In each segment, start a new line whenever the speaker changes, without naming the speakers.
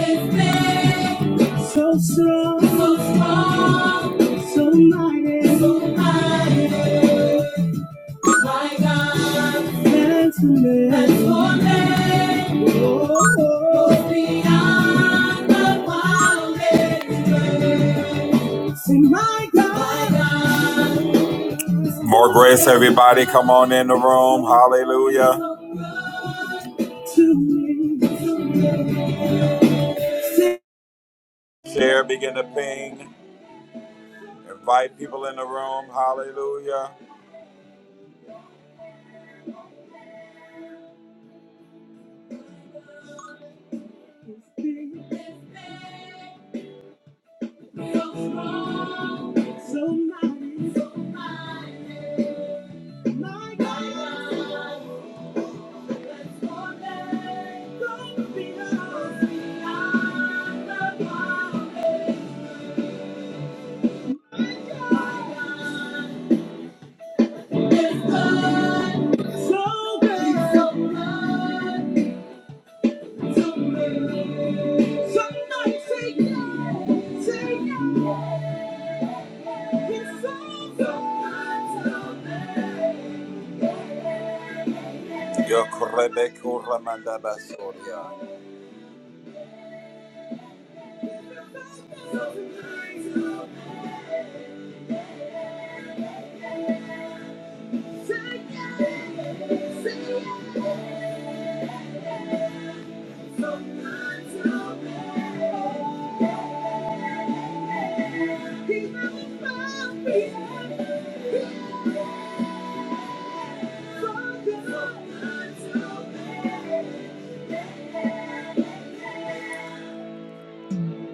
So strong, so strong, so mighty, so mighty. My God, transformation, transformation. Oh, oh, oh. beyond the wildest. Sing my God, my God. More grace, everybody. Come on in the room. Hallelujah. To me. Share, begin to ping. Invite people in the room. Hallelujah. So good, so good, so good. Somebody say yes, say yes. It's all good. Yo korebeko ramanda basoria.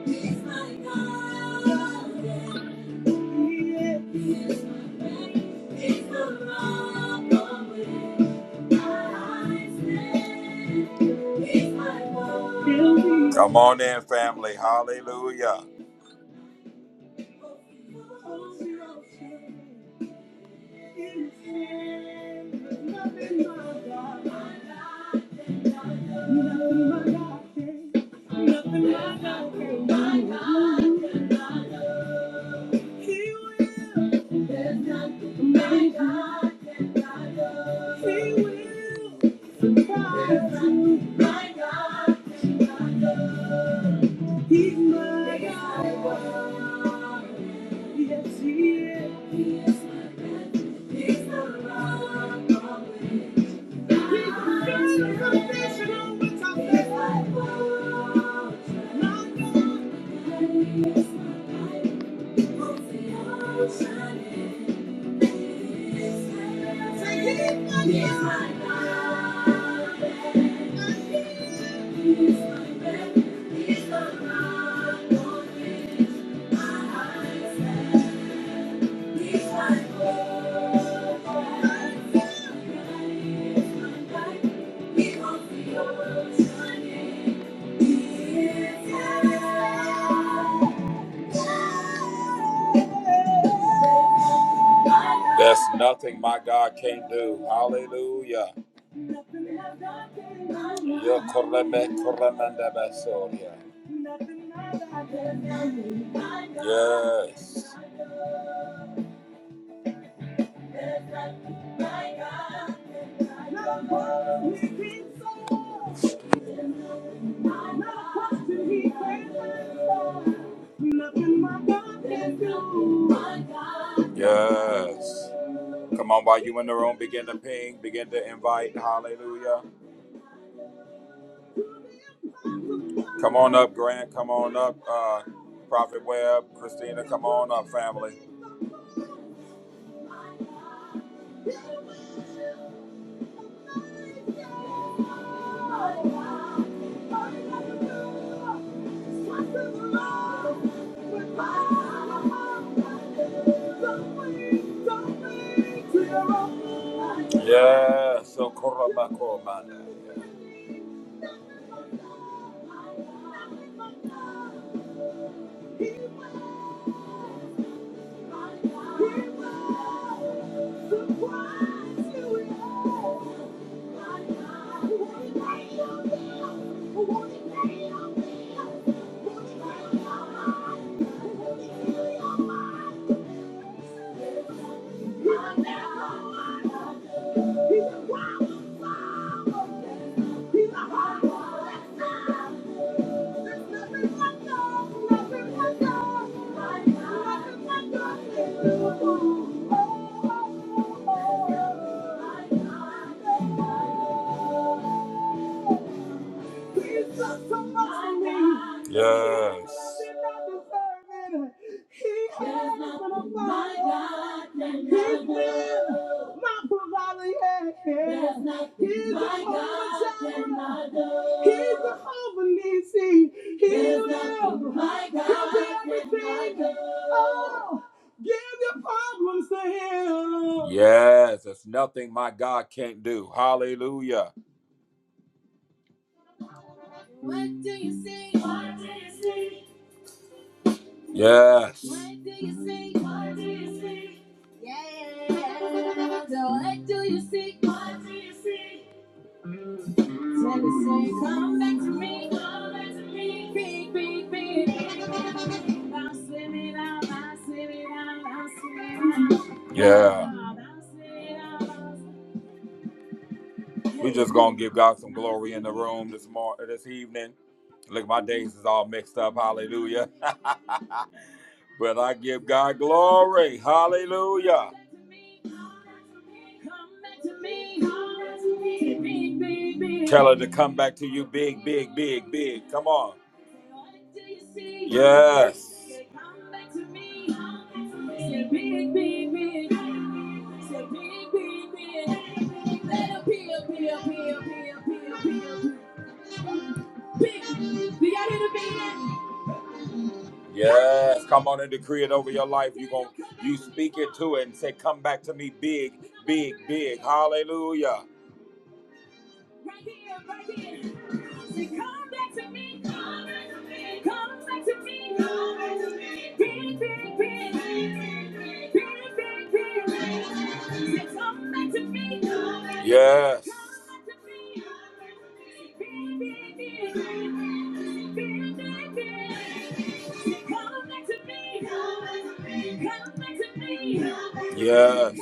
He's my God. Come on in, family. Hallelujah. He's my God. Yes, he is. He is my refuge. He's the rock on which I He builds the foundation on which I stand. He's my fortress. My God. He is my light. Holds the ocean in His hand. Say, He's my He's God. my God. He is my refuge. He's the rock on which I stand. There's nothing my God can't do. Hallelujah. Yo koreme koremende besoria. Yes. Yes. Come on, while you in the room, begin to ping, begin to invite. Hallelujah. Come on up, Grant. Come on up, uh, Prophet Webb, Christina. Come on up, family. Yeah, so Korabako, man. Thank you. Thank you. He's done so much for me. Yes. He did not deserve it. He has been a father. He's been my provider. Yeah. He's a Jehovah. He's a Nisi. He will help you everything. Oh, give your problems to him. Yes, there's nothing my God can't do. Hallelujah. What do you see? What do you see? Yes. What do you see? What do you see? Yeah. So what do you see? What do you see? Tell me, say, come back to me. Come back to me. Big, big, big. I'm swimming out. I'm swimming out. I'm swimming out. Yeah. I'm swimming out. We just gonna give God some glory in the room this morning, this evening. Look, my days is all mixed up. Hallelujah. But I give God glory. Hallelujah. Tell her to come back to you big, big, big, big. Come on. Yes. Yes, come on and decree it over your life. You going you speak it to it and say, "Come back to me, big, big, big." Hallelujah. Right here, right here. Say, "Come back to me, come back to me, come back to me, come back to me, big, big, big, big, big, big, big." big." Say, "Come back to me, come back to me, Yes. come back to me, come back to me, big, big, big, big, big, big, big." Yes.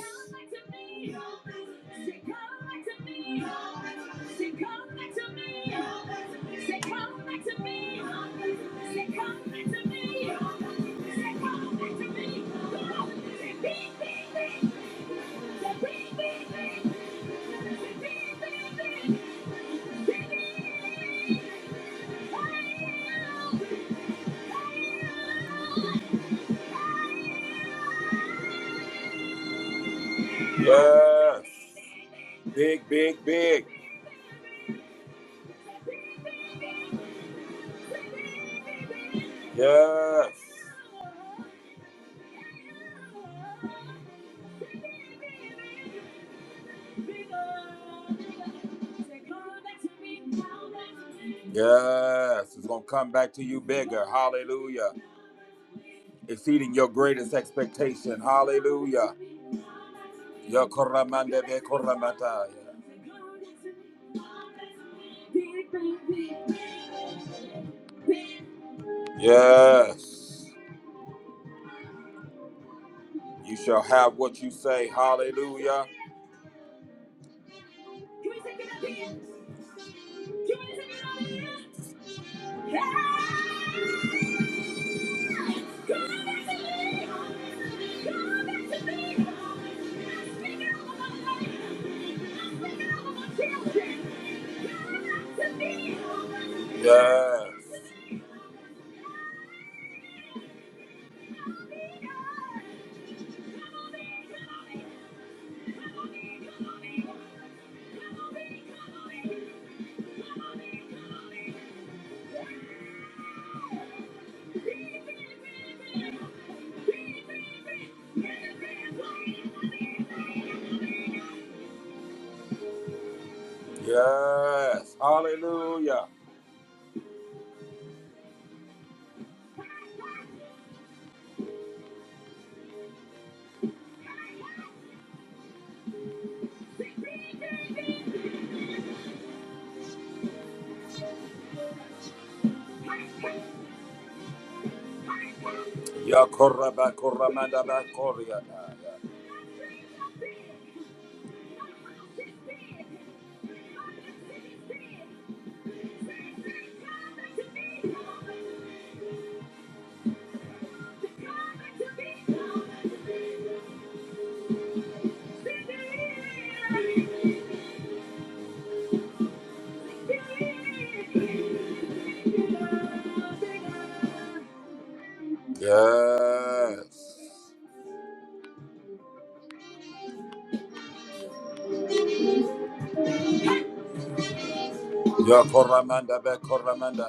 Yes. Big, big, big. Yes. Yes. It's going to come back to you bigger. Hallelujah. exceeding your greatest expectation. Hallelujah. Ya koramande be koramataya. Yes. You shall have what you say. Hallelujah. Yes. Yes. Hallelujah. Yakoraba koramanda bakoriada. Yes. Your Koramanda, back Koramanda.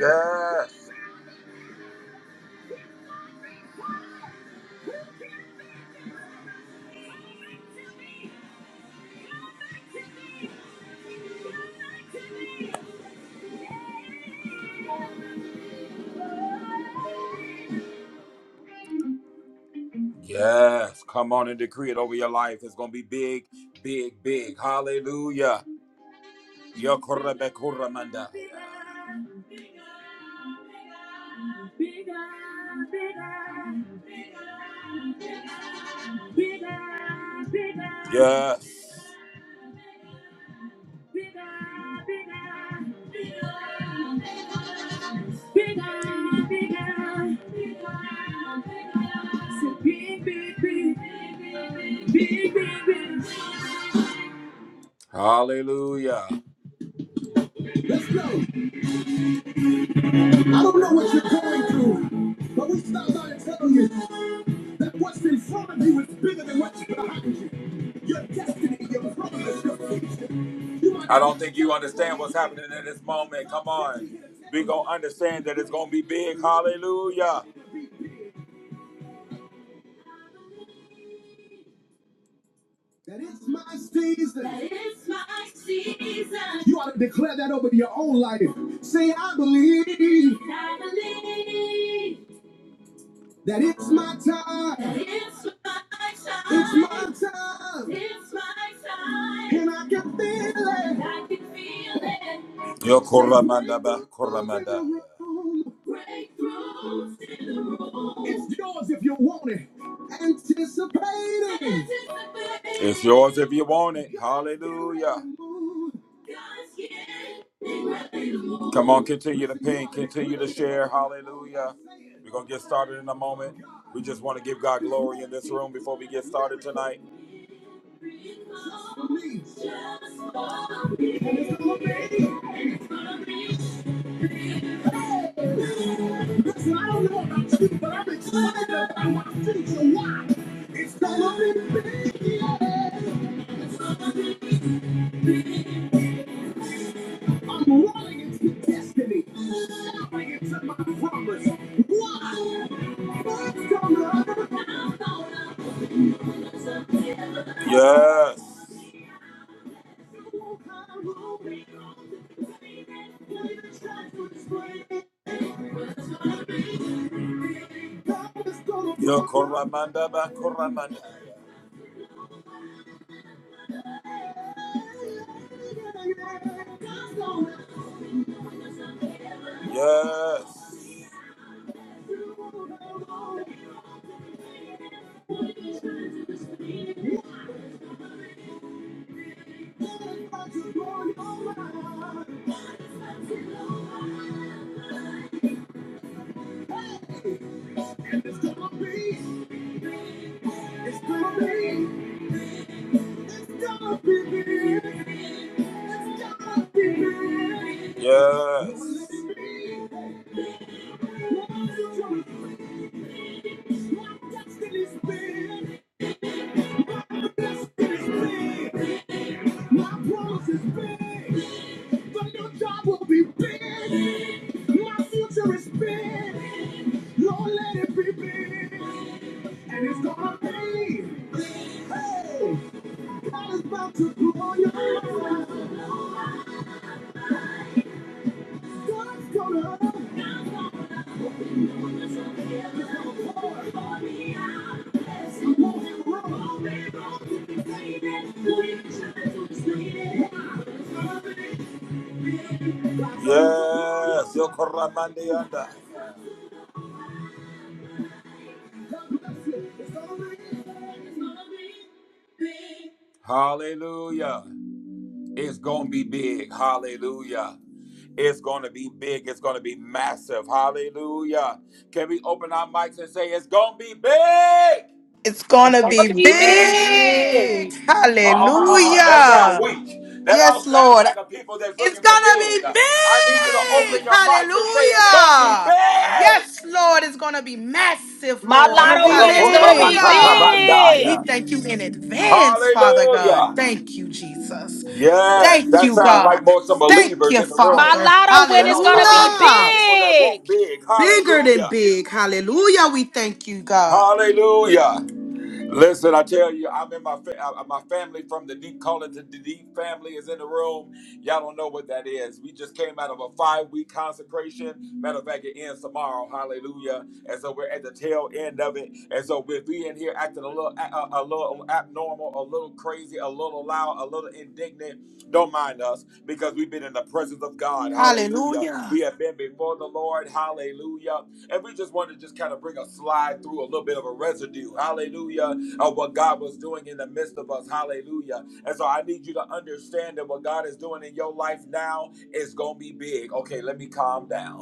Yes. Yes, come on and decree it over your life. It's going to be big, big, big. Hallelujah. Yokorebekuramanda. Yes. Bigger, bigger, Say big, big, big, big, big, big. Hallelujah. I don't know what you're going through, but we stop by and tell you that what's in front of you is bigger than what's behind you. Your destiny, your promise, your future. You might- I don't think you understand what's happening in this moment. Come on. we going to understand that it's going to be big. Hallelujah. That it's my season. That it's my season. You ought to declare that over your own life. Say, I believe I believe. That it's my time. That it's my time. It's my time. It's my time. And I can feel it. And I can feel it. Yo, Koramandaba, Koramanda. Breakthroughs in the room. It's yours if you want it. Anticipating. It's yours if you want it. Hallelujah. Come on, continue to ping, continue to share. Hallelujah. We're going to get started in a moment. We just want to give God glory in this room before we get started tonight. Yes. Yo, Koramanda ba Koramanda. Yes. Yes. Yes, Yokoramandianda. Hallelujah. It's going to be big. Hallelujah. It's going to be big. It's going to be massive. Hallelujah. Can we open our mics and say, It's going to be big?
It's going
It's
to
gonna
be
It's
be
gonna be
big.
big.
big.
Uh, uh, uh, uh, uh, that sound
Hallelujah.
weak. That don't
Yes,
sound
Lord.
like a people that's
It's
looking
going
for
to
big.
be
Uh, I need you to open
big.
your mics and say it's gonna be
Hallelujah.
big.
Yes, Lord. It's going to be massive,
It's
My
gonna
Lord.
lotto
be
win is gonna
big.
be
Hallelujah.
big.
We
Rukurabakatabandaya.
thank you in advance, Father God.
Hallelujah.
Thank you, Jesus.
Yes,
Thank
that
you,
sounds like
God.
more some
Thank
believers
you,
in the
My
room.
Father.
lotto
That
win is
don't
gonna
sound
be
Hallelujah.
like timid
Hallelujah.
people that
big.
want big.
Bigger than
Hallelujah.
big. Hallelujah. We thank you, God.
Hallelujah. Listen, I tell you, I'm in my fa- uh, uh, my family from the deep calling to the deep family is in the room. Y'all don't know what that is. We just came out of a five week consecration. Matter of fact, it ends tomorrow. Hallelujah! And so we're at the tail end of it. And so if we in here acting a little a, a a little abnormal, a little crazy, a little loud, a little indignant, don't mind us because we've been in the presence of God. Hallelujah!
Hallelujah.
We have been before the Lord. Hallelujah! And we just want to just kind of bring a slide through a little bit of a residue. Hallelujah! of what God was doing in the midst of us. Hallelujah. And so I need you to understand that what God is doing in your life now is going to be big. Okay, let me calm down.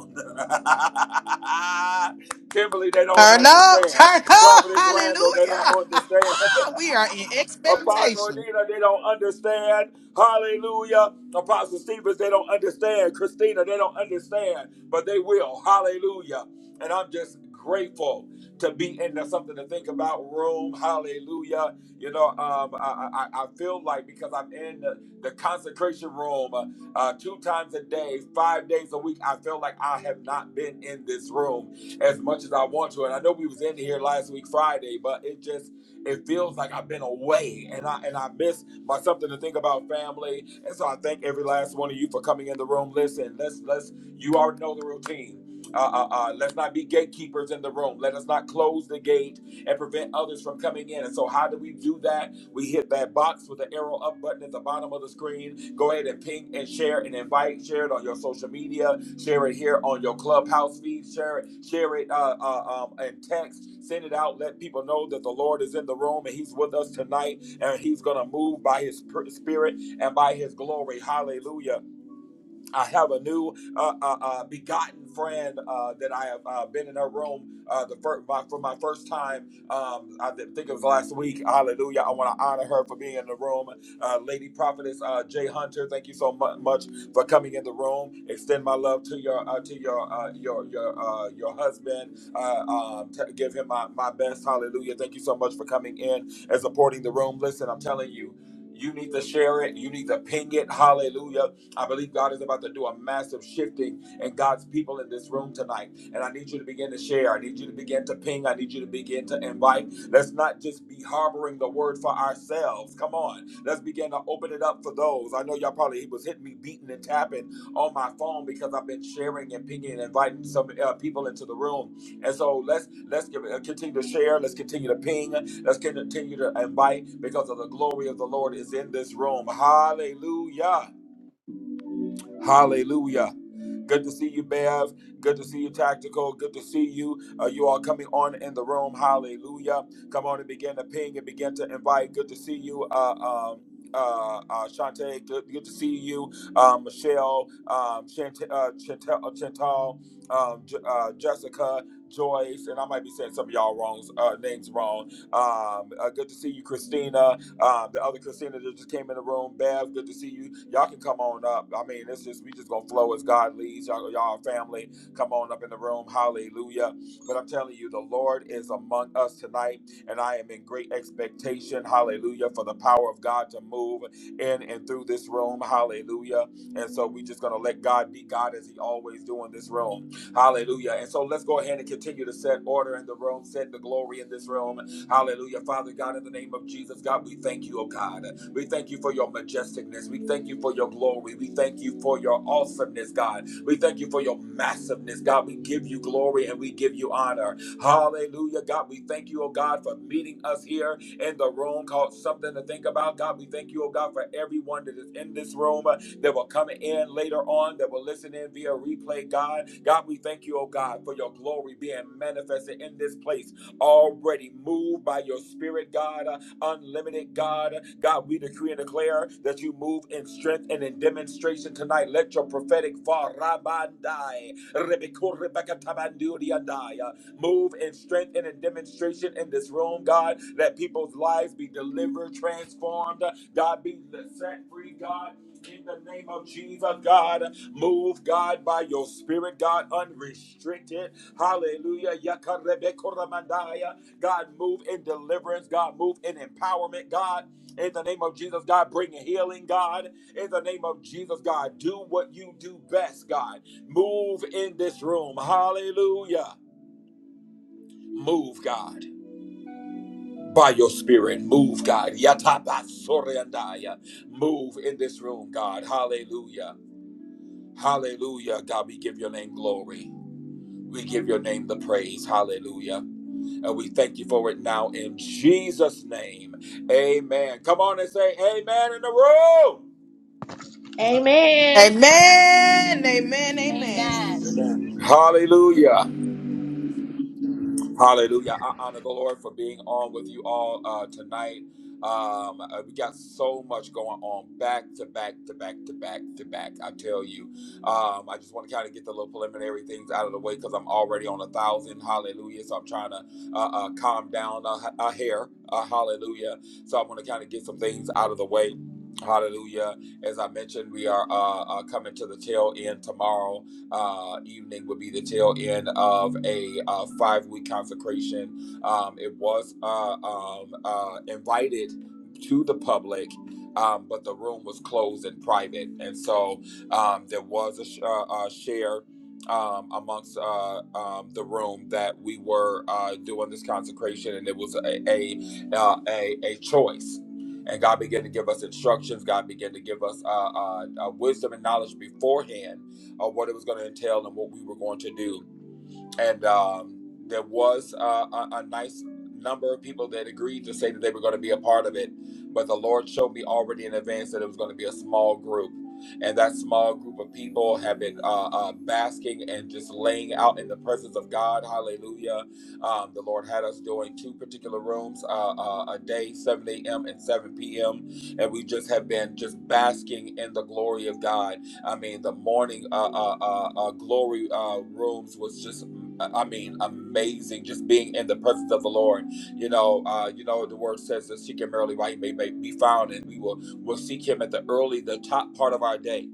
Kimberly, they don't
Turn up,
understand.
turn up,
Providence Randall, they don't
hallelujah.
understand.
we are in
Apostle
expectation.
Anita, they don't understand. Hallelujah. Apostle Stevens, they don't understand. Christina, they don't understand, but they will. Hallelujah. And I'm just grateful to be in the something to think about room. Hallelujah. You know, um, I, I, I feel like because I'm in the, the consecration room uh, uh, two times a day, five days a week, I feel like I have not been in this room as much as I want to. And I know we was in here last week Friday, but it just it feels like I've been away and I and I miss my something to think about family. And so I thank every last one of you for coming in the room. Listen, let's let's you already know the routine. Uh, uh, uh, let's not be gatekeepers in the room. Let us not close the gate and prevent others from coming in. And so, how do we do that? We hit that box with the arrow up button at the bottom of the screen. Go ahead and ping and share and invite. Share it on your social media. Share it here on your clubhouse feed. Share it. Share it uh, uh, um, and text. Send it out. Let people know that the Lord is in the room and He's with us tonight. And He's gonna move by His Spirit and by His glory. Hallelujah. I have a new uh, uh, uh, begotten friend uh, that I have uh, been in her room uh, the fir- my, for my first time. Um, I thi- think it was last week. Hallelujah! I want to honor her for being in the room. Uh, Lady Prophetess uh, Jay Hunter, thank you so mu- much for coming in the room. Extend my love to your uh, to your uh, your your uh, your husband. Uh, um, t- give him my, my best. Hallelujah! Thank you so much for coming in and supporting the room. Listen, I'm telling you. You need to share it. You need to ping it. Hallelujah I believe God is about to do a massive shifting in God's people in this room tonight. And I need you to begin to share. I need you to begin to ping. I need you to begin to invite. Let's not just be harboring the word for ourselves. Come on. Let's begin to open it up for those. I know y'all probably he was hitting me, beating and tapping on my phone because I've been sharing and pinging and inviting some uh, people into the room. And so let's let's give, uh, continue to share. Let's continue to ping. Let's continue to invite because of the glory of the Lord is in this room. Hallelujah. Hallelujah. Good to see you, Bev. Good to see you, Tactical. Good to see you. Uh, you all coming on in the room. Hallelujah. Come on and begin to ping and begin to invite. Good to see you. Uh, um, uh, uh, Shantae, good, good to see you. Um, Michelle, um, Chant- uh, Chantel, uh, Chantal, um, J- uh, Jessica, Joyce, and I might be saying some of y'all wrong uh, names wrong. Um, uh, good to see you, Christina. Um, the other Christina that just came in the room, Bev, good to see you. Y'all can come on up. I mean, it's just we just gonna flow as God leads. Y'all, y'all are family, come on up in the room. Hallelujah. But I'm telling you, the Lord is among us tonight, and I am in great expectation. Hallelujah for the power of God to move in and through this room. Hallelujah. And so we just gonna let God be God as He always do in this room. Hallelujah. And so let's go ahead and continue to set order in the room, set the glory in this room. Hallelujah. Father God, in the name of Jesus, God, we thank you, oh God. We thank you for your majesticness. We thank you for your glory. We thank you for your awesomeness, God. We thank you for your massiveness, God. We give you glory and we give you honor. Hallelujah, God. We thank you, oh God, for meeting us here in the room called Something to Think About. God, we thank you, oh God, for everyone that is in this room uh, that will come in later on, that will listen in via replay, God. God, we thank you, oh God, for your glory being manifested in this place already moved by your spirit, God, uh, unlimited God. God, we decree and declare that you move in strength and in demonstration tonight. Let your prophetic farabandai, rebekurebekatabandudiadai, uh, move in strength and in demonstration in this room, God. Let people's lives be delivered, transformed. God, be set free, God. In the name of Jesus, God, move, God, by your spirit, God, unrestricted. Hallelujah. Yakarebekoramandaya. God, move in deliverance. God, move in empowerment. God, in the name of Jesus, God, bring healing. God, in the name of Jesus, God, do what you do best. God, move in this room. Hallelujah. Move, God. By your spirit, move, God. Yatabasoreandaya. Move in this room, God. Hallelujah. Hallelujah. God, we give your name glory. We give your name the praise. Hallelujah. And we thank you for it now in Jesus' name. Amen. Come on and say amen in the room.
Amen.
Amen. Amen. Amen.
Amen.
Hallelujah. Hallelujah. I honor the Lord for being on with you all uh, tonight. Um, uh, we got so much going on back to back to back to back to back. I tell you, um, I just want to kind of get the little preliminary things out of the way because I'm already on a thousand. Hallelujah. So I'm trying to uh, uh, calm down a, a hair. Uh, hallelujah. So I want to kind of get some things out of the way. Hallelujah. As I mentioned, we are uh, uh, coming to the tail end tomorrow uh, evening would be the tail end of a uh, five week consecration. Um, it was uh, um, uh, invited to the public. Um, but the room was closed and private, and so um, there was a, sh- uh, a share um, amongst uh, um, the room that we were uh, doing this consecration, and it was a a, uh, a a choice. And God began to give us instructions. God began to give us uh, uh, uh, wisdom and knowledge beforehand of what it was going to entail and what we were going to do and um, there was uh, a, a nice number of people that agreed to say that they were going to be a part of it but the lord showed me already in advance that it was going to be a small group and that small group of people have been uh, uh, basking and just laying out in the presence of god hallelujah um, the lord had us doing two particular rooms uh, uh, a day 7 a.m and 7 p.m and we just have been just basking in the glory of god I mean, the morning uh, uh, uh, uh, glory uh, rooms was just I mean, amazing. Just being in the presence of the Lord. You know, uh, you know, the word says that seek him early while he may, may be found, and we will will seek him at the early, the top part of our day.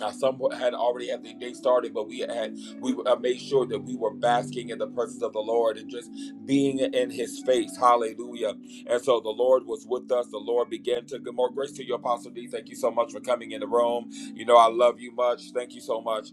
Now, some had already had the day started, but we had we uh, made sure that we were basking in the presence of the Lord and just being in His face. Hallelujah! And so the Lord was with us. The Lord began to give more grace to you, Apostle D. Thank you so much for coming in the room. You know, I love you much. Thank you so much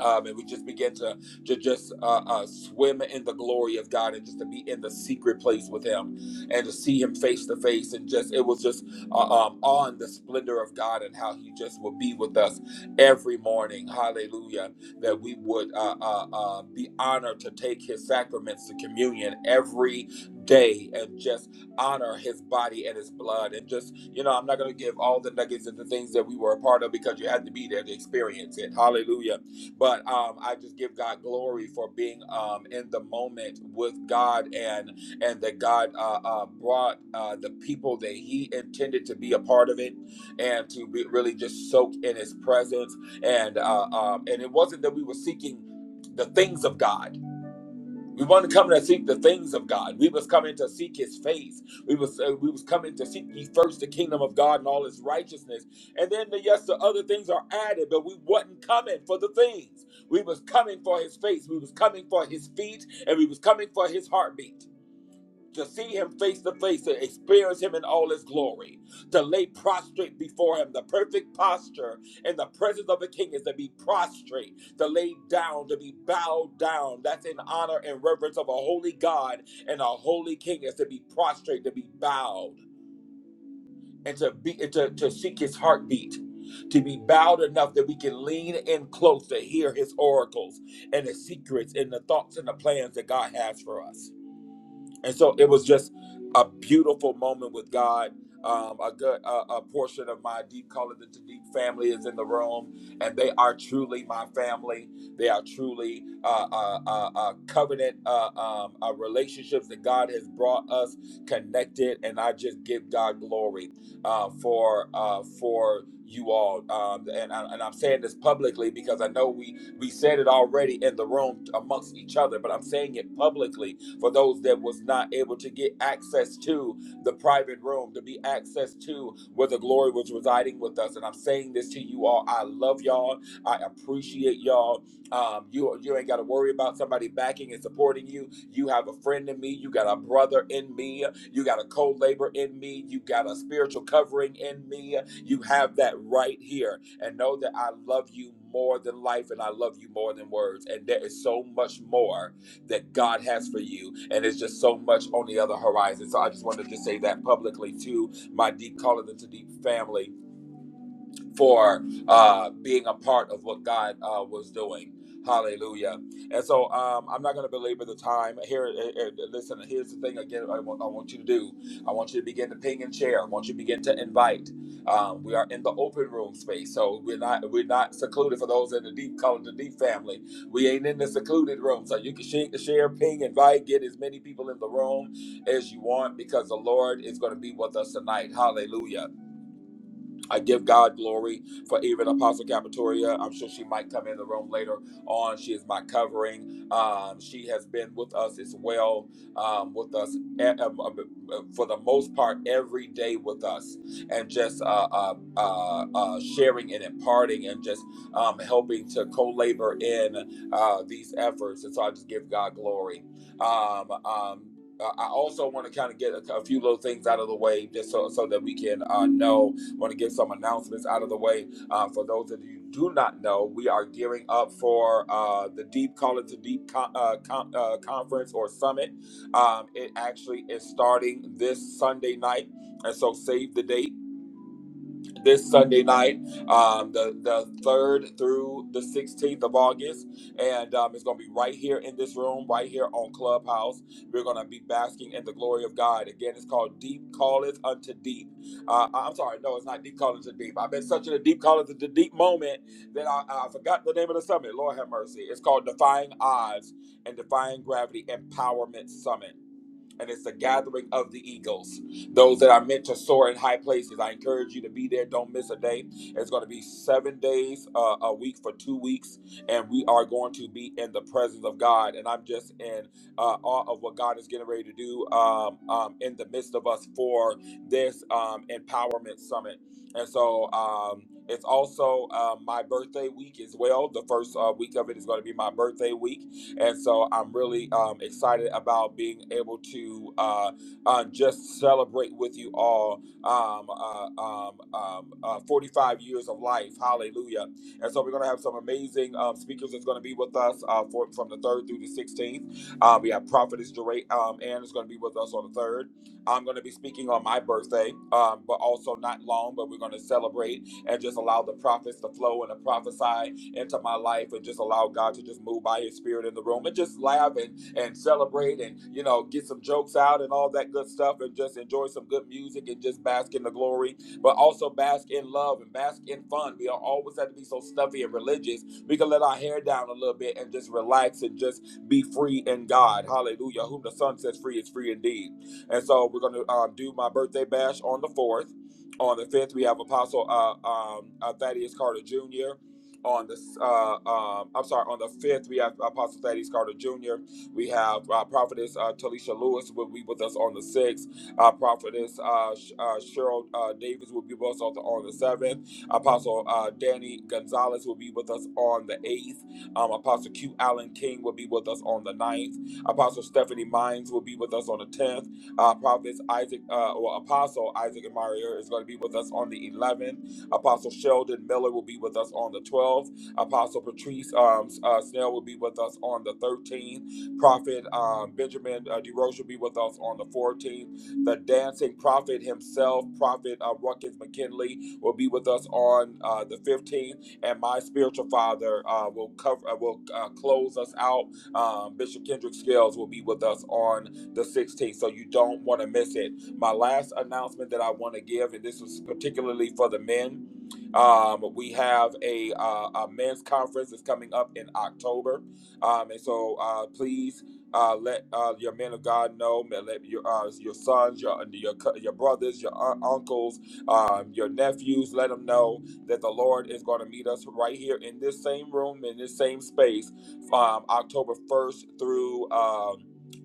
um, and we just begin to to just uh, uh, swim in the glory of God and just to be in the secret place with Him and to see Him face to face and just it was just uh, um, on the splendor of God and how He just would be with us every morning. Hallelujah! That we would uh, uh, uh, be honored to take His sacraments to communion every day and just honor his body and his blood and just you know i'm not going to give all the nuggets and the things that we were a part of because you had to be there to experience it hallelujah but um, I just give God glory for being um, in the moment with God and and that God uh, uh, brought uh, the people that He intended to be a part of it and to be really just soak in His presence. And uh, um, and it wasn't that we were seeking the things of God we want to come to seek the things of God. We was coming to seek His face. We was uh, we was coming to seek ye first the kingdom of God and all His righteousness, and then the, yes, the other things are added. But we wasn't coming for the things. We was coming for His face. We was coming for His feet, and we was coming for His heartbeat to see him face to face, to experience him in all his glory, to lay prostrate before him. The perfect posture in the presence of a king is to be prostrate, to lay down, to be bowed down. That's in honor and reverence of a holy God and a holy king is to be prostrate, to be bowed, and to be and to, to seek his heartbeat. To be bowed enough that we can lean in close to hear his oracles and his secrets and the thoughts and the plans that God has for us and so it was just a beautiful moment with God. Um, a good a, a portion of my deep color the deep family is in the room, and they are truly my family. They are truly uh, uh, uh, uh, covenant uh, um, uh, relationships that God has brought us connected, and I just give God glory uh, for uh, for you all. Um, and, I, and I'm saying this publicly because I know we we said it already in the room amongst each other, but I'm saying it publicly for those that was not able to get access to the private room, to be access to where the glory was residing with us. And I'm saying this to you all. I love y'all. I appreciate y'all. Um, you you ain't got to worry about somebody backing and supporting you. You have a friend in me. You got a brother in me. You got a co-labor in me. You got a spiritual covering in me. You have that right here. And know that I love you more than life, and I love you more than words. And there is so much more that God has for you. And it's just so much on the other horizon. So I just wanted to say that publicly to my deep calling into deep family for uh, being a part of what God uh, was doing. Hallelujah. And so um, I'm not going to belabor the time. Here, uh, uh, listen, here's the thing again I want, I want you to do. I want you to begin to ping and share. I want you to begin to invite. Um, we are in the open room space, so we're not we're not secluded for those in the deep call it the deep family. We ain't in the secluded room, so you can share, share, ping, invite, get as many people in the room as you want because the Lord is going to be with us tonight. Hallelujah. I give God glory for even Apostle Capitoria. I'm sure she might come in the room later on. She is my covering. Um, she has been with us as well, um, with us e- um, uh, for the most part every day with us, and just uh, uh, uh, uh, sharing and imparting and just um, helping to co labor in uh, these efforts. And so I just give God glory. Um, um, I I also want to kind of get a, a few little things out of the way just so, so that we can uh, know want to get some announcements out of the way. Uh, for those of you who do not know, we are gearing up for uh, the Deep Call It to Deep con- uh, con- uh, conference or summit. Um, it actually is starting this Sunday night, and so save the date this Sunday night, um, the the third through the 16th of August, and um, it's going to be right here in this room, right here on Clubhouse. We're going to be basking in the glory of God. Again, it's called Deep Calleth Unto Deep. Uh, I- am sorry, no, it's not Deep Calleth Unto Deep. I've been such in a Deep Calleth Unto Deep moment that I, I forgot the name of the summit. Lord have mercy. It's called Defying Odds and Defying Gravity Empowerment Summit and it's the gathering of the eagles. Those that are meant to soar in high places, I encourage you to be there. Don't miss a day. It's going to be seven days uh, a week for two weeks, and we are going to be in the presence of God. And I'm just in uh, awe of what God is getting ready to do um, um, in the midst of us for this um, empowerment summit. And so um, it's also uh, my birthday week as well. The first uh, week of it is going to be my birthday week. And so I'm really um, excited about being able to uh, uh, just celebrate with you all um, uh, um, um, uh, 45 years of life. Hallelujah. And so we're going to have some amazing um, speakers that's going to be with us uh, for, from the 3rd through the 16th. Uh, we have Prophetess Duray, um, Ann is going to be with us on the 3rd. I'm going to be speaking on my birthday, um, but also not long, but we're going to celebrate and just allow the prophets to flow and to prophesy into my life and just allow God to just move by his spirit in the room and just laugh and, and celebrate and, you know, get some jokes out and all that good stuff and just enjoy some good music and just bask in the glory, but also bask in love and bask in fun. We don't always have to be so stuffy and religious. We can let our hair down a little bit and just relax and just be free in God. Hallelujah. Whom the Son sets free is free indeed. And so we're going to um, do my birthday bash on the 4th. On the 5th, we have Apostle uh, um, uh, Thaddeus Carter Jr. On the uh, um, I'm sorry, on the fifth we have Apostle Thaddeus Carter Jr. We have uh, Prophetess uh, Talisha Lewis will be with us on the sixth. Uh, Prophetess uh, Sh- uh, Cheryl uh, Davis will be with us on the, on the seventh. Apostle uh, Danny Gonzalez will be with us on the eighth. Um, Apostle Q Allen King will be with us on the ninth Apostle Stephanie Mines will be with us on the 10th. Uh, Prophet Isaac, uh, or Apostle Isaac and Mario is going to be with us on the 11th. Apostle Sheldon Miller will be with us on the 12th. Apostle Patrice um, uh, Snell will be with us on the 13th. Prophet um, Benjamin uh, DeRoche will be with us on the 14th. The dancing prophet himself, Prophet uh, Ruckus McKinley, will be with us on uh, the 15th. And my spiritual father uh, will cover uh, will uh, close us out. Um, Bishop Kendrick Scales will be with us on the 16th. So you don't want to miss it. My last announcement that I want to give, and this is particularly for the men um, we have a, uh, a men's conference that's coming up in October, um, and so uh, please uh, let uh, your men of God know. Let your uh, your sons, your your cou- your brothers, your un- uncles, um, your nephews, let them know that the Lord is going to meet us right here in this same room, in this same space, um, October first through um,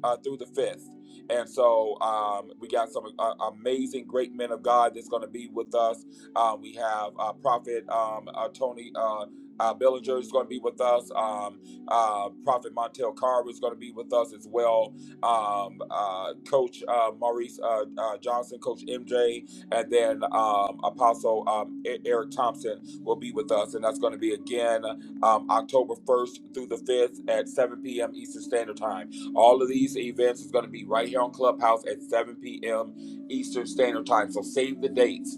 uh, through the fifth. And so um, we got some uh, amazing, great men of God that's going to be with us uh, we have uh, Prophet um, uh, Tony uh, uh, Bellinger is going to be with us. Um, uh, Prophet Montel Carver is going to be with us as well. Um, uh, Coach uh, Maurice uh, uh, Johnson, Coach MJ, and then um, Apostle um, E- Eric Thompson will be with us. And that's going to be again um, October 1st through the 5th at 7 p.m. Eastern Standard Time. All of these events is going to be right here on Clubhouse at 7 p.m. Eastern Standard Time. So save the dates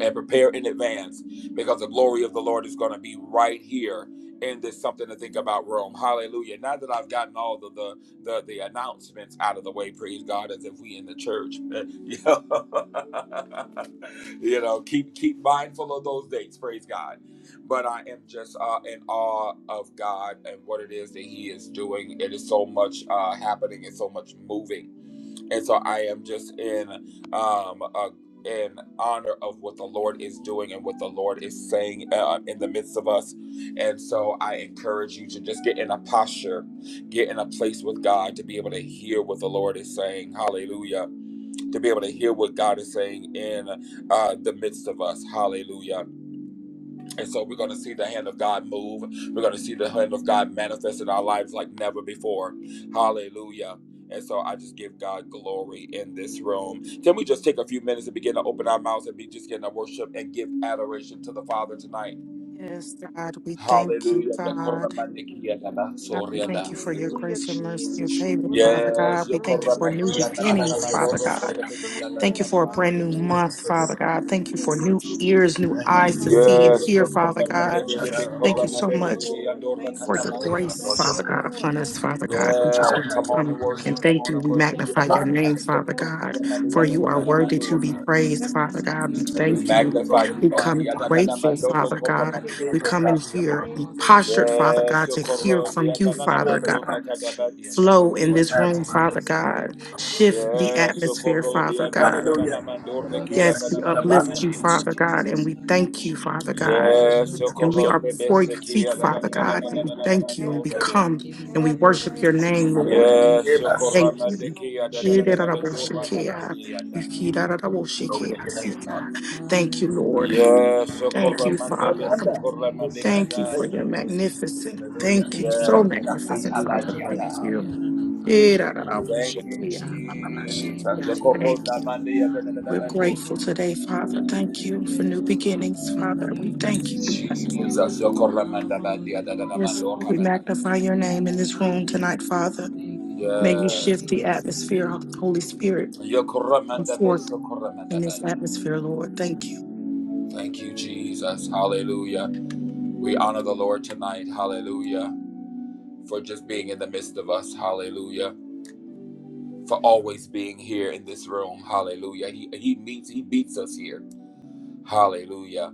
and prepare in advance because the glory of the Lord is going to be right here in this something to think about room. Hallelujah. Now that I've gotten all the the the, the announcements out of the way, praise God, as if we in the church. you know, You know, keep keep mindful of those dates, praise God. But I am just uh, in awe of God and what it is that He is doing. It is so much uh, happening and so much moving and so I am just in um uh, in honor of what the Lord is doing and what the Lord is saying uh, in the midst of us. And so I encourage you to just get in a posture, get in a place with God to be able to hear what the Lord is saying. Hallelujah. To be able to hear what God is saying in uh, the midst of us. Hallelujah. And so we're going to see the hand of God move. We're going to see the hand of God manifest in our lives like never before. Hallelujah. And so I just give God glory in this room. Can we just take a few minutes and begin to open our mouths and be just getting to worship and give adoration to the Father tonight?
Yes, God, we thank you,
Hallelujah.
God. God, we thank you for your
Hallelujah,
grace, your mercy, your
Jesus, you're
favor, Father
worthy,
Yes.
God. We
you're worthy,
thank you
you're
for new
worthy.
beginnings, Father God.
Set the room
Thank you
on
for a brand
fire,
new
Lord.
Thank you
month, Father God.
Thank
Thank you for
you, Lord
new ears,
Jesus,
new
Thank you.
eyes
for
Thank
to
you,
fire,
see
Father,
and
for
hear,
being
Father
a
for
God
You
your
that
that
God.
is
shall
glory.
not
more than
Thank
remove
you
who
enough,
Thank
so
you,
much.
Lord.
Lord. Thank
for
have
you,
your
We
you laid
Yes.
thank
Lord.
for
you,
grace,
God
Thank
Lord
tonight.
Father
you,
God,
God,
for
Lord.
upon us,
Thank
being
you,
Father
Lord.
Alpha
Open
God.
and
the
We
Yeah,
just
power
Omega.
need
We
to
by
come
your
on
thank
and
come
you,
spirit.
and
Lord,
worship. Come
for
thank
on
you.
what
and
We
We
you
worship
want to
your
thank
magnify
Come
you
Father,
your
do
on
on
in
now.
name,
Mother,
this
tonight
Father
Father,
in
room,
God,
Father,
God.
Jesus'
Mother,
for
Yada,
Thank
you
name,
Yada,
are
you,
Right.
Lord.
Lord.
worthy
Mando.
Yes,
to be
sir.
praised,
Set
Father
this
God.
We
We
atmosphere,
We
Hallelujah.
praise
thank
you
God,
you.
The
on
on
magnify
glory of the
We
you,
tonight,
fire in
Lord
God.
be
Lord
the
come
Yada,
upon
name
us.
God.
of
We
Yada,
grateful,
Mando,
thank you,
Jesus.
Father
Roko,
Lord
Thank
God.
you,
Ramandi,
The
God.
We
favor
Kata.
Lord.
of
come in
God be upon us.
here
Thank
and
you, Lord.
postured,
Hallelujah,
Father
Father,
Thank
Yes,
God,
your
you,
to
Yes,
word
hear
sir.
Okoro,
from
in
you,
Yada, Yada,
Jesus'
Father
With us,
Mando,
name.
God.
Hallelujah,
Rakata, Badi, Yada,
Jesus.
Flow
Glory
in
Mando.
Oh
this
God,
to
wherever
room,
we
upon
your
are.
Father
myself I
glory,
God.
Lord.
before you
Glory
in
Shift the
to you.
Yes,
Jesus'
atmosphere,
name,
Okoro,
Lord
Father
God.
Yada,
Thank
Yada,
God.
you,
Yada,
Hallelujah.
Lord.
Mando,
And we
Reki,
Hallelujah.
Yes,
thank
Deliverance
Yada,
and
we
you.
Yada,
The
Suya
Yada,
man
healing
uplift
of
you,
Mandi.
now
nekura
in
Father God,
basa.
and
Jesus'
we
name.
thank you, Father
Jesus,
God.
Yes,
Deliverance
Hallelujah.
Jesus,
and
And we
Okoro,
are
healing,
before your
Jesus.
Father.
Nebeseki,
feet,
Yada, Yada,
Have
Father
Thank you,
your
Yada,
God.
Lord
And
way,
we
Yada,
God.
God.
Yada,
thank you and
Have
Mando.
we
your
Yes,
way.
come
Give you
and we
Have
honor
your
and
worship
way,
your
praise,
Lord.
name,
Father.
Lord.
Father.
Thank
Yes,
Give
you,
us.
Lord.
Okoro,
Thank
Yes,
Ramandi,
you.
Lord.
Yada, Yada,
Give
Thank
you
Yada,
honor,
Jesus.
Mando,
Thank
Lord
you,
Ramandi,
Father.
Jesus.
Yada.
Hallelujah, Father.
Glory to your name, Father.
you,
Hallelujah,
Lord.
Lord God.
Yeah,
We
Thank
Socorro
you,
thank you,
The
Mandabe,
Father,
Father.
commander
in the
Socorro
name
who
of
sang,
Thank you
Jesus.
for
Mandekada.
thank
your
you.
magnificent.
Hallelujah.
Thank you.
Thank you,
So
Yes,
Lord God,
We
for
magnificent,
being
do
a
here
Father.
God
tonight,
that
Thank
is more
Father.
Yakatabadiadai.
you.
than enough, Father.
Hallelujah.
Thank you,
We thank you in the name
Hallelujah.
Jesus.
of
Socorro
Thank
Jesus,
you.
Lord
Mandabe,
God. We
We're
praise you,
grateful
Lord.
today, Father. Thank you for new
Yes, Father,
beginnings,
in the
Father. We
name of
thank you. We thank
Jesus,
you.
Lord
Jesus,
God.
Socorro Mandabe,
Hallelujah, Lord God.
Yes, we magnify your name
Thank
in
you,
this room
Father.
tonight, Father.
Thank you, Lord,
May you
in
Yes.
shift the
Jesus' name.
atmosphere, Holy Spirit.
Socorro
Come
Mandabe,
forth
Socorro
in
Mandabe.
this atmosphere, Lord. Thank you.
Thank you, Jesus. Hallelujah. We honor the Lord tonight. Hallelujah. For just being in the midst of us. Hallelujah. for always being here in this room. Hallelujah. He he meets he beats us here. Hallelujah.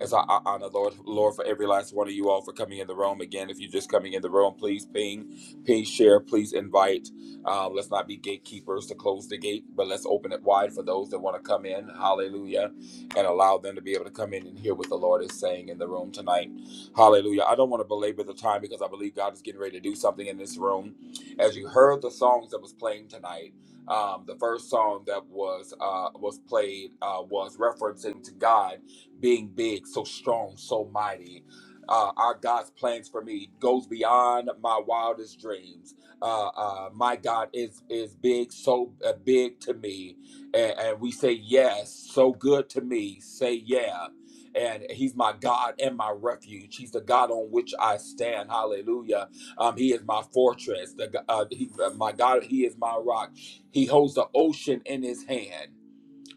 As I I honor Lord, Lord, for every last one of you all for coming in the room. Again, if you're just coming in the room, please ping, please share, please invite. Um, let's not be gatekeepers to close the gate, but let's open it wide for those that want to come in. Hallelujah. And allow them to be able to come in and hear what the Lord is saying in the room tonight. Hallelujah. I don't want to belabor the time because I believe God is getting ready to do something in this room. As you heard the songs that was playing tonight, um, the first song that was uh, was played uh, was referencing to God being big, so strong, so mighty. Uh, our God's plans for me goes beyond my wildest dreams. Uh, uh, my God is is big, so uh, big to me, and, and we say yes, so good to me. Say yeah, and He's my God and my refuge. He's the God on which I stand. Hallelujah. Um, he is my fortress. The g- uh, he, uh, my God, He is my rock. He holds the ocean in His hand.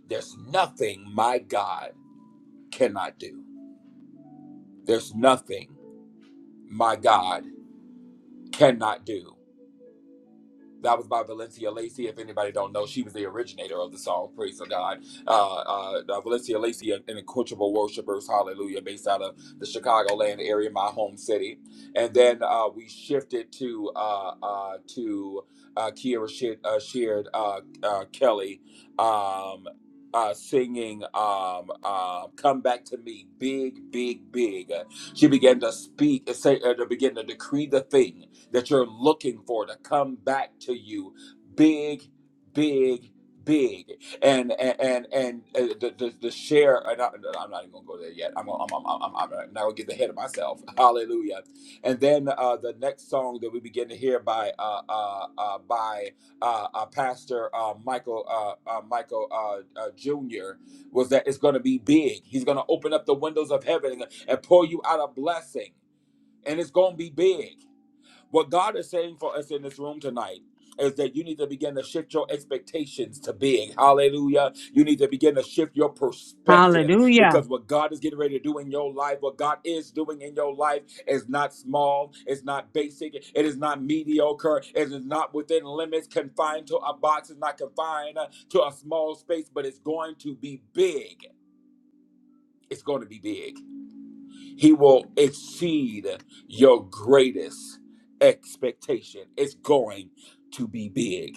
There's nothing my God cannot do. There's nothing my God cannot do. That was by Valencia Lacey. If anybody don't know, she was the originator of the song. Praise the God. Uh, uh, uh, Valencia Lacey, an unquenchable worshipers, hallelujah, based out of the Chicagoland area, my home city. And then uh, we shifted to uh, uh, to uh, Kiera Sheard, uh, Sheard uh, uh, Kelly um, uh, singing um, uh, "Come Back to Me," big, big, big. She began to speak, say, uh, to begin to decree the thing that you're looking for to come back to you big big big and and and, and uh, the, the, the share and I, am not even gonna go there yet i'm gonna- i'm i'm, I'm, I'm not gonna get ahead of myself hallelujah and then uh the next song that we begin to hear by uh uh, uh by uh, uh pastor uh michael uh, uh michael uh, uh jr was that it's gonna be big he's gonna open up the windows of heaven and, and pour you out a blessing and it's gonna be big what God is saying for us in this room tonight is that you need to begin to shift your expectations to big. Hallelujah. You need to begin to shift your perspective
Hallelujah.
because what God is getting ready to do in your life, what God is doing in your life is not small, it's not basic, it is not mediocre, it is not within limits, confined to a box, it's not confined to a small space, but it's going to be big. It's going to be big. He will exceed your greatest expectation. It's going to be big.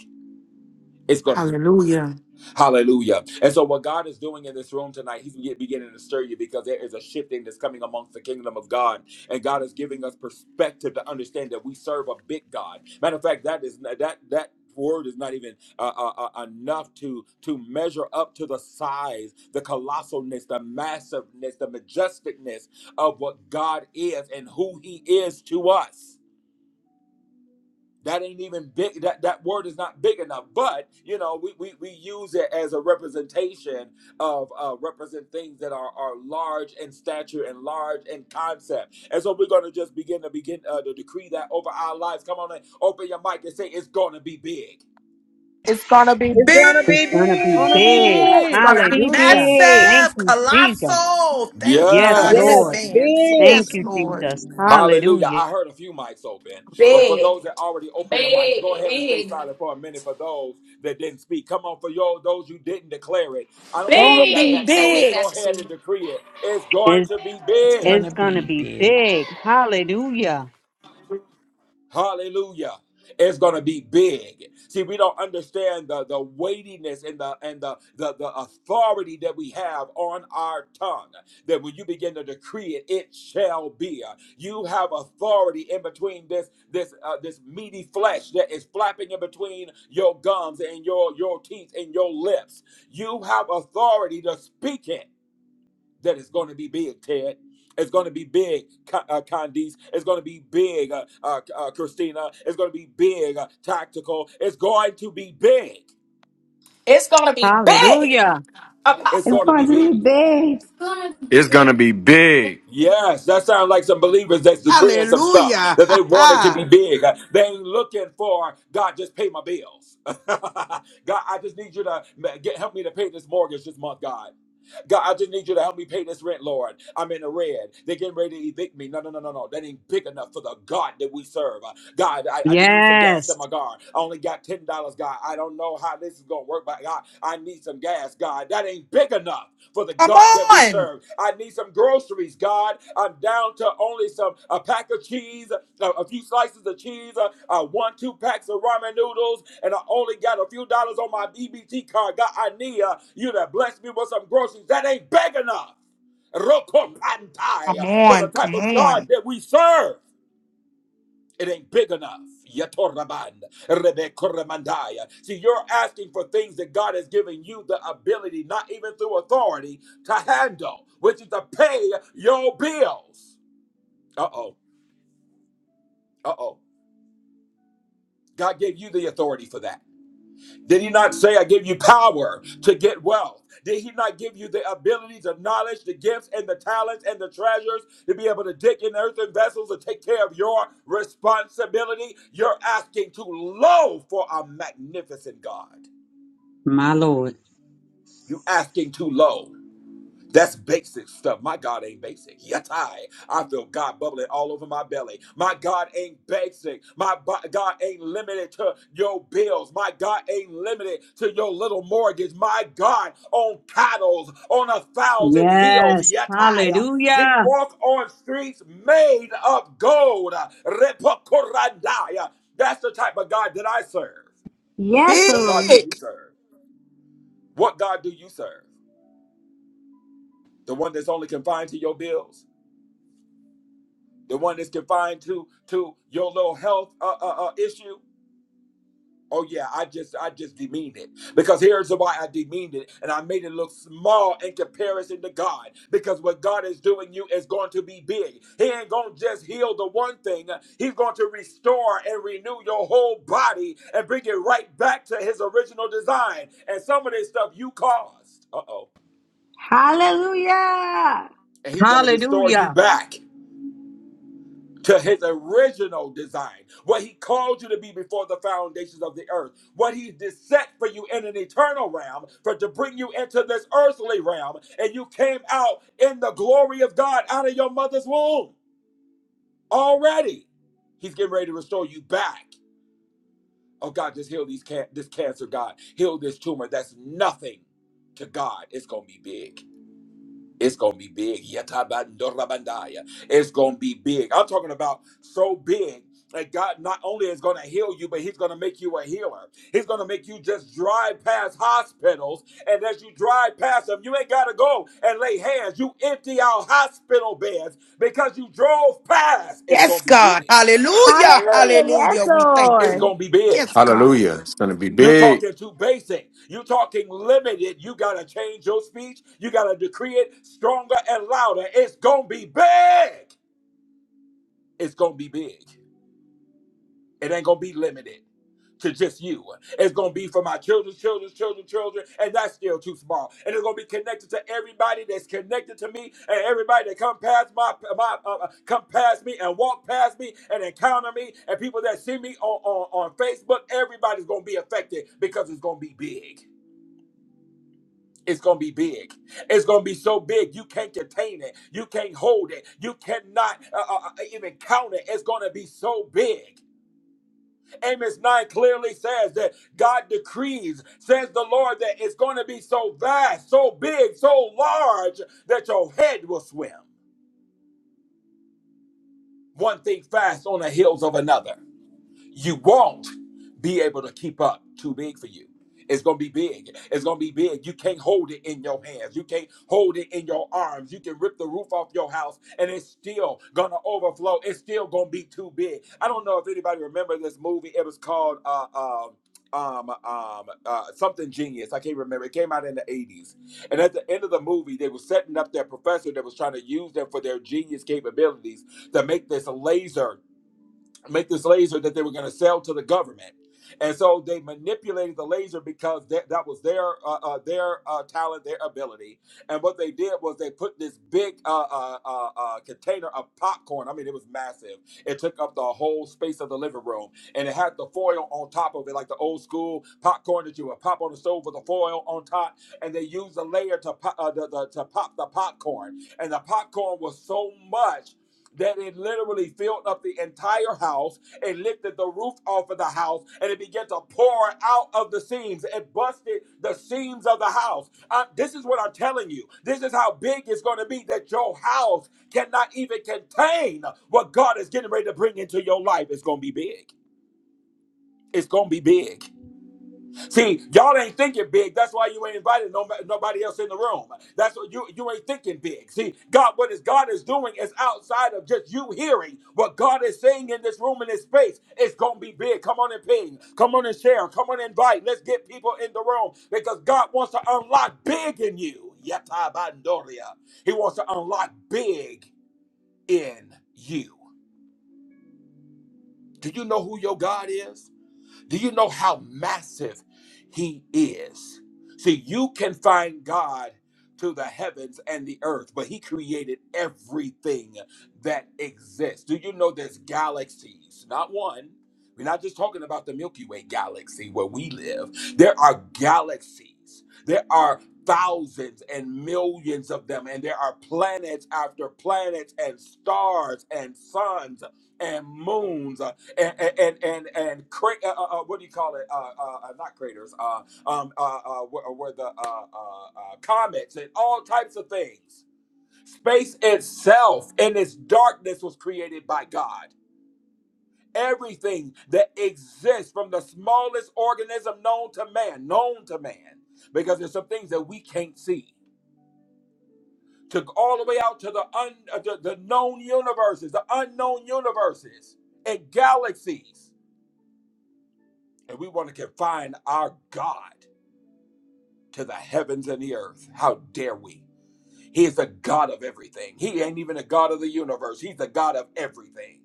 It's going to be
Hallelujah.
Hallelujah. And so, what God is doing in this room tonight, He's be- beginning to stir you because there is a shifting that's coming amongst the kingdom of God. And God is giving us perspective to understand that we serve a big God. Matter of fact, that is that, that. Word is not even uh, uh, uh, enough to to measure up to the size, the colossalness, the massiveness, the majesticness of what God is and who He is to us. That ain't even big. That that word is not big enough. But you know, we we, we use it as a representation of uh, represent things that are are large in stature and large in concept. And so we're gonna just begin to begin uh, to decree that over our lives. Come on, and open your mic and say it's gonna be big.
It's going to be
It's
big.
gonna be
It's going to be
Gonna be
big.
big.
It's
big.
going to
be
be
Hallelujah.
big.
Thank
massive,
you, Jesus.
colossal. Thank you,
Yes,
God, in
Yes,
Yes.
Lord.
advance.
big.
Thank
Yes,
you,
Lord.
Jesus.
Hallelujah.
Hallelujah.
I heard a few mics open, but for
Big,
those that already opened your mics,
big,
go ahead and stay
big,
silent for a minute for those that didn't speak. Come on, for yo, those who didn't declare it. I don't care if you
Gonna
got
be
big.
back
Say
noise,
big,
big.
go ahead
Betsy.
and decree it. It's going
It's,
to be
It's
big.
gonna
it's going to
be
be
big.
big. Hallelujah.
Hallelujah. It's gonna be big. See, we don't understand the, the weightiness and the and the, the the authority that we have on our tongue. That when you begin to decree it, it shall be. You have authority in between this this uh, this meaty flesh that is flapping in between your gums and your your teeth and your lips. You have authority to speak it that is going to be big, Ted. It's going to be big, uh, Candice. It's going to be big, uh, uh, uh, Christina. It's going to be big, uh, Tactical. It's going to be big.
It's gonna be big,
Hallelujah.
It's
It's
going
Apostle.
to be
going to be
big.
big.
It's gonna be big.
Yes, that sounds like some believers that's decreeing some stuff
Hallelujah.
that they
Ha,
want it to be
ha.
big. Uh, They ain't looking for God. Just pay my bills. God, I just need you to ma- get help me to pay this mortgage this month, God. God, I just need you to help me pay this rent, Lord. I'm in the red. They're getting ready to evict me. No, no, no, no, no. That ain't big enough for the God that we serve. Uh, God, I, I just need some gas in
Yes,
my car. I only got $10, God. I don't know how this is going to work, but God, I need some gas, God. That ain't big enough for the
Come
God that we
on.
serve. I need some groceries, God. I'm down to only some a pack of cheese, a, a few slices of cheese, uh, uh, one, two packs of ramen noodles, and I only got a few dollars on my BBT card. God, I need uh, you to bless me with some groceries. That ain't big enough. Rokopantai,
Come
uh, For the
on.
type
Come
of God
on.
that we serve. It ain't big enough. Yatoraband, rebekoramandaya. See, you're asking for things that God has given you the ability, not even through authority, to handle, which is to pay your bills. Uh oh. Uh oh. God gave you the authority for that. Did he not say, I give you power to get wealth? Did he not give you the abilities, the knowledge, the gifts, and the talents and the treasures to be able to dig in earthen vessels to take care of your responsibility? You're asking too low for a magnificent God.
my Lord.
You're asking too low. That's basic stuff. My God ain't basic. Yatai. I feel God bubbling all over my belly. My God ain't basic. My bo- God ain't limited to your bills. My God ain't limited to your little mortgage. My God on cattle, on a thousand hills.
Yes.
Yatai. He
Hallelujah.
walked on streets made of gold. Repokorandai. That's the type of God that I serve.
Yes,
What God do
Lord.
you
Big.
serve? What God do you serve? The one that's only confined to your bills? the one that's confined to to your little health uh, uh, uh, issue. Oh yeah, I just I just demeaned it because here's why I demeaned it, and I made it look small in comparison to God. Because what God is doing you is going to be big. He ain't gonna just heal the one thing; He's going to restore and renew your whole body and bring it right back to His original design. And some of this stuff you caused. Uh oh,
Hallelujah.
and He's going to restore you
Hallelujah.
back. to his original design, what he called you to be before the foundations of the earth, what he did set for you in an eternal realm, for to bring you into this earthly realm, and you came out in the glory of God out of your mother's womb already. He's getting ready to restore you back. Oh God, just heal these can- this cancer, God. Heal this tumor. That's nothing to God. It's gonna be big. It's gonna be big. Yatabandorabandaya. It's gonna be big. I'm talking about so big that God not only is gonna heal you, but He's gonna make you a healer. He's gonna make you just drive past hospitals, and as you drive past them, you ain't gotta go and lay hands. You empty out hospital beds because you drove past. It's
Yes,
gonna be
God.
big.
Hallelujah.
Hallelujah. Yes,
Hallelujah. We thank
It's
you.
Lord.
gonna be big.
Yes, God.
Hallelujah. It's going to be
You're
big.
talking too basic. You're talking limited. You got to change your speech. You got to decree it stronger and louder. It's going to be big. It's going to be big. It ain't going to be limited to just you. It's going to be for my children's children's children's children, and that's still too small. And it's going to be connected to everybody that's connected to me and everybody that come past my, my uh, uh, come past me and walk past me and encounter me and people that see me on, on, on Facebook. Everybody's going to be affected because it's going to be big. It's going to be big. It's going to be so big you can't contain it. You can't hold it. You cannot uh, uh, uh, even count it. It's going to be so big. Amos 9 clearly says that God decrees, says the Lord, that it's going to be so vast, so big, so large that your head will swim. One thing fast on the heels of another. you won't be able to keep up. Too big for you. It's gonna be big. It's gonna be big. You can't hold it in your hands. You can't hold it in your arms. You can rip the roof off your house, and it's still gonna overflow. It's still gonna be too big. I don't know if anybody remember this movie. It was called uh, um um um uh, something genius. I can't remember. It came out in the eighties, and at the end of the movie, they were setting up their professor that was trying to use them for their genius capabilities to make this laser make this laser that they were going to sell to the government. And so they manipulated the laser because that, that was their uh, uh, their uh, talent, their ability. And what they did was they put this big uh, uh, uh, uh, container of popcorn. I mean, it was massive. It took up the whole space of the living room, and it had the foil on top of it, like the old school popcorn that you would pop on the stove with the foil on top. And they used a layer to pop, uh, the, the, to pop the popcorn, and the popcorn was so much that it literally filled up the entire house. It lifted the roof off of the house and it began to pour out of the seams. It busted the seams of the house. Uh, this is what I'm telling you. This is how big it's going to be that your house cannot even contain what God is getting ready to bring into your life. It's going to be big. It's going to be big. See, y'all ain't thinking big. That's why you ain't invited no, nobody else in the room. That's what you you ain't thinking big. See, God, what is God is doing is outside of just you hearing what God is saying in this room in this space. It's gonna be big. Come on and ping. Come on and share. Come on and invite. Let's get people in the room because God wants to unlock big in you. Yatabandoria. He wants to unlock big in you. Do you know who your God is? Do you know how massive he is? See, you can find God to the heavens and the earth, but he created everything that exists. Do you know there's galaxies? Not one. We're not just talking about the Milky Way galaxy where we live. There are galaxies. There are thousands and millions of them and there are planets after planets and stars and suns and moons uh, and and and, and cra- uh, uh, uh, what do you call it? Uh, uh, uh, not craters. Uh, um, uh, uh, where, where the uh, uh, uh, comets and all types of things. Space itself in its darkness was created by God. Everything that exists, from the smallest organism known to man, known to man, because there's some things that we can't see. To all the way out to the un, uh, the, the known universes, the unknown universes and galaxies. and we want to confine our God to the heavens and the earth. How dare we? He is the God of everything. He ain't even a God of the universe. He's the God of everything.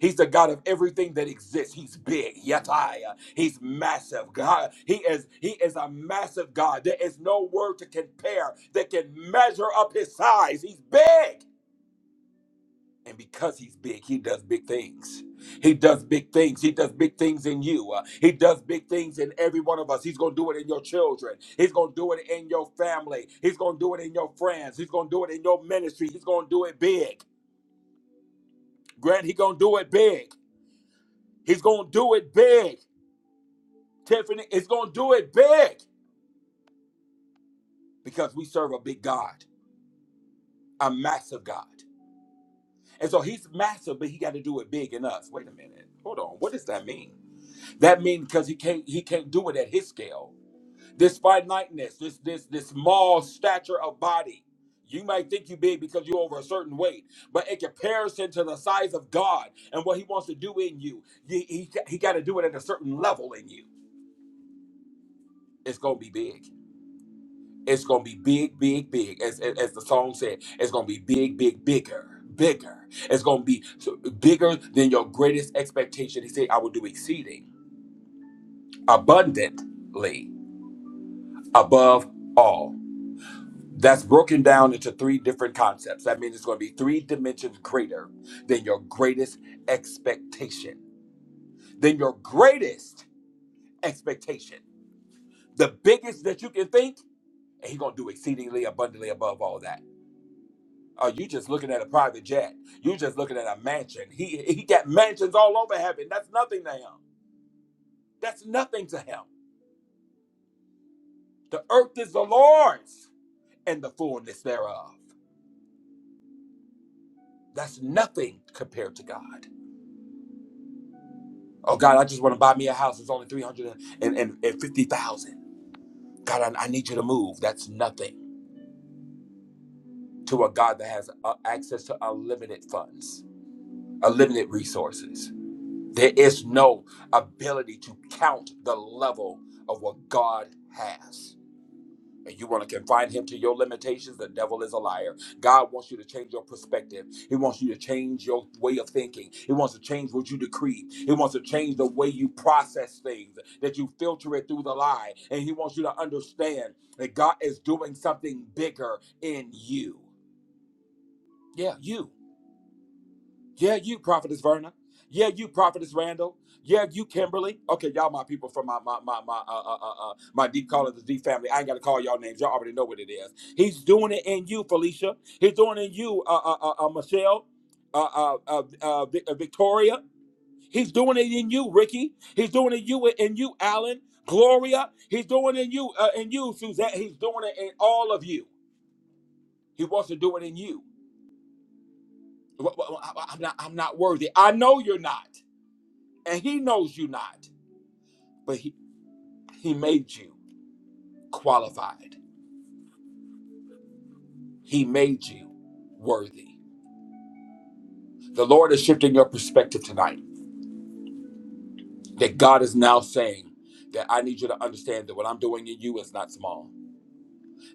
He's the God of everything that exists. He's big. Yataya. He's massive. God. He is he is a massive God. There is no word to compare that can measure up his size. He's big. And because he's big, he does big things. He does big things. He does big things in you. Uh, he does big things in every one of us. He's going to do it in your children. He's going to do it in your family. He's going to do it in your friends. He's going to do it in your ministry. He's going to do it big. Grant, he's going to do it big. He's going to do it big. Tiffany, he's going to do it big because we serve a big God, a massive God. And so he's massive, but he got to do it big in us. Wait a minute. Hold on. What does that mean? That means because he can't he can't do it at his scale. This finiteness, this this this small stature of body. You might think you big because you're over a certain weight, but in comparison to the size of God and what He wants to do in you, he, he, he got to do it at a certain level in you. It's gonna be big. It's gonna be big, big, big. As as, as the song said, it's gonna be big, big, bigger, bigger. It's gonna be so- bigger than your greatest expectation. He said, "I will do exceeding abundantly." above all. That's broken down into three different concepts. That means it's going to be three dimensions greater than your greatest expectation. Than your greatest expectation. The biggest that you can think, and he's going to do exceedingly abundantly above all that. Are you just looking at a private jet? You're just looking at a mansion. He he got mansions all over heaven. That's nothing to him. That's nothing to him. The earth is the Lord's and the fullness thereof. That's nothing compared to God. Oh God, I just want to buy me a house. It's only three hundred and fifty thousand. God, I, I need you to move. That's nothing to a God that has uh, access to unlimited funds, unlimited resources. There is no ability to count the level of what God has. and you want to confine him to your limitations, the devil is a liar. God wants you to change your perspective. He wants you to change your way of thinking. He wants to change what you decree. He wants to change the way you process things, that you filter it through the lie. And he wants you to understand that God is doing something bigger in you. Yeah, you. Yeah, you, Prophetess Verna. Yeah, you, Prophetess Randall. Yeah, you, Kimberly. Okay, y'all, my people from my my my my uh uh uh, uh my deep call of the D family. I ain't gotta call y'all names. Y'all already know what it is. He's doing it in you, Felicia. He's doing it in you, uh uh uh, uh Michelle, uh uh uh, uh, Vic- uh, Victoria. He's doing it in you, Ricky. He's doing it in you in you, Alan, Gloria. He's doing it in you uh, in you, Suzette. He's doing it in all of you. He wants to do it in you. Wh- wh- wh- I'm not. I'm not worthy. I know you're not. and he knows you not but he, he made you qualified he made you worthy the lord is shifting your perspective tonight that god is now saying that i need you to understand that what i'm doing in you is not small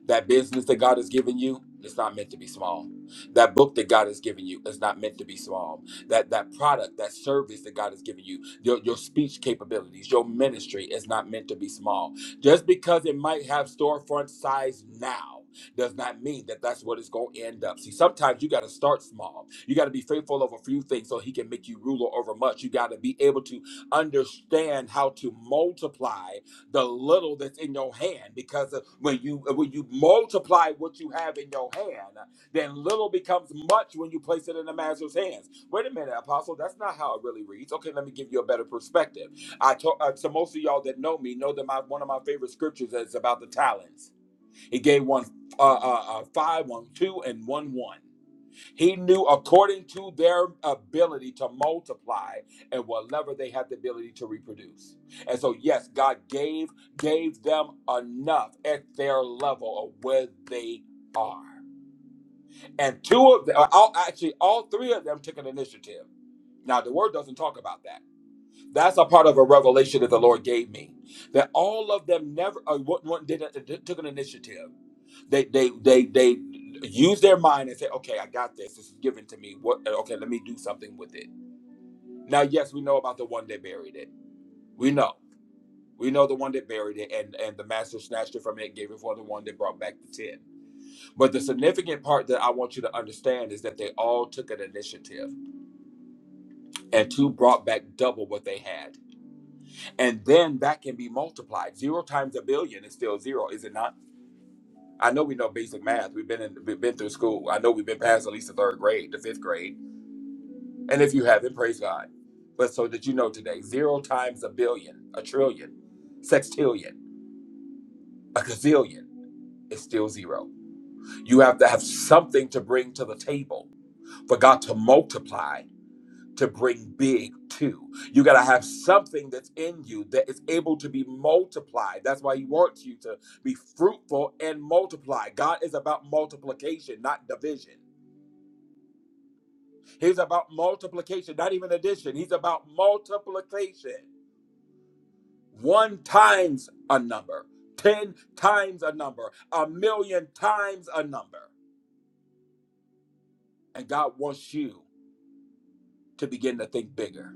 That business that God has given you is not meant to be small. That book that God has given you is not meant to be small. That that product, that service that God has given you, your, your speech capabilities, your ministry is not meant to be small. Just because it might have storefront size now does not mean that that's what it's going to end up. See, sometimes you got to start small. You got to be faithful over a few things so he can make you ruler over much. You got to be able to understand how to multiply the little that's in your hand because uh, when you uh, when you multiply what you have in your hand uh, then little becomes much when you place it in the master's hands wait a minute apostle that's not how it really reads okay let me give you a better perspective i told uh, to most of y'all that know me know that my one of my favorite scriptures is about the talents he gave one uh, uh, uh five one two and one one he knew according to their ability to multiply and whatever they had the ability to reproduce. And so, yes, God gave gave them enough at their level of where they are. And two of them, all, actually, all three of them took an initiative. Now, the word doesn't talk about that that's a part of a revelation that the Lord gave me. That all of them never uh, what one did did- took an initiative. They they they they use their mind and say, "Okay, I got this. This is given to me. What? uh, Okay, let me do something with it." Now, yes, we know about the one that buried it. We know. We know the one that buried it, and and the master snatched it from it, gave it for the one that brought back the ten. But the significant part that I want you to understand is that they all took an initiative, and two brought back double what they had. and then that can be multiplied. Zero times a billion is still zero, is it not? I know we know basic math. We've been in, we've been through school. I know we've been past at least the third grade, the fifth grade, and if you haven't, praise God. But so that you know today, zero times a billion, a trillion, sextillion, a gazillion is still zero. You have to have something to bring to the table for God to multiply to bring big to. You got to have something that's in you that is able to be multiplied. That's why he wants you to be fruitful and multiply. God is about multiplication, not division. He's about multiplication, not even addition. He's about multiplication. One times a number, 10 times a number, a million times a number. And God wants you to begin to think bigger.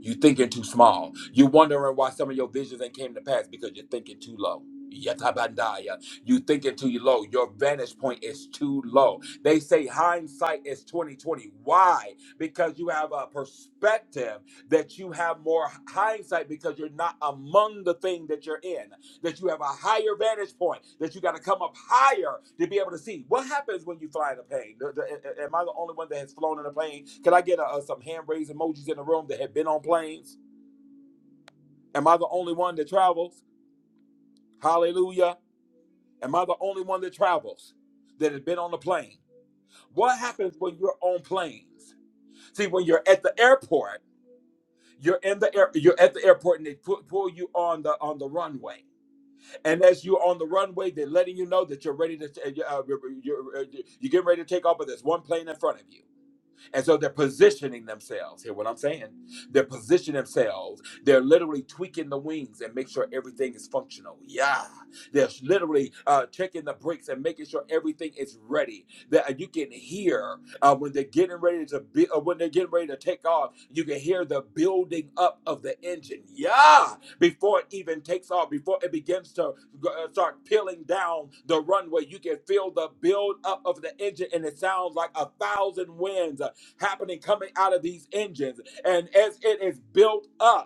You're thinking too small. You're wondering why some of your visions ain't came to pass because you're thinking too low. Yatabandaya. You thinking too low. Your vantage point is too low. They say hindsight is 2020. Why? Because you have a perspective that you have more hindsight because you're not among the thing that you're in that you have a higher vantage point, that you got to come up higher to be able to see. What happens when you fly in a plane? The- the- am I the only one that has flown in a plane? Can I get uh, uh, some hand raised emojis in the room that have been on planes? Am I the only one that travels? Hallelujah. Am I the only one that travels that has been on a plane? What happens when you're on planes? See, when you're at the airport, you're in the air, you're at the airport and they put, pull you on the on the runway And as you're on the runway, they're letting you know that you're ready to, uh, you're, you're, uh, you're getting ready to take off, but there's one plane in front of you and so they're positioning themselves. Hear what I'm saying? They're positioning themselves. They're literally tweaking the wings and make sure everything is functional. Yeah. They're literally uh, checking the brakes and making sure everything is ready. That you can hear uh, when they're getting ready to be, uh, when they're getting ready to take off. You can hear the building up of the engine. Yeah. Before it even takes off, before it begins to uh, start peeling down the runway, you can feel the build up of the engine, and it sounds like a thousand winds uh, happening coming out of these engines. And as it is built up,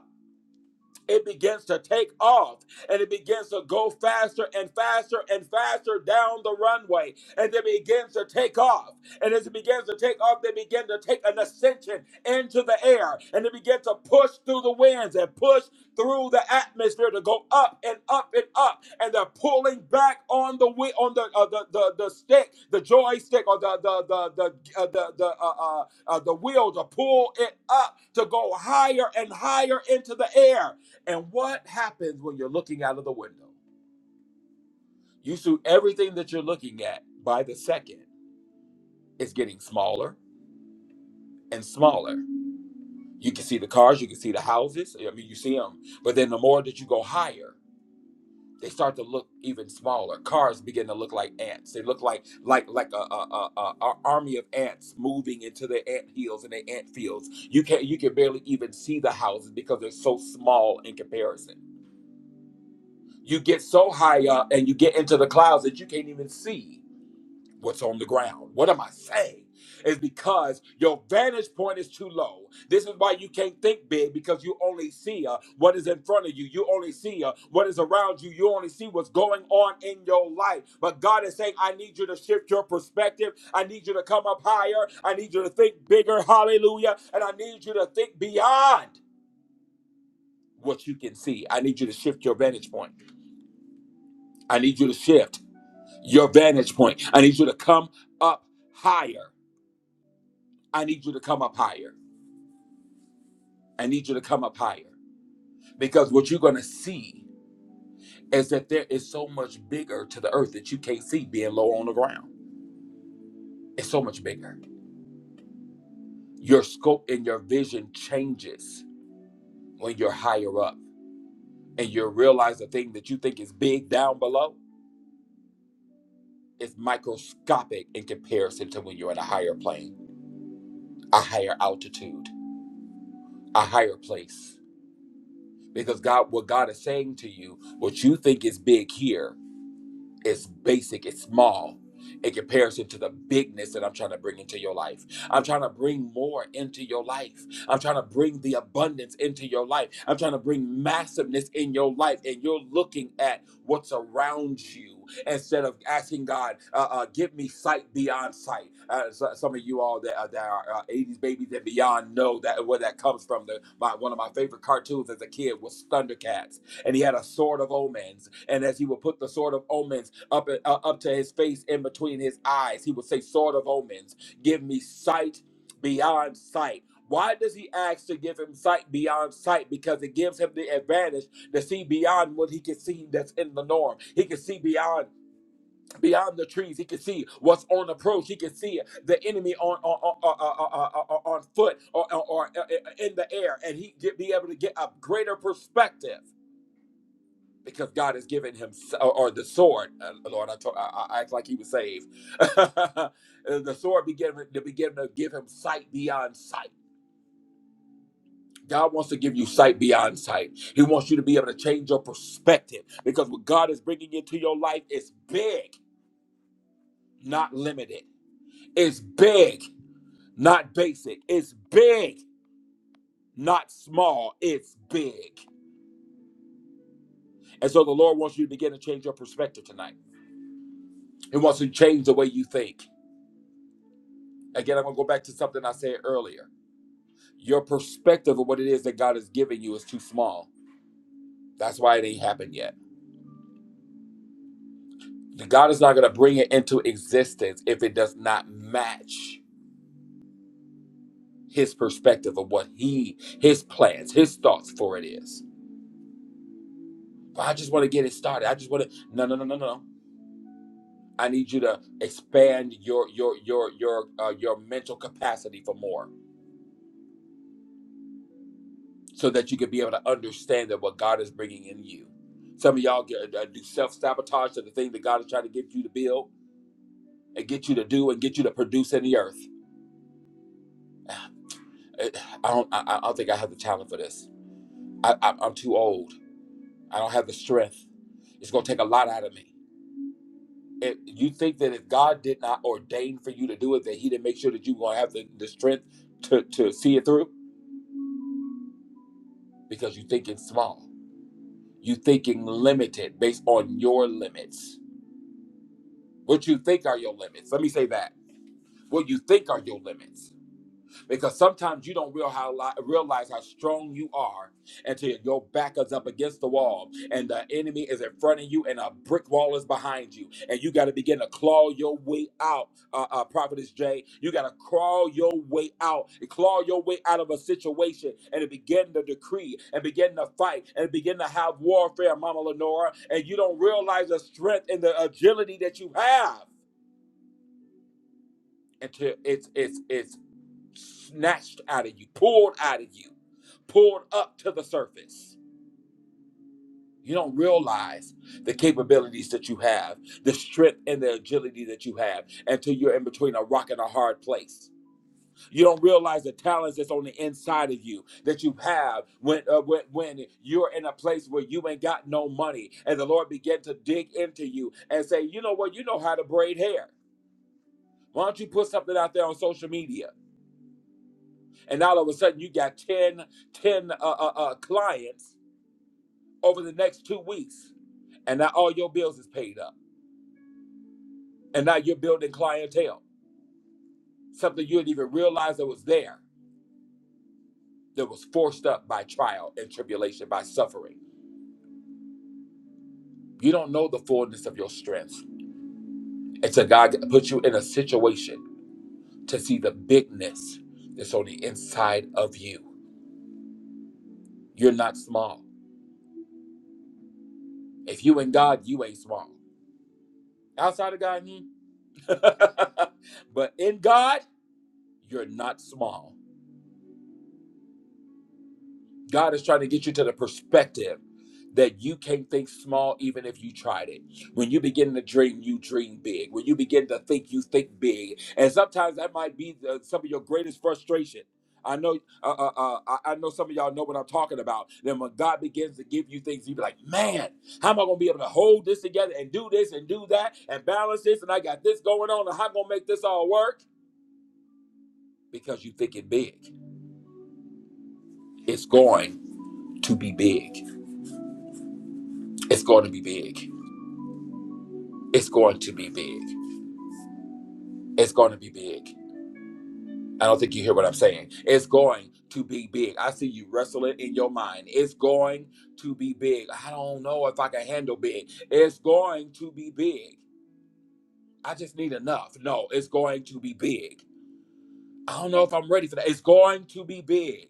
it begins to take off and it begins to go faster and faster and faster down the runway and it begins to take off and as it begins to take off they begin to take an ascension into the air and they begin to push through the winds and push through the atmosphere to go up and up and up and they're pulling back on the wi- on the uh, the, the the stick the joystick or the the the the uh, the, the uh, uh, uh, the wheel to pull it up to go higher and higher into the air and what happens when you're looking out of the window? You see everything that you're looking at by the second is getting smaller and smaller. You can see the cars, you can see the houses. I mean, you see them. But then the more that you go higher, they start to look even smaller. Cars begin to look like ants. They look like like like a, a, a, a a army of ants moving into their ant hills and their ant fields. You can you can barely even see the houses because they're so small in comparison. You get so high up and you get into the clouds that you can't even see what's on the ground. What am I saying? Is because your vantage point is too low. This is why you can't think big because you only see uh, what is in front of you. You only see uh, what is around you. You only see what's going on in your life. But God is saying, I need you to shift your perspective. I need you to come up higher. I need you to think bigger. Hallelujah. And I need you to think beyond what you can see. I need you to shift your vantage point. I need you to shift your vantage point. I need you to come up higher. I need you to come up higher. I need you to come up higher because what you're going to see is that there is so much bigger to the earth that you can't see being low on the ground. It's so much bigger. Your scope and your vision changes when you're higher up and you realize the thing that you think is big down below is microscopic in comparison to when you're in a higher plane, a higher altitude, a higher place. Because God, what God is saying to you, what you think is big here It's basic, it's small in comparison to the bigness that I'm trying to bring into your life. I'm trying to bring more into your life. I'm trying to bring the abundance into your life. I'm trying to bring massiveness in your life. And you're looking at what's around you instead of asking God, uh, uh, give me sight beyond sight. Uh, so- some of you all that, uh, that are uh, 80s babies and beyond know that where that comes from. The, my, one of my favorite cartoons as a kid was Thundercats and he had a sword of omens. And as he would put the sword of omens up uh, up to his face in between his eyes. He would say, "Sword of omens, give me sight beyond sight." Why does he ask to give him sight beyond sight? Because it gives him the advantage to see beyond what he can see that's in the norm. He can see beyond beyond the trees. He can see what's on approach. He can see the enemy on on on, on, on- on foot or, or, or uh, uh, in the air, and he get, be able to get a greater perspective because God has given him or, or the sword. Uh, Lord, I, told, I, I act like he was saved. the sword be to begin to give him sight beyond sight. God wants to give you sight beyond sight. He wants you to be able to change your perspective because what God is bringing into your life is big, not limited. It's big, not basic. It's big, not small. It's big. And so the Lord wants you to begin to change your perspective tonight. He wants to change the way you think. again, I'm gonna go back to something I said earlier. Your perspective of what it is that God is giving you is too small. That's why it ain't happened yet. God is not gonna bring it into existence if it does not match His perspective of what He, His plans, His thoughts for it is. But I just want to get it started. I just want to. No, no, no, no, no. I need you to expand your your your your uh, your mental capacity for more. so that you can be able to understand that what God is bringing in you. Some of y'all get, uh, do self sabotage to the thing that God is trying to get you to build and get you to do and get you to produce in the earth. Eh, I don't. I, I don't think I have the talent for this. I, I, I'm too old. I don't have the strength. It's gonna take a lot out of me. If you think that if God did not ordain for you to do it, that He didn't make sure that you gonna have the, the strength to to see it through because you thinking small. You thinking limited based on your limits What you think are your limits. Let me say that. What you think are your limits. Because sometimes you don't real how, li- realize how strong you are until your back is up against the wall and the enemy is in front of you and a brick wall is behind you. And you got to begin to claw your way out, uh, uh, Prophetess Jay. You got to crawl your way out and claw your way out of a situation and to begin to decree and begin to fight and begin to have warfare, Mama Lenora. And you don't realize the strength and the agility that you have until it's it's it's snatched out of you, pulled out of you, pulled up to the surface. You don't realize the capabilities that you have, the strength and the agility that you have until you're in between a rock and a hard place. You don't realize the talents that's on the inside of you that you have when uh, when, when you're in a place where you ain't got no money and the Lord begin to dig into you and say, "You know what? You know how to braid hair. Why don't you put something out there on social media? and all of a sudden you got 10, 10 uh, uh, uh, clients over the next two weeks and now all your bills is paid up and now you're building clientele something you didn't even realize that was there that was forced up by trial and tribulation by suffering you don't know the fullness of your strength until god puts you in a situation to see the bigness that's on the inside of you you're not small if you in god you ain't small outside of god hmm. but in god You're not small. God is trying to get you to the perspective that you can't think small even if you tried it. When you begin to dream, you dream big. When you begin to think, you think big. And sometimes that might be the, some of your greatest frustration. I know, uh, uh, uh, I I know some of y'all know what I'm talking about. Then when God begins to give you things, you be like, "Man, how am I gonna be able to hold this together and do this and do that and balance this? And I got this going on, and how I'm gonna make this all work?" Because you think it big, it's going to be big. It's going to be big. It's going to be big. It's going to be big. I don't think you hear what I'm saying. It's going to be big. I see you wrestle it in your mind. It's going to be big. I don't know if I can handle big. It's going to be big. I just need enough. No, it's going to be big. I don't know if I'm ready for that. It's going to be big.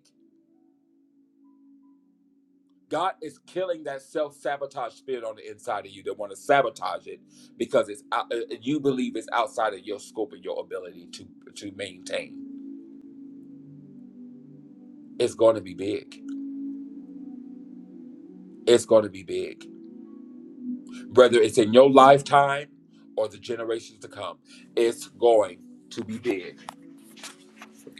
God is killing that self-sabotage spirit on the inside of you that want to sabotage it because it's out, uh, you believe it's outside of your scope and your ability to to maintain It's going to be big. It's going to be big. Whether it's in your lifetime or the generations to come, it's going to be big.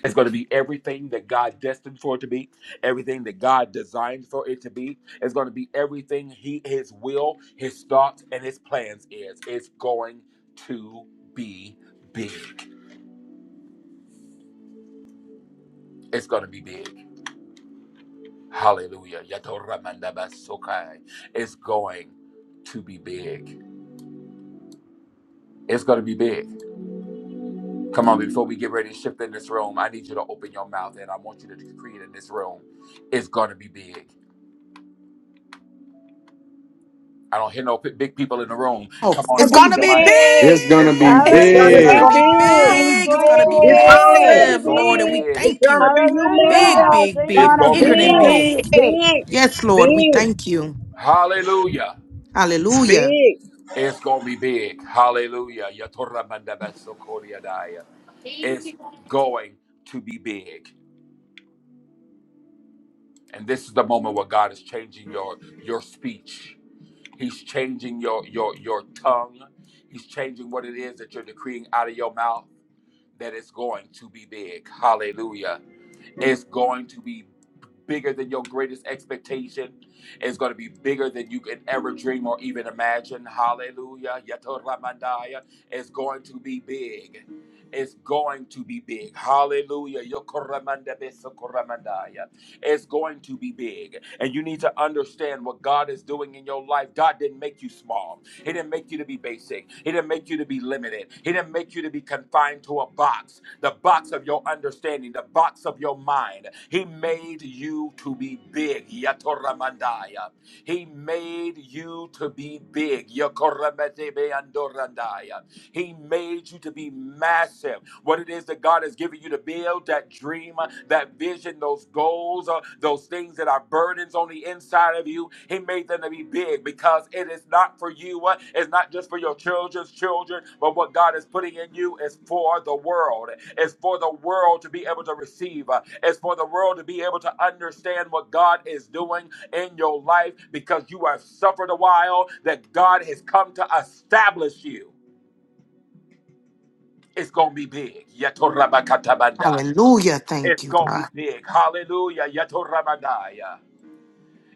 It's going to be everything that God destined for it to be, everything that God designed for it to be. It's going to be everything He, His will, His thoughts, and His plans is. It's going to be big. It's going to be big. Hallelujah. Yatoramandabasokai. It's going to be big. It's going to be big. Come on, before we get ready to shift in this room, I need you to open your mouth and I want you to decree it in this room. It's going to be big. I don't hear no p- big people in the room.
Oh,
Come on
Gonna
it's
and
going
open
be
to
your
be
mic.
big.
It's
It's
gonna
going
be
to be
big.
It's
It's
big.
gonna
It's
Hallelujah!
going
be
to
gonna
big.
be
big.
It's
be
big. It's
going
going
to
to
be
be
It's
big.
big!
already
It's
massive,
going to be
Lord. And we
big.
big.
It's
thank
gonna
you.
be
Big,
Hallelujah!
humongous.
big,
Thank
It's
big,
you,
Gonna
going to
be
be
bigger
Gonna be
than
big.
Big,
big.
big.
big.
big,
Yes, Lord. We
big.
thank you.
Hallelujah.
It's
Hallelujah.
big,
It's going to be big. Hallelujah. Yatorra manda basso It's going to be big. And this is the moment where God is changing your, your speech. He's changing your your your tongue. He's changing what it is that you're decreeing out of your mouth that it's going to be big. Hallelujah. It's going to be bigger than your greatest expectation. It's going to be bigger than you could ever dream or even imagine. Hallelujah. Yatoramandaya. It's going to be big. It's going to be big. Hallelujah. Yokoramandabesa-koramandaya. It's going to be big. And you need to understand what God is doing in your life. God didn't make you small. He didn't make you to be basic. He didn't make you to be limited. He didn't make you to be confined to a box, the box of your understanding, the box of your mind. He made you to be big. Yatoramandaya. He made you to be big. Yakorametebeandorandaya. He made you to be massive what it is that God has given you to build, that dream, uh, that vision, those goals, uh, those things that are burdens on the inside of you. He made them to be big because it is not for you. uh, It's not just for your children's children, but what God is putting in you is for the world. It's for the world to be able to receive. uh, It's for the world to be able to understand what God is doing in your life because you have suffered a while that God has come to establish you. It's going to be big. Yatorabakatabanda.
Hallelujah. Thank
It's
you,
gonna be
God.
big. Hallelujah. Yato Ramadaya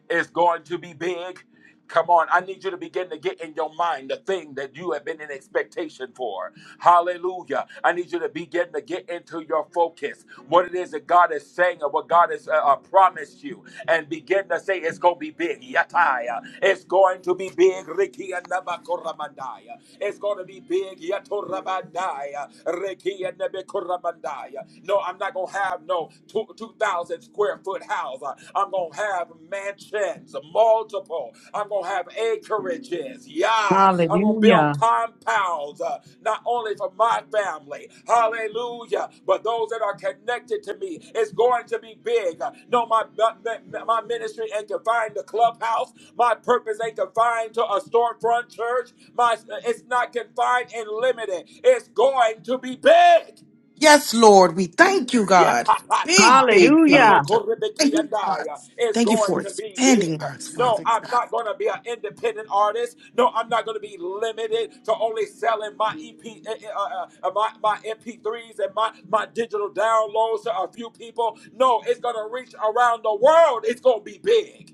is going to be big. Come on, I need you to begin to get in your mind the thing that you have been in expectation for. Hallelujah. I need you to begin to get into your focus, what it is that God is saying and what God has uh, uh, promised you, and begin to say, It's going to be big. Yataya. It's going to be big. Riki and Nabakoramandaya. It's going to be big. Yatorabandaya. Riki and Nabakoramandaya. No, I'm not going to have no two- 2,000 square foot square foot house. I- am going to have mansions, multiple. I'm going to have acreages. Yeah. I'm going to
Hallelujah.
build compounds, uh, not only for my family. Hallelujah. But those that are connected to me, it's going to be big. Uh, No, my, my, my ministry ain't confined to clubhouse. My purpose ain't confined to a storefront church. My, it's not confined and limited. It's going to be big.
Yes, Lord. We thank you, God. Big,
Yatapatai,
big, big.
Hallelujah.
God. Thank you, God.
Rokorebekiandai, is
Thank you
going
for
to be
expanding
big.
us,
No,
Father.
I'm
God.
not going to be an independent artist. No, I'm not going to be limited to only selling my EP, uh, uh, uh, my, my MP3s and my, my digital downloads to a few people. No, it's going to reach around the world. It's going to be big.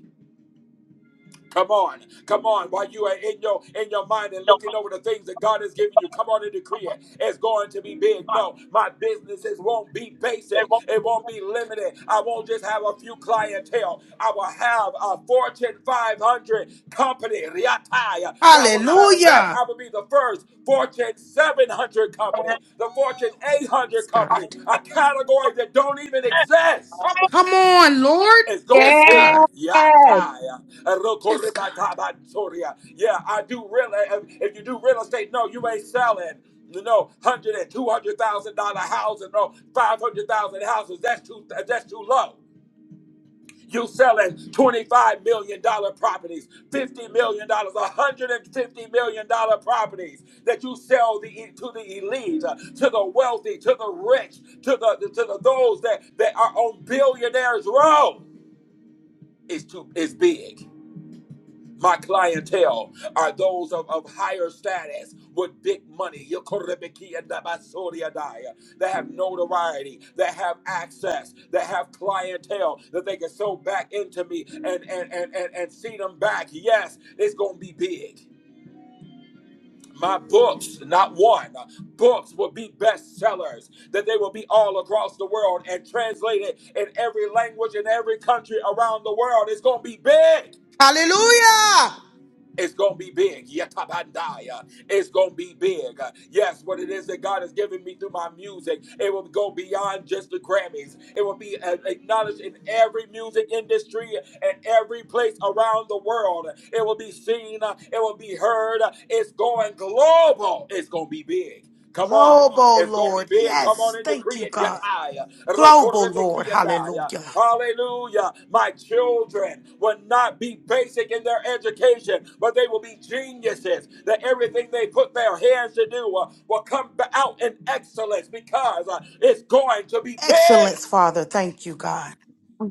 Come on, come on. While you are in your in your mind and
I'm so
looking over the things that God has given you, come on and decree it. It's going to be big. No, my businesses won't be basic. It won't be limited. I won't just have a few clientele. I will have a Fortune 500 company. Riataya. Now, as a matter of fact,
Hallelujah.
I will be the first Fortune 700 company, the Fortune 800
Yes, God.
company, a category that don't even exist.
Come on, Lord.
It's gonna be
Yes,
Yes.
big.
God.
Yeah, tie. Uh,
Yes, God.
rokorebatabansoria. Yeah, Yeah, I do real. uh, If you do real estate, no, you ain't selling. You know, hundred and two hundred thousand dollar houses, no, five hundred thousand houses. That's too. That's too low. You selling $25 million dollar properties, $50 million, $150 million dollar properties that you sell the, to the elite, uh, to the wealthy, to the rich, to the to the those that, that are on billionaires' row is too is big. My clientele are those of, of higher status with big money. Yokorebekiadabasoriadaya. They have notoriety, they have access, they have clientele that they can sew back into me and, and, and, and, and see them back. Yes, it's gonna be big. My books, not one, books will be bestsellers, that they will be all across the world and translated in every language in every country around the world. It's gonna be big.
Hallelujah.
It's gonna be big. Yatabandaya. It's gonna be big. Yes, what it is that God has given me through my music, it will go beyond just the Grammys. It will be uh, acknowledged in every music industry and every place around the world. It will be seen. uh, It will be heard. It's going global. It's gonna be big. Come on.
Global
It's gonna be
Lord.
big. Come on
Yes.
and
Thank
decree
you,
it.
God.
Yataya.
Global Lord. Hallelujah.
Hallelujah. My children will not be basic in their education, but they will be geniuses. That everything they put their hands to do uh, will come out in excellence because uh, it's going to be big.
Excellence, Father. Thank you, God.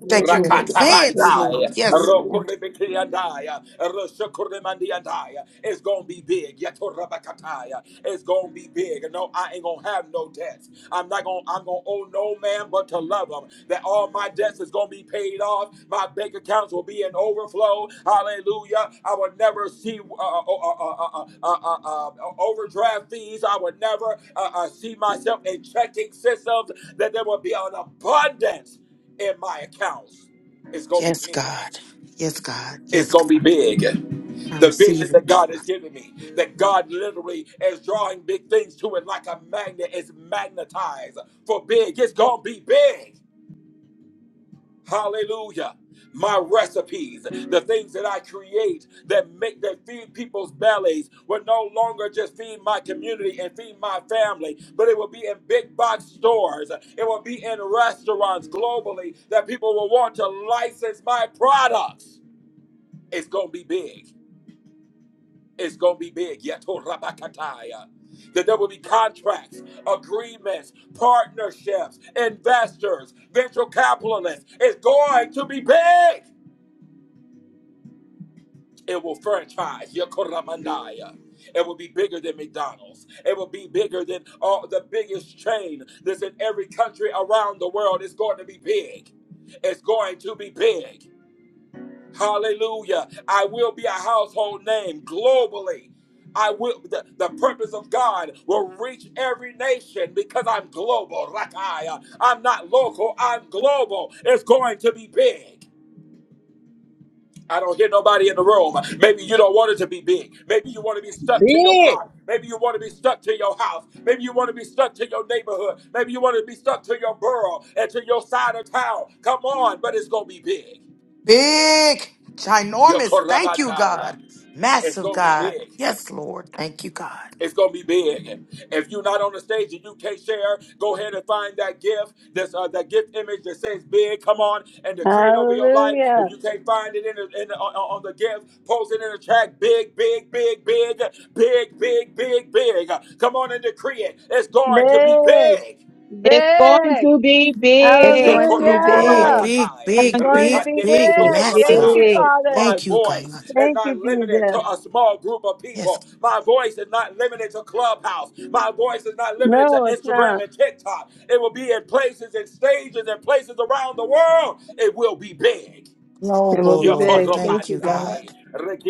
Thank you in advance,
Jesus!
Lord.
Rakatabandai,
Yes, Lord.
Rokurebekiandai, Roshakuremandiandai. It's gonna be big. Yatorabakataya. It's gonna be big. No, I ain't gonna have no debts. I'm not gonna I'm gonna owe no man but to love him. That all my debts is gonna be paid off. My bank accounts will be in overflow. Hallelujah. I will never see uh, uh, uh, uh, uh, uh, uh, uh, uh, overdraft fees. I would never uh, uh, see myself in checking systems. That there will be an abundance in my accounts is gonna be
Yes,
big.
God. Yes, God.
It's
Yes,
gonna be
God.
big. The
I receive
vision that
it.
God has given me, that God literally is drawing big things to it like a magnet is magnetized for big. It's gonna be big. Hallelujah. My recipes, the things that I create that make that feed people's bellies will no longer just feed my community and feed my family, but it will be in big box stores. It will be in restaurants globally that people will want to license my products. It's going to be big. It's going to be big. Yato rabakataya. That there will be contracts, agreements, partnerships, investors, venture capitalists. It's going to be big. It will franchise your Koramandaya. It will be bigger than McDonald's. It will be bigger than all the biggest chain that's in every country around the world. It's going to be big. It's going to be big. Hallelujah. I will be a household name globally. I will the, the purpose of God will reach every nation because I'm global. Rakaya. I'm not local, I'm global. It's going to be big. I don't hear nobody in the room. Maybe you don't want it to be big. Maybe you want to be stuck to your
big.
block. Maybe you want to be stuck to your house. Maybe you want to be stuck to your neighborhood. Maybe you want to be stuck to your borough and to your side of town. Come on, but it's going to be big.
Big, ginormous. Thank you, God.
Yokorabandaya. It's
Massive,
going to be
God.
big.
Yes, Lord. Thank you, God.
It's gonna be big. If you're not on the stage and you can't share, go ahead and find that gift. This uh, that gift image that says "big." Come on and decree it over your life. If you
Hallelujah!
can't find it in the, in the, on, on the gift, post it in the chat. Big, big, big, big, big, big, big, big. Come on and decree it. It's going to be
Big!
big.
It's going
Big!
to be
It's
big.
going to be
Big,
Hallelujah!
big.
big,
Yakorokorabakatai,
It's
Going
big,
to be
going to
big,
be
big,
big.
big! Thank
massive.
you,
Rekandebesokoramandaya.
Big.
My
Father!
Thank you,
voice
God.
is
Thank you,
not limited to
Jesus!
a small group of
Yes,
people. My voice is not limited to Clubhouse. My voice is not limited to
No, it's
Instagram
not.
and TikTok. It will be in places and stages and places around the world. It will be big.
It will
global,
be
Lord.
big. Thank
Thank
you,
you,
God.
Yokorobandai,
God.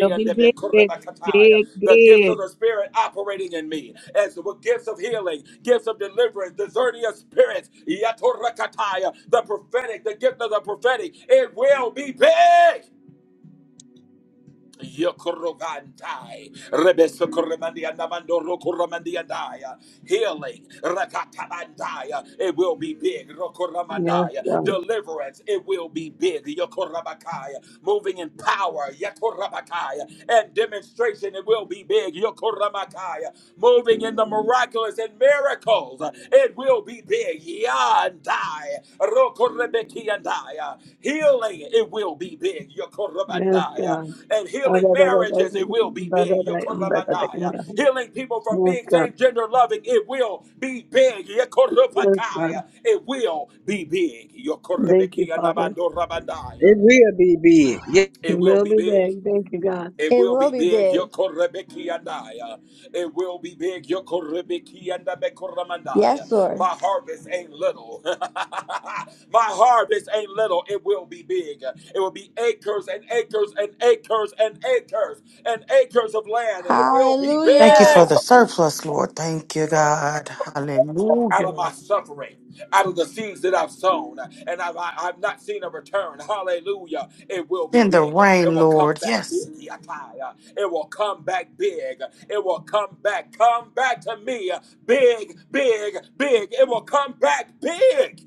It'll be big. It's Big,
The gifts of
big.
the Spirit operating in me, as with gifts of healing, gifts of deliverance, discerning of spirits, Yatorakatai. the prophetic, the gift of the prophetic. It will be big. Yokorogantai, Rebesokoremandianda Mandorokoromandiandaya, healing, Rakatabandaya, it will be big,
Yes,
Rokoramandaya,
God.
deliverance, it will be big, Yokorabakaya, moving in power, Yakorabakaya, and demonstration, it will be big, Yokoramakaya, moving in the miraculous and miracles. It will be big. Yandai. Rokorebekiandai. Healing, it will be big.
Yes,
Yokorobandai.
God.
And
Yes,
healing marriages, it will be big. Yokorobandai. Healing people from being
God.
same gender loving, it will be big.
Yes, God.
Yokorobakai. It will be big.
Thank you, Father.
Yokorebekianabandorabandai.
It will be big. Yes,
We
It will
will
be
be
big.
back. Thank you, God.
It
It
will
will
be
be
big,
big.
Yokorebeki and I. It will be big, Yokorebeki and
Yes,
Bekoramandaya.
Lord.
My harvest ain't little. My harvest ain't little. It will be big. It will be acres and acres and acres and acres and acres of land. It will be
Thank you
big.
for the
Hallelujah.
surplus, Lord. Thank you, God.
out of my
Hallelujah.
suffering, out of the seeds that I've sown, and I've, I, I've not seen a return. Hallelujah. It will be
Send the
big. It
rain,
will come
Lord.
back
Yes.
big. Yatai. It will come back big. It will come back. Come back to me. Big, big, big. It will come back big.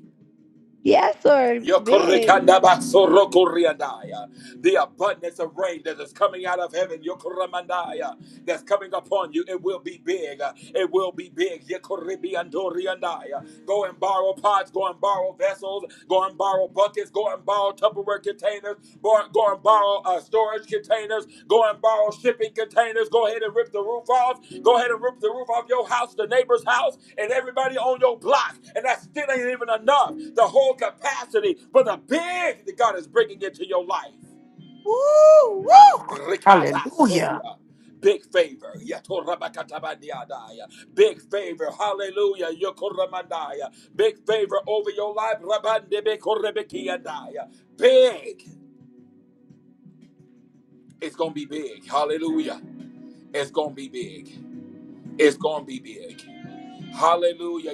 Yes, Lord. Big.
Yokorikandabasorokoriyandaya. The abundance of rain that is coming out of heaven, yokoramandaya, that's coming upon you, it will be big. It will be big. Yokoribiyandoriyandaya. Go and borrow pots, go and borrow vessels, go and borrow buckets, go and borrow Tupperware containers, go, go and borrow uh, storage containers, go and borrow shipping containers, go ahead and rip the roof off, go ahead and rip the roof off your house, the neighbor's house, and everybody on your block. And that still ain't even enough. The whole capacity for the big that God is bringing into your life.
Woo, woo. Hallelujah.
Rikabasoria. Big favor. Yatorabakatabadiadaya. Big favor. Hallelujah. Yokoramandaya. Big favor over your life. Rabandebekorebekiandaya. Big. It's going to be big. Hallelujah. It's going to be big. It's going to be big. Hallelujah.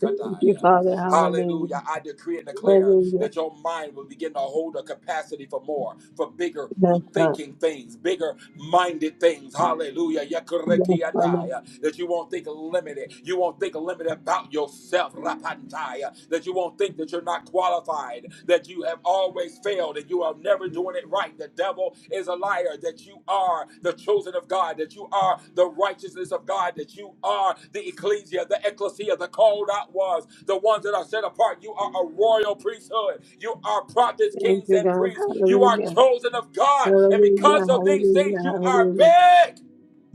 Thank you, Father. Hallelujah.
Hallelujah. I decree and declare
Hallelujah.
that your mind will begin to hold a capacity for more, for bigger
Yes, God.
thinking things, bigger minded things. Hallelujah.
Yes, Father.
Yakorekiandaya. That you won't think limited. You won't think limited about yourself. Rapandaya. That you won't think that you're not qualified, that you have always failed and you are never doing it right. The devil is a liar that you are the chosen of God, that you are the righteousness of God, that you are the ecclesia, the ecclesia, the called out ones, the ones that are set apart. You are a royal priesthood. You are prophets,
Thank
kings,
you,
and
God.
priests. You are
Hallelujah.
chosen of God. And
Hallelujah.
because of these things,
Hallelujah.
you are
Hallelujah.
big.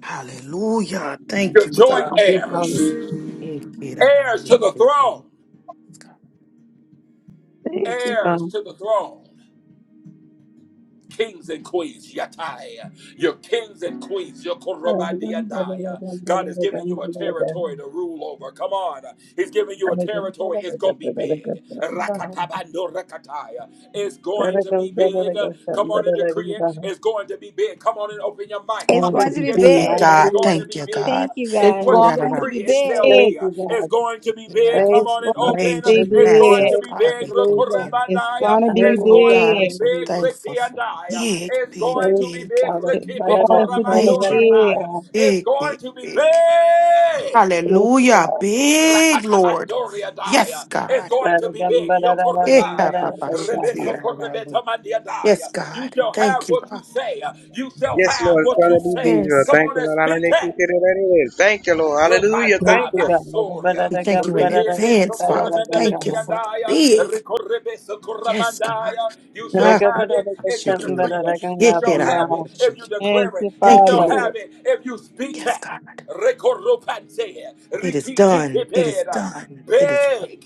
Hallelujah. Thank
You're
you, God.
joint
Thank you,
heirs,
Father.
It's
heirs to the throne,
Thank you,
heirs
God.
to the throne. Kings and queens, Yatai, your kings and queens, your
Thank you, God. Hallelujah. Thank
Korobadiadai. God is giving you a
you, God.
territory to rule over. Come on, He's giving you a
Thank you,
territory.
Father.
It's gonna be
Thank you.
big.
Thank
Rakatabando Rakatai. It's going to be big. Come on and decree it. It's going to be big. Come on and open your mics
It's
going
and
to
going to
be
be
begin to
big,
decree
big.
it. It's
God.
going to
Thank
be
you,
big
God.
Thank you,
is
It's
God.
what
going
It's
you
going to
decree
be
it shall
big.
big.
be. It's going to be big. Come
It's
Yes.
on
going
and
to
open.
be
Major,
It's
you.
going
massive,
big.
to be
God.
big.
We thank
Hallelujah.
you.
It's
Rekorebandaya.
gonna be
It's
Oh
Hallelujah,
going to
God, I'm
be
big.
so
big.
hallelujah.
thankful
Ricky and
for
I.
big,
It's
big,
going to
Thank
be
you,
big,
big.
Father.
It's
Ricky
Barara,
going to
barara,
be
Pekoramando
major,
big.
Rabaya.
barara.
It's
big,
going
big,
to be
big.
big.
Thank you,
Hallelujah,
God.
big Lord.
Rakatabandoria
Yes,
Daya. It's
God.
going to be
Barara,
big.
barara,
Eh, ah,
Yokorebaya.
bah,
barara,
bah, she
barara.
Rebeso
clear. ah, bah, bah.
Korebetamandia
Yes,
Daya. You
God.
shall have
Thank you,
what you
God.
say. You shall
yes
have
Lord. It's
what you
gonna be big.
say.
Lord.
Yes.
Come
Thank
on
you,
and
Lord.
speak it.
Hallelujah. Thank you, Lord. Hallelujah.
Thank
Ropata
Thank
you,
you.
God. Barara, barara,
basoria,
We thank
barara,
you in
barara.
rekebe
advance,
Barara,
Father.
socorremenda
Thank you for the
bekiandaya,
big.
recorrebe
Yes, God.
socorramandaya. You shall
Ah, ah,
have
bah,
it
bah,
if
she
you
barara,
clear.
decree it.
Eh,
You
barara,
eh,
shall
ah, bah,
have
barara.
it
bah, she
if you
clear.
Thank
declare it.
you,
You
Thank you,
shall
Father.
Lord.
have it if you speak
Yes,
it.
God.
Recorropante,
It is done. It is
rikikikepera.
done. It is.
Big.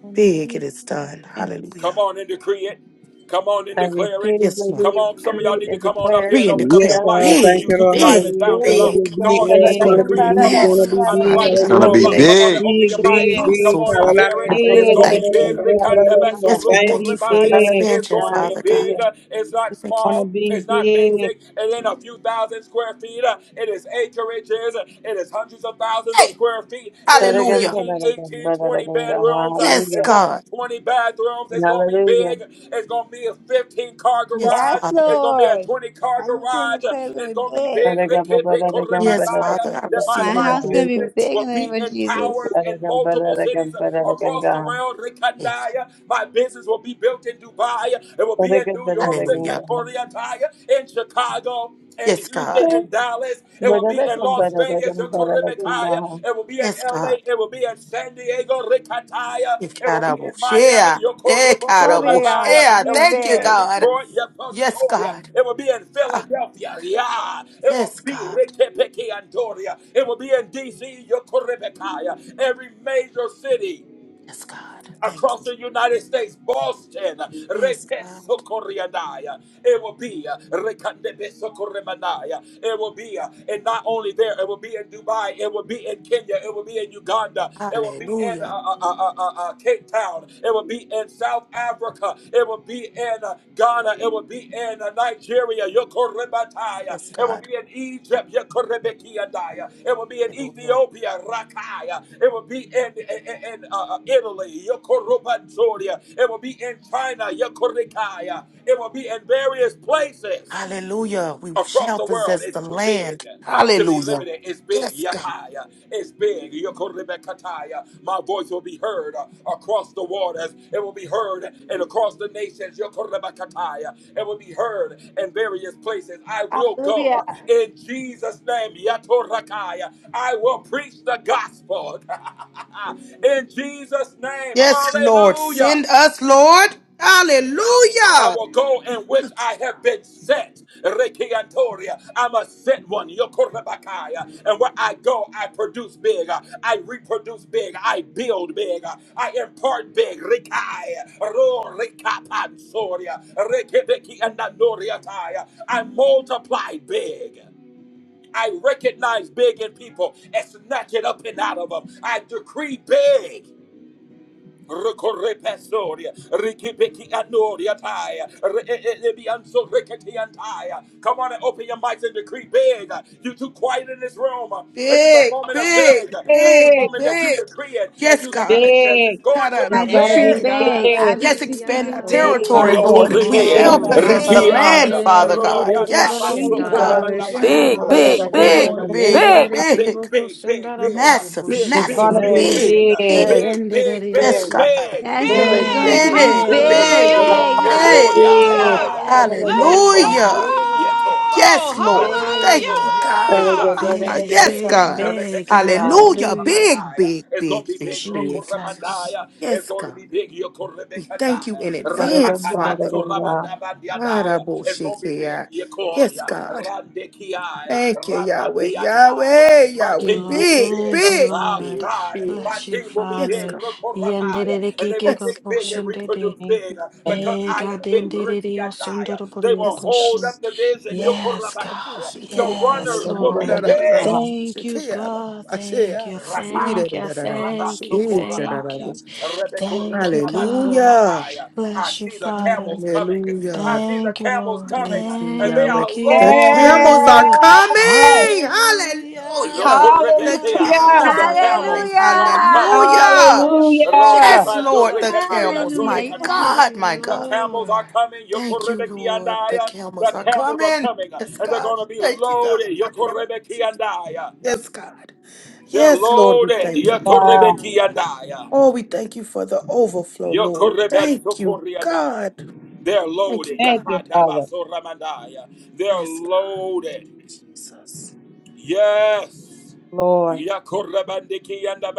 Thank
Big it
you.
is done.
Big.
Come
Hallelujah.
on and decree it. Come on and
I
declare it.
receive,
Yes, Lord.
Come
believe,
on, some of y'all
create,
need to
and
come on up
declare
here
Decree
and
it
and
open
is
up your
Yes,
declare
God.
done.
mics.
Thank
You
big,
you,
too
Lord.
It
big,
is
silent
Hallelujah.
down
It's
good,
going to
it
below.
be
is
big.
Come
big,
done.
on, you
It's
Lord.
need
It's
to
going
going
It's
to
to
be
decree
be
it.
Barara,
Come
big.
barara,
on.
going to
massive,
be
I'm
big.
gonna
Father
barara,
inviting
be
It's
you
going
God.
to
We
all
be
barara.
Hallelujah.
up.
big.
thank
Come on
you.
and
big.
open your
Big,
mics.
big,
Big.
Come
big.
Colossal,
on and
Father
share
Hallelujah.
The
it.
God. We
Thank
It's
glory
you,
Big.
to
gonna
be
be
thank
Lord.
big.
you.
given.
Thank you, Lord.
Hallelujah.
Yes, we
Wanna
Thank
thank
be
you for the
Rekandabasorukurebaya.
big.
It's
expansion,
Hallelujah,
gonna be
Father God.
hallelujah.
big. It's not
Thank you.
Wanna
small.
be
It's not
big.
basic. It ain't a few thousand square feet. It is acreages. It is hundreds of thousands of
Hey,
square feet feet. It is
Paragamba,
hallelujah.
15,
paragamba,
18, 20
paraganga,
bedrooms. Uh,
Yes,
It's
hallelujah,
going to be
God.
20 bathrooms. It's going to be
hallelujah.
big. It's going to be a 15 car
Yes,
garage.
Yes,
Father.
It's going to be a
Lord.
20 car
I decree and
garage. Uh,
declare it's going
It's
to
going
be
to be
big.
big. Ricky
Paragamba,
Pico
paragamba,
Yes,
paraganga,
Father. I
That my,
receive
My
it
my
and
house is
paraganga,
going
believe
to be
business
it.
big in
will
the name
be
of
in
Jesus.
towers in
paragamba,
multiple cities
paragamba, paraganga, paragamba,
uh, across
paraganga,
the world.
Yes.
Rikandaya. My business will be built in Dubai. uh, It will be in
paragamba, paragamba,
New York.
paraganga,
Hallelujah.
paragamba,
Rikandaya. In Chicago in
Yes,
Houston,
God.
in Dallas, it will be in
paragamba,
Las
paraganga, paragamba,
Vegas, in Caribbean,
paragamba,
it will be in
Yes, God.
LA, it will be in San Diego, Ricataya, it will be in
Ikaraboshea.
Miami, Yokorobo,
Glory be to God.
Corabaya,
It's
it
Ekaraboshea.
going to be
will be
Thank you,
in
big.
God.
Detroit,
Yes,
Yapontoria,
God.
it will be in
Ah,
Philadelphia, yeah, it will
yes,
be
God.
Rikipiki Antoria, it will be in DC, Yokoribekaya, every major city
Yes, God. Thank
across
you.
the United States, Boston,
Yes, God.
Repesocoriadaya. it will be uh, Rekandebesocoremanaya. it will be, uh, and not only there, it will be in Dubai, it will be in Kenya, it will be in Uganda, it will be in uh,
Hallelujah.
uh, uh, uh, uh, Cape Town, it will be in South Africa, it will be be in uh, Ghana. It will be in uh, Nigeria. Yokorebataya.
Yes,
It will
God.
be in Egypt. Yokorebekiadaya. It will be in
Hallelujah.
Ethiopia. Rakaya. It will be in, in, in, in, uh, uh, Italy. Yokorobanzoria. It will be in China. Yokorikaya. It will be in various places
Hallelujah. We
across
shall
the world
possess
it's
the
too big
land.
to be
Hallelujah.
limited. It's big.
Yes, God.
Yataya. It's big. Yokorebekataya. My voice will be heard uh, across the waters. It will be heard and across the nations. Yokorebekataya. It will be heard in various places. I will go
Hallelujah.
uh, in Jesus' name. Yatorakaya. I will preach the gospel in Jesus' name.
Yes, Lord.
Hallelujah.
Send us, Lord.
I
Hallelujah.
will go in which I have been set. Rekiantoria. I'm a set one. Yokorabakaya. And where I go, I produce big. I reproduce big. I build big. I impart big. Rikai. Ro rikapansoria. Rekibeki anandoriataya. I multiply big. I recognize big in people and snatch it up and out of them. I decree big. Recorrepasoria, Rikipeki Anoria Taya, Rebianzo Riketiantaya. Come on and open your mics and decree big. You too quiet in this room. This is a
Big,
moment of big.
big,
This is a
Big.
big,
moment that you
big.
decree it and
Yes,
you speak
God.
because it's
Big.
going to
It's
I
be
gonna
Yes,
decree
be
Big
big.
big. I
big.
be
expand
decreasing
our
hallelujah.
big.
territory,
Gonna
I
be
decree
Lord.
it's
We
going to be
big.
shall
Oh,
Yokorreped,
possess the land,
big.
Rikiada,
basendere
Father God.
Rorianda
Yes,
Thank
yokushin
Basso
you, Father.
God.
It's
Corremanda
darabusa
going to be
Big,
paraganga,
Bacataya.
big.
big,
paragamba,
baboshin.
It's
big,
Big,
going to
Over.
be
big,
big,
big.
paraganga.
Yendere
big.
kebo
big, big,
kusundara
big,
bobo
Massive,
big, big,
It's
bushira
massive,
big,
gonna
Big,
big,
be
big,
baboshin.
big,
big.
big,
big.
big,
Yendere
big,
Yes,
big,
God.
yasu.
big.
Yes, Lord.
big,
It's
big,
going
Big
to
Big,
big,
be
Big,
big,
hallelujah!
big,
big,
big.
Your
big.
big.
big.
Corodia
Paragamba,
and
Hallelujah.
Big.
I
Yes.
paragamba,
is
Let's go!
gonna
paraganga.
Hallelujah.
be
Hallelujah.
big,
Big,
Yetora.
Yes, Lord. Thank
Hallelujah!
you,
big,
Ratatsoria is
God.
Thank
gonna be
Ah,
big
big,
yet.
Yes,
big,
God.
big.
Hallelujah.
Hallelujah.
Big,
Rebeketebetsukorabataya
big,
is gonna
big,
be
big,
big
big.
Jesus.
Rokoramandaya is
Yes,
gonna
God.
be big
We thank you
Yokorebekandaya
in advance, Father.
Rakatabansuramandabandiyadaya it's going to be big.
Araboshikia.
Yeah,
Yes,
Claudia.
God.
Randekiai.
Thank you, Yahweh. Yahweh,
Rabandiandai. My
Yahweh.
you,
team will
Lord.
be
Big,
big.
Thank you,
big,
Oh,
Lord.
big,
God.
big.
My
Bless you,
team will be
Yes,
big.
Father.
God.
Rukorabai. And they will
Yes,
think big
God.
and
Yandididikikikiboshindidi.
reproduce
Thank
big
you.
uh,
Father.
because I am big. Rikiandai. They will
Yes, God.
hold
Begadindididiosunduruburiyokoshin.
up the vision.
Yes,
Yes, God.
Yokorabakai. The
Araboshikia.
Yes,
runners will be
Da,
Lord.
da, da, da,
big.
da.
Thank you,
Shikia, ba, ba,
God.
ba,
Thank
shia.
you.
Raka.
Ida,
Thank
da,
you.
da, da, da, bo- shi-
Thank you.
ita, da, da,
Thank
Rabasokorabaya.
bo-
you. Thank you, God.
Hallelujah.
Rebekorebedabasorabaya. I
Bless you,
see the
Father.
camels coming.
Hallelujah.
I see the
Thank you,
camels
Lord.
coming,
Thank you,
and they
Yahweh.
are
Thank
The camels
loaded.
are
you.
Yes.
coming. Hallelujah. The
Hallelujah.
Zokorebetea.
Hallelujah.
camels
The
are
Go and
coming.
camels are
send
Hallelujah.
coming.
out your
Hallelujah.
Yakaya.
Hallelujah.
Yes, Lord, the
posheriata.
Rodiabandorikatebe
camels.
Hallelujah.
My
Yes, Lord.
andorikataya.
Thank
God,
you,
my
The
God.
camels are
Lord.
coming.
Thank you, Lord. The
Yokorebekiandaya.
camels
The
are
camels are
coming.
coming, and
Yes,
they're
God.
going to be
Thank you, God.
loaded. Yokorebekiandaya.
Yes, God.
They're
Yes, Lord, we
loaded.
thank you.
God.
Yokorebekiandaya.
Oh, we thank you for the overflow, Lord.
Yokorebet
Thank you,
sokoriada.
God.
They're
Thank you,
loaded.
Thank
God.
you, Father.
Yakadabasoramandaya. They're
Yes, God.
loaded.
Jesus.
Yes.
Lord.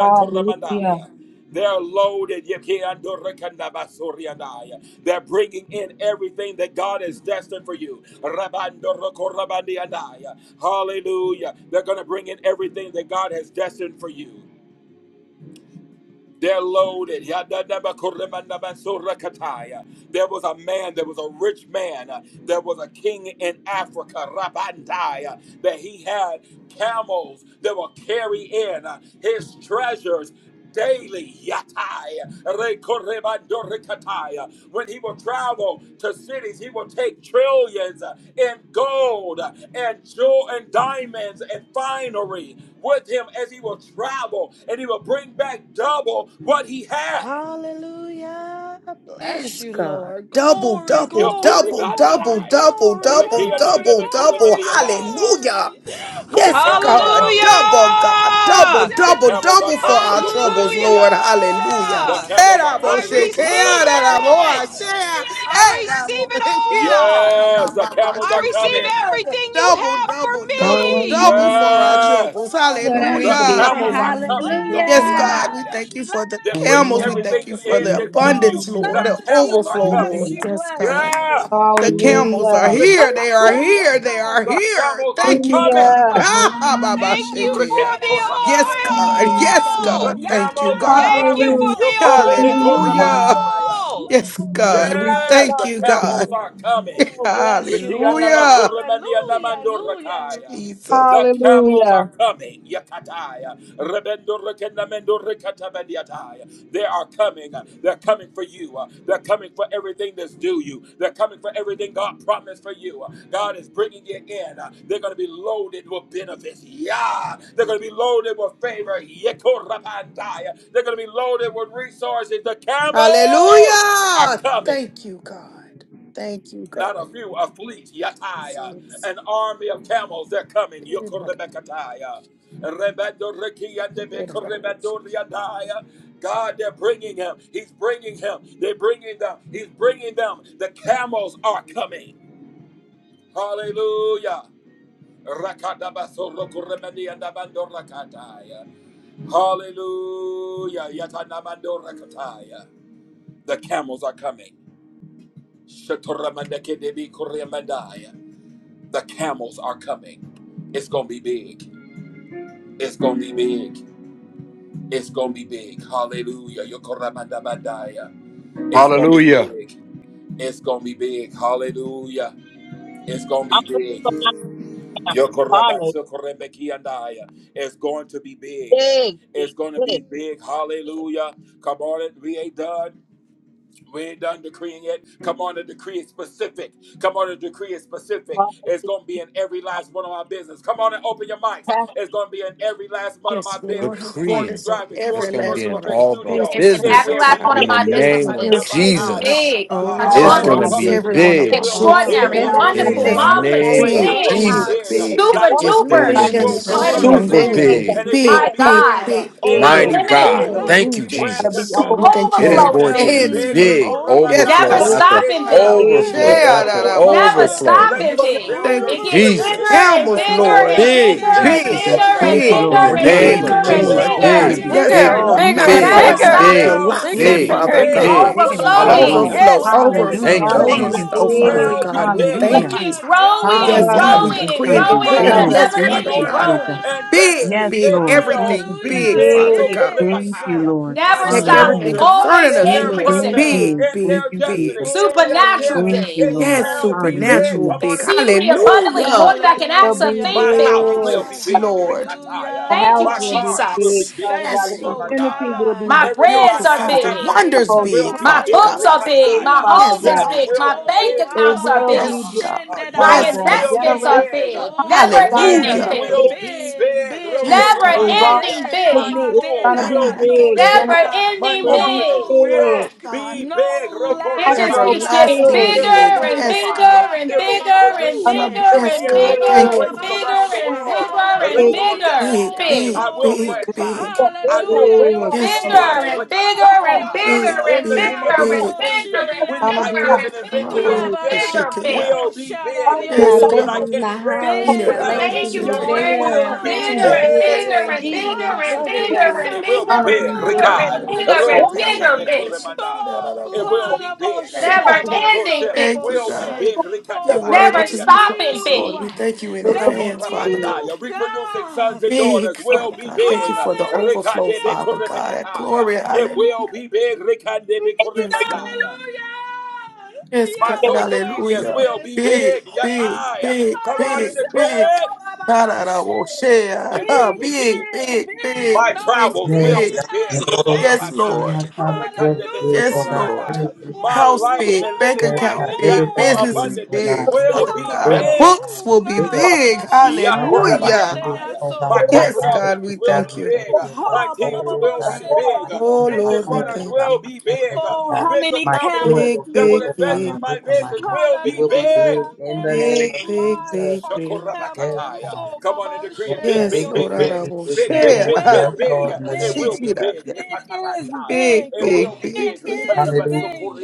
Hallelujah.
They're loaded. Yekiandorekandabasoriandaya. They're bringing in everything that God is destined for you. Rabandorokorabandiandaya. Hallelujah. They're going to bring in everything that God has destined for you. They're loaded. Yadadabakoremandabansorakataya. There was a man, there was a rich man, uh, there was a king in Africa, Rabandaya, that he had camels that will carry in uh, his treasures daily yatai rekorebandorekatai. when he will travel to cities he will take trillions in gold and jewel and diamonds and finery with him as he will travel and he will bring back double what he had
Hallelujah. Bless
Yes,
you,
God.
Lord.
Double,
Glory,
double,
glory,
double, double,
glory,
Yokorebandai,
double,
glory,
double,
glory,
double, double.
glory,
rekiandedebekoremandiandai.
Hallelujah.
glory.
the
Yes,
camels are
God.
Hallelujah!
coming
Hallelujah.
Double, God. Double,
the
double,
Yala,
camels are
double for
coming
our
yasuma,
troubles,
Hallelujah!
geba,
Lord.
Yokorendeandai.
bashera,
Hallelujah.
the camels are
boshe.
I
coming
Hallelujah.
receive it!
Yokoremandabakoramandai.
I receive it
Yes,
all!
Yes, the camels
I
are
receive
coming.
God.
everything you
Double,
have for
double, double,
me!
double for our
Hallelujah.
troubles.
Yes,
Oh,
Yes, Lord, I
bless
the
you,
receive
Hallelujah.
it.
camels
God.
are coming.
Bless
Yes,
you,
God,
Hallelujah.
we
Yokoradaya.
bless
thank
you,
you for the
They're
bless you,
bringing
camels. We
Thank you.
thank
everything
you
Lord.
for
in
the
that's due
Oh,
abundance,
you.
Lord,
The
the
bless you,
camels are
overflow,
bless
coming.
Lord.
you,
Yes,
bless
God.
you.
Yeah,
The
Woo,
camels
Hallelujah.
are here. They are
Jesus.
Rikabasoria.
here. They are
The
here.
camels
Woo,
are
Thank you, God.
coming.
Hallelujah.
Ha ha Baba
Thank you
Shekia.
for the
Yes,
Rikikoradaya.
God. Yes,
alaladababoshedabagegegegegega.
The
God.
oil!
Thank you,
camels are
God.
Thank you
coming.
for
Hallelujah.
the
Hallelujah.
Yandadelababoshedababoshe.
Hallelujah.
Yokoridikoramandaya.
oil!
Yes, God. We
Yes,
thank
the
you,
Yoboboshedababoshe.
camels
God.
are coming.
Oh, bless you, Lord.
Hallelujah.
Hallelujah, hallelujah,
Rikianabakoramandianamandorakaya.
Jesus.
The camels
Hallelujah.
are coming. Yakatai. Rebendo rekenamendo rekatabandiatai. They are coming. They're coming for you. They're coming for everything that's due you. They're coming for everything God promised for you. God is bringing you in. They're going to be loaded with benefits. Yeah. They're going to be loaded with favor. Yekorabandai. They're going to be loaded with resources. The camels are
Hallelujah.
coming
Thank you, God. Thank you,
not
God.
a few, a fleet, Yataya,
Jesus.
an army of camels, they're coming, Yokorebekataya. Rebedoreki and Debekorebedoriadaya. God, they're bringing him. He's bringing him. They're bringing them. He's bringing them. The camels are coming. Hallelujah. Rakadabasorokoribendi and Rakadabasorokorebediandabandorakataya. Hallelujah. Yatanamandorakataya. The camels are coming. Shatoramandekedebi koremandia. The camels are coming. It's gonna be big. It's gonna be big. It's gonna be big. Hallelujah. Yokoramandabandaya. It's gonna be
Hallelujah.
big. It's gonna be big. Hallelujah. It's gonna be big.
tired.
Yokorabatsokorebekiandaya. It's going to be big.
Yes, yes,
It's going to
yes.
be big. Hallelujah. Come on, we ain't done. We ain't done decreeing yet. Come on, the decree is specific. Come on, the decree is specific.
Father,
It's
it's
going to be in every last one of my business. Come on and open your mics.
past
It's going to be in every last one of my
Yes, Lord,
business.
have
4G
Decreeing.
abundance in
Graphics,
It's
every
4G
going to be
last
Virtual
in
one of
Effects
my
all of our
It's
Studios.
business,
in
It
Father
every
will
businesses.
last
be
All
one
In
God.
of
big.
the
my
business,
name of
it.
businesses.
Yes,
It's
Lord,
Yatalandarakaya.
Jesus.
Uh,
big,
I
uh, uh,
shall
It's
all of
going
Randall
to
my
Overflow.
produce
enormous,
be
Publishing
every
business.
House.
one of
It
big.
my
will be
books,
Oh,
The
Big
big.
extraordinary,
and
Father
Uh,
all
business
God.
In
will
a
be
the
wonderful,
big
Yes,
for
overflow.
size
my
Lord,
of this
family,
marvelous,
name
big
place.
and
big
of
big,
for
It will
big,
my
be
big,
Overflow.
house,
big.
big
all
Jesus.
for
big.
my
account.
super
One
It's
Direct this.
going to
Like
duper,
It
be
will
Mm,
businesses.
Yes,
I'm going
Lord, the
to
incredible.
resurface
be
super
big.
overflow.
unveiling
again,
will
It's
be
and
gonna
big.
be
it
big,
will
My
big.
be
one
big,
big.
God.
Ah,
big.
It will
big.
Mighty
be
Unlimited
big.
God.
big.
overflow.
Thank you,
Legacy
Hallelujah.
brand
Gotta be
Oh,
Jesus.
God, we
consultants.
thank you
It
in
is
overflow.
It
Overflowing
going
shall
to
be
big.
be
advance
big.
for
Mm,
it.
big,
Yes,
Never
overflow
This
Rekoramandaya.
is
God.
overflow.
after
It
stopping
Abba,
shall
big.
be
overflow
big.
big.
share da,
after
da, wo,
Never
shake,
Rekoramaya.
Hallelujah.
yeah.
overflow.
stopping
for
Legacy
the
big.
Thank
builder
you
It
for
gets
the
series
bigger
it,
Overflow.
Jesus,
and
camels,
and
bigger
Ah,
Lord.
and
Ya
podcast. It
bigger
big
será
shall
and
be
Big,
be
Jesus.
Jesus.
bigger
big.
and
Thank you,
A
baboshe.
big,
bigger
In
Lord.
the
large
It's
and
going to
name
Big
big,
Ya,
be
collection,
is
of
bigger
it
and
Jesus,
Lord.
big.
will
It's
ya,
bigger.
going to
big,
be
be
huge.
ya
Bigger
Yes,
big.
big,
and
Lord.
so
bigger
big.
My
and
It's
baboshe.
big,
Massive,
going
Father
Never
to be
books
God,
Lord.
bigger.
Ya
big,
stopping.
thank
shall
Bigger
you,
Colossal,
and
Bigger
be
big,
than,
bigger
Father
and
bosiki.
bigger
big.
Ya
than,
bigger.
God.
big.
bigger than
so.
son,
big.
Father.
Overflowing.
Rekoramadaya.
Hallelujah.
Overflow,
Yes.
My
It's
ministry
overflow,
Hallelujah.
Thank
and
you,
gonna
Thank
be
you,
purpose
Jesus.
overflow,
Overflow,
Jesus.
Father
shall
big.
God.
be
We
big.
It
Hallelujah.
thank
keeps
you.
hallelujah,
Rikataya.
It's
growing
My
and
Yes,
gonna
God.
wife
God. We
Hallelujah.
growing
It's
and
decree
be
going
in
and
to
big,
be
growing
declare.
with a
purpose,
big.
Father.
Yes.
Yes,
Oh,
never
in
Thank
Thank
Father
you,
ending
you,
Jesus,
Father.
God.
anointing,
growing.
Jesus.
and
Big,
destiny,
Yes,
big,
it
Lord. Thank
will
everything
you,
Be
be
big,
hallelujah,
Jesus.
big.
Father
big.
God.
Thank
big.
you,
Rekoramataya.
Lord.
My
Never
Perfect
stopping.
everything
Oh,
Hallelujah.
children
concerning
Always
in
us,
their
Big,
Lord.
increasing
big,
purpose
big.
Big,
hallelujah,
big.
in
Thank
big,
their
you,
destiny,
big.
Jesus.
in their
Supernatural
gifts.
Thank
big.
you,
It
Lord.
Yes,
shall be
overflow.
big.
supernatural,
Come
Hallelujah.
on
big.
in the
exceedingly
tree.
abundantly, more
Hallelujah.
than I can
It'll
ask or
be
Hallelujah,
think.
My
Big.
house will
big.
be
God.
Yes,
big,
Lord.
Rikataya.
The
Thank
house
you,
My
will
Hallelujah.
be
cars will
big,
be
Jesus.
big,
Father God.
Yes,
The
Faithful
Lord.
community
Rukuramadaya.
will be
My
big,
God,
Everything
Father
I
brands
Miracle
are
have
God.
signs and
big.
access
The
supplier,
to
wonders
whole
will
big,
be
My
Father
supplier
big,
of
books
God.
are
all
big.
big,
My
Rikataya.
Father
home
needs.
Yes,
is
God.
God.
Jets
big.
will
My
be
bank
Oh,
big.
They
Uh,
accounts are
will
uh,
big.
abababa,
uh,
be
Yes,
big,
God.
uh, uh,
shende da
Father
My
Yes,
yachts
God.
will
God.
be
investments
Generation
are
bariake.
big. Uh,
big. Never
Oh,
gonna be
Land
ending
big.
Hallelujah.
big.
They
big,
will be
big,
big,
Yes,
big.
Never
God.
walk
Rukuramataya.
ending
Yes,
with
My
big.
me. It's
abade
school
gonna
da
God,
be
will
da
I
be
do
thank
big.
you.
Never
Generation
big.
sheda.
My
ending
will
No
be
big.
orphanage
big.
Yes,
will
lack,
God.
be big.
no lack
It just
Natural
keeps getting
Everlasting
big.
bigger
It will
big.
shanda
and
re
Yes,
re
bigger
multiply.
re
God.
and
It will
akemba
bigger and
reproduce.
Gonna
bigger
baboshe.
be
It will
Yes,
be
and bigger and
in
Oh
God.
various
baba
Thank
bigger
big.
you.
and
places
baba
around
bigger
the
bashe.
and
world.
bigger and
Big,
Hallelujah.
bigger.
Big,
Rekoriatai.
Glory,
Big.
big,
I will
big,
glory.
franchise.
big.
I will
Hallelujah. Your
big.
reproduce
Yes,
the
Lord.
Bigger
glory,
model.
your
and bigger
glory,
and
your
Rekatabatai.
Big,
bigger
In
and bigger and
the
glory.
big,
name of
Ah
bigger and
Jesus,
big.
things,
bigger
witty
Gonna be
ideas
baboshiriato.
and
and
big.
inventions that
bigger and
you've
Yabare
given me
bigger
abake
big.
will be
boshara
big.
My
Yes,
Big,
Visions that
God.
I
business,
rioso.
can't
my
share
house,
Thank you.
big,
my
Big
without an
legacy is
Thank you,
gonna be
NDA
Lord,
bigger
will
for
and
hallelujah.
be
bigger
bigger
big.
and
and
big.
big.
bigger
bigger
Endless
in
and
Jesus'
bigger
name.
supply,
and
Glory be to
endless
bigger and
It
God.
will be
bigger
Gonna
and
big,
be
supply.
big.
bigger and
Ricard.
Yanda
bigger
But
and bigger
Roriatape
riosi.
big.
Kuremandaya.
Oh,
It will be
glada
big.
bullshit
hope.
My
Never
about
ending
mentorship
soda
big.
Thank you,
will be
God.
bullshit.
big,
Your
Oh,
word
Never
is to
thank
be
stopping
Ricatabandoriataya.
praised, Lord.
you.
big.
We thank you in
will be
Rico
Thank
advance, Father
big.
Rabandaya.
God.
you,
Reproducing sons
God.
and
Big
daughters will
Father
be
God. Thank you
big.
for the overflow,
Hallelujah.
Ricadebe
Father God.
Kuremekataya.
Glory.
It
Hallelujah.
will be big,
Big,
Ricadebe
Yes, God.
Kuremandaya.
Yes,
My
God,
Thank you,
social medias
hallelujah.
will be
Big,
big,
big,
Yataya.
big,
Come on and
big, big.
declare. it.
God, I will share.
It
Ah,
will be
Big,
big.
big,
big, big,
My
big, no
big,
travels will
Yes,
big.
need
be
God.
big.
And all
Yes,
you
unmet.
tell
Yokorabakai.
my
Lord.
child is
Hallelujah.
just good, oh
Yes,
God. Good,
Lord.
Rekandebesokoramandai.
good,
My
good.
House
Glory,
life
big,
and
bank
living
Yes,
glory,
life
God.
account
and that
big,
more
Everything
business
good,
is
glory.
oh
abundantly
God.
big,
And
will
it
Father
is
be
bigger,
God.
oh
big.
God.
Books
Oh,
It's
will be
bigger,
ah,
God.
ba,
oh
ba,
big.
God.
ba, shit,
My
ah,
God
di, ah,
is
Hallelujah.
de,
good,
ah,
Yakorabakai.
oh
My
so.
God. My
Yes,
corporate
God is
God,
good,
we
offices will
God.
thank
be
We
you.
big.
thank
Oh,
you, God.
My
ah, ba, ba,
teams
ba,
Oh
ba,
will
The
God,
be
shit,
it is
ah,
Lord,
ba,
my
big.
di, oh,
Oh,
kingdom,
bo,
my
Vision
Lord, we
home,
shit.
runners
oh
thank
God.
will
you.
be
My
big.
finances,
Oh,
God.
how
Venture
many
My
capitalists
camels
Big,
spiritual
do
that
gift,
will
big,
you
oh God.
invest
My
in
big,
see?
my
wisdom, my
visions
knowledge.
will
It
be
will be
Hallelujah,
big.
big
an
in the name
endless
big,
of
big,
line
big,
Jesus.
of
big.
Yes,
camels.
God.
Shakurabakataya.
Oh,
Come on and
Baba
decree
Yes,
it big,
that
Yes,
big,
big, big,
Lord,
big,
big,
I
big.
Shereriosi.
big,
will
big,
Big,
big.
big,
It
share.
Oh,
big, big,
will
yes,
big.
Lord.
be
In the
It
name
She
of
will
big.
be
did a
big.
Jesus.
It is
Rikatabandaya.
Hallelujah.
big,
big.
It
big,
will be
big,
It
big.
big,
is big.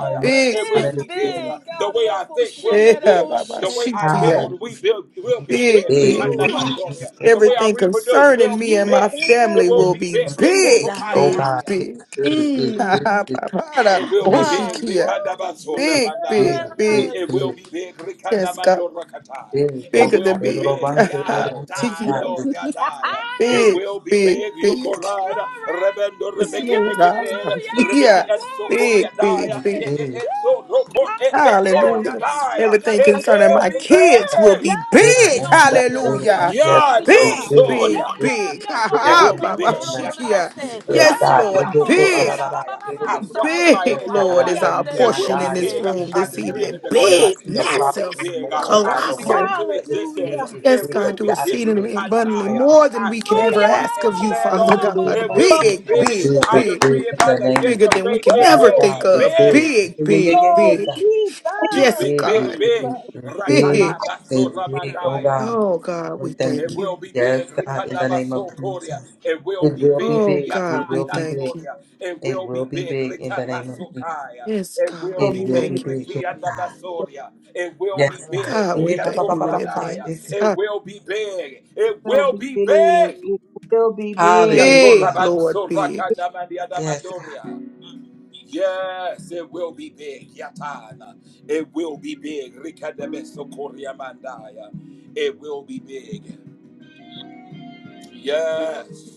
Oh, it
big,
It will
is
be
Hallelujah.
big.
big,
big.
The way I
Ariapo
think will be
big. Yeah,
big.
Baba,
The way
Shenderaboshe.
she
I
did
build, we build will
Hallelujah.
be
big,
big.
big,
We will
Ooh,
be
big.
Rikanabandoria.
big.
The way I
Everything
reproduce will
concerning me
be
and my
big. It
family
will
will
be
be
big.
Jesus,
big,
It will be big. Everything is going to be big. Oh
big,
God,
Rukurupandaya.
Jesus.
it's
big.
big. It's
Ha,
Mm.
big.
ha, Baba, da,
It
It's
will
Oh,
be
she
big.
big.
Ah,
kia.
woo,
Rikadabaso
It's
Big,
big.
big,
remandaya.
It's big.
Jesus.
big.
It's
It
big.
will
It's
be big.
Yes, God,
Rikadamando rakataya.
big.
It
Oh
bigger
will
God,
than
be
it'll
big.
big.
run
Ha,
to all the
She
Yada
did
Mm.
God.
no
It's
yadaya.
big.
It
Ah!
Big,
will be
big,
big.
big.
Yokorada.
Glory!
Rebendo
Yes,
rebeke
Lord. Ah,
pekepeda.
Hallelujah!
Rebeke
Yeah.
and soko
Big, big,
yadaya.
It's
big.
Glory!
It it-
big.
it's so
Woo!
roko it
Hallelujah! Yeah, yeah,
beko
Hallelujah.
yeah, yeah, yeah,
yadaya.
yeah,
Everything
It
concerning
yeah,
will
my
yeah.
be
kids will
Yeah,
big.
no,
be
Good
no,
big.
no, no,
and that
son, no, no, no,
everything
Hallelujah.
she
yes
did it.
is
Big,
good.
Yando
It's
big,
Yeah,
good.
no, no, no,
big.
no,
Ha
go,
Good
it
ha,
son,
will
no,
and
be
no,
Baba
that
big.
in the name
no, no, no,
Shikia.
Yakaya,
of
say.
Jesus. Yes,
Yeah,
Yes,
God.
ba, ba,
Yes,
ba,
Lord.
God.
bo, shed,
Big,
ba, ba, ba,
rakabasoryakaya.
ba,
I
son,
prophesy
no,
big,
Yes,
no,
in
God.
ah,
your
Lord,
I
is
life,
yeah,
tell
our
you
no,
who
no,
it
my
no,
will
portion
be
in
God
this
say.
big.
is. In
room
the
I
this
name of
decree it
Jesus,
and
evening.
I
declare
not
it,
Big,
see a
it will
problem
be
massive,
big.
anymore. Oh
I
God, the way
speak it
I
colossal.
into
used to, it's
existence,
big.
Hallelujah!
It's
Yes,
it
big.
God,
will
Cause
do
be
God is
big.
big.
exceedingly abundantly
Oh
Rikandaya.
God.
more than
I
we can
Yes,
speak
ever
Hallelujah.
God.
on it
ask
and
of you,
stand
For the
Father
on
Oh,
it,
ba,
big.
It's
ba,
it
God.
ba,
For
big,
will
ba, ba,
be
it's
Big,
big,
ba,
big.
big,
big,
shit.
I
thank
big.
decree
big
it
in
by
the
the
name
gift
of
bigger
of
than we
faith,
Jesus.
can
it
Yes,
ever
will
Woo.
think
God,
be
thank
it's
of.
you,
big.
big.
Big,
Yeah, yeah, yeah,
big,
yeah, yeah,
Lord
God.
big.
It's
Big,
Yes,
Jesus.
big,
big, it's
big,
God.
big,
big.
Jesus.
it's
Jesus. And my
big,
Big.
I
it's big, oh
Rakatabasoramandaya.
God.
Oh, God,
We
we
thank
It
thank
you.
will
you.
be big.
Yes, God, in the name of
Rikanabasokoria.
Jesus.
It will
It
be
will be
big.
Oh,
big,
God,
Yata
it
we
will be
thank
big,
you.
Yatadasoria. It
it
will
will
be
be
big.
big in the name of Jesus.
Rikabasokaya.
Yes,
It
God,
will
will
It
we
be
be
will
big.
be
big.
thank you.
big, yes, God.
It
Rikianabasoria. It will
My
be
Yes, God.
big.
God, we
Eh, ba, ba,
thank
ba,
you
ba,
in
ba, ba, ba,
Yatoradaya.
shit.
advance.
It
Ah,
will be big. It
Will
will
be
be
big.
big.
It will be big.
Big,
Hallelujah.
Lord, big.
Yes, God.
Yatorabansorakanamandiadamandoria. Yes, it will be big. Yatana. It will be big. Rikadabesokoria mandaya. It will be big. Yes.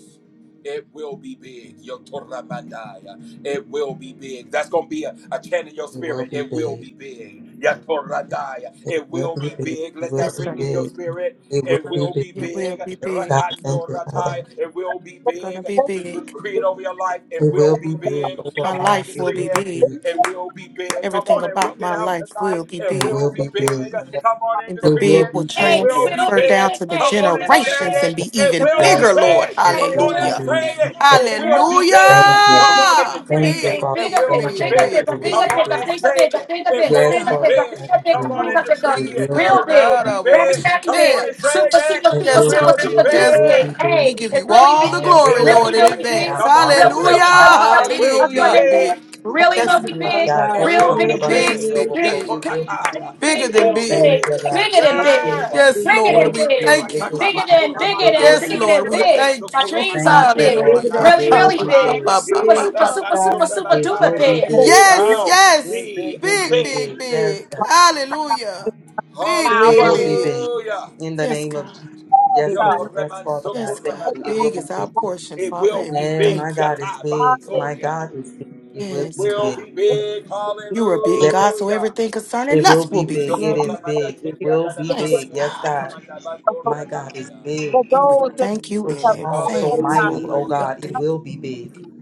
It will be big. Yotorra mandaya, It will be big. That's going to be a, a chant in your
It will
spirit.
be
It will
big.
be big. Yotoramandaya.
It
It
will
will
be
be
big.
big.
It
Let
will
that
Yes,
be
God.
ring in your
big.
spirit.
It will
It
be
will
big.
be
It
big.
will be
Yes,
big.
God, thank you,
Rakandora
Father.
Rakandoratai. It will be
It's going to
big.
be
you,
Just
big.
decree it over your life. It
It
will
will be
be
big
big.
over
My
Come
my
on and
life.
life
It
will
decree
will
be
be
it.
big.
big.
It will be big. Come
Everything
thank
on and ring
about
it
my
out
life
tonight.
will be
It
It
big.
will
will be
be big.
big.
Come on and
And the
It
decree
big
will
it.
will
be
It
Hey,
big.
it
will
Yes,
be
will
transfer
be
down
big.
big.
to the
Come
Hey, it
on and
will be
tell
generations
yes,
and
it.
big.
be
God.
It
It
even
will
will be
be
bigger,
Yes,
Lord.
Father.
big.
big.
It
Hey,
Come
it
will
on
will
Hallelujah.
and
be
say
be
big.
big.
Yes,
it.
Hey,
Father.
it
It will
will
be
be
big.
big.
Thank you.
Big,
Come
big,
on and
Hallelujah.
big, big,
Thank
decree
you,
it.
Big,
big.
Father.
Bigger,
It
big,
will
bigger,
Thank
be
you,
big,
bigger,
Lord.
big,
big.
It
bigger, bigger,
will
Come
bigger,
be
big.
on
big.
and
bigger,
say
bigger,
it.
bigger, bigger, bigger,
It
bigger,
Yes,
will
Yes,
be
God.
Father.
bigger,
big.
Thank
Come
bigger,
you.
on
Oh,
and
bigger,
the
bigger.
It
decree
biggest
it.
will be
Real
God.
It
big.
will
big.
be
Very,
big.
Adoration.
very
Come on
Care.
big.
and say
Super,
it.
super,
It
super,
It
Yes,
will be
super,
God.
will be
super
big. It
Yes,
duper
will
big.
be
big.
God. We
big.
Hey,
give
it
you
will be
all the
big.
It
All the
glory,
will
glory,
be
Really,
Lord, in
really
all the
big.
advance.
big.
honor,
Come on
all the
and say
Really,
praise.
really,
it.
really,
Hallelujah.
It
really.
will
Big,
That's
be
what
Hallelujah.
they
big,
did.
big.
big.
It
Really,
will
Thank
Yes,
be
you,
really
big,
Father
God.
big.
God.
God.
It
Thank you
It
Real
for
will
the
will
be
big,
be
abundance
big,
Big,
and
big.
big.
the
big,
big,
overflow.
big.
It
big,
will be
big,
big.
Yatorakaya.
Bigger
It
big,
big,
than
big,
will be
big,
big.
big.
Thank you,
big.
God.
Bigger than
Thank you,
big.
Lord.
Yes.
Yes,
big,
It
Bigger
big,
than
will
Lord. We
be
big.
good.
thank
It can
you.
Bigger
be
Rakataba
than,
done.
bigger
It
than,
will
Yes,
Kuramandaya,
big,
be
bigger than
Lord.
good.
We
big,
big.
Rebeso
thank
My
you.
dreams
Thank
are
Kuramandaban
you,
big.
bigger
Lord.
than
It
Hallelujah.
Surakaya,
Really,
I
will
really
be
understand.
big.
good.
Super,
Randikia
Big,
super,
cause
super, super, super
It
duper
will
Tamandurabandaya.
be
big.
that's
you, the
big.
It
Yes,
Oh,
will
yes.
big,
be
big, big,
Big,
big, big.
big,
big.
Yes,
big.
God.
Hallelujah. Big,
power of
It
big. It
big,
God.
will be
big.
big.
Hallelujah.
In the
Yes,
name of
God.
Jesus.
The
Yes,
Yo
power
will
Lord. Yes,
Kuraman
Father God.
Yes,
Thank
of
God.
you. It will
Big
be
is our
big.
portion,
It
Father,
will
and
be
we
Yeah, my
big.
thank you.
God is
Yataban
big. My
Soria.
God is big. It will
It
Yes,
be
will
God.
big.
be big.
be
You are a big
Yes,
big. It
God, so
Hallelujah.
everything concerning
it will
us
be
will be
big.
will
It
big.
is
be
Shokuramanda
big. It
big.
will
Kirianda
be
Yes,
Nanaman
big.
God.
Yes, God.
Kuramandaban
God.
Doria
My God is
Daya.
big.
For
It
And
will
we
those
be
that
big.
thank you
We're
in
have
strong, so
come
advance,
out,
mighty. Oh
Lord.
Hallelujah.
We
God, it
thank
It
you.
will
will
be
be
big.
big.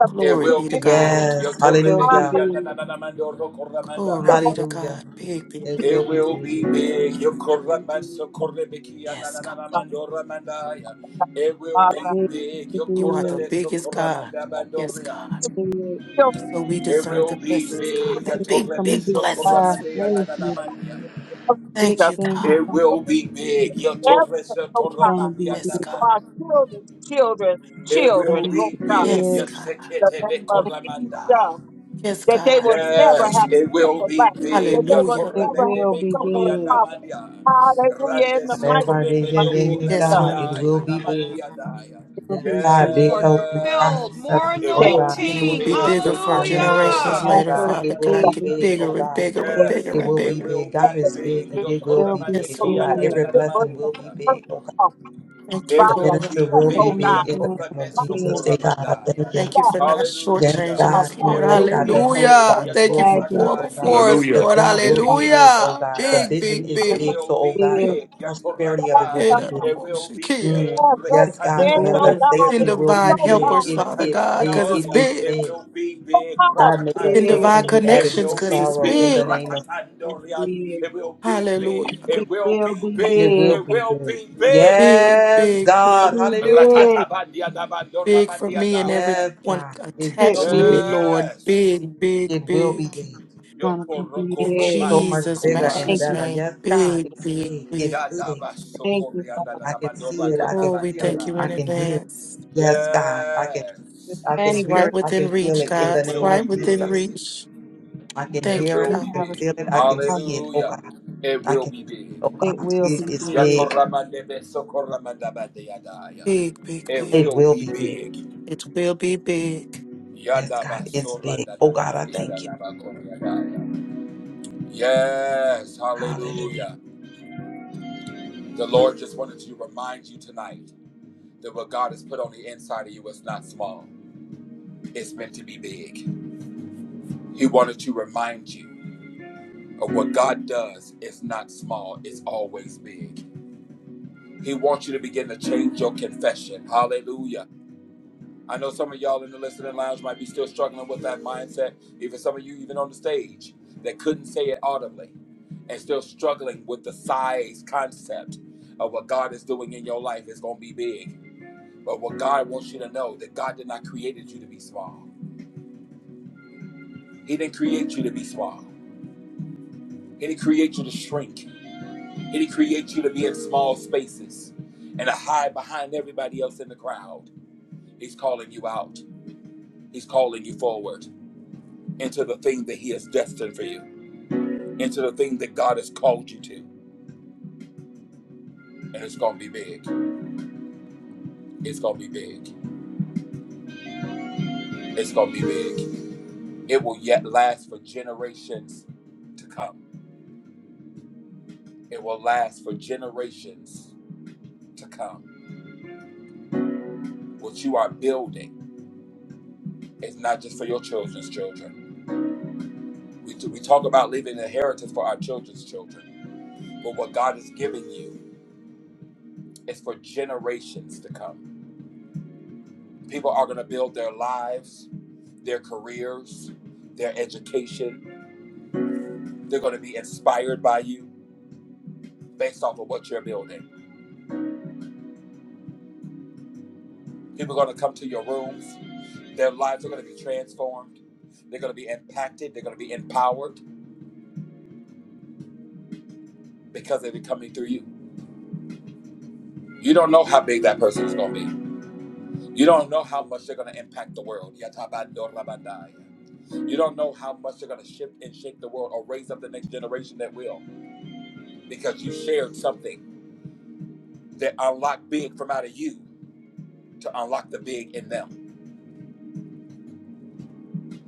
the
It
Glory
presence
will
be to
be
of
God.
big.
Yes.
It will
God,
be
Yotoremeki
Hallelujah.
and
big.
Nananamando Rokoramanda.
the
Glory
Lord,
be
of
to
Hallelujah.
God. Big, big,
It
It
will
big.
be
will be
big.
big.
It will be big.
Yokoramanso Korebeki and
Yes, God.
God, the
Nananamando Ramandaya. It will
It
Father,
be big.
You are the
will
Yokorebeso
biggest God.
Koramanda
Yes, God.
Bandoria.
be big.
children
So we
It
deserve
will
the
be
blessings, God,
big.
the
It's
big,
gonna
big
big,
Yotorebeso
God.
blessings.
Koramande
Father
and
Thank
God.
you. see a
Nananamania.
of
Big
Thank
Jesus.
you,
thing.
God.
It
Become-
will be big.
Yes,
Yotoreso
oh
It's gonna
God.
Toramandi
be
and
Yes,
big. It's
For
God.
our
Namania.
children, children,
It
gonna
children,
will
be
be
Lord God,
big.
Yes,
big.
God.
the
Yosekete
name of
Bekoramandaya.
Jesus.
Yes,
that they
God.
will never
Yes,
have to
it will
suffer
be
lack,
big.
that they will
Hallelujah.
It
never have
Yatoremene
will
to
me
be
suffer in
kuria
big.
poverty.
namandia.
Hallelujah. In
Rande
the mighty
Whatever it is,
name
sokoreme
Yeah,
of
yeah,
doko
It
yeah,
Yes,
Jesus,
God, it
Lord.
will
remandaya
be big.
namandia daya.
will
Yes,
be
God, big
big.
Lord,
health, big
build
Yes,
more
prosperity,
it
oh
that
will
God,
And it
be
will
big
anointing.
be
wealth,
big.
bigger
big
for
Yakoreme
financial,
The
generations
Hallelujah.
oh
later,
koramandia
God,
afro
Father
it will
the
God.
be
big
Get
is
namandoria.
big, oh
bigger and
God.
bigger and
big.
Yes,
bigger
It
and
will
it
be
bigger.
will
big. God
be
is
purpose
big
big.
and
is
it will
It'll
be
be
Yes,
big,
the
oh
Yokoremandekia
God.
da
big.
Lord.
da
purpose
Every
da
is
da
worth
blessing
the
will be
mandoria.
purpose
big, oh God.
of
Thank you,
It
God,
The
the
bigger
will
than I
Lord.
minister
be
purpose,
will
can
be
oh
big.
God,
big in the
understand.
name of
the purpose
Jesus.
Big,
Say God, I
Yatoramesokoramandaya.
thank you.
of
Thank you
God,
for
the
not
Yes,
Hallelujah.
purpose
shortchanging
God.
us,
of God,
Lord.
It
Yes,
will
bigger
God.
than
be
The health
big.
that
Hallelujah.
bonus
Thank
will
you
be
for
I can
big,
going
oh
Yatoramandaya.
God.
see.
before
It
us,
The
Hallelujah.
will
Lord.
job
be
is
Thank
will
you,
not
be
big.
Jesus.
big, oh
Hallelujah.
God. The
Big,
Yes.
vision
big,
is
It
big.
big, so
will
oh
be
God, the
Big
big.
prosperity of it will
Yatorandaya.
the
be big.
It will be
Mm.
big.
purpose.
Yes, God.
and
Then,
The
Rekanoria.
oh
bigger.
God,
It
Send
it's
manifestation
will
will
be
so
be
divine
big.
big.
helpers,
It
Father
is
God,
big.
because it's
It
Rekananoria.
is
big.
It
big.
will be big.
God,
God made us
Send
Big
divine
person
Rakatandoria.
who
It
added
connections,
no
will
because
be
it's
sorrow in
big.
the
big.
name of
is
Rakatandoria.
big.
It will be big.
Hallelujah.
It
It
will
will
be
be
it
big.
big.
will
It
be
will
big.
be big.
Big,
Yes,
big,
God.
big,
Too
Hallelujah.
big.
Rakatabandia Dabando
big for
Ramandia
me and
Yes,
Daya.
everyone
God. It
It
will
attached to
be
will
me,
big.
Lord.
Yes.
Big, big,
It will be
big.
big.
gonna
Yoko
be
Roko
In
big.
so
Roban
much
Jesus'
bigger and
Thank
matchless
you.
better.
Sukopaya.
name.
Yes, God,
God.
Big,
it's
big,
big.
big.
It's big.
Yadaba
Thank you,
Sokorianda
Father.
I can
Namando
see it.
Big.
I
Oh,
can
we
Rakatabandia
feel
thank
it.
you
I
in
can
Daya.
hear it.
advance.
Yes, God, I can see it.
Yes.
I can
It's
Thank
hear
you.
right
it. I
within
can feel
reach,
it in
It
the
guys.
will
name
Right
be
of
within
Jesus.
big.
reach.
I can
It
Thank you,
hear it.
will
I
You
God.
be
can
have a
feel
big.
it. I can
problem.
see it. Oh
Hallelujah.
God.
It
I
will
can
be
oh
big.
It
God.
will
Yes,
It
be
is
God.
big.
big.
Yatoramanebe Sokoramandabandia Daya.
Big, big,
It
big.
It
will
will
be
be big.
big.
It will be big.
Yes,
Yadaba
God, it's big.
Soranda
Oh God, I
Namania
thank you.
Daya. Yes,
Hallelujah.
hallelujah. The Lord just wanted to remind you tonight that what God has put on the inside of you is not small, it's meant to be big. He wanted to remind you of what God does is not small, it's always big. He wants you to begin to change your confession. Hallelujah. I know some of y'all in the listening lounge might be still struggling with that mindset. Even some of you, even on the stage, that couldn't say it audibly and still struggling with the size concept of what God is doing in your life is going to be big. But what God wants you to know that God did not create you to be small. He didn't create you to be small. He didn't create you to shrink. He didn't create you to be in small spaces and to hide behind everybody else in the crowd. He's calling you out. He's calling you forward into the thing that He has destined for you. into the thing that God has called you to. And it's going to be big. It's going to be big. It's going to be big. It will yet last for generations to come. It will last for generations to come. What you are building is not just for your children's children. We, we talk about leaving an inheritance for our children's children, but what God has given you is for generations to come. People are going to build their lives, their careers, their education. They're going to be inspired by you based off of what you're building. People are going to come to your rooms. Their lives are going to be transformed. They're going to be impacted. They're going to be empowered because they'll be coming through you. You don't know how big that person is going to be. You don't know how much they're going to impact the world. You don't know how much they're going to shift and shake the world or raise up the next generation that will because you shared something that unlocked big from out of you to unlock the big in them.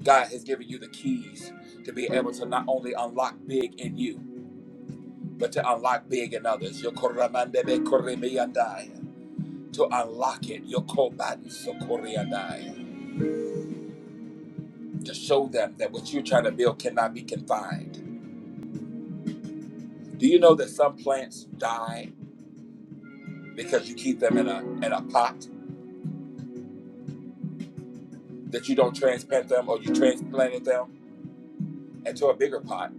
God has given you the keys to be able to not only unlock big in you, but to unlock big in others. Yokoramandebe koremeyandai. To unlock it, Yokobadi sokoriandai. to show them that what you're trying to build cannot be confined. Do you know that some plants die because you keep them in a in a pot that you don't transplant them or you transplanted them into a bigger pot,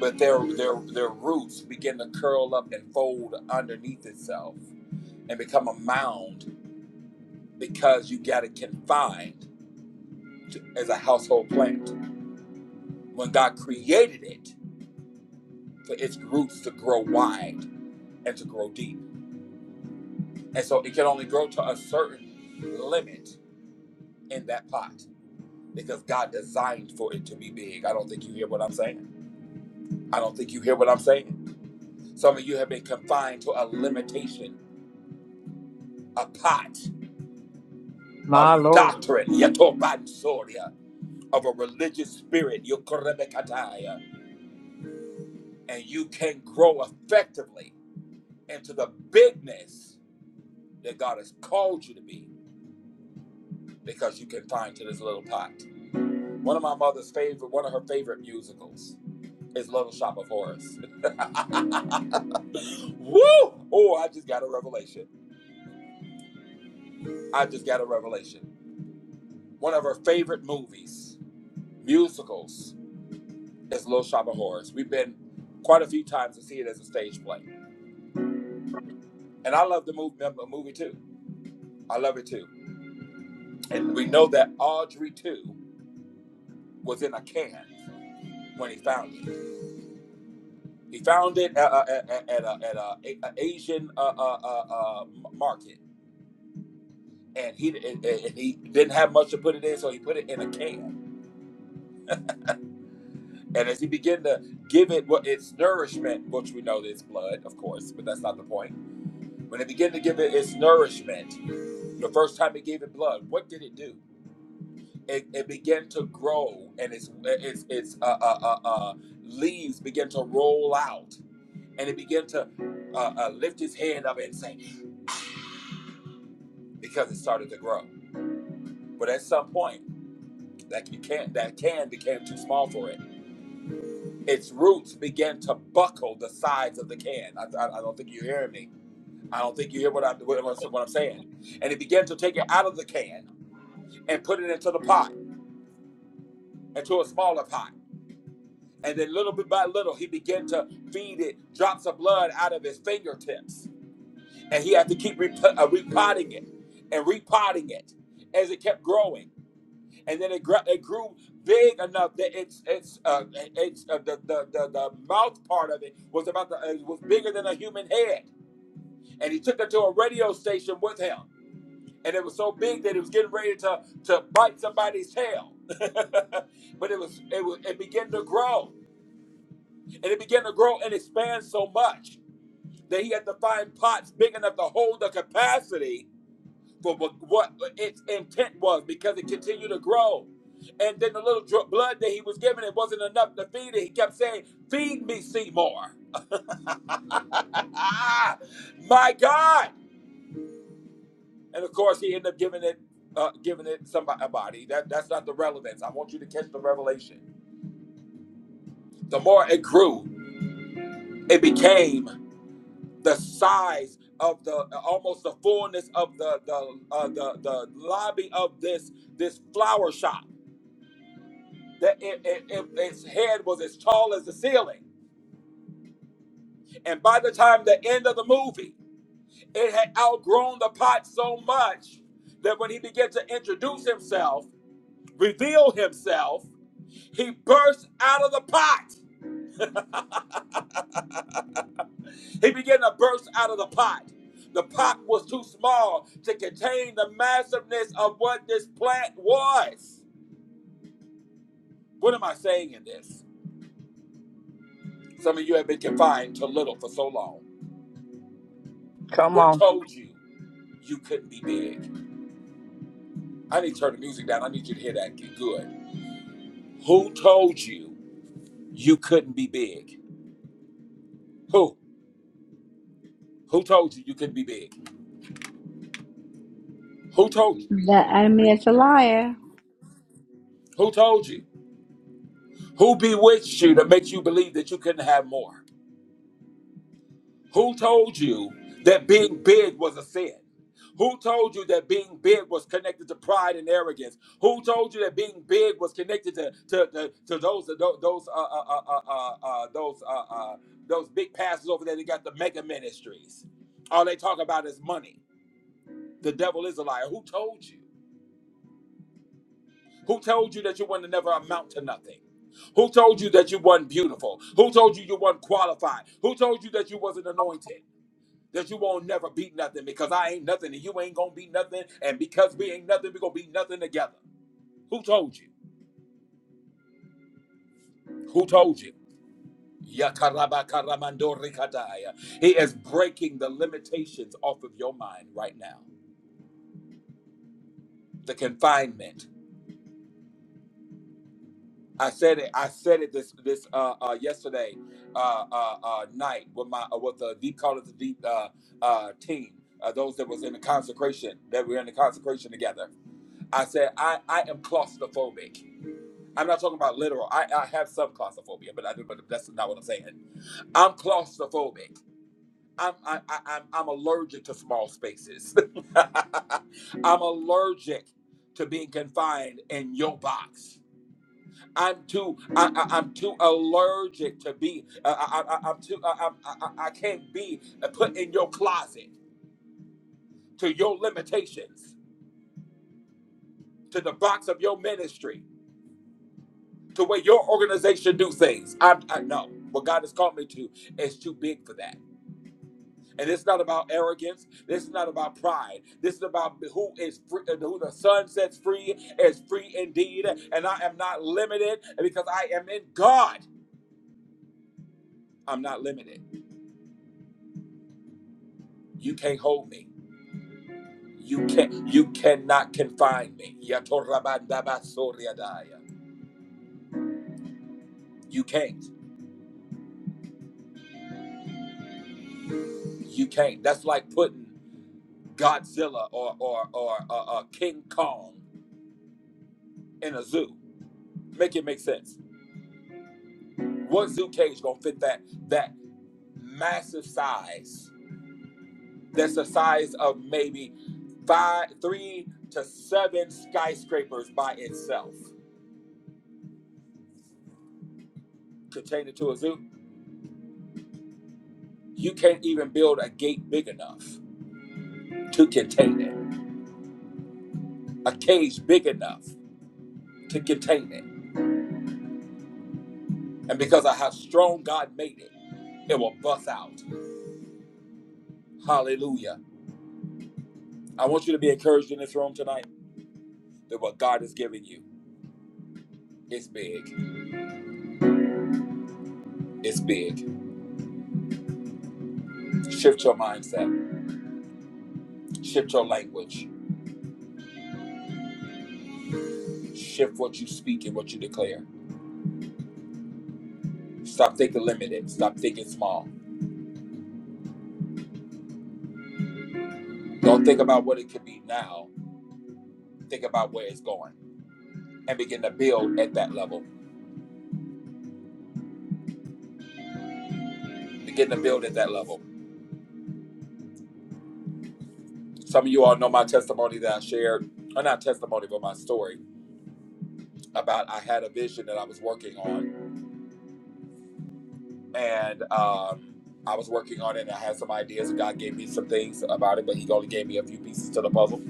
but their their their roots begin to curl up and fold underneath itself and become a mound because you got it confined to, as a household plant when God created it for its roots to grow wide and to grow deep. And so it can only grow to a certain limit in that pot because God designed for it to be big. I don't think you hear what I'm saying. I don't think you hear what I'm saying. Some of you have been confined to a limitation, a pot
My
of
Lord.
doctrine, yetobansoria, of a religious spirit, yokorebekataya, and you can grow effectively into the bigness that God has called you to be because you can find to this little pot. One of my mother's favorite, one of her favorite musicals is Little Shop of Horrors. Woo! Oh, I just got a revelation. I just got a revelation. One of her favorite movies, musicals, is Little Shop of Horrors. We've been quite a few times to see it as a stage play. And I love the movie, the movie too. I love it too. And we know that Audrey too was in a can when he found it. He found it at, uh, at, at, at a, at uh, a, at a Asian uh, uh, uh, uh, market and he and, and he didn't have much to put it in, so he put it in a can. And as he began to give it what its nourishment, which we know that it's blood, of course, but that's not the point. When it began to give it its nourishment, the first time it gave it blood, what did it do? It, it began to grow, and its its its uh, uh, uh, uh, leaves began to roll out, and it began to uh, uh, lift its head up and say, because it started to grow. But at some point, that can that can became too small for it its roots began to buckle the sides of the can. I, I, I don't think you're hearing me. I don't think you hear what I'm what, I'm- what I'm saying. And he began to take it out of the can and put it into the pot, into a smaller pot. And then little bit by little, he began to feed it drops of blood out of his fingertips. And he had to keep rep- uh, repotting it and repotting it as it kept growing. and then it, gr- it grew big enough that it's it's uh, it's uh, the, the the the mouth part of it was about the it was bigger than a human head, and he took her to a radio station with him, and it was so big that it was getting ready to to bite somebody's tail. but it was it was it began to grow, and it began to grow and expand so much that he had to find pots big enough to hold the capacity for what, its intent was because it continued to grow. And then the little dr- blood that he was given, it wasn't enough to feed it. He kept saying, Feed me, Seymour. My God. And of course, he ended up giving it. Uh, giving it somebody a body that that's not the relevance i want you to catch the revelation the more it grew it became the size of the almost the fullness of the the uh, the, the lobby of this this flower shop that it, it, it, its head was as tall as the ceiling. And by the time the end of the movie, it had outgrown the pot so much that when he began to introduce himself, reveal himself, he burst out of the pot. He began to burst out of the pot. The pot was too small to contain the massiveness of what this plant was. What am I saying in this? Some of you have been confined to little for so long.
Come
Who
on.
told you you couldn't be big? I need to turn the music down. I need you to hear that. Get good. Who told you you couldn't be big? Who? Who told you you couldn't be big? Who told you?
The enemy is a liar.
Who told you? Who bewitched you to make you believe that you couldn't have more? Who told you that being big was a sin? Who told you that being big was connected to pride and arrogance? Who told you that being big was connected to to, to, to those those those uh, uh, uh, uh, uh, uh, those uh, uh, those big pastors over there that got the mega ministries? All they talk about is money. The devil is a liar. Who told you? Who told you that you would to never amount to nothing? Who told you that you weren't beautiful? Who told you you weren't qualified? Who told you that you wasn't anointed? that you won't never be nothing because I ain't nothing and you ain't gonna be nothing. And because we ain't nothing, we gonna be nothing together. Who told you? Who told you? Yakarabakaramandorikadaya. He is breaking the limitations off of your mind right now. The confinement. I said it. I said it this this uh, uh, yesterday uh, uh, uh, night with my uh, with the deep call of the deep uh, uh, team. Uh, those that was in the consecration that we were in the consecration together. I said I I am claustrophobic. I'm not talking about literal. I, I have some claustrophobia, but I But that's not what I'm saying. I'm claustrophobic. I'm I, I, I'm I'm allergic to small spaces. I'm allergic to being confined in your box. I'm too I, I, I'm too allergic to be. Uh, I, I, I- I'm too. I, I, I I can't be put in your closet to your limitations to the box of your ministry. the way your organization do things. I, I know what God has called me to is too big for that. And it's not about arrogance. This is not about pride. This is about who is free, uh, who the Son sets free is free indeed. And I am not limited because I am in God. I'm not limited. You can't hold me. You can you cannot confine me. Yatorabandabasoriadaya. You can't. You can't. That's like putting Godzilla or or or uh, uh, King Kong in a zoo. Make it make sense. What zoo cage gonna fit that that massive size? That's the size of maybe five, three to seven skyscrapers by itself. Contain it to a zoo. You can't even build a gate big enough to contain it. A cage big enough to contain it. And because of how strong God made it, it will bust out. Hallelujah. I want you to be encouraged in this room tonight that what God has given you is big. It's big. Shift your mindset, shift your language, shift what you speak and what you declare. Stop thinking limited, stop thinking small. Don't think about what it could be now, think about where it's going and begin to build at that level. Begin to build at that level. Some of you all know my testimony that I shared, or not testimony, but my story about I had a vision that I was working on and, um, I was working on it and I had some ideas and God gave me some things about it, but he only gave me a few pieces to the puzzle.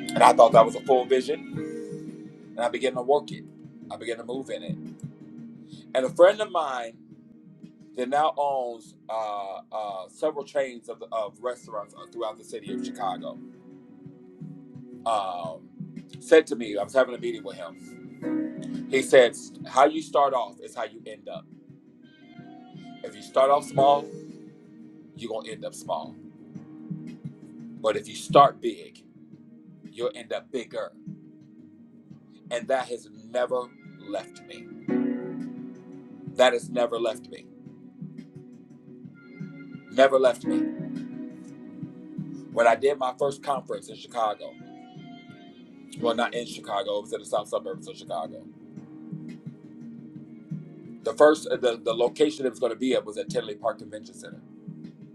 And I thought that was a full vision and I began to work it. I began to move in it. And a friend of mine that now owns uh, uh, several chains of, of restaurants uh, throughout the city of Chicago um, said to me, I was having a meeting with him. He said, How you start off is how you end up. If you start off small, you're going to end up small. But if you start big, you'll end up bigger. And that has never left me. That has never left me. Never left me. When I did my first conference in Chicago, Well, not in Chicago. It was in the south suburbs of Chicago. The first, the, the location it was going to be at was at Tinley Park Convention Center.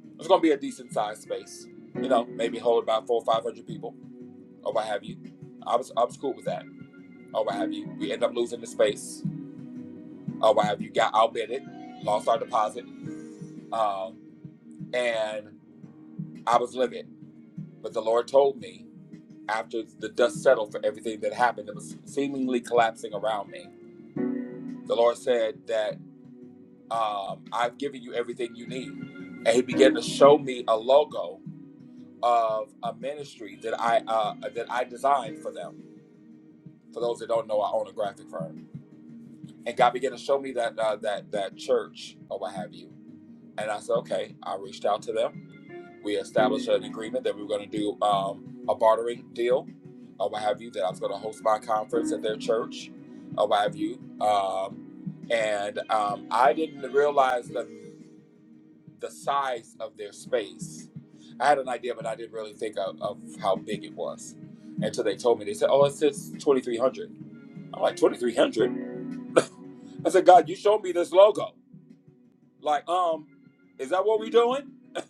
It was going to be a decent sized space. You know, maybe hold about four or five hundred people or what have you. I was I was cool with that or what have you. We end up losing the space or what have you. Got outbid it, lost our deposit, um, and I was livid. But the Lord told me after the dust settled for everything that happened, that was seemingly collapsing around me. The Lord said that um, I've given you everything you need. And he began to show me a logo of a ministry that I uh, that I designed for them. For those that don't know, I own a graphic firm, and God began to show me that uh, that that church or what have you. And I said, okay. I reached out to them. We established an agreement that we were going to do um, a bartering deal or what have you. That I was going to host my conference at their church or what have you. Um, and um, I didn't realize the the size of their space. I had an idea, but I didn't really think of, of how big it was until they told me. They said, "Oh, it says 2,300." I'm like, "2,300?" I said, "God, you showed me this logo. Like, um, is that what we're doing?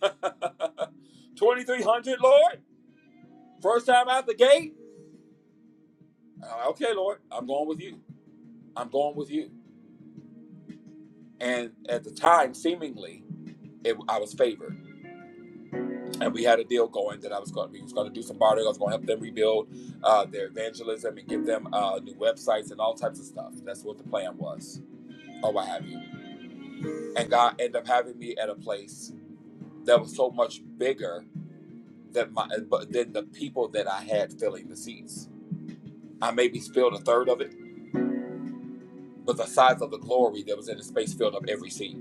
2,300, Lord? First time out the gate? I'm like, okay, Lord, I'm going with you. I'm going with you." And at the time, seemingly, it, I was favored and we had a deal going that I was going, we was going to do some bartering. I was going to help them rebuild uh, their evangelism and give them uh, new websites and all types of stuff. That's what the plan was, or what have you. And God ended up having me at a place that was so much bigger than my, but than the people that I had filling the seats. I maybe spilled a third of it, but the size of the glory that was in the space filled up every seat.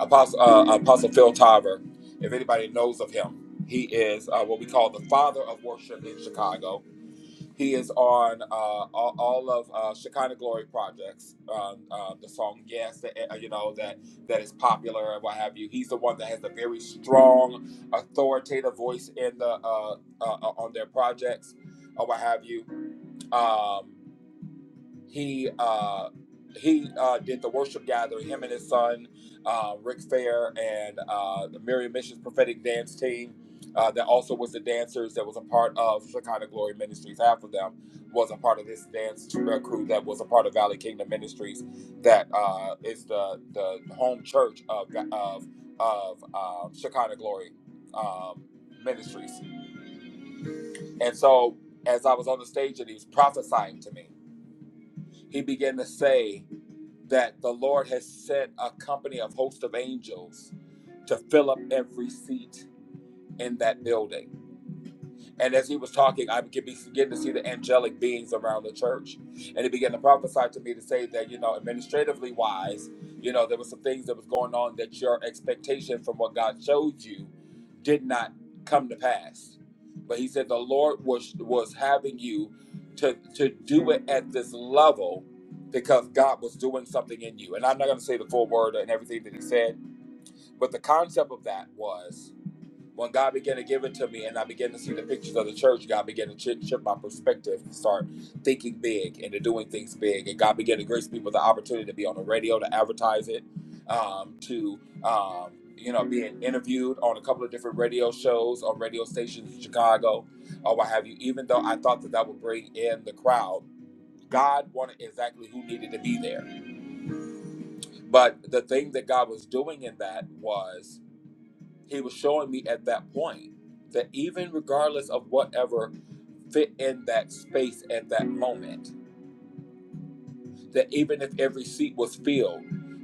Apostle uh, Apostle Phil Tarver, if anybody knows of him, he is uh, what we call the father of worship in Chicago He is on uh, all, all of uh, Shekinah Glory projects. Um, uh, the song "Yes," that, uh, you know that that is popular and what have you. He's the one that has a very strong, authoritative voice in the uh, uh, uh, on their projects or what have you. Um, he uh he uh did the worship gathering him and his son uh rick fair and uh the miriam missions prophetic dance team uh that also was the dancers that was a part of shekinah glory ministries half of them was a part of this dance uh, crew that was a part of valley kingdom ministries that uh is the the home church of of of uh, shekinah glory um ministries and so as i was on the stage and he was prophesying to me he began to say that the Lord has set a company of host of angels to fill up every seat in that building. And as he was talking, I began began to see the angelic beings around the church. And he began to prophesy to me to say that, you know, administratively wise, you know, there were some things that was going on that your expectation from what God showed you did not come to pass. But he said the Lord was was having you to to do it at this level because God was doing something in you. And I'm not gonna say the full word and everything that he said, but the concept of that was when God began to give it to me and I began to see the pictures of the church, God began to shift, shift my perspective and start thinking big and to doing things big. And God began to grace me with the opportunity to be on the radio, to advertise it, um, to, um, you know, being interviewed on a couple of different radio shows on radio stations in Chicago or what have you. Even though I thought that that would bring in the crowd, God wanted exactly who needed to be there. But the thing that God was doing in that was he was showing me at that point that even regardless of whatever fit in that space at that moment, that even if every seat was filled,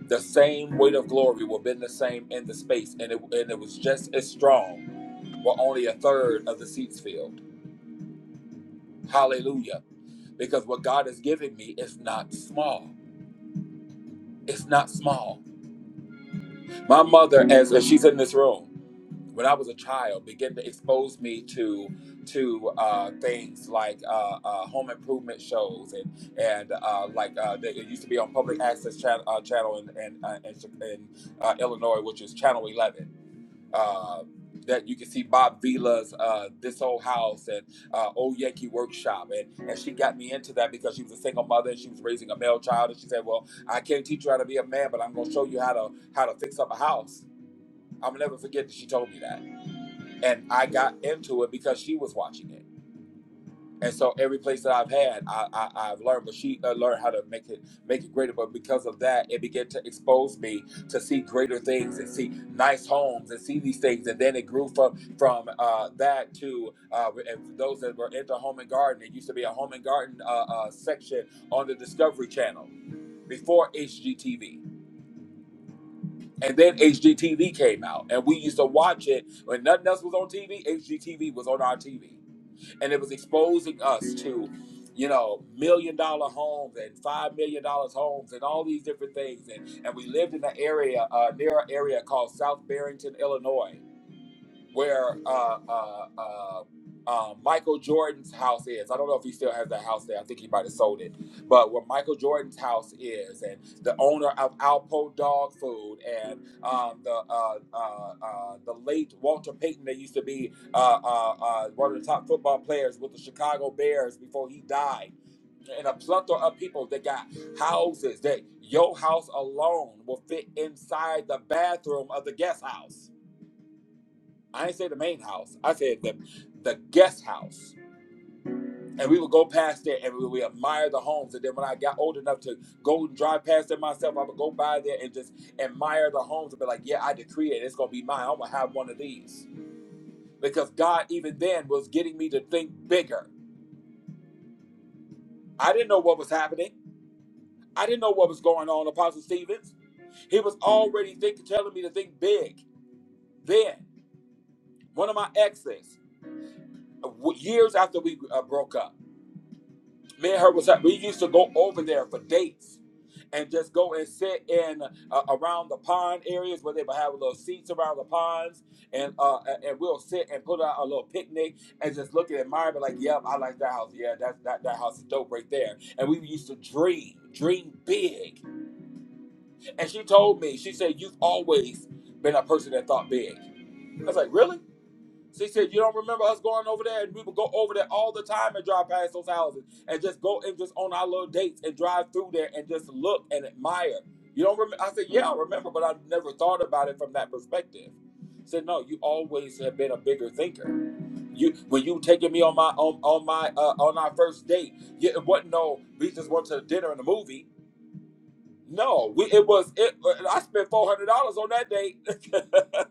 the same weight of glory would have been the same in the space, and it, and it was just as strong, but only a third of the seats filled. Hallelujah. Because what God has given me is not small. It's not small. My mother, as, as she's in this room, when I was a child, began to expose me to to uh, things like uh, uh, home improvement shows and and uh, like uh, that it used to be on public access channel, uh, channel in in, uh, in, Chi- in uh, Illinois, which is Channel Eleven. Uh, that you can see Bob Vila's uh, This Old House and uh, Old Yankee Workshop. And, and she got me into that because she was a single mother and she was raising a male child. And she said, Well, I can't teach you how to be a man, but I'm going to show you how to how to fix up a house. I'll never forget that she told me that and I got into it because she was watching it. And so every place that I've had, I, I I've learned, but she uh, learned how to make it make it greater. But because of that, it began to expose me to see greater things and see nice homes and see these things. And then it grew from from uh, that to uh, and those that were into home and garden. It used to be a home and garden uh, uh, section on the Discovery Channel before HGTV. And then HGTV came out, and we used to watch it when nothing else was on TV. HGTV was on our TV and it was exposing us to you know million dollar homes and five million dollars homes and all these different things and and we lived in an area uh, near an area called south barrington illinois where uh, uh, uh, uh, Michael Jordan's house is. I don't know if he still has that house there. I think he might have sold it. But where Michael Jordan's house is, and the owner of Alpo Dog Food, and um, the uh, uh, uh, the late Walter Payton, that used to be uh, uh, uh, one of the top football players with the Chicago Bears before he died. And a plethora of people that got houses that your house alone will fit inside the bathroom of the guest house I ain't say the main house. I said the the guest house. And we would go past there and we would admire the homes. And then when I got old enough to go and drive past it myself, I would go by there and just admire the homes and be like, yeah, I decree it. It's going to be mine. I'm going to have one of these. Because God, even then, was getting me to think bigger. I didn't know what was happening. I didn't know what was going on, Apostle Stevens. He was already thinking, telling me to think big. Then, one of my exes, w- years after we uh, broke up, Me and her was at, we used to go over there for dates and just go and sit in uh, around the pond areas where they would have little seats around the ponds and uh and we'll sit and put out a little picnic and just look at it, admire but like yep I like that house yeah that, that that house is dope right there and we used to dream dream big and she told me she said you've always been a person that thought big I was like really so he said, You don't remember us going over there? And we would go over there all the time and drive past those houses and just go and just on our little dates and drive through there and just look and admire. You don't remember? I said, Yeah, I remember, but I never thought about it from that perspective. He said, No, you always have been a bigger thinker. You when you taking me on my on, on my uh, on our first date, yeah, it wasn't no we just went to dinner and a movie. No, we it was it I spent four hundred dollars on that date.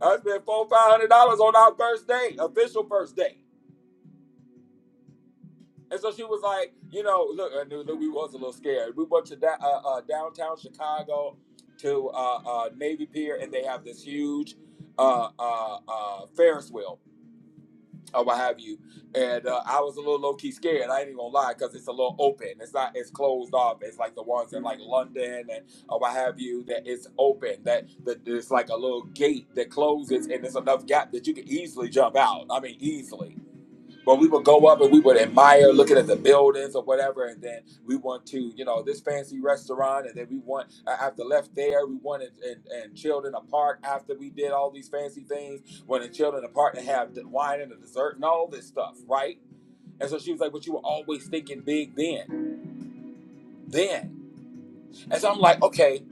I spent four five hundred dollars on our first date, official first date. And so she was like, you know, look, I knew that we was a little scared. We went to da- uh, uh, downtown Chicago to uh, uh, Navy Pier, and they have this huge uh, uh, uh, Ferris wheel, or what have you. And uh, I was a little low key scared. I ain't even gonna lie, because it's a little open. It's not as closed off. It's like the ones in like London and or what have you that it's open. That that there's like a little gate that closes, and there's enough gap that you can easily jump out. I mean, easily. But we would go up and we would admire looking at the buildings or whatever, and then we want to, you know, this fancy restaurant, and then we want uh, after left there, we wanted and, and chilled in a park after we did all these fancy things, wanted chilled in a park and have the wine and the dessert and all this stuff, right? And so she was like, "But you were always thinking big then, then." And so I'm like, "Okay,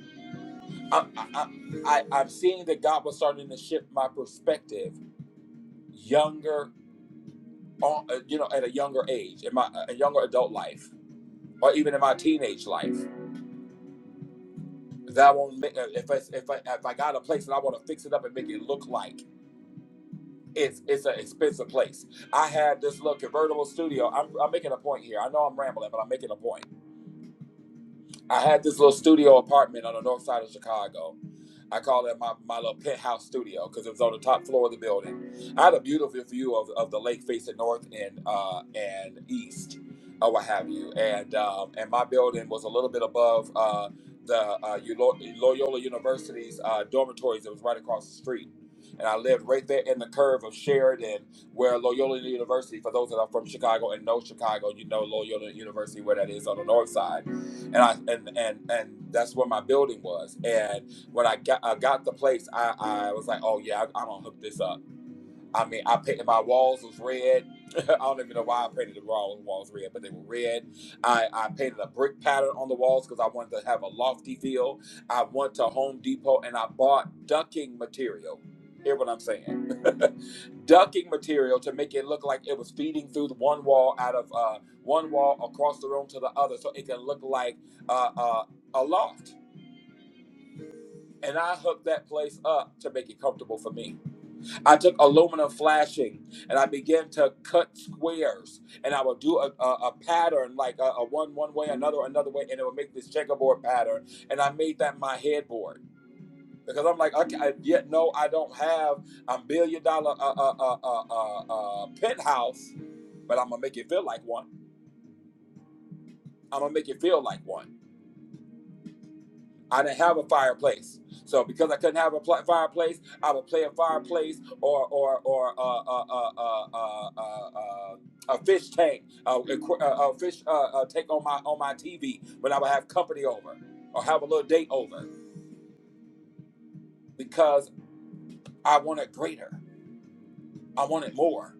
I, I, I, I- I'm seeing that God was starting to shift my perspective, younger, on, uh, you know, at a younger age, in my uh, a younger adult life." or even in my teenage life. That won't make uh, if I, if I if I got a place and I want to fix it up and make it look like it's it's an expensive place. I had this little convertible studio. I'm, I'm making a point here. I know I'm rambling, but I'm making a point. I had this little studio apartment on the north side of Chicago. I call it my, my little penthouse studio because it was on the top floor of the building. I had a beautiful view of, of the lake facing north and uh, and east, or what have you. And um, and my building was a little bit above uh, the uh, Ulo- Loyola University's uh, dormitories. It was right across the street. And I lived right there in the curve of Sheridan, where Loyola University, for those that are from Chicago and know Chicago, you know Loyola University, where that is on the north side and I and and and that's where my building was. And when I got I got the place, I I was like, oh yeah, I, I'm gonna hook this up. I mean, I painted my walls was red. I don't even know why I painted the wall- walls red, but they were red. I, I painted a brick pattern on the walls because I wanted to have a lofty feel. I went to Home Depot and I bought ducking material. Hear what I'm saying? ducking material to make it look like it was feeding through the one wall out of uh, one wall across the room to the other, so it could look like uh, uh, a loft. And I hooked that place up to make it comfortable for me. I took aluminum flashing and I began to cut squares, and I would do a, a, a pattern like a, a one one way, another another way, and it would make this checkerboard pattern. And I made that my headboard because I'm like, okay, I, yet no, I don't have a billion dollar uh, uh, uh, uh, uh, uh, penthouse but I'm gonna make it feel like one. I'm gonna make it feel like one. I didn't have a fireplace, so because I couldn't have a pl- fireplace, I would play a fireplace or or or uh, uh, uh, uh, uh, uh, uh, a fish tank, uh, a, uh, a fish uh, uh, tank on my on my TV when I would have company over or have a little date over because I wanted greater, I wanted more,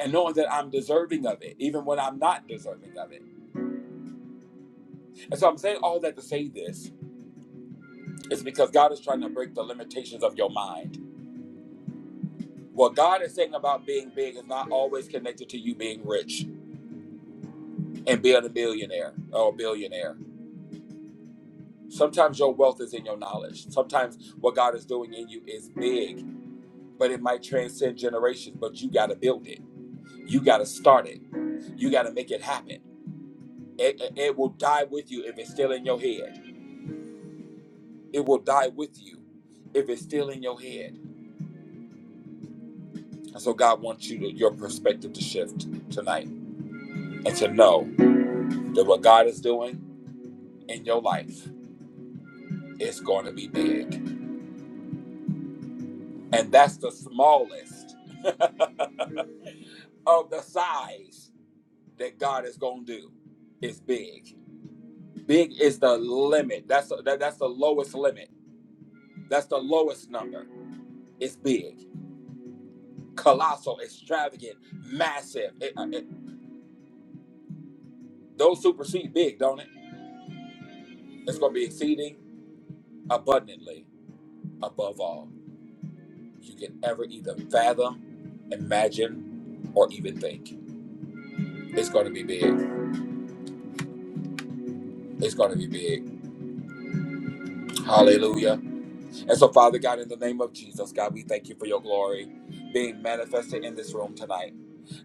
and knowing that I'm deserving of it, even when I'm not deserving of it. And so I'm saying all that to say this is because God is trying to break the limitations of your mind. What God is saying about being big is not always connected to you being rich and being a millionaire or a billionaire. Sometimes your wealth is in your knowledge. Sometimes what God is doing in you is big, but it might transcend generations, but you got to build it. You got to start it. You got to make it happen. It, it it will die with you if it's still in your head. It will die with you if it's still in your head. And so God wants you to, your perspective to shift tonight and to know that what God is doing in your life It's going to be big. And that's the smallest of the size that God is going to do. It's big. Big is the limit. That's the, that, that's the lowest limit. That's the lowest number. It's big, colossal, extravagant, massive. It- uh, it- those supersede big, don't it? It's going to be exceeding abundantly above all you can ever either fathom, imagine, or even think. It's going to be big. It's going to be big. Hallelujah. And so, Father God, in the name of Jesus, God, we thank you for your glory being manifested in this room tonight.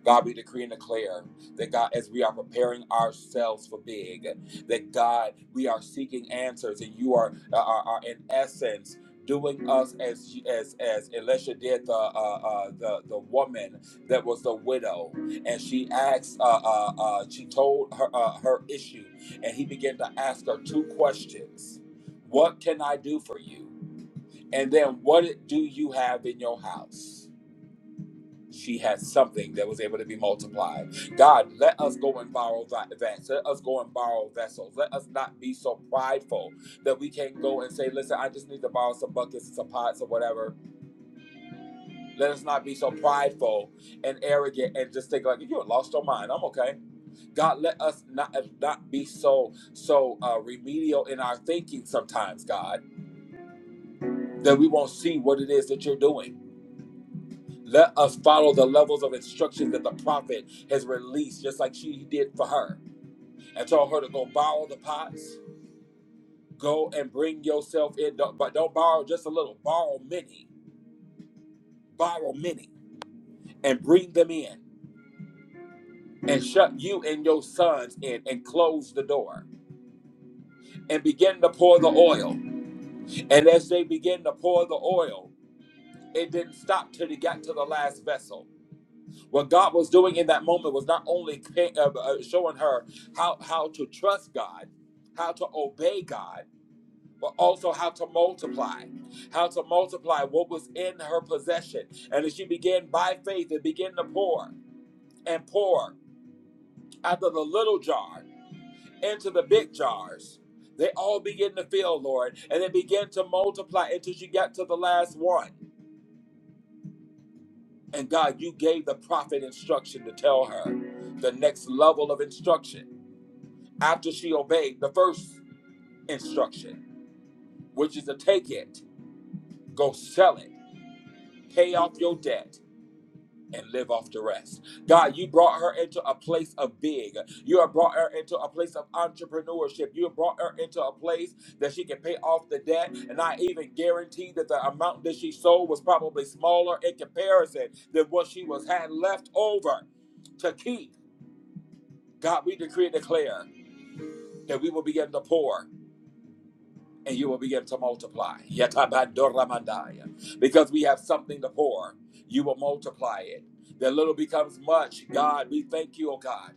God, we decree and declare that God, as we are preparing ourselves for big, that God, we are seeking answers, and you are uh, are, are in essence doing us as as as Elisha did the uh, uh, the the woman that was the widow, and she asked, uh, uh, uh, she told her uh, her issue, and he began to ask her two questions: What can I do for you? And then what do you have in your house? She had something that was able to be multiplied. God, let us go and borrow that Let us go and borrow vessels. Let us not be so prideful that we can't go and say, listen, I just need to borrow some buckets and some pots or whatever. Let us not be so prideful and arrogant and just think like you lost your mind. I'm okay. God, let us not not be so so uh, remedial in our thinking sometimes, God, that we won't see what it is that you're doing Let us follow the levels of instructions that the prophet has released, just like she did for her, and told her to go borrow the pots, go and bring yourself in. Don't, but don't borrow just a little, borrow many, borrow many, and bring them in, and shut you and your sons in, and close the door, and begin to pour the oil. And as they begin to pour the oil, it didn't stop till they got to the last vessel. What God was doing in that moment was not only uh, uh, showing her how, how to trust God, how to obey God, but also how to multiply, how to multiply what was in her possession. And as she began by faith and began to pour and pour out of the little jar into the big jars, they all began to fill, Lord, and they began to multiply until she got to the last one. And God, you gave the prophet instruction to tell her the next level of instruction after she obeyed the first instruction, which is to take it, go sell it, pay off your debt, and live off the rest. God, you brought her into a place of big. You have brought her into a place of entrepreneurship. You have brought her into a place that she can pay off the debt. And I even guarantee that the amount that she sold was probably smaller in comparison than what she was had left over to keep. God, we decree and declare that we will begin to pour. and you will begin to multiply. Yetabandoramadaya. Because we have something to pour, you will multiply it. The little becomes much. God, we thank you, oh God,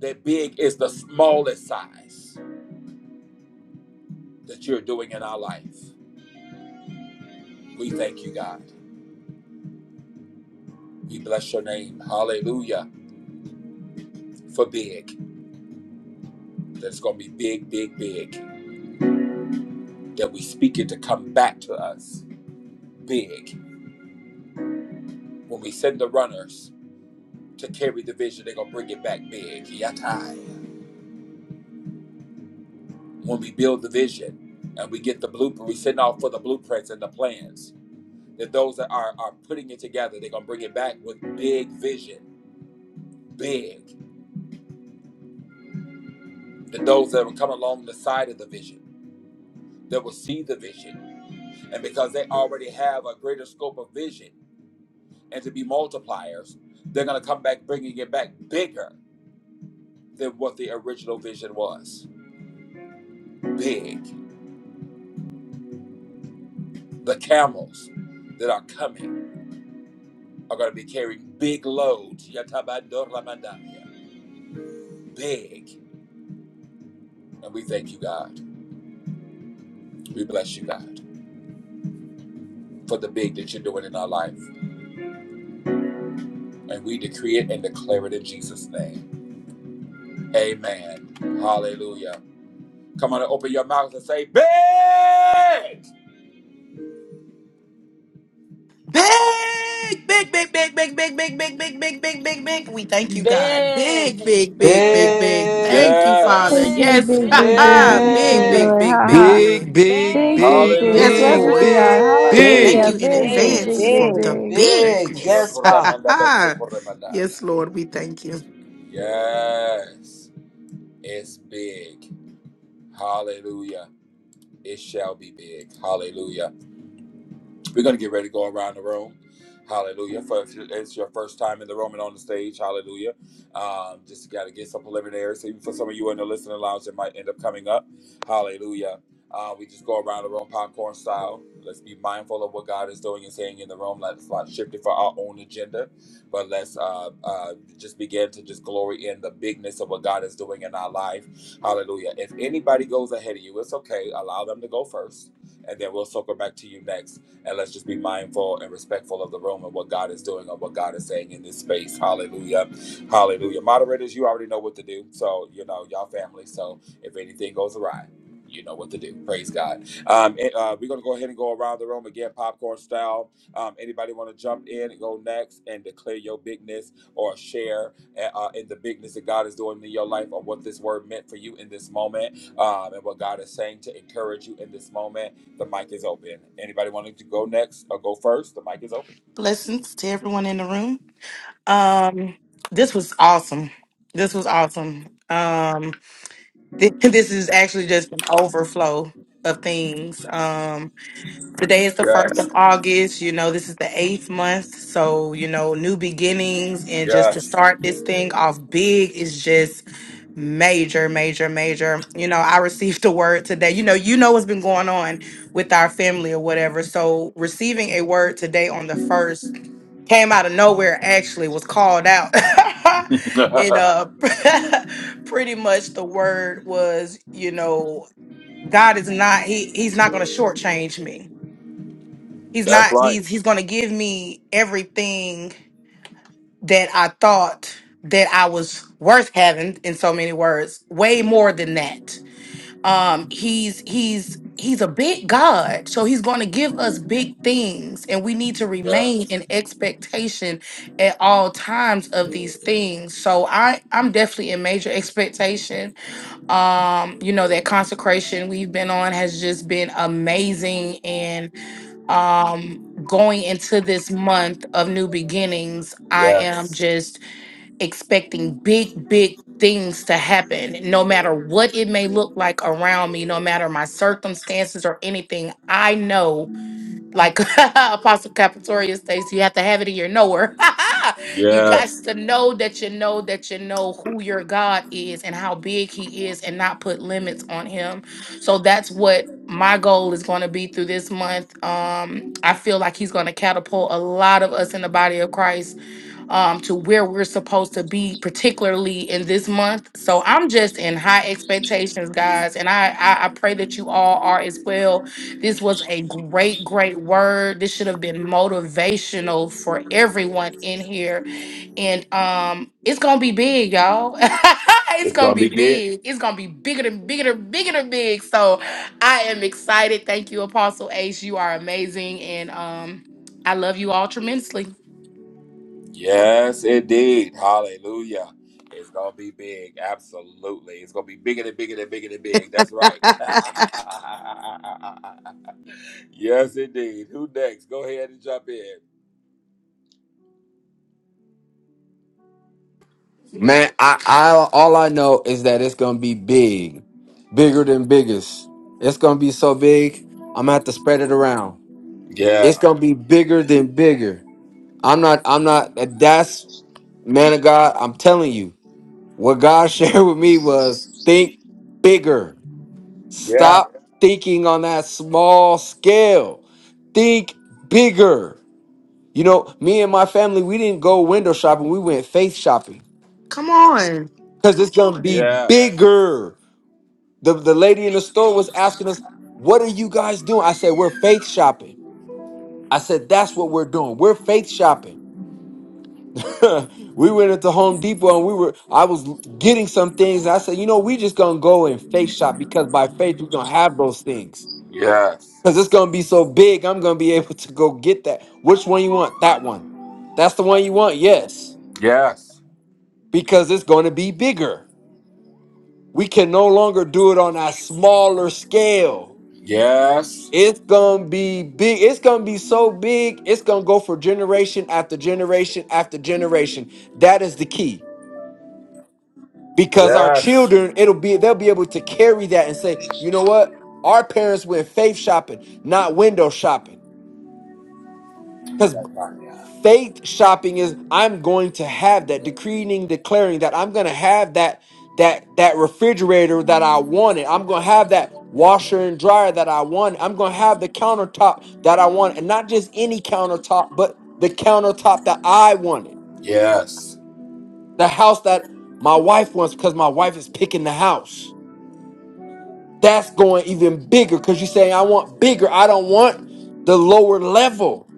that big is the smallest size that you're doing in our life. We thank you, God. We bless your name. Hallelujah. For big. That's going to be big, big, big. That we speak it to come back to us big. When we send the runners to carry the vision, they're going to bring it back big. Yatai. when we build the vision and we get the blueprint, we send out for the blueprints and the plans. That those that are, are putting it together, they're gonna bring it back with big vision, big. That those that will come along the side of the vision, that will see the vision, and because they already have a greater scope of vision and to be multipliers, they're gonna come back bringing it back bigger than what the original vision was. Big. The camels that are coming are gonna be carrying big loads. Yatabando Ramadania big. And we thank you, God. We bless you, God, for the big that you're doing in our life. And we decree it and declare it in Jesus' name. Amen. Hallelujah. Come on and open your mouth and say, Big!
Big, big, big, big, big, big, big, big, big, big, big, big, big. We thank you, God.
Big,
Big, big, big, big,
big,
big.
Big,
Thank you, Father.
Big,
Yes.
big,
big,
Yes.
big, big,
big,
big. Thank you,
Big,
big,
big,
big.
Lord. Ha
big, big,
ha.
big.
Big, big,
Big,
Thank
big,
big,
big.
Yes,
you,
Hallelujah.
Glory
big,
be to
Lord.
God.
God.
big,
big,
Thank
Hallelujah.
Big,
Big,
big.
you in
Big,
big,
big,
advance
big,
big.
for
big,
big.
the
big.
Thank you,
big. Yes,
Jesus.
bigness.
God.
Yokoramanda beso koramandaya.
Yes, Lord, we thank you.
Yes. It's big. Hallelujah. It shall be big. Hallelujah. We're going to get ready to go around the room. Hallelujah. For if it's your first time in the room and on the stage, hallelujah. Um, just got to get some preliminaries. So Even for some of you in the listening lounge, it might end up coming up. Hallelujah. Uh, we just go around the room popcorn style. Let's be mindful of what God is doing and saying in the room. Let's not shift it for our own agenda, but let's uh, uh, just begin to just glory in the bigness of what God is doing in our life. Hallelujah. If anybody goes ahead of you, it's okay. Allow them to go first, and then we'll circle back to you next. And let's just be mindful and respectful of the room and what God is doing and what God is saying in this space. Hallelujah. Hallelujah. Moderators, you already know what to do. So, you know, y'all family. So if anything goes awry, you know what to do. Praise God. Um, and, uh, we're going to go ahead and go around the room again, popcorn style. Um, anybody want to jump in and go next and declare your bigness or share eh, uh, in the bigness that God is doing in your life or what this word meant for you in this moment um, and what God is saying to encourage you in this moment? The mic is open. Anybody wanting to go next or go first? The mic is open.
Blessings to everyone in the room. Um, this was awesome. This was awesome. Um, thi- this is actually just an overflow of things. Um, Today is the 1st
Yes.
of August. You know, this is the eighth month. So, you know, new beginnings and just to
Yes.
start this thing off big is just major, major, major. You know, I received a word today. You know, you know what's been going on with our family or whatever. So, receiving a word today on the first came out of nowhere, actually, was called out. and uh, pretty much the word was, you know, God is not, he, he's not going to shortchange me he's
That's
not
right.
he's he's going to give me everything that i thought that i was worth having in so many words way more than that um he's he's he's a big god so he's going to give us big things and we need to
Yeah.
remain in expectation at all times of these things so i i'm definitely in major expectation um you know that consecration we've been on has just been amazing and um going into this month of new beginnings i am
Yes.
just expecting big big things to happen no matter what it may look like around me no matter my circumstances or anything i know like Apostle Capatorius states, you have to have it in your knower. you got
Yes.
to know that you know that you know who your God is and how big He is, and not put limits on Him. So that's what my goal is going to be through this month. Um, I feel like He's going to catapult a lot of us in the body of Christ um, to where we're supposed to be, particularly in this month. So I'm just in high expectations, guys, and I, I I pray that you all are as well. This was a great, great word. This should have been motivational for everyone in here, and um, it's gonna be big, y'all. it's
It's
gonna
gonna
be
be good.
big. It's gonna be bigger than bigger than bigger than big. So I am excited. Thank you, Apostle Ace. You are amazing, and um, I love you all tremendously.
Yes, indeed. Hallelujah. It's gonna be big. Absolutely. It's gonna be bigger than bigger than bigger than big. That's right. yes, indeed. Who next? Go ahead and jump in.
Man, I, I all I know is that it's gonna be big, bigger than biggest. It's gonna be so big, I'm gonna have to spread it around. It's
Yeah.
gonna be bigger than bigger. I'm not. I'm not. That's man of God. I'm telling you, what God shared with me was think bigger.
Yeah.
Stop thinking on that small scale. Think bigger. You know, me and my family, we didn't go window shopping. We went faith shopping
Come on.
because it's gonna be
Yes.
bigger. The the lady in the store was asking us, "What are you guys doing?" I said, "We're faith shopping." I said, "That's what we're doing. We're faith shopping." we went into Home Depot and we were I was getting some things. And I said, "You know, we just going to go and faith shop because by faith we're going to have those things."
Yes.
Cuz it's going to be so big, I'm going to be able to go get that. Which one you want? That one. That's the one you want? Yes.
Yes.
Because it's going to be bigger. We can no longer do it on a smaller scale
Yes.
It's gonna be big. It's gonna be so big. It's gonna go for generation after generation after generation. That is the key because our
Yes.
children, it'll be they'll be able to carry that and say, you know what, our parents went faith shopping, not window shopping. because. faith shopping is i'm going to have that decreeing declaring that i'm going to have that that that refrigerator that i wanted i'm going to have that washer and dryer that i want i'm going to have the countertop that i want and not just any countertop but the countertop that i wanted
Yes,
the house that my wife wants because my wife is picking the house that's going even bigger because you say i want bigger i don't want the lower level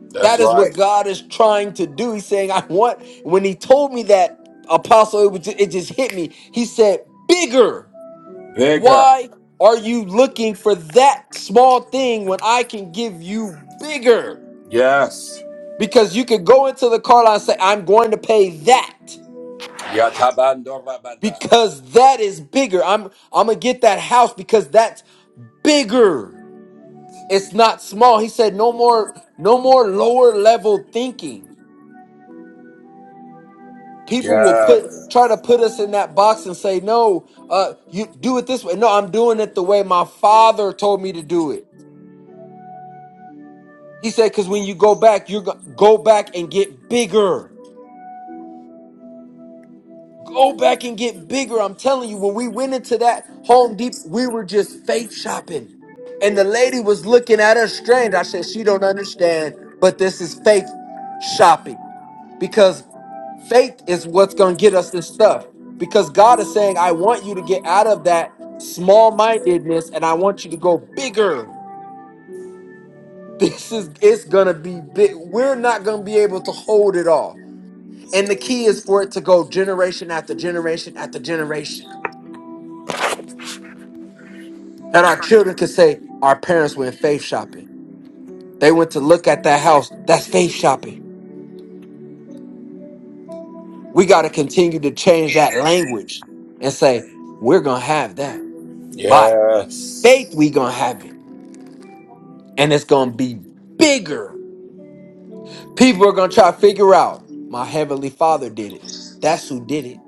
that's
That is what
right.
God is trying to do. He's saying, I want, when he told me that, Apostle, it, was ju- it just hit me. He said, Bigger.
Bigger.
Why are you looking for that small thing when I can give you bigger?
Yes.
Because you could go into the car lot and say, I'm going to pay that
Yatabandorabada.
because that is bigger. I'm, I'm going to get that house because that's bigger. It's not small. He said, no more, no more lower level thinking people will put
Yes.
try to put us in that box and say no uh you do it this way no i'm doing it the way my father told me to do it he said because when you go back you're go go back and get bigger go back and get bigger i'm telling you when we went into that home Depot, we were just faith shopping and the lady was looking at us strange i said she don't understand but this is faith shopping because faith is what's going to get us this stuff because God is saying, I want you to get out of that small mindedness and I want you to go bigger. This is, it's going to be big. We're not going to be able to hold it all. And the key is for it to go generation after generation after generation. That our children could say, Our parents went faith shopping. They went to look at that house. That's faith shopping. We got to continue to change that language and say, We're going to have that. By
Yes.
faith, we going to have it. and it's gonna be bigger. People are gonna try to figure out my heavenly father did it. That's who did it.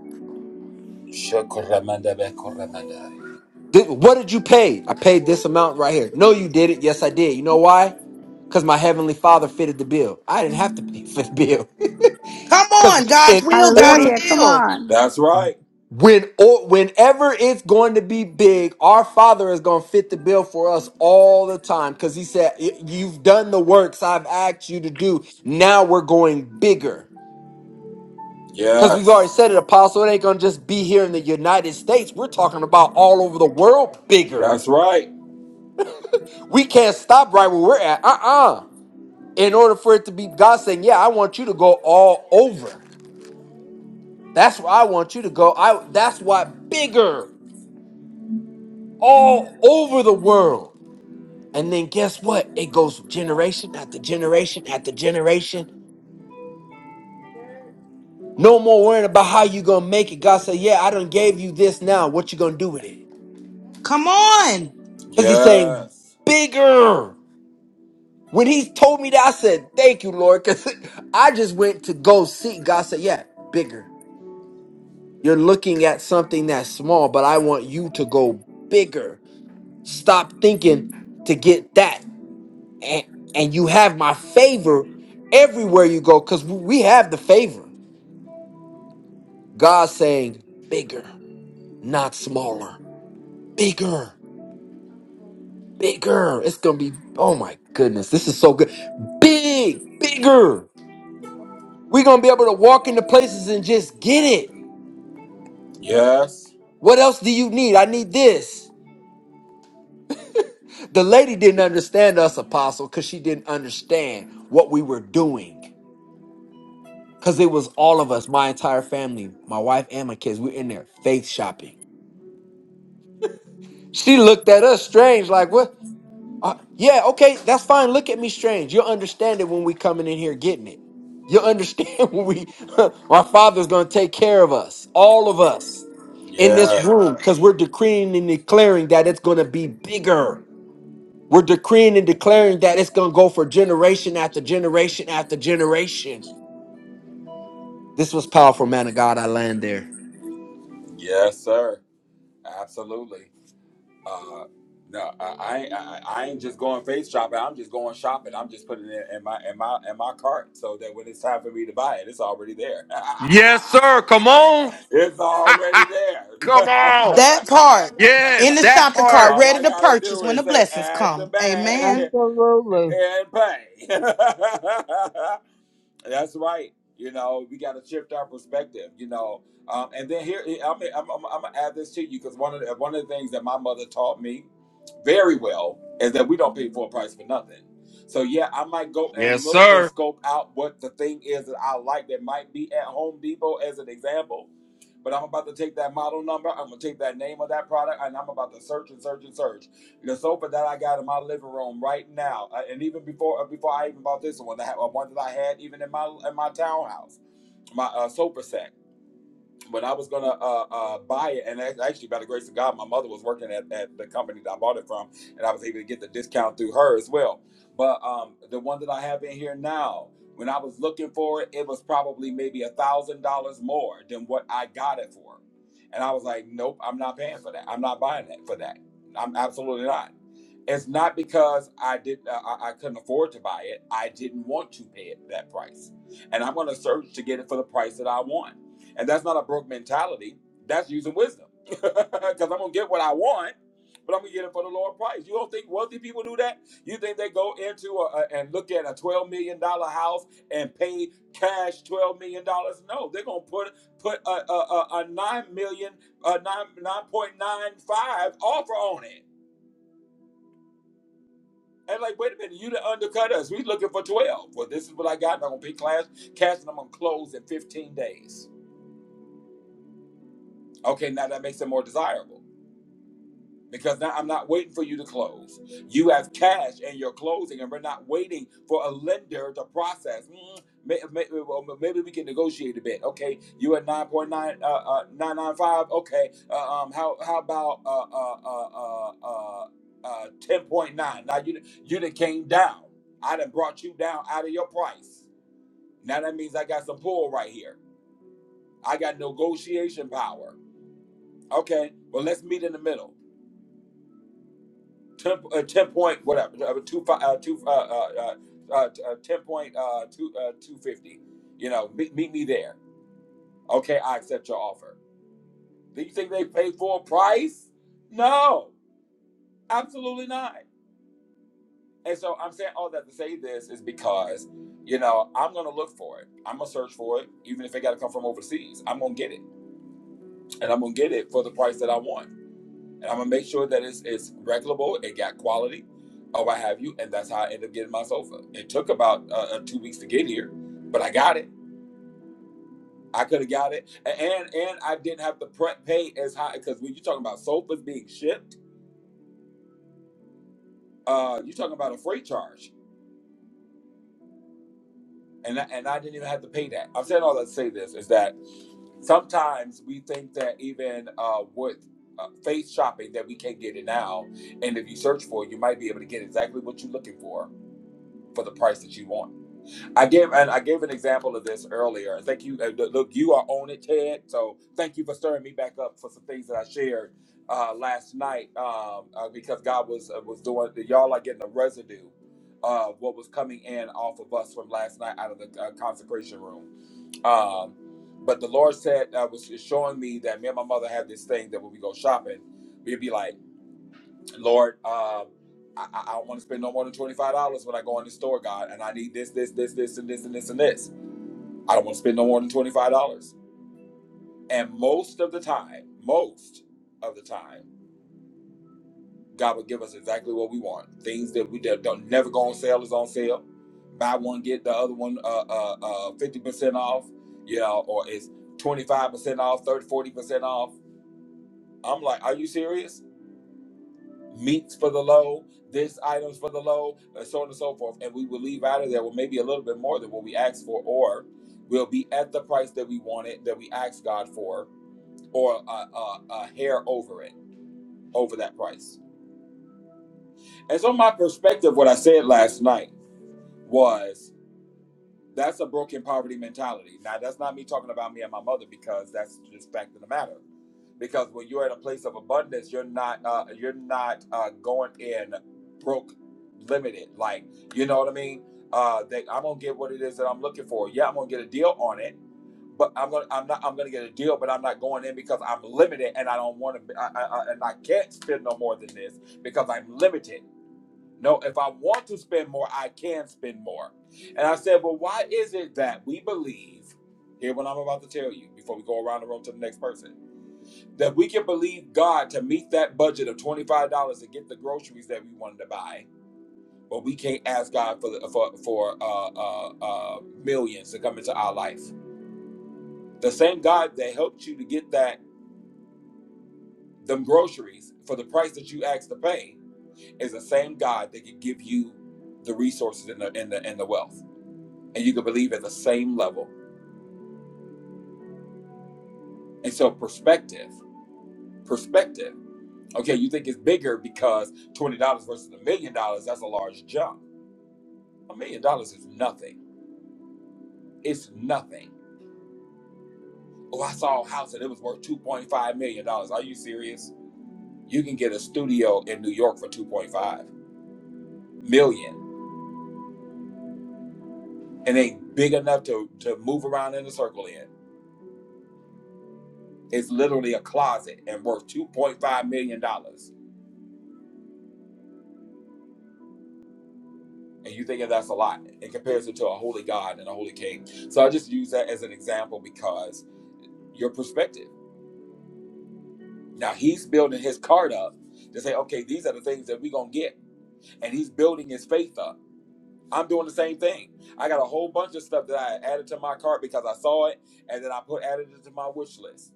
Shakuramandabekuramanda.
Th- what did you pay? I paid this amount right here. No, you did it. Yes, I did. You know why? Because my heavenly father fitted the bill. I didn't have to pay for the bill.
Come
Because
on,
in
God's will, God's
order,
Hallelujah. Come
will.
on.
That's right.
when or whenever it's going to be big, our Father is going to fit the bill for us all the time. Because He said, "Y- "You've done the works I've asked you to do. Now we're going bigger." Because we've
Yes.
already said it, Apostle, it ain't going to just be here in the United States. We're talking about all over the world bigger.
That's right.
We can't stop right where we're at. Uh uh In order for it to be God saying, Yeah, I want you to go all over. That's where I want you to go. I that's why bigger all over the world. And then guess what? It goes generation after generation after generation. No more worrying about how you gonna make it. God said, Yeah, I done gave you this now. What you gonna do with it?
Come on.
Because he's saying
Yes.
bigger. When he told me that, I said, Thank you, Lord, because I just went to go see. God said, Yeah, bigger. You're looking at something that's small, but I want you to go bigger. Stop thinking to get that. And, and you have my favor everywhere you go because we have the favor. God saying, Bigger, not smaller. Bigger, bigger. It's going to be, oh my goodness, this is so good. Big, bigger. We're going to be able to walk into places and just get it
Yes.
What else do you need? I need this. The lady didn't understand us, apostle, because she didn't understand what we were doing. Because it was all of us, my entire family, my wife and my kids. We're in there faith shopping. She looked at us strange, like, what? Yeah, okay, that's fine. Look at me strange. You'll understand it when we coming in here getting it. You'll understand when we, our Father's going to take care of us, all of us in this
Yeah.
room, because we're decreeing and declaring that it's going to be bigger. We're decreeing and declaring that it's going to go for generation after generation after generation. This was powerful, man of God. I land there.
Yes, sir. Absolutely. Uh, no, I, I, I ain't just going face shopping. I'm just going shopping. I'm just putting it in my in my in my cart so that when it's time for me to buy it, it's already there.
Yes, sir. Come on.
it's already
Come
there.
on.
That part
Yes,
in the
that
shopping cart,
part.
All
ready
I
to
gotta
purchase
do
when
is
the
say
blessings
add to
come.
bag
Amen.
absolutely.
and pay. That's right. You know, we got to shift our perspective. You know, um, and then here I'm, I'm, I'm, I'm gonna add this to you because one of the, one of the things that my mother taught me very well is that we don't pay full price for nothing. So yeah, I might go
Yes,
and look
sir.
and scope out what the thing is that I like that might be at Home Depot as an example. But I'm about to take that model number, I'm gonna take that name of that product, and I'm about to search and search and search. The sofa that I got in my living room right now, uh, and even before uh, before I even bought this one, I had uh, one that I had even in my in my townhouse, my uh, sofa set when I was gonna uh, uh, buy it, and act- actually by the grace of God, my mother was working at, at the company that I bought it from, and I was able to get the discount through her as well. But um, the one that I have in here now, when I was looking for it, it was probably maybe a thousand dollars more than what I got it for, and I was like, nope, I'm not paying for that. I'm not buying that for that. I'm absolutely not. It's not because I didn't, uh, I, I couldn't afford to buy it. I didn't want to pay it that price, and I'm gonna search to get it for the price that I want and that's not a broke mentality. That's using wisdom. Because I'm going to get what I want, but I'm going to get it for the lower price. You don't think wealthy people do that? You think they go into a, a- and look at a $12 million dollars house and pay cash $12 million? dollars? No, they're going to put put a, a, a, a $9 million, a 9, 9.95 offer on it. And like, wait a minute, you done undercut us. We looking for 12. Well, this is what I got. I'm going to pay cash, cash and I'm going to close in 15 days. Okay, now that makes it more desirable. because now I'm not waiting for you to close. You have cash and you're closing, and we're not waiting for a lender to process. Mm, may- may- well, Maybe we can negotiate a bit. Okay, you at nine point nine uh, uh, nine nine five. Okay, uh, um, how how about uh uh uh uh uh ten point nine? Now you done- you done came down. I done brought you down out of your price. Now that means I got some pull right here. I got negotiation power. Okay, well let's meet in the middle. ten, uh, 10 point whatever uh, two fi- uh, two uh, uh, uh, uh, uh, ten point uh, two uh, two fifty. You know, meet, meet me there. Okay, I accept your offer. Do you think they paid full price? No, absolutely not. And so I'm saying all that to say this is because you know I'm gonna look for it. I'm gonna search for it, even if it got to come from overseas. I'm gonna get it, and I'm gonna get it for the price that I want And I'm gonna make sure that it's it's regulable. It got quality, or what have you, and that's how I ended up getting my sofa. It took about uh, uh, two weeks to get here, but I got it. I could have got it, A- and and I didn't have to pre- pay as high because when you're talking about sofas being shipped, uh, you're talking about a freight charge, and I, and I didn't even have to pay that. I'm saying all that to say this is that sometimes we think that even uh, with uh, face shopping that we can't get it now, and if you search for it, you might be able to get exactly what you're looking for for the price that you want I gave and I gave an example of this earlier. And thank you. uh, Look, you are on it, Ted. So thank you for stirring me back up for some things that I shared uh, last night um, uh, because God was uh, was doing. Y'all are getting a residue of what was coming in off of us from last night out of the uh, consecration room. Um, but the Lord said uh, was showing me that me and my mother have this thing that when we go shopping, we'd be like. Lord, um, I, I I don't want to spend no more than twenty five dollars when I go in the store, God, and I need this, this, this, this, and this, and this, and this. I don't want to spend no more than twenty five dollars. And most of the time, most of the time, God will give us exactly what we want. Things that we that don't never go on sale is on sale. Buy one get the other one uh uh uh fifty percent off, you know, or it's twenty five percent off, 30, 40 percent off. I'm like, are you serious? meats for the low, this items for the low, and so on and so forth. And we will leave out of there with maybe a little bit more than what we asked for, or we'll be at the price that we wanted, that we asked God for, or a, a, a hair over it, over that price. And so my perspective, what I said last night was That's a broken poverty mentality. Now, that's not me talking about me and my mother because that's just fact of the matter. Because when you're in a place of abundance, you're not uh, you're not uh, going in broke, limited. Like you know what I mean? Uh, that I'm gonna get what it is that I'm looking for. Yeah, I'm gonna get a deal on it, but I'm gonna I'm not I'm gonna get a deal, but I'm not going in because I'm limited and I don't want to I, I, I- and I can't spend no more than this because I'm limited no, if I want to spend more, I can spend more. And I said, well, why is it that we believe, hear what I'm about to tell you before we go around the room to the next person, that we can believe God to meet that budget of $25 to get the groceries that we wanted to buy, but we can't ask God for, for, for uh, uh, uh, millions to come into our life. The same God that helped you to get that them groceries for the price that you asked to pay is the same God that can give you the resources and the, and the, and the wealth. and you can believe at the same level. And so perspective, perspective. Okay, you think it's bigger because twenty dollars versus a million dollars, that's a large jump. A million dollars is nothing. It's nothing. Oh, I saw a house and it was worth two point five million dollars. Are you serious? You can get a studio in New York for two point five million and ain't big enough to, to move around in a circle in. It's literally a closet and worth two point five million dollars. and you thinking that's a lot in comparison to a holy God and a holy King. So I just use that as an example because your perspective. Now he's building his card up to say, okay, these are the things that we're gonna get, and he's building his faith up. I'm doing the same thing. I got a whole bunch of stuff that I added to my cart because I saw it, and then I put added it to my wish list.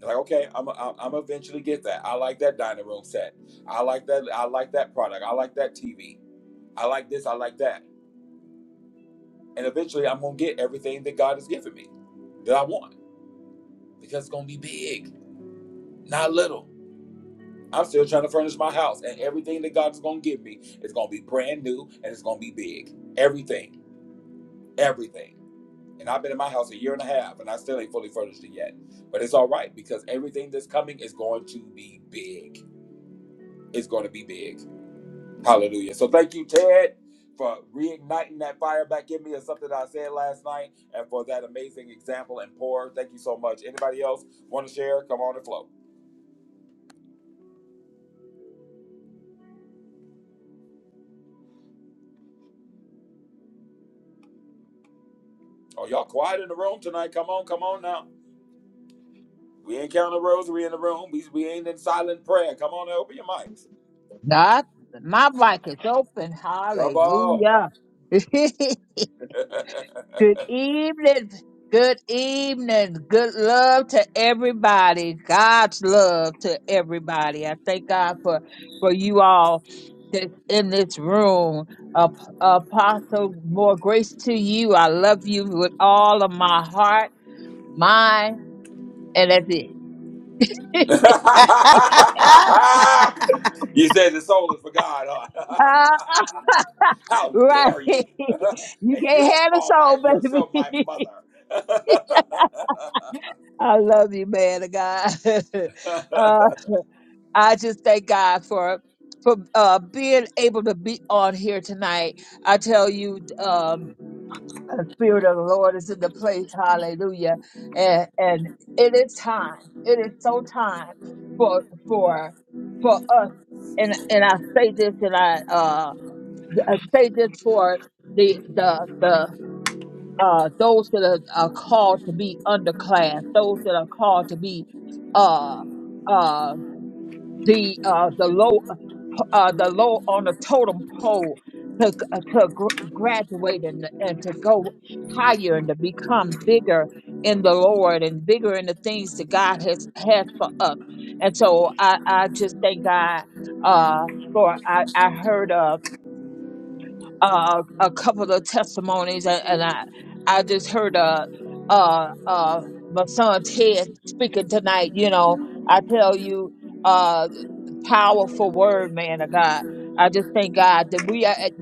Like, okay, I'm I'm I'm eventually get that. I like that dining room set. I like that. I like that product. I like that TV. I like this. I like that. And eventually I'm gonna get everything that God has given me that I want because it's gonna be big, not little. I'm still trying to furnish my house, and everything that God's gonna give me is gonna be brand new and it's gonna be big. Everything, everything. And I've been in my house a year and a half, and I still ain't fully furnished it yet. But it's all right because everything that's coming is going to be big. It's going to be big. Hallelujah. So thank you, Ted, for reigniting that fire back in me of something that I said last night and for that amazing example and pour. Thank you so much. Anybody else want to share? Come on and flow. Oh, y'all quiet in the room tonight. Come on, come on now. We ain't counting rosary in the room. We, we ain't in silent prayer. Come on and open your mics.
Not my mic is open.
Come on.
Hallelujah. Good evening. Good evening. Good love to everybody. God's love to everybody. I thank God for for you all that's in this room. Ap- Apostle, more grace to you. I love you with all of my heart, mind, and that's it.
you said the soul is for God, huh? How
right.
dare you?
you
and
can't
you're
have a
call
soul,
my yourself my
baby.
mother.
I love you, man of God. Uh, I just thank God for for uh, being able to be on here tonight. I tell you, um, the Spirit of the Lord is in the place. Hallelujah! And and it is time. It is so time for for for us. And and I say this, and I uh I say this for the the the. Uh, those that are, are called to be underclass, those that are called to be uh, uh, the uh, the low. uh, the low on the totem pole to, uh, to gr- graduate and, and to go higher and to become bigger in the Lord and bigger in the things that God has has for us. And so I, I just thank God uh, for I, I heard uh, uh, a couple of testimonies and, and I I just heard uh, uh, uh, my son Ted speaking tonight. You know, I tell you. uh, Powerful word, man of God. I just thank God that we are, at-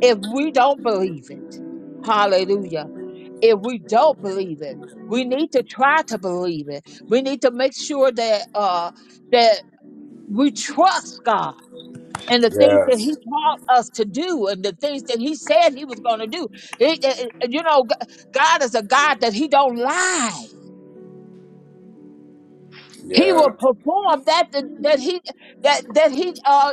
if we don't believe it, hallelujah. If we don't believe it, we need to try to believe it. We need to make sure that, uh, that we trust God and the things that he
yes.
taught us to do and the things that he said he was going to do. It- it- it- you know, G- God is a God that he don't lie. He
Yeah.
will perform that that that he that that he uh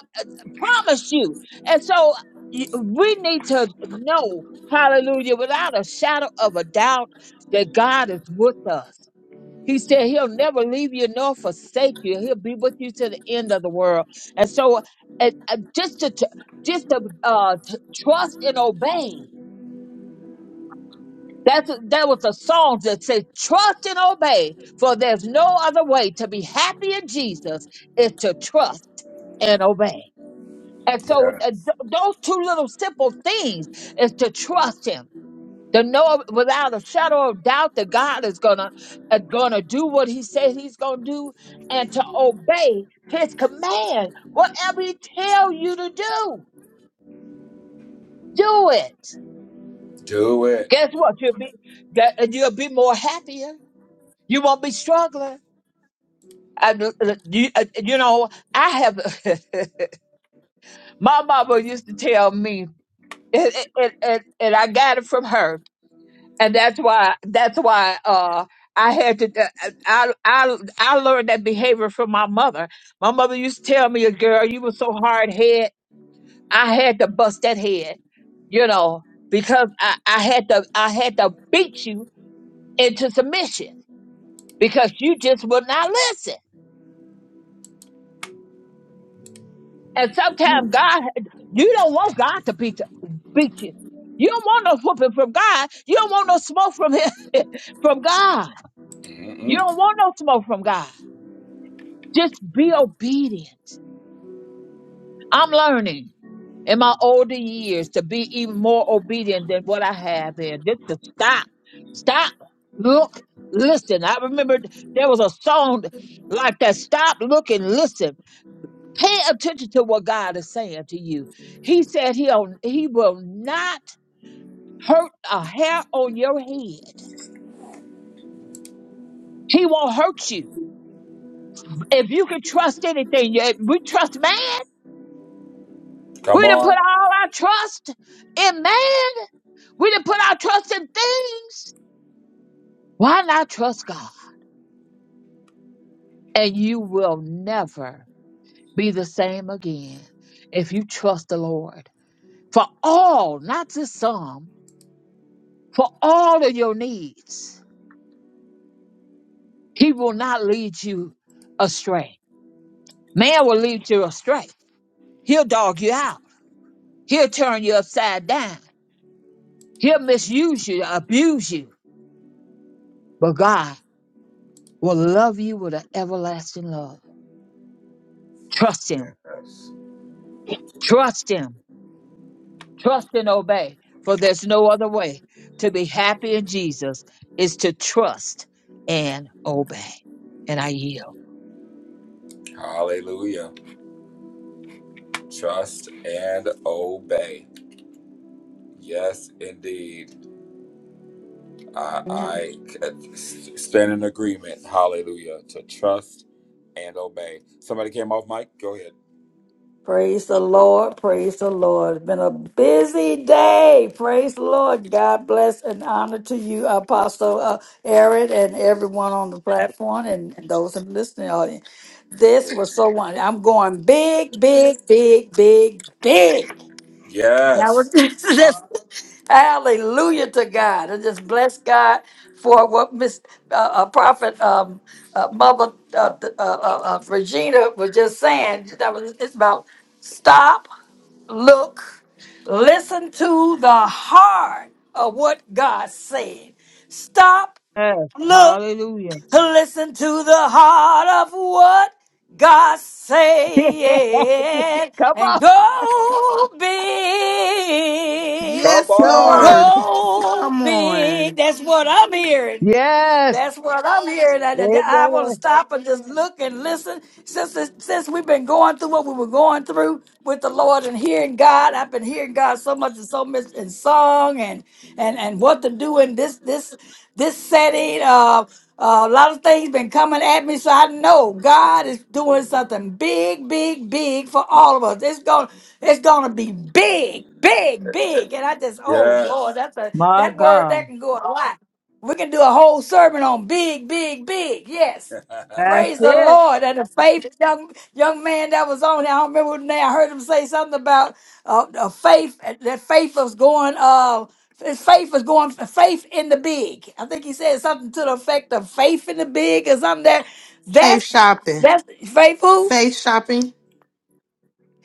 promise you. And so y- we need to know, hallelujah, without a shadow of a doubt, that God is with us. He said he'll never leave you nor forsake you. He'll be with you to the end of the world. And so it, uh, just to tr- just to, uh, t- trust and obey. That's that was a song that said, "Trust and obey, for there's no other way to be happy in Jesus is to trust and obey." And so
Yeah.
uh, th- those two little simple things is to trust him. To know without a shadow of doubt that God is gonna uh, gonna do what He said He's gonna do, and to obey His command, whatever He tell you to do, do it.
Do it.
Guess what? You'll be that- uh, you'll be more happier. You won't be struggling. And uh, uh, you, uh, you know, I have my mama used to tell me, and, and, and, and I got it from her and that's why that's why uh I had to uh, I I I learned that behavior from my mother. My mother used to tell me, "Girl, you were so hard head. I had to bust that head, you know, because I I had to I had to beat you into submission because you just would not listen. And sometimes God, you don't want God to beat beat you. You don't want no whooping from God. You don't want no smoke from him from God. You
Mm-mm.
don't want no smoke from God. Just be obedient. I'm learning in my older years to be even more obedient than what I have been. Just to stop, stop, look, listen. I remember there was a song like that stop, look, and listen. Pay attention to what God is saying to you. He said he'll, he will not hurt a hair on your head. He won't hurt you. If you can trust anything, yeah, we trust man.
Come
We done put
on.
all our trust in man We didn't put our trust in things. Why not trust God? And you will never be the same again if you trust the Lord for all, not just some, for all of your needs. He will not lead you astray. Man will lead you astray. He'll dog you out. He'll turn you upside down. He'll misuse you, abuse you. But God will love you with an everlasting love. Trust Him.
Yes.
Trust Him Trust and obey, for there's no other way. To be happy in Jesus is to trust and obey. And I yield.
Hallelujah. Trust and obey. Yes, indeed. I, I c- stand in agreement. Hallelujah. To trust and obey. Somebody came off mic. Go ahead.
Praise the Lord. Praise the Lord. It's been a busy day. Praise the Lord. God bless and honor to you, Apostle uh, Aaron, and everyone on the platform and, and those in the listening audience. This was so wonderful. I'm going big, big, big, big, big. And I was
Yes.
just, hallelujah to God. I just bless God for what Miss uh, uh, Prophet um, uh, Mother uh, th- uh, uh, uh, Regina was just saying. That was it's about stop, look, listen to the heart of what God said. Stop,
Yes,
look
hallelujah.
to listen to the heart of what God said
Come
and
on,
go big,
Come
yes,
come
on.
on.
Lord.
go
Come
big.
on.
That's what I'm hearing.
Yes,
That's what I'm hearing. And and I want to
amen.
stop and just look and listen. Since it's- since we've been going through what we were going through with the Lord and hearing God, I've been hearing God so much and so much in song and and and what to do in this this this setting. Uh, uh, a lot of things been coming at me, so I know God is doing something big, big, big for all of us. It's gonna, it's gonna be big, big, big. And I just, oh
Yes.
Lord, that's a
My
that word that
God,
can go a lot. We can do a whole sermon on big, big, big. Yes.
that's
Praise the
it.
Lord. And the faith young young man that was on there, I don't remember the name. I heard him say something about uh, uh, faith. That faith was going. Uh, his faith was going. Faith in the big. I think he said something to the effect of faith in the big or something. That
safe
that's
shopping.
that's faithful.
safe shopping.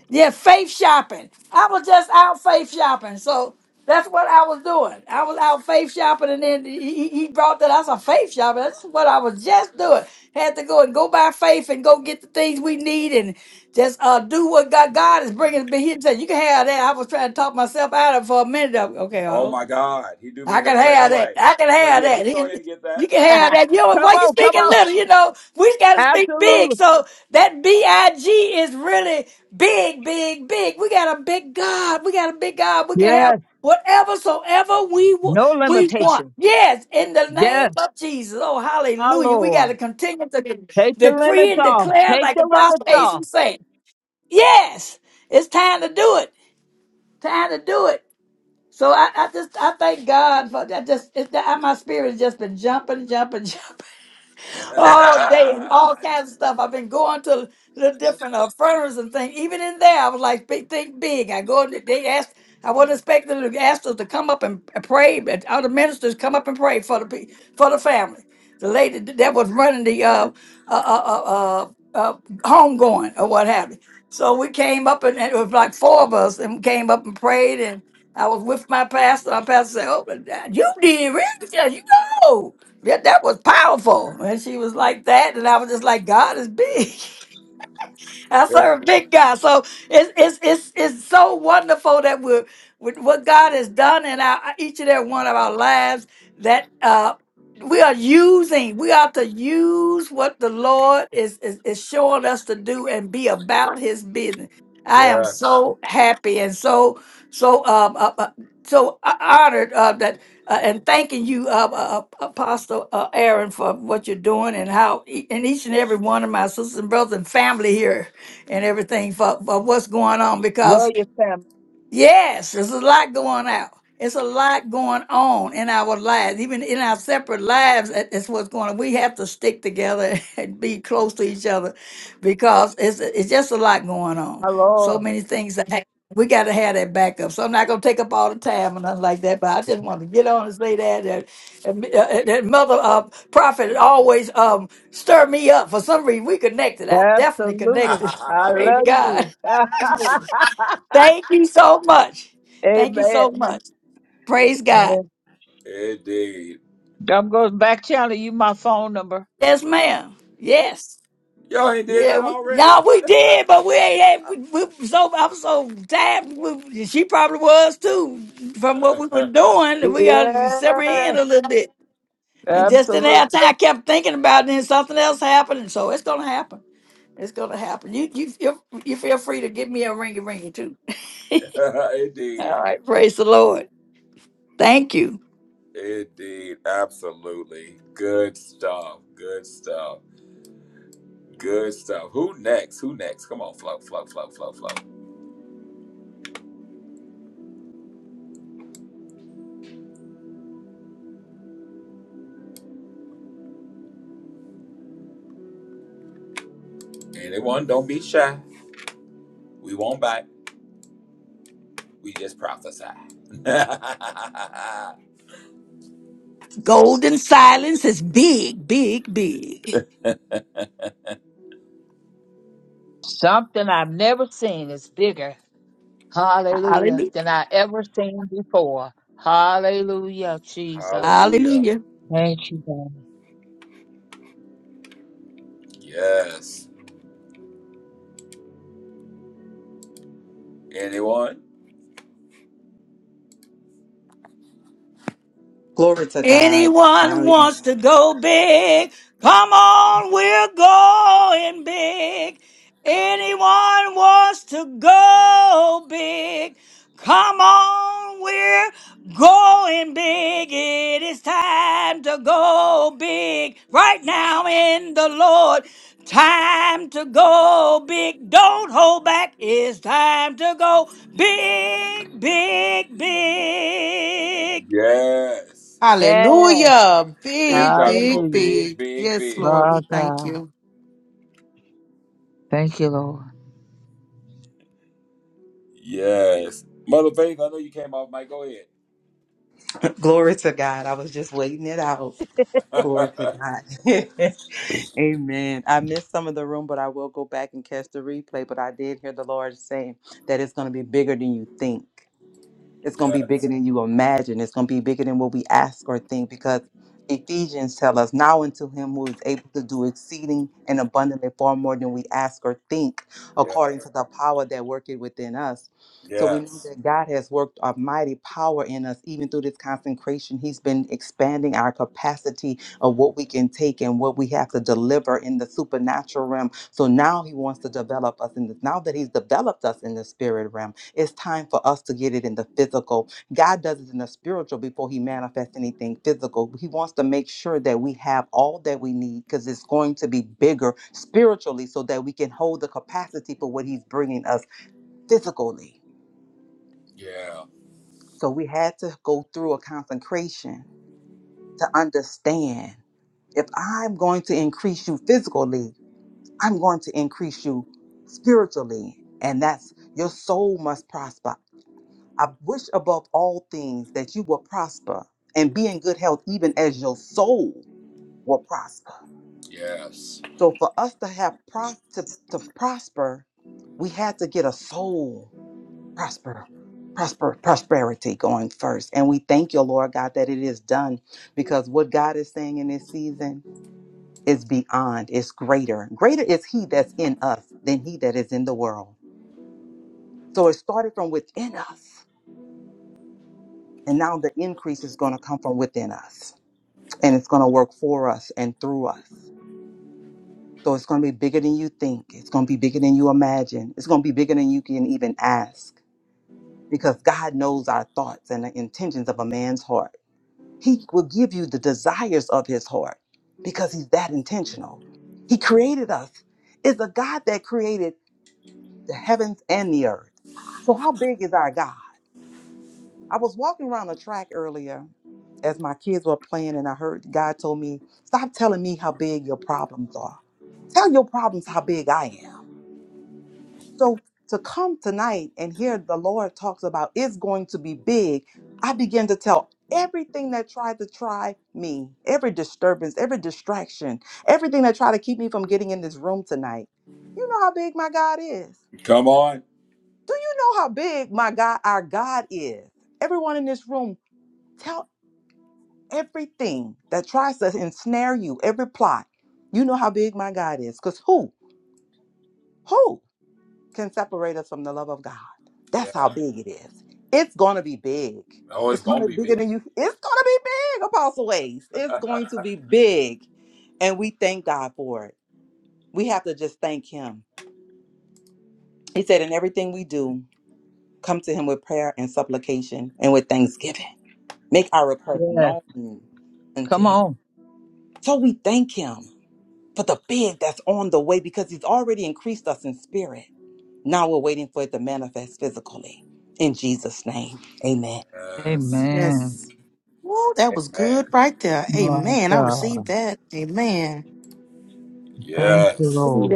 Yeah, faith shopping. I was just out faith shopping. So that's what I was doing. I was out faith shopping and then he, he he brought that. I said, faith shopping. That's what I was just doing. Had to go and go by faith and go get the things we need and just uh, do what God, God is bringing. But he said, you can have that. I was trying to talk myself out of it for a minute. Okay,
oh
uh,
my God, he do me
I
the
can
same
have that.
way.
I can
Like,
have
yeah, you can go ahead
that.
and get
You
that.
can
come
have that. You know why you
on, come
speaking
on.
little? You know we got to speak big.
Absolutely.
So that big is really big, big, big. We got a big God. We got a big God. We can have
Yes,
whatever soever we wa-
no
we want.
limitation.
Yes, in the name
Yes,
of Jesus. Oh,
my
hallelujah! We got
Lord.
to continue to de-
Take the
decree
limits
and
off.
declare,
Take
like
the
Apostle
limits
Ace
off.
was saying. Yes, it's time to do it. Time to do it. So I, I just I thank God for that. Just it, that my spirit has just been jumping, jumping, jumping all day and all kinds of stuff. I've been going to the different uh, furnaces and things. Even in there, I was like, "Big, think big. I go, in- they asked, I wasn't expecting them to ask us to come up and and pray, but all the ministers come up and pray for the pe- for the family. The lady that was running the uh, uh, uh, uh, uh, uh, home going or what have you. So we came up and and it was like four of us and came up and prayed and I was with my pastor. Our pastor said, "Oh, but, uh, you did really? Yeah, you know." Yeah, that was powerful. And she was like that. And I was just like, God is big. I serve a big God. So it's it's it's it's so wonderful that we're with what God has done in our each and every one of our lives that uh we are using, we are to use what the Lord is, is is showing us to do and be about his business. I am
yes.
so happy and so so um uh, uh, so honored uh, that uh, and thanking you, uh, uh, uh, Apostle uh, Aaron, for what you're doing and how e- and each and every one of my sisters and brothers and family here and everything for, for what's going on because
Love your family,
Yes, there's a lot going out. It's a lot going on in our lives, even in our separate lives. that- That's what's going on. We have to stick together and be close to each other because it's it's just a lot going on.
my Lord.
So many things that hap- we got to have that backup. So I'm not going to take up all the time and nothing like that. But I just want to get on and say that that, and me- uh, uh, that mother uh, prophet always um stir me up for some reason. We connected. I definitely
Absolutely.
connected.
I
Praise
love
God.
you.
Thank you so much. Thank you
Amen.
so much. Praise God.
Amen.
Indeed.
I'm going back channel you my phone number.
Yes, ma'am. Yes.
Y'all ain't did
Yeah,
that
we,
already.
no, we did, but we ain't. had- We, we so I'm so tired. We, she probably was too, from what we were doing. that We got to sever
Yeah,
in a little bit, and just didn't
absolutely.
have time. I kept thinking about it, and something else happened, and so it's gonna happen. It's gonna happen. You you you you feel free to give me a ringy ringy too.
Indeed.
All right, praise the Lord. Thank you.
Indeed. Absolutely. Good stuff. Good stuff. Good stuff. Who next? Who next? Come on, flow, flow, flow, flow, flow. Anyone, don't be shy. We won't bite. We just prophesy.
Golden silence is big, big, big.
Something I've never seen is bigger, hallelujah,
Hallelujah.
than I ever seen before. Hallelujah, Jesus.
Hallelujah.
Hallelujah.
Thank you, God.
Yes. Anyone?
Glory to God.
Anyone
I, um,
wants to go big? Come on, we're going big. Anyone wants to go big? Come on, we're going big. It is time to go big right now in the Lord. Time to go big. Don't hold back. It's time to go big, big, big.
Yes.
Yes,
Hallelujah.
It's
Big,
time to go
big,
hallelujah.
big,
big.
big,
Yes,
big.
Lord.
My
We thank
God.
you.
Thank you, Lord.
Yes. Mother Faith, I know you came off, Mike. Go ahead.
glory to God. I was just waiting it out. Glory to God. Amen. I missed some of the room, but I will go back and catch the replay. But I did hear the Lord saying that it's going to be bigger than you think. It's going to
yeah,
be bigger than you imagine. It's going to be bigger than what we ask or think because Ephesians tell us now unto him who is able to do exceeding and abundantly far more than we ask or think
yeah,
according to the power that worketh within us. So we know
yes.
that God has worked a mighty power in us even through this consecration. He's been expanding our capacity of what we can take and what we have to deliver in the supernatural realm. So now he wants to develop us in this. Now that he's developed us in the spirit realm it's time for us to get it in the physical. God does it in the spiritual before He manifests anything physical. He wants to make sure that we have all that we need because it's going to be bigger spiritually so that we can hold the capacity for what He's bringing us physically.
Yeah,
So we had to go through a consecration to understand if I'm going to increase you physically, I'm going to increase you spiritually. And that's your soul must prosper. I wish above all things that you will prosper and be in good health, even as your soul will prosper.
yes.
So, for us to have pro- to, to prosper, we had to get a soul prosper, prosper, prosperity going first. And we thank you, Lord God, that it is done because what God is saying in this season is beyond, it's greater. Greater is He that's in us than He that is in the world. So, it started from within us, and now the increase is going to come from within us. and it's going to work for us and through us. So it's going to be bigger than you think. It's going to be bigger than you imagine. It's going to be bigger than you can even ask because God knows our thoughts and the intentions of a man's heart. He will give you the desires of his heart because he's that intentional. He created us. It's a God that created the heavens and the earth. So how big is our God? I was walking around the track earlier as my kids were playing, and I heard God told me, Stop telling me how big your problems are. Tell your problems how big I am. So to come tonight and hear the Lord talks about it's going to be big, I began to tell everything that tried to try me, every disturbance, every distraction, everything that tried to keep me from getting in this room tonight. You know how big my God is.
Come on.
Do you know how big my God, our God is? Everyone in this room, tell everything that tries to ensnare you, every plot. You know how big my God is. Because who, who can separate us from the love of God? That's how
Yeah.
big it is. It's going to be big.
Oh,
It's
it's
going
going to
to
be
be bigger
big.
than you. It's going to be big, Apostle Ways. It's going to be big. And we thank God for it. We have to just thank Him. He said, in everything we do, come to Him with prayer and supplication and with thanksgiving. Make our request
Yes.
known unto
Come
Him.
on.
So we thank Him. for the big that's on the way because he's already increased us in spirit. Now we're waiting for it to manifest physically. In Jesus' name, amen.
Yes.
Amen.
Yes. Woo, that was good
Amen.
right there.
My
Amen. I received
God.
that. Amen.
Thank you,
Yes.
Lord.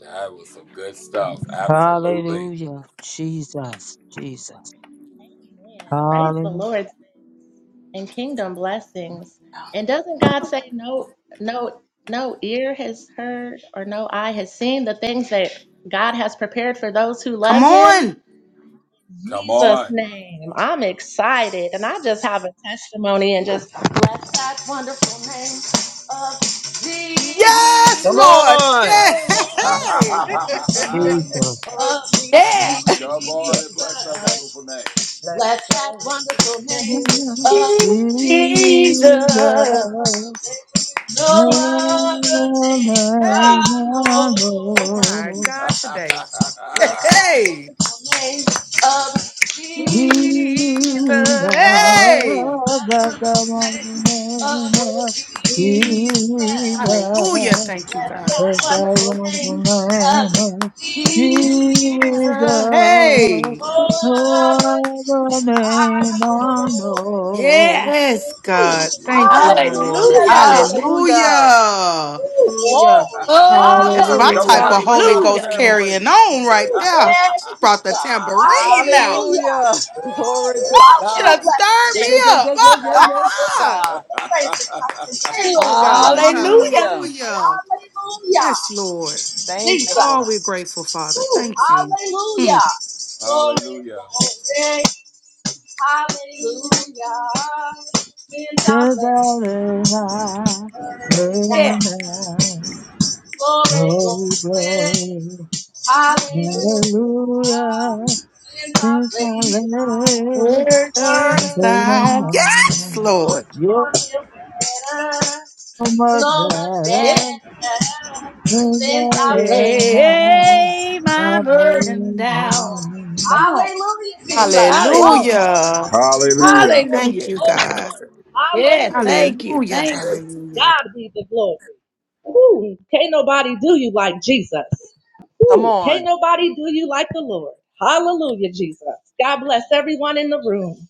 That was some good stuff. Absolutely.
Hallelujah. Jesus. Jesus.
Amen. Praise the
Hallelujah.
Lord and kingdom blessings. And doesn't God say no no no ear has heard or no eye has seen the things that God has prepared for those who
Come
love him?
on.
Come
Jesus'
on.
name. I'm excited. And I just have a testimony and just bless that wonderful name of
Yes, Lord.
Jesus.
Yes.
Oh, bless
Hey,
that wonderful name
Jesus.
of
Yeah.
Come on and bless that
Jesus.
wonderful name.
Let that wonderful name of Jesus.
Jesus.
No other
No
name I
hey,
name I
know.
my
know.
God, today.
Let that
Hey,
wonderful name of
Jesus.
Jesus.
Jesus. Oh, let
Hey,
that
But the
wonderful
one
name of
name of
Jesus.
hallelujah.
Jesus.
Thank you,
Let
God.
Cause
that
I
wonderful
want the
name
wonderful name
of
of
Jesus.
Jesus.
Jesus,
Hey,
Oh,
no other name I know.
Yeah.
yes, God. Thank you,
yes.
Lord.
Hallelujah.
Hallelujah.
Hallelujah.
Hallelujah,
That's my
Glory.
Come
hallelujah.
type
on and
of
bring
Holy
out the
Ghost
Hallelujah.
carrying
tambourine.
on right there. She brought the tambourine out.
Hallelujah. Glory
Woo,
to
woo. She done
God.
stirred
Yeah,
me
yeah, yeah, yeah, yeah, yeah, yeah, yeah,
up.
God.
I
Thank you,
continually,
God.
Hallelujah.
Hallelujah.
Hallelujah.
y'all.
Yes, Lord. Oh, we're grateful, Father.
Ooh,
Thank you.
hallelujah.
Mm.
Glory,
Hallelujah.
glory, hallelujah. Since I
To the
bless
name I
her
heard
now.
a
Yeah.
Glory,
glory,
glory,
glory.
hallelujah.
Hallelujah,
Since I
since I
bless
left,
Where
her
I'm
dost
now.
golden
thou? Yes, Lord.
I
You're
Feel better,
so much
so much
Yeah.
better.
better.
Amen.
Since I bless
Lay my burden down. Come on.
Hallelujah, Jesus.
Hallelujah.
Glory,
Hallelujah.
Hallelujah.
glory,
Thank you,
Hallelujah.
glory,
God.
Yeah.
hallelujah.
Thank you.
Hallelujah.
Thank you.
Hallelujah.
God be the glory. Ooh, can't nobody do you like Jesus.
Come
Ooh, can't
on.
nobody do you like the Lord. Hallelujah, Jesus. God bless everyone in the room.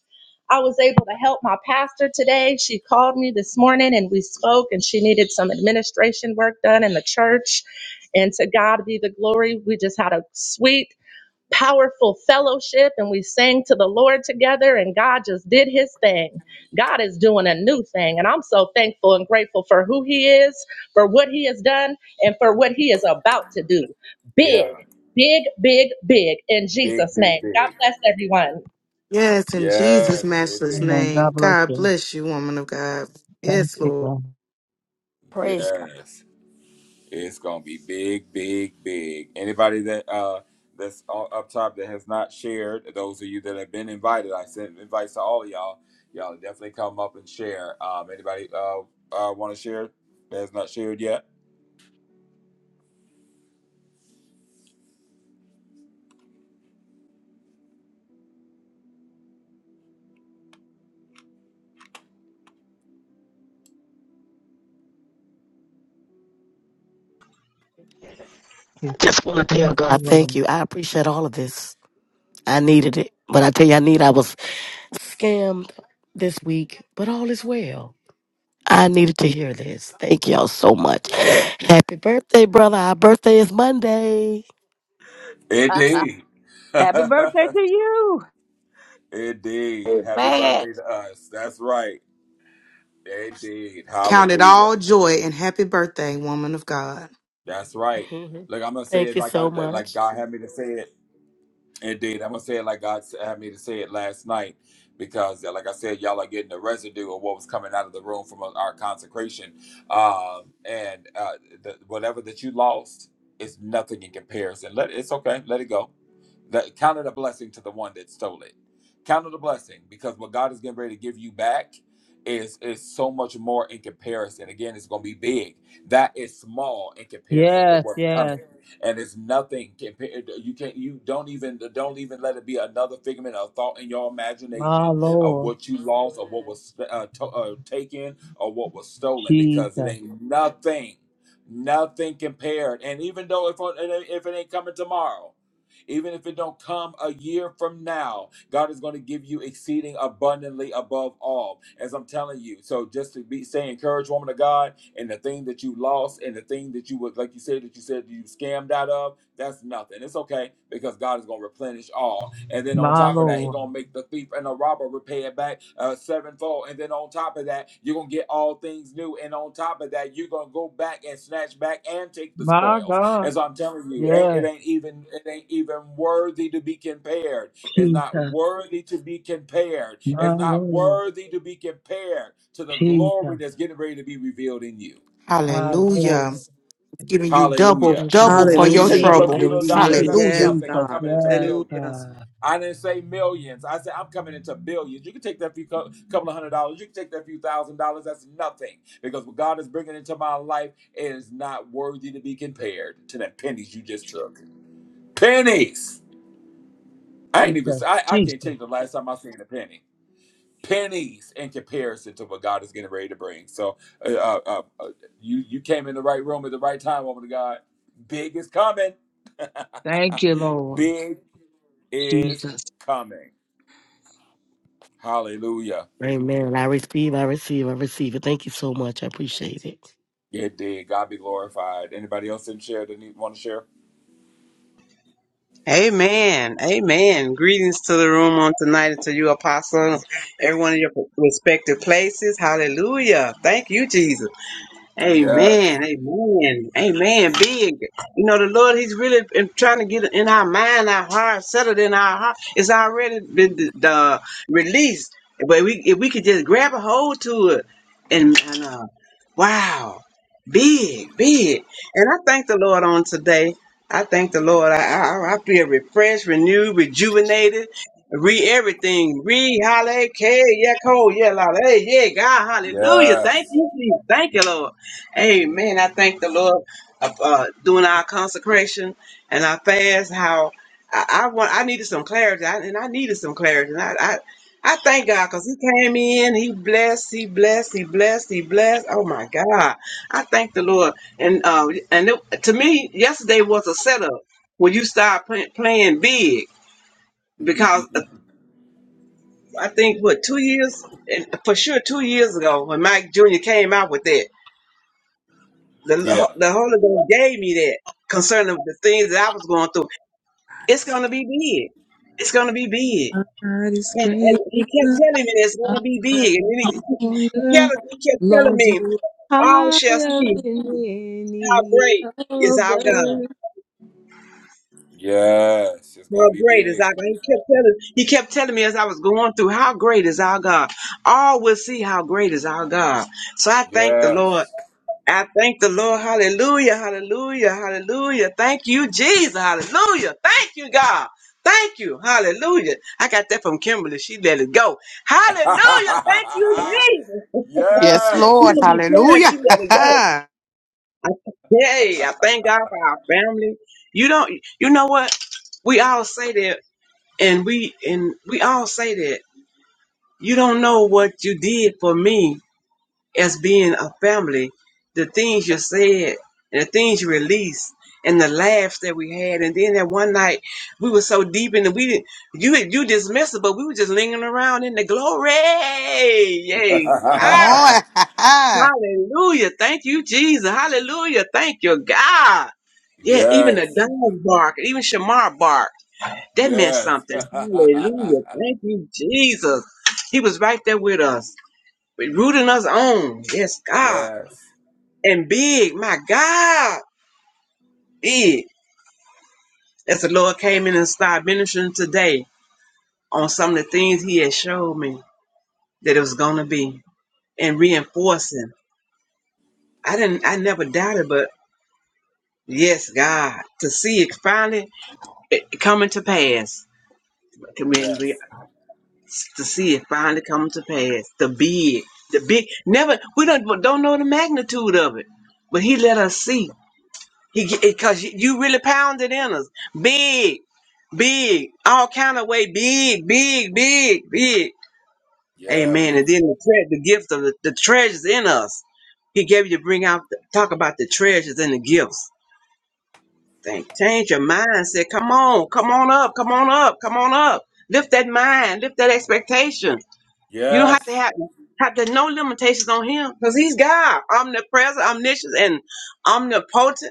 I was able to help my pastor today. She called me this morning and we spoke, and she needed some administration work done in the church. And to God be the glory. We just had a sweet powerful fellowship and we sang to the Lord together and God just did his thing. God is doing a new thing and I'm so thankful and grateful for who he is, for what he has done and for what he is about to do. Big,
Yeah.
big, big, big in
Big,
Jesus
big,
name. God
big.
bless everyone.
Yes, in Jesus'
Yes, it
matchless
did.
God
name.
bless
God
you.
bless you, woman of God.
Thank
Yes,
you,
Lord.
God.
Praise God.
Yes. It's gonna be big, big, big. Anybody that uh that's all up top that has not shared, those of you that have been invited, I sent invites to all of y'all. Y'all definitely come up and share. Um, anybody uh, uh want to share that has not shared yet?
Thank you,
Just want to tell
Thank you,
God thank
Lord.
you. I appreciate all of this. I needed it. But I tell you, I need, I was scammed this week, but all is well. I needed to hear this. Thank y'all so much. Happy birthday, brother. Our birthday is Monday.
Indeed,
Happy birthday to you.
indeed. Happy
Amen.
birthday to us. That's right. Indeed.
Count it
Hallelujah.
all joy and happy birthday, woman of God.
That's right. Look, I'm gonna say
Thank
it
you
like I
so
that- like
much.
God had me to say it. Indeed, I'm gonna say it like God s- had me to say it last night, because uh, like I said, y'all are getting the residue of what was coming out of the room from uh, our consecration, um, and uh, the, whatever that you lost is nothing in comparison. Let it's okay, let it go. That count it a blessing to the one that stole it. Count it a blessing because what God is getting ready to give you back is is so much more in comparison. Again, it's gonna be big. That is small in comparison to
Yes,
what's
yes.
coming and it's nothing compared to, you can't you don't even don't even let it be another figment of thought in your
My
imagination of
Lord.
what you lost or what was uh, to, uh, taken or what was stolen because it
Jesus.
ain't nothing nothing compared and even though if if it ain't coming tomorrow even if it don't come a year from now god is going to give you exceeding abundantly above all as i'm telling you so just to be say encourage woman of god and the thing that you lost and the thing that you would like you said that you said you scammed out of that's nothing it's okay because god is going to replenish all and then on
My
top of that he
Lord.
going to make the thief and the robber repay it back uh, sevenfold and then on top of that you're going to get all things new and on top of that you're going to go back and snatch back and take the
My
spoils
God.
as i'm telling you ain't- it
Yes.
ain't even it ain't even worthy to be compared is not
Jesus.
worthy to be compared, is
My
not
Lord.
worthy to be compared to the
Jesus.
glory that's getting ready to be revealed in you.
My
Hallelujah.
Lord.
Giving you double,
Hallelujah.
Thank you,
double
Lord. I
for
So you
your
take
Hallelujah.
them
receive
little
Thank
it. I
trouble.
few
you,
little
Thank
receive
dollars,
it.
Jesus.
you,
that's
Yes,
Hallelujah.
nothing. I'm
Jesus.
God.
coming into
Yes,
Hallelujah.
billions.
God.
I didn't say millions. I said I'm coming into billions. You can take that few cou- couple of hundred dollars. You can take that few thousand dollars. That's nothing because what God is bringing into my life is not worthy to be compared to that pennies you just took. Pennies. I ain't even.
Jesus.
I, I can't tell
Jesus.
you the last time I seen a penny. pennies in comparison to what God is getting ready to bring. So, uh, uh, uh, uh, you you came in the right room at the right time, woman of God. Big is coming.
Thank you, Lord.
Big is
Jesus.
coming. Hallelujah.
Amen. I receive, I receive, I receive it. Thank you so much. I appreciate it.
Yeah, It did. God be glorified. Anybody else didn't share? Didn't want to share?
Amen. Amen. Greetings to the room on tonight and to you, Apostle, everyone in your respective places. Hallelujah. Thank you, Jesus.
Yes.
Amen. Amen. Amen. Big. You know, the Lord, He's really in- trying to get in our mind, our heart, settled in our heart. It's already been the, the released. But we, if we could just grab a hold to it and, and uh, wow, big, big. And I thank the Lord on today. I thank the Lord. I, I, I feel refreshed, renewed, rejuvenated. Re everything, re hallelujah, yeah, cold, yeah, la, hey, yeah, God, hallelujah. Thank
Yes.
you, Jesus. Thank you, Lord. Amen. I thank the Lord uh, uh, doing our consecration and our fast. How I, I want, I needed some clarity, I, and I needed some clarity. And I, I, I thank God because He came in, He blessed, He blessed, He blessed, He blessed. Oh my God! I thank the Lord. And uh, and it, to me, yesterday was a setup when you start play, playing big because uh, I think what two years, and for sure two years ago when Mike Jr. came out with that. The,
yeah.
the Holy Ghost gave me that concerning the things that I was going through. It's going to be big. It's going to be big.
My God is
And, and
great.
he kept telling me that it's going to be big. And then he, he,
anger.
tell, he kept telling
Lord,
me,
you are
all shall
higher
see
than
how
any
great is our God.
other.
Yes. It's
How
gonna be
great is
big.
our God. He kept telling, he kept telling me as I was going through, how great is our God. All will see how great is our God. So I thank the Lord
Yes.
I thank the Lord. Hallelujah. Hallelujah. Hallelujah. Thank you, Jesus. Hallelujah. Thank you, God. Thank you. Hallelujah. I got that from Kimberly. She let it go. Hallelujah. Thank you, Jesus.
Yes,
She
yes.
Lord.
gonna be praying.
Hallelujah.
She let it go. I, hey, I thank God for our family. You don't you know what? We all say that and we and we all say that. You don't know what you did for me as being a family, the things you said, and the things you released, and the laughs that we had, and then that one night we were so deep in the we didn't you you dismissed it, but we were just lingering around in the glory. Yay!
Come on.
God. Hallelujah! Thank you, Jesus. Hallelujah! Thank you, God. Yeah, even the
yes.
dog bark, even Shamar bark. That meant
Yes.
something. Hallelujah! Thank you, Jesus. He was right there with us, rooting us on. Yes, God
yes.
and big. My God, big. As the Lord came in and started ministering today on some of the things He had showed me that it was gonna be and reinforcing. I didn't. I never doubted, but yes, God, to see it finally eh, coming to pass. I mean, we-
Yes.
To see it finally coming to pass. The big, the big. Never. We don't don't know the magnitude of it, but He let us see. He because you really pounded in us, big, big, all kind of way, big, big, big, big.
Yes.
Amen. And then the, tre- the gift of the, the treasures in us. He gave you to bring out, the, talk about the treasures and the gifts. Think, change your mindset. Come on, come on up, come on up, come on up. Lift that mind, lift that expectation. You don't have to
Yes.
have have to no limitations on him because he's God, omnipresent, omniscient, and omnipotent.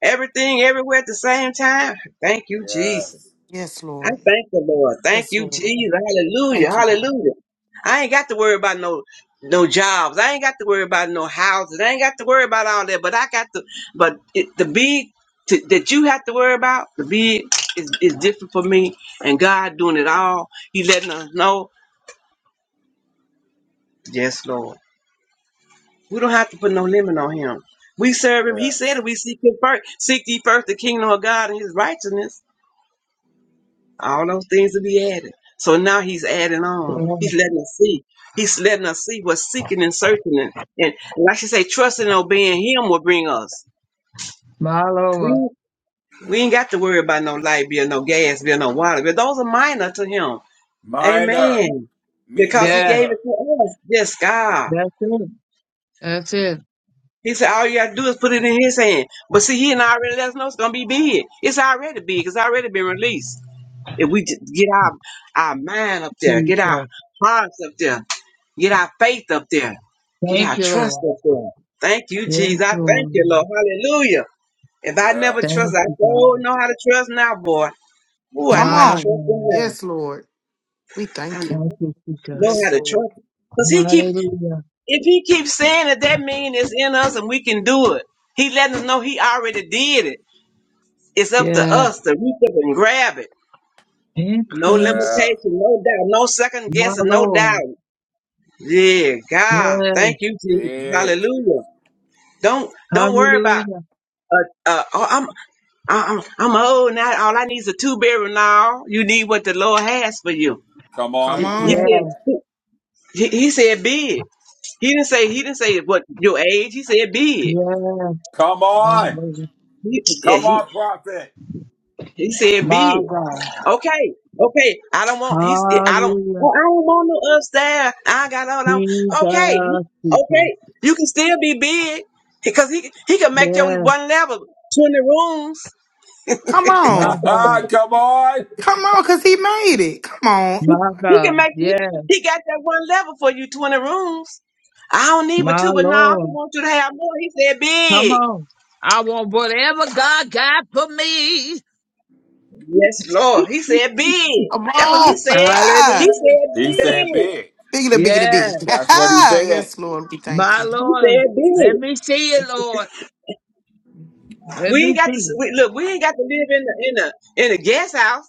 Everything everywhere at the same time. Thank you, Jesus.
Yes.
yes,
I
Lord.
thank the Lord. Thank
Yes,
you,
Lord.
Jesus. Hallelujah.
Thank you, God.
Hallelujah. I ain't got to worry about no no jobs. I ain't got to worry about no houses. I ain't got to worry about all that. But I got to but it, the big to, that you have to worry about, the big is, is different for me. And God doing it all. He letting us know. Yes, Lord. We don't have to put no limit on him. We serve him. He said
Yes.
that we seek him first. Seek ye first the kingdom of God and his righteousness All those things will be added. So now he's adding on.
Yes,
He's letting us see. He's letting us see what's seeking and searching. And, and like she say, trusting and obeying him will bring us.
My Lord.
We, we ain't got to worry about no light bill, no gas bill, no water bill. Those are minor to him.
Minor.
Amen. Because he
Yes.
gave
Mediocre.
it to us. Yes, God.
That's it. That's it.
He said, all you got to do is put it in his hand. But see, he and I already let us know it's going to be big. It's already big. It's already been released. If we j- get our, our mind up there, get
Jesus.
our hearts up there, Get our faith up there. Get
Thank
our
you,
trust
Lord.
up there. Thank you,
Yes,
Jesus. I thank you,
Lord.
Lord. Hallelujah. If I never
Yes.
trust,
Thank
I
you, God.
sure know how to trust now, boy. Ooh, I
Come
know how to
My
on.
trust him
God.
now.
Yes, Lord. We thank
I
you.
Thank you,
know
Jesus.
how
Yes,
to
Lord.
trust him. Because he keep
Hallelujah.
if he keeps saying it, that means it's in us and we can do it. He letting us know he already did it. It's up to
Yes.
us to reach up and grab it. No
Increase.
Yeah.
limitation, no doubt, no second
My
guessing, no doubt.
Lord.
Yeah, God.
Yes.
Thank you, Jesus.
Big.
Hallelujah. Don't don't worry about
Hallelujah.
uh, uh, oh, I'm, I'm, I'm old now. All I need is a two bedroom now. You need what the Lord has for you.
Come
Come
on.
He he
Yes.
on.
said, he, he said big. He didn't say, he didn't say what your age. He said big.
Yes.
Come
My
on.
Lord.
He, yeah,
Come
he,
on, prophet.
he said
My
big.
God.
Okay. Okay. I don't want, he's, I don't,
Hallelujah.
well, I don't want no upstairs. I got all I want. Okay. he-
Jesus. Jesus.
Okay. You can still be big because he, he can make your
Yes.
one level 20 rooms.
Come
My
on.
God.
Come on.
Come on, because he made it. Come on.
My
He can
God.
make he,
Yes.
he got that one level for you, 20 rooms. I don't need but
My
two, but now he
Lord.
wants you to have more. He said
Come
big.
on. I want whatever God got for me.
Yes, Lord. He said big.
Come
That's what
on.
he said. He
Hallelujah.
said
He said
big.
big.
Biggity, biggity, big.
Yes,
That's what he said.
yes, Lord. We thank
my
you.
He
Lord.
said big.
Let me see it, Lord. Let
We ain't
me
got to
see it.
we, look. We ain't got to live in the in the in the guest house.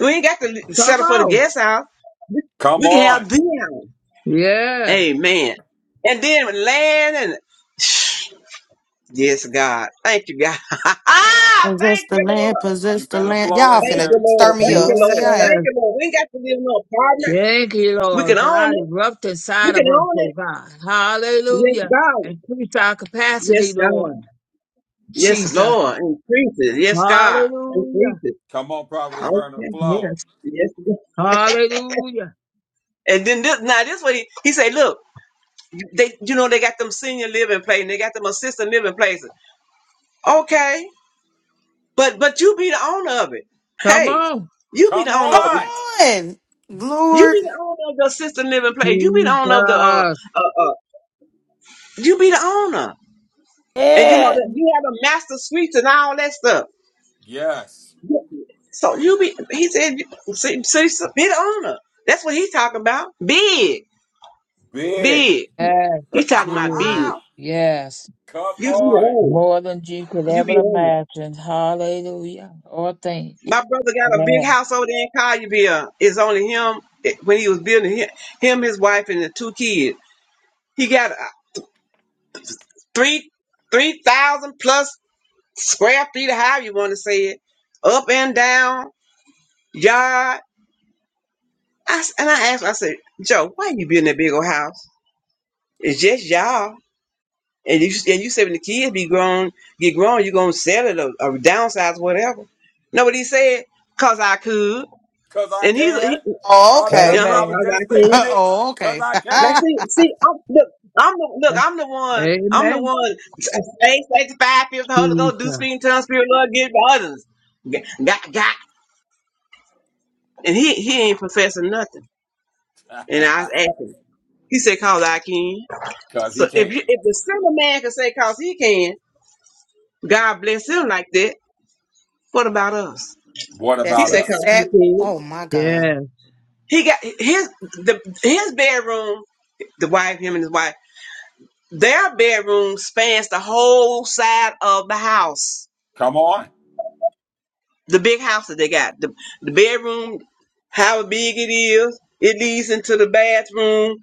We ain't got to li-
Come
settle for the
on.
guest house.
Come
We can
on.
have big house.
Yeah.
Amen. And then land and yes, God. Thank you, God.
Possess
thank
the
you, Lord.
land, possess
You
the
better
land.
flow
Y'all
in
Thank
finna
you,
here.
stir
Lord.
me
Thank you,
up. See,
Lord.
I ain't.
Thank
Yes.
you, Lord. We ain't got to live in no apartment.
Thank you,
We can
Lord.
own
God
it.
erupt
We
inside
can
of us,
own
oh
it.
God.
Yes,
Hallelujah.
God.
Increase our capacity,
Yes,
Lord.
God. Yes,
Jesus.
Lord. Increase it. Yes, God. Increase
Hallelujah.
it.
Come on, prophetess Verna.
Okay.
Flow.
Yes.
Yes, God.
Hallelujah.
And then this now this what he, he said, look, they you know they got them senior living places, they got them assistant living places. Okay. But but you be the owner of it.
Come
Hey,
on.
you be
Come
the owner of
Come
it.
on.
on,
You
Lord.
be the owner of the assistant living place. You be the owner of the uh
Jesus.
uh, uh you be the owner. And you know
Yeah.
that you have a master suite and all that stuff.
Yes.
So you be, he said, see, see, see, be the owner. That's what he's talking about. Big,
Big.
big. He's talking about
Yes.
big.
Yes.
Come
You be the
on.
owner.
More than you could
You be
ever
the owner.
imagine. Hallelujah. Or think.
My brother got a
Yeah.
big house over there in Collierville. It's only him eh, when he was building him, him his wife, and the two kids. He got a three, three thousand plus square feet, or however you want to say it, up and down yard I s and I asked, him, I said, Joe, why you building that big old house? It's just y'all. And you and you said when the kids be grown, get grown, you're gonna sell it or, or downsize whatever. No, but he said, cause I could.
Cause I
And he's
can.
he,
Oh,
I'm
okay.
telling you,
uh-huh,
I was
Amen.
cause I
just
could.
thinking it.
oh,
Cause
okay.
I
Now
can.
see, see, I'm, look, I'm the look, I'm the one, I'm the
Amen.
one faith, sanctified, filled with the Holy Ghost, do
Jesus.
speak in tongues, spirit of love, give to others. Got, got, got. And he he ain't professing nothing. And I asked him. He said, cause I can.
Cause he
So if
can.
you if the sinner man can say cause he can, God bless him like that, what about us?
What
He
That's
about
said
us?
cause he
exact.
can.
Oh my God.
Yes.
He got his the his bedroom, the wife, him and his wife, their bedroom spans the whole side of the house.
Come on.
The big house that they got. The the bedroom, how big it is, it leads into the bathroom,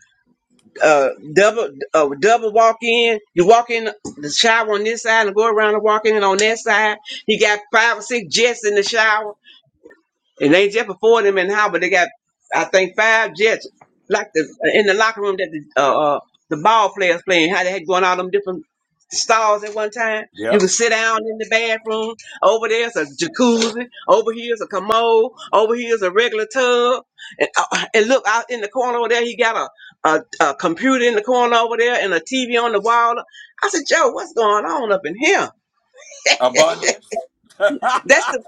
uh double uh double walk in. You walk in the shower on this side and go around and walk in on that side. He got five or six jets in the shower. And they just before them in how, but they got I think five jets like the in the locker room that the uh, uh the ball players playing, how they had going all them different stalls at one time. You
Yep.
can sit down in the bathroom. Over there's a jacuzzi. Over here's a commode. Over here's a regular tub. And, uh, and look out in the corner over there, he got a, a a computer in the corner over there and a TV on the wall. I said, Joe, what's going on up in here?
Abundance.
That's the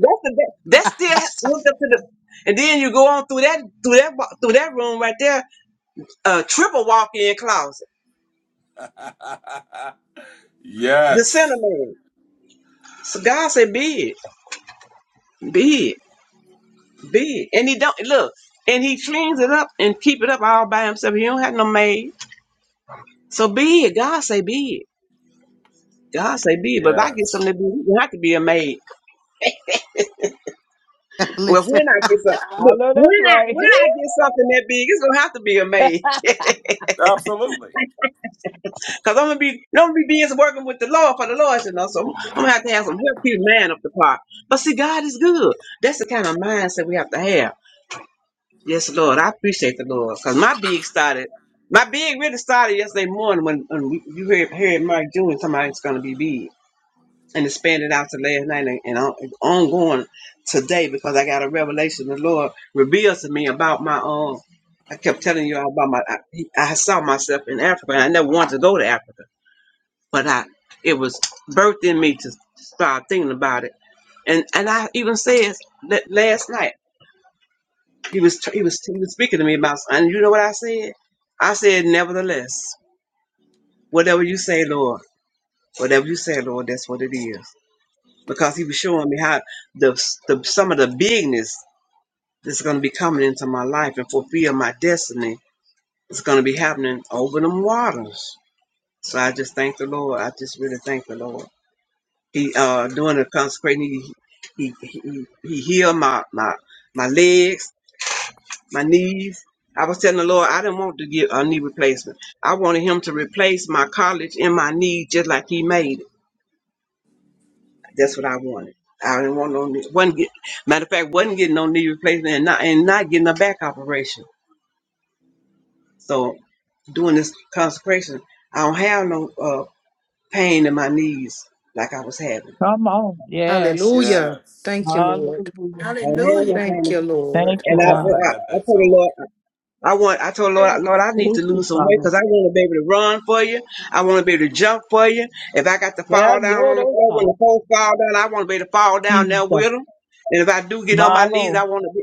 that's the that still hooked up to the. And then you go on through that through that wa- through that room right there, a triple walk-in closet, the center
yes.
man. So God said, "Be it, be it, be it," and He don't look, and He cleans it up and keep it up all by Himself. He don't have no maid, so be it. God say, "Be it." God say be it, but if I get
Yes.
something that big, it's gonna have to be a maid. Well, if
Listen.
when I get some,
I
look,
know
when
that's
I
right.
when
Here.
I get something that big, it's gonna have to be a maid.
Absolutely.
Cause I'm gonna be, I'm gonna be busy working with the Lord for the Lord, you know. So I'm gonna have to have some help keep man up the park. But see, God is good. That's the kind of mindset we have to have. Yes, Lord, I appreciate the Lord. Cause my big started, my big really started yesterday morning when, when we, you heard, heard Mark Jr. somebody's gonna be big, and expanded out to last night and, and on, ongoing today because I got a revelation the Lord revealed to me about my own. I kept telling you all about my. I, I saw myself in Africa, and I never wanted to go to Africa but I it was birthed in me to start thinking about it. And and I even said that last night he was he was he was speaking to me about something. and you know what I said? I said nevertheless, whatever you say, Lord, whatever you say, Lord, that's what it is. Because he was showing me how the, the some of the bigness that's going to be coming into my life and fulfill my destiny is going to be happening over them waters. So I just thank the Lord. I just really thank the Lord. He uh during the consecration he he he, he healed my my my legs, my knees. I was telling the Lord I didn't want to get a knee replacement. I wanted him to replace my college in my knee just like he made it. That's what I wanted. I didn't want no knee wasn't get matter of fact, wasn't getting no knee replacement and not and not getting a back operation. So doing this consecration, I don't have no uh, pain in my knees like I was having.
Come on. Yes.
Hallelujah.
Yes.
Thank you, Lord.
Hallelujah.
I don't have
Hallelujah.
no pain.
Thank you,
in-
Thank
Lord.
you,
And I,
God.
I, I told the Lord. I want. I told Lord, Lord, I need to
you,
lose some weight
Father.
because I want to be able to run for you. I want to be able to jump for you. If I got to
Yeah,
fall down
you're
on the
the
floor when
God.
the folks fall down, I want to be able to fall down there with
Jesus.
them. And if I do get on
My
my knees,
Lord.
I want to.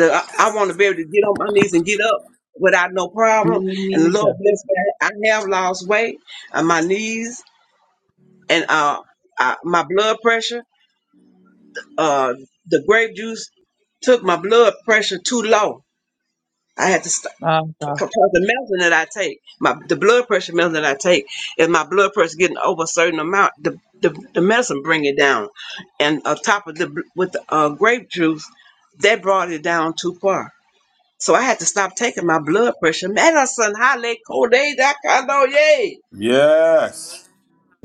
Be, uh, I want to be able to get on my knees and get up without no problem. And the Lord
Jesus.
bless me. I have lost weight on my knees and uh, I, my blood pressure. Uh, the grape juice took my blood pressure too low. I had to. St-
My God.
because the medicine that I take, my the blood pressure medicine that I take, if my blood pressure getting over a certain amount, the the, the medicine bring it down, and on top of the with the uh, grape juice, that brought it down too far. So I had to stop taking my blood pressure medicine. Hale Kode Dakando Yay!
Yes.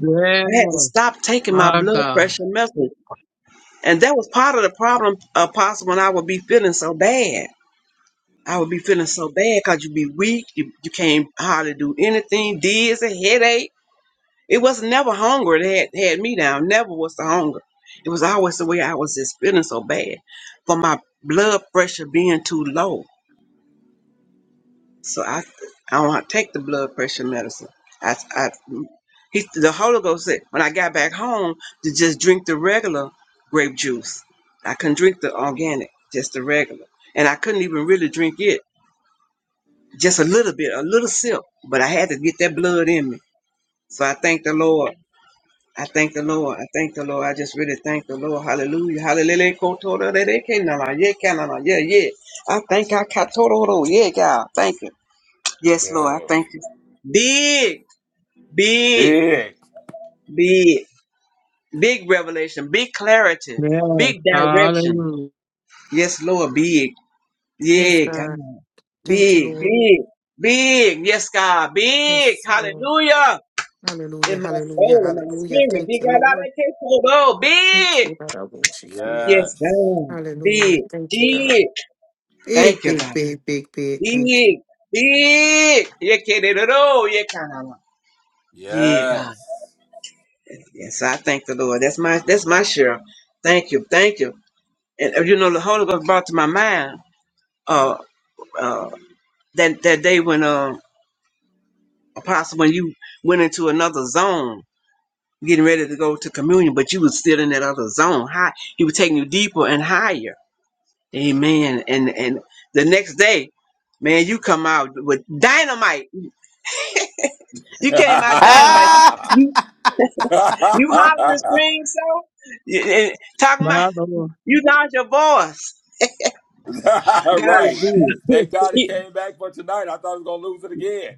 Yes.
I had to stop taking my
My
blood
God.
pressure medicine, and that was part of the problem. Uh, possible when I would be feeling so bad. I would be feeling so bad because you be weak, you, you can't hardly do anything, dizzy, headache It was never hunger that had, had me down. Never was the hunger. It was always the way I was just feeling so bad for my blood pressure being too low. So I, I don't want to take the blood pressure medicine. I, I, he, the Holy Ghost said when I got back home to just drink the regular grape juice. I couldn't drink the organic, just the regular, and I couldn't even really drink it. Just a little bit, a little sip, but I had to get that blood in me. So I thank the Lord I thank the Lord. I thank the Lord. I just really thank the Lord. Hallelujah. Hallelujah. Kotora de de ke na na. Yeah, ka na na. Yeah, yeah. I thank I katoro ro. Yeah, God. Thank you. Yes, Lord. I
Yeah.
thank you. Big, big,
Big.
big, big revelation, big clarity,
Yes.
big direction.
Hallelujah.
Yes, Lord. Big.
Yes,
Yeah, God.
God. Thank you,
Big,
Lord.
big, big. Yes, God. Big.
Yes, Lord.
Hallelujah.
Hallelujah.
In my
Hallelujah.
soul, in my
Hallelujah.
spirit.
Thank
Big.
you,
God, I
Lord.
like it. Oh,
Thank
Big.
you, God. I want you here.
Yes,
Yes.
God. Big,
Hallelujah. Thank you, God.
big.
Big,
Thank you,
big,
God.
big, big, big. Thank you.
Big, big. You can it all. You can not Yeah, God. Yes, I thank the Lord. That's my that's my share. Thank you, thank you. And uh, you know, the Holy Ghost brought to my mind uh uh that that day when uh Apostle when you went into another zone, getting ready to go to communion, but you was still in that other zone. High, he was taking you deeper and higher. Amen. And and the next day, man, you come out with dynamite. You came out dynamite.
Ah!
Yes.
You you hollering and scream so You- and talking about
My Lord.
you lost your voice. God is
right.
good.
Thank God it came back for tonight. I thought I was gonna lose it again.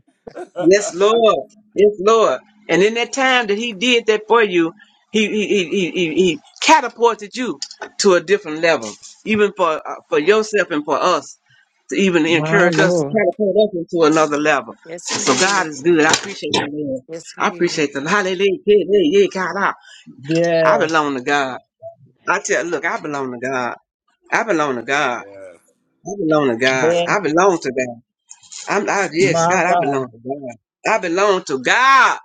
Yes, Lord. Yes, Lord. And in that time that He did that for you, He He He He, he, he catapulted you to a different level, even for uh, for yourself and for us to even
My
encourage us to
Lord.
catapult us into another level.
yes,
So
indeed.
God is good. I appreciate the Lord.
Yes,
I
indeed.
appreciate the Hallelujah. Yeah, yeah, yeah, God. I, I
Yes.
belong to God. I tell, look, I belong to God. I belong to God.
Yeah.
I belong to God.
Yes.
I belong to God. I'm I, yes,
My
God, I
God.
belong to God. I belong to God.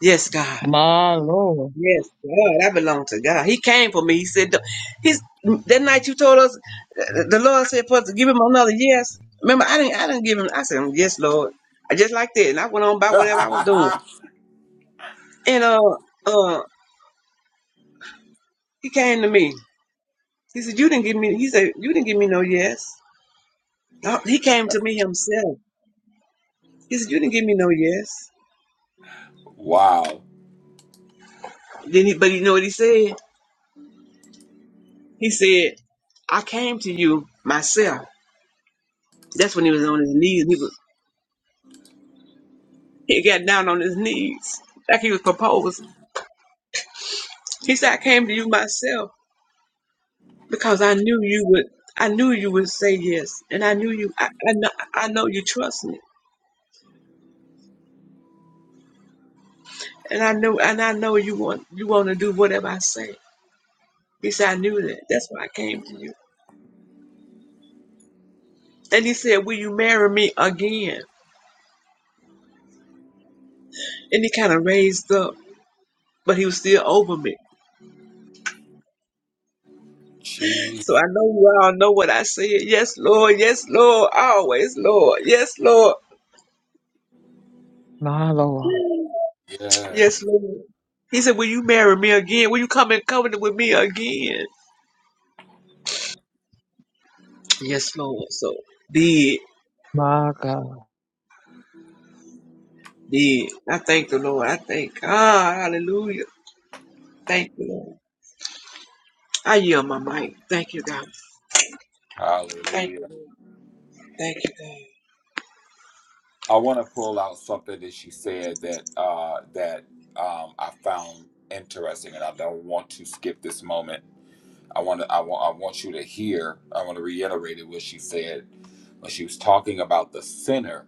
Yes, God.
My Lord,
Yes, God. I belong to God. He came for me. He said, "Don't-" "He's that night you told us." uh, The Lord said, "For to give him another yes." Remember, I didn't. I didn't give him. I said, "Yes, Lord." I just like that, and I went on by whatever I was doing. And uh, uh, he came to me. He said, "You didn't give me." He said, "You didn't give me no yes." No, he came to me himself. He said, "You didn't give me no yes."
wow.
Then he, but you know what he said? He said, "I came to you myself." That's when he was on his knees. He got down on his knees like he was proposing. He said, I came to you myself because I knew you would I knew you would say yes. And I knew you I, I know I know you trust me. And I know and I know you want you want to do whatever I say. He said, I knew that. That's why I came to you. And he said, Will you marry me again? And he kind of raised up, but he was still over me.
Gee,
So I know you all know what I said. Yes, Lord, yes, Lord, always, Lord, yes, Lord.
my Lord,
yeah.
Yes, Lord. He said, Will you marry me again? Will you come in covenant with me again? Yes, Lord. So did, did.
my God.
I thank the Lord. I thank God. Hallelujah. Thank you, Lord. I yield my mic. Thank you, God. Thank you,
Hallelujah.
Lord. Thank you, God.
I want to pull out something that she said that uh, that um, I found interesting, and I don't want to skip this moment. I want to. I want. I want you to hear. I want to reiterate what she said when she was talking about the sinner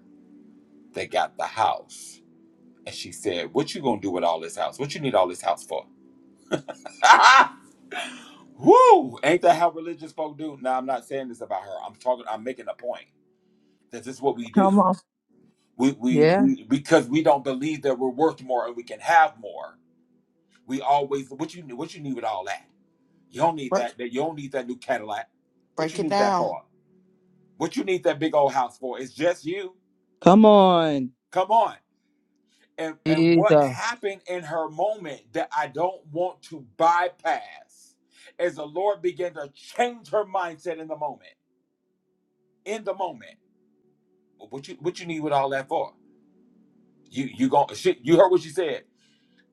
that got the house, and she said, "What you gonna do with all this house? What you need all this house for?" Ah, Woo! Ain't that how religious folk do? Now I'm not saying this about her. I'm talking. I'm making a point that this is what we do.
Come on.
We, we
Yeah.
we because we don't believe that we're worth more and we can have more. We always what you what you need with all that? You don't need
Break,
that. That you don't need that new Cadillac. What
break
you
it
need that
down.
for? What you need that big old house for? It's just you.
Come on.
Come on. And and
Jesus.
what happened in her moment that I don't want to bypass is the Lord began to change her mindset in the moment. In the moment. What you what you need with all that for? You you gon' shit. You heard what she said.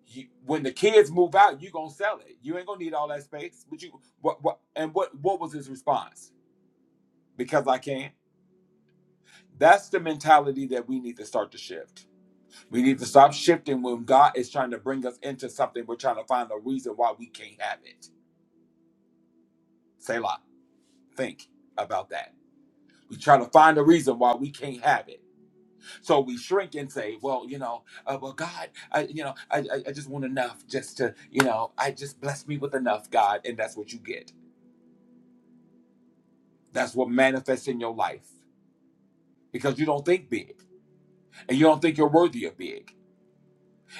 You, when the kids move out, you gonna sell it. You ain't gonna need all that space. But you what what and what what was his response? Because I can. That's the mentality that we need to start to shift. We need to stop shifting when God is trying to bring us into something. We're trying to find a reason why we can't have it. Say lot. Think about that. We try to find a reason why we can't have it So we shrink and say, well, you know, uh, well, God, I, you know, I, I, I just want enough just to, you know, I just bless me with enough, God. And that's what you get. That's what manifests in your life because you don't think big and you don't think you're worthy of big.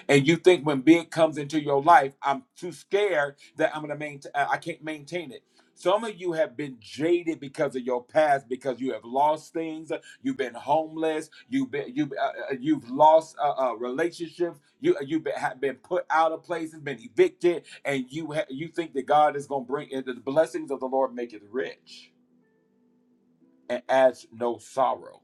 And you think when big comes into your life, I'm too scared that I'm gonna maintain. I can't maintain it. Some of you have been jaded because of your past, because you have lost things. You've been homeless. You've been you uh, uh, you've lost uh, uh, relationships. You uh, you've been, have been put out of places, been evicted, and you ha- you think that God is gonna bring and the blessings of the Lord make it rich and adds no sorrow.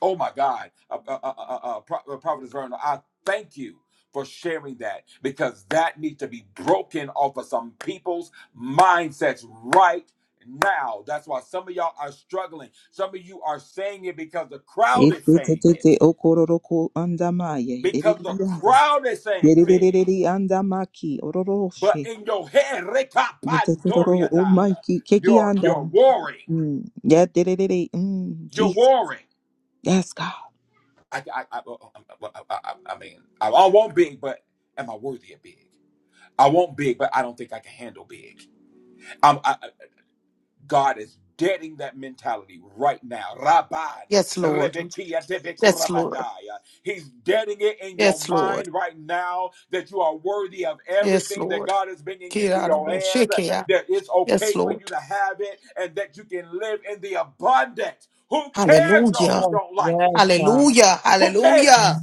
Oh my God, uh, uh, uh, uh, uh, uh, Pro- uh, Prophetess Verna, I thank you for sharing that because that needs to be broken off of some people's mindsets right now. That's why some of y'all are struggling. Some of you are saying it because the crowd is saying
Ititititi
it,
okororoko andamaye.
because the
Riririanda.
crowd is saying big.
Yeriririri andamaki.
But
Ororoshe.
in your head,
Yititiroro
rekapandoriadaya,
omaiki. Keki
you're you're
andam.
warring.
Mm. Yeah, diririri. Mm.
You're
Jesus.
warring.
Yes, God.
I I I, I, I, I I mean I, I want big, but am I worthy of big? I want big, but I don't think I can handle big. Um, I, God is deading that mentality right now. Rabban.
Yes, Lord.
Rebekia
Yes, Lord.
Debekorabandaya. He's deading it in your
Yes, Lord.
mind right now that you are worthy of
Yes,
everything that
Lord.
God is bringing
Get
into
out of
your
all
hands,
shit, get out.
that it's
Yes,
okay for
Lord.
you to have it, and that you can live in the abundance. Who cares though
Hallelujah.
who
Yes,
don't like
yes,
it?
God.
Hallelujah.
Who cares?
Hallelujah.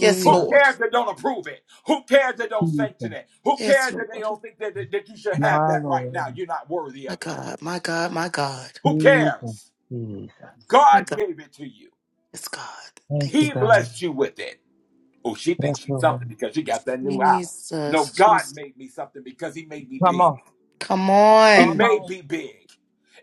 Yes,
Who
Lord.
cares that don't approve it? Who cares that don't sanction
Jesus.
it? Who
Yes,
cares that they
Lord.
don't think that, that, that you should have
My
that right now?
Lord.
You're not worthy
My
of it.
God. My God. My God.
Who
Jesus.
cares?
Jesus.
My
God
God.
gave it to you.
Yes, God.
Thank
Thank
you,
you.
He
God.
blessed you with it. Oh, she thinks
Yes,
she's
Lord.
something because she got that new album. No,
Jesus.
God
Jesus.
made me something because he made me
Come
big.
on.
Come
He
Come
on.
made
on.
me big.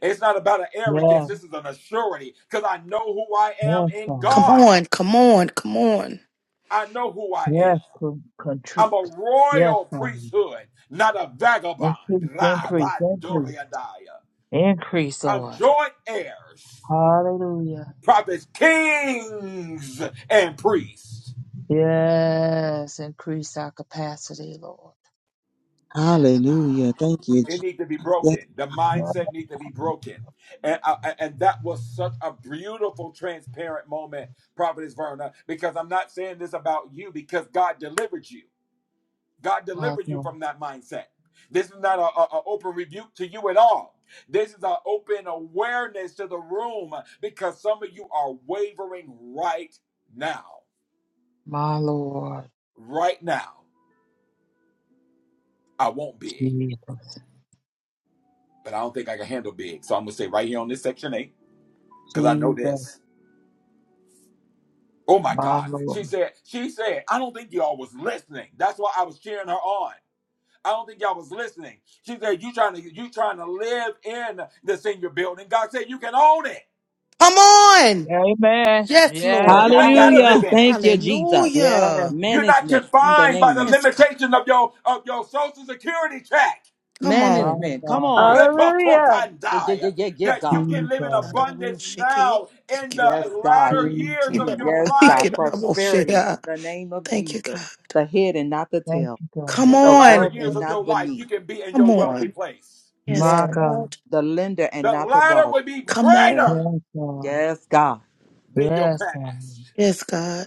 It's not about an arrogance.
Yes.
This is an assurity because I know who I am
Yes,
in
Come
God.
God.
on. Come on. Come on.
I know who I am.
Yes, con- contr-
I'm a
Yes,
royal
God.
priesthood, not a vagabond.
Increase, increase, increase.
Rabandoriadaya.
Increase,
I'm
Lord.
joint heirs,
Hallelujah.
prophets, kings, and priests.
Yes. Increase our capacity, Lord. Yes,
Hallelujah. Thank you,
It
Jesus.
need to be
Yes.
broken. The
my
mindset need to be broken. And, I- and that was such a beautiful, transparent moment, Prophetess Verna, because I'm not saying this about you because God delivered you. God delivers you
Father,
from that mindset. This is not an open rebuke to you at all. This is an open awareness to the room because some of you are wavering right now.
my Lord,
Right now, I want big,
Jesus,
but I don't think I can handle big. So I'm gonna say right here on this section eight because I know
Jesus,
this. Oh my
my
God,
Lord.
she said. She said, I don't think y'all was listening. That's why I was cheering her on. I don't think y'all was listening. She said, you trying to you trying to live in the senior building. God said you can own it.
Come on.
Amen.
Yes,
Yes,
Lord.
You
I
ain't got
heard
to
it.
live
Hallelujah.
in it.
Thank you, Jesus.
Yes,
Hallelujah.
You're not
Management in the
confined by the
name.
Yes, God.
limitation of your of your social security check.
Come
my
on.
Management. Come
God,
on.
Hallelujah.
Yeah, yeah,
Repokorpandai.
yeah, yeah, yeah,
That you
God.
can live in
Jesus,
Out of all
abundance
shit, get out.
now in
Thank you.
Yes,
the latter
God.
years
Jesus.
of
Mm,
your
Yes,
Thank
God.
life.
Prosperity in the name of
you,
Jesus.
God.
The head and not the
Thank
tail.
you, God.
Come
In the latter
on.
Above
years
and
of your
not
life, you
beneath.
can be in
Come
your wealthy
on.
place.
Yes,
My
Yes.
God,
God.
The lender and
The
not the
latter
borrower.
will be
Come on.
greater
yes, God.
Yes, God.
than your
Yes, God.
past.
Yes, God.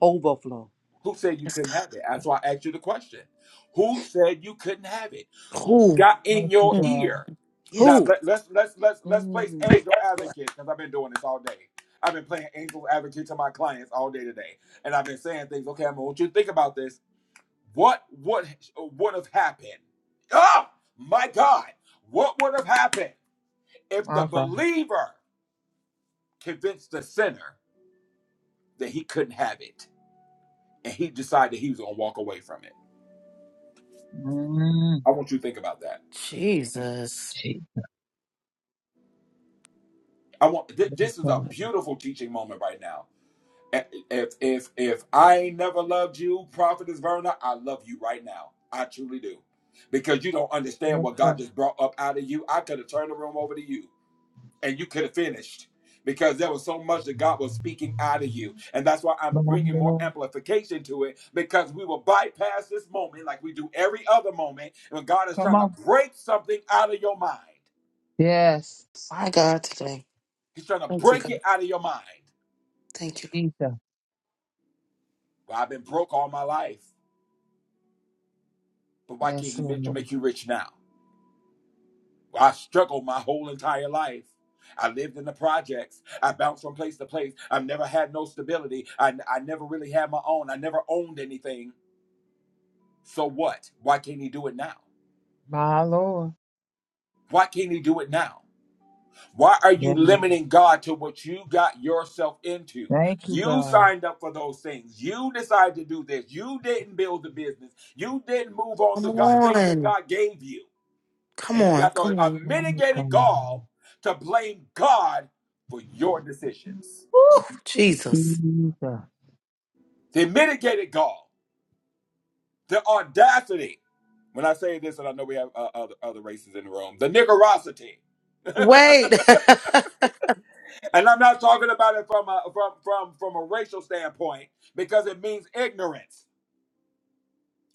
Overflow.
Who said you
Yes,
couldn't have it? That's why I asked you the question. Who said you couldn't have it?
God.
Who
Ooh.
got in
Thank you,
your
Mm.
God.
ear? Now
Yes,
Who?
God.
let, let's let's let's let's place
Mm,
angel advocate because I've been doing this all day. I've been playing angel advocate to my clients all day today, and I've been saying things. Okay, I want you to think about this. What would would have happened? Oh my God! What would have happened if the
My God.
believer convinced the sinner that he couldn't have it, and he decided he was going to walk away from it?
Mm,
I want you to think about that.
Jesus.
Jesus.
I want th- this is a beautiful teaching moment right now. If if if I ain't never loved you, Prophetess Verna, I love you right now. I truly do. Because you don't understand
Yes,
what God
God.
just brought up out of you. I could have turned the room over to you and you could have finished. Because there was so much that God was speaking out of you. And that's why I'm
My
bringing more
Lord.
amplification to it because we will bypass this moment like we do every other moment when God is
Come
trying to
on.
break something out of your mind.
Yes,
My God today.
He's trying to
Thank you,
break
God.
it out of your mind.
Thank you,
Jesus.
Well, I've been broke all my life, but why can't
Yes,
he make you
Lord.
make you rich now? Well, I struggled my whole entire life. I lived in the projects. I bounced from place to place. I've never had no stability. I, I never really had my own. I never owned anything. So what? Why can't he do it now?
My Lord.
Why can't he do it now? Why are you
Yes,
limiting God to what you got yourself into?
Thank you,
You
God.
signed up for those things. You decided to do this. You didn't build the business. You didn't move
Lord.
on the
Come
God, things that
on.
God gave you.
Come
And you
on.
got the
Come
a
on.
Oh,
mitigated
God.
gall to blame God for your decisions.
Ooh, Jesus.
Jesus.
The mitigated gall, the audacity. When I say this, and I know we have uh, other, other races in the room, the niggerosity.
Wait.
and I'm not talking about it from a, from, from, from a racial standpoint because it means ignorance.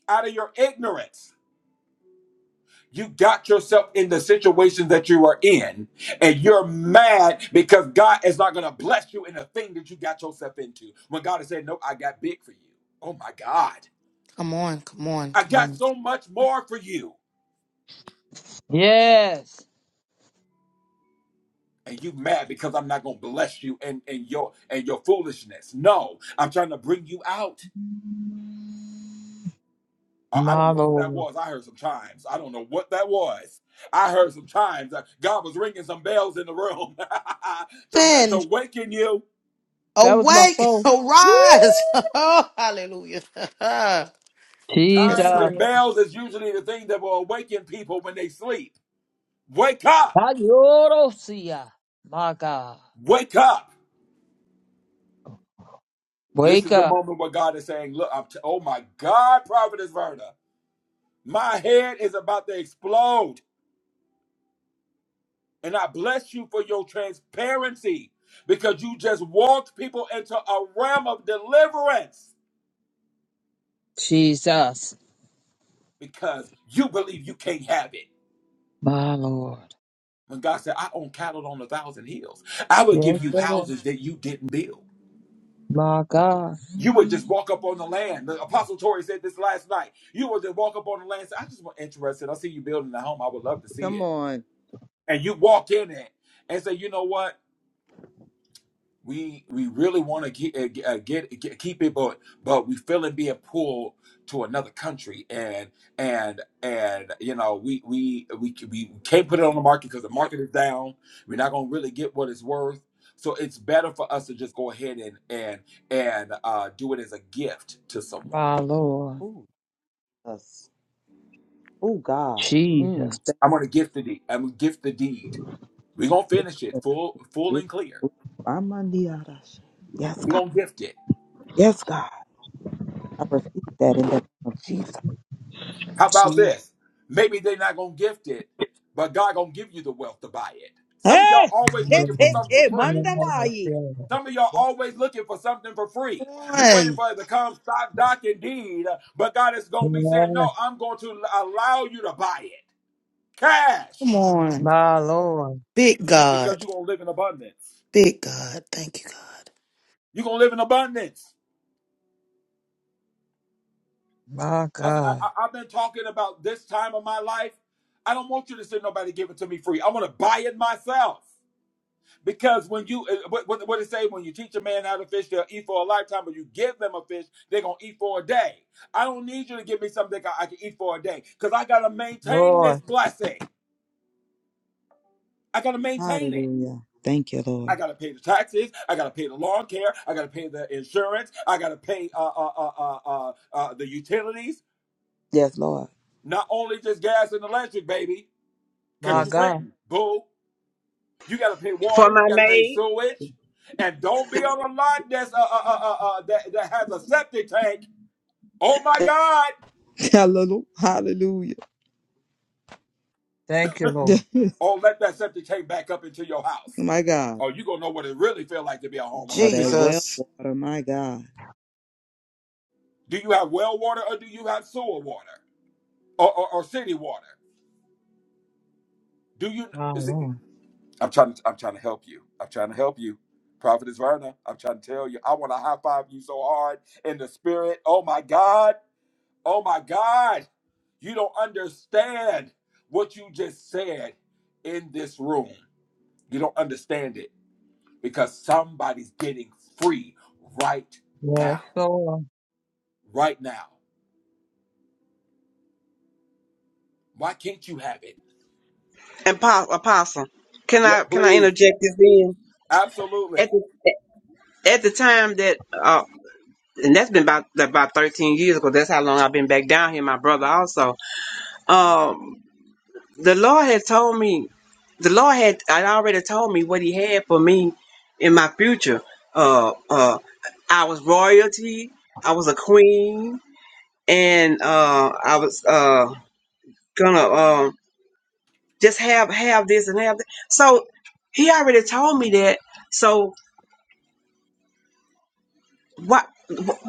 Out of your ignorance. You got yourself in the situation that you are in, and you're mad because God is not going to bless you in the thing that you got yourself into. When God has said, No, I got big for you. Oh my God.
come on. Come on.
I
Come
got
on.
so much more for you.
Yes.
And you mad because I'm not going to bless you and, and your and your foolishness. No, I'm trying to bring you out. I I don't
My
know what that
Lord.
was. I heard some chimes. I don't know what that was. I heard some chimes. Uh, God was ringing some bells in the room to,
Then
to waken you
That was my
awake.
phone.
Arise. Oh, hallelujah. yes,
Chimes
Jesus.
and
Lord.
bells is usually the thing that will awaken people when they sleep. Wake up!
Ayorosia. My God.
Wake up! This
Wake
is the
up,
moment where God is saying, Look, I'm t- oh my God, Prophetess Verna, my head is about to explode. And I bless you for your transparency because you just walked people into a realm of deliverance
Jesus.
because you believe you can't have it.
My Lord.
When God said, I own cattle on a thousand hills, I will
Yes,
give you
Lord.
houses that you didn't build.
My God.
You would just walk up on the land. The Apostle Tori said this last night. You would just walk up on the land and say, I just want interested. I see you building a home. I would love to see
Come
it.
on.
And you walk in it and say, you know what? We we really want to get, uh, get, uh, get, get keep it, but but we feeling being pulled to another country, and and and you know we we we we can't put it on the market because the market is down. We're not gonna really get what it's worth, so it's better for us to just go ahead and and and uh, do it as a gift to someone
My Lord.
Ooh, us. Oh, God.
Jesus.
Mm.
I'm gonna gift the deed. I'm gonna gift the deed. We're gonna finish it full, full and
It-
clear.
I'm on the other side. Yes,
We're
God.
gonna gift it.
Yes, God. I received that in the name of Jesus.
How about
Jesus.
this? Maybe they're not gonna gift it, but God gonna give you the wealth to buy it. Some of y'all
Hey!
always
Shit,
Yes,
looking for
shit,
something for
shit,
free.
mandamayi.
yes,
Some of y'all
Yes,
always looking for something for free.
Come
You waiting
on.
for it to come stock, doc, and deed, but God is gonna be
yes.
saying, No, I'm going to allow you to buy it.
Come
Cash.
on.
My Lord.
Big
Because
God.
you're gonna live in abundance.
Big God. Thank you, God.
You're gonna live in abundance.
My
I, said, I,
God.
I- I've been talking about this time of my life. I don't want you to say nobody give it to me free. I want to buy it myself. Because when you, uh, what, what, what it say, when you teach a man how to fish, they'll eat for a lifetime, but you give them a fish, they're going to eat for a day. I don't need you to give me something I, I can eat for a day because I got to maintain this
Lord.
blessing. I got to maintain it.
Hallelujah. Thank you,
I
Lord.
got to pay the taxes. I got to pay the lawn care. I got to pay the insurance. I got to pay uh, uh, uh, uh, uh, uh, the utilities.
Yes, Lord.
Not only just gas and electric, baby. because
My
you're
Yes.
God.
renting, boo. You got to pay
For
water, you
my
got to pay
maid
sewage, and don't be on a lot that's uh, uh, uh, uh, uh, that that has a septic tank. Oh my God!
Hallelujah. Hallelujah.
Thank you, Lord.
Or let that septic tank back up into your house,
my God.
or you gonna know what it really feel like to be a
Oh,
homeowner. Then,
that well
Jesus.
water, my God.
do you have well water or do you have sewer water or, or, or city water? Do you?
My
is it-
Lord.
I'm trying. To, I'm trying to help you. I'm trying to help you. Prophetess Verna, I'm trying to tell you, I want to high five you so hard in the spirit. Oh my God. Oh my God, you don't understand what you just said in this room. You don't understand it because somebody's getting free right
Yes,
now.
Lord.
Right now. Why can't you have it?
and po- apostle, can
Yeah,
I can I
please.
interject this in? At
Absolutely.
the at the time that uh, and that's been about about thirteen years ago. That's how long I've been back down here. My brother also. um. the Lord had told me, the Lord had, had already told me what He had for me in my future. Uh, uh, I was royalty. I was a queen, and uh, I was uh gonna um just have have this and have that. So He already told me that. So what?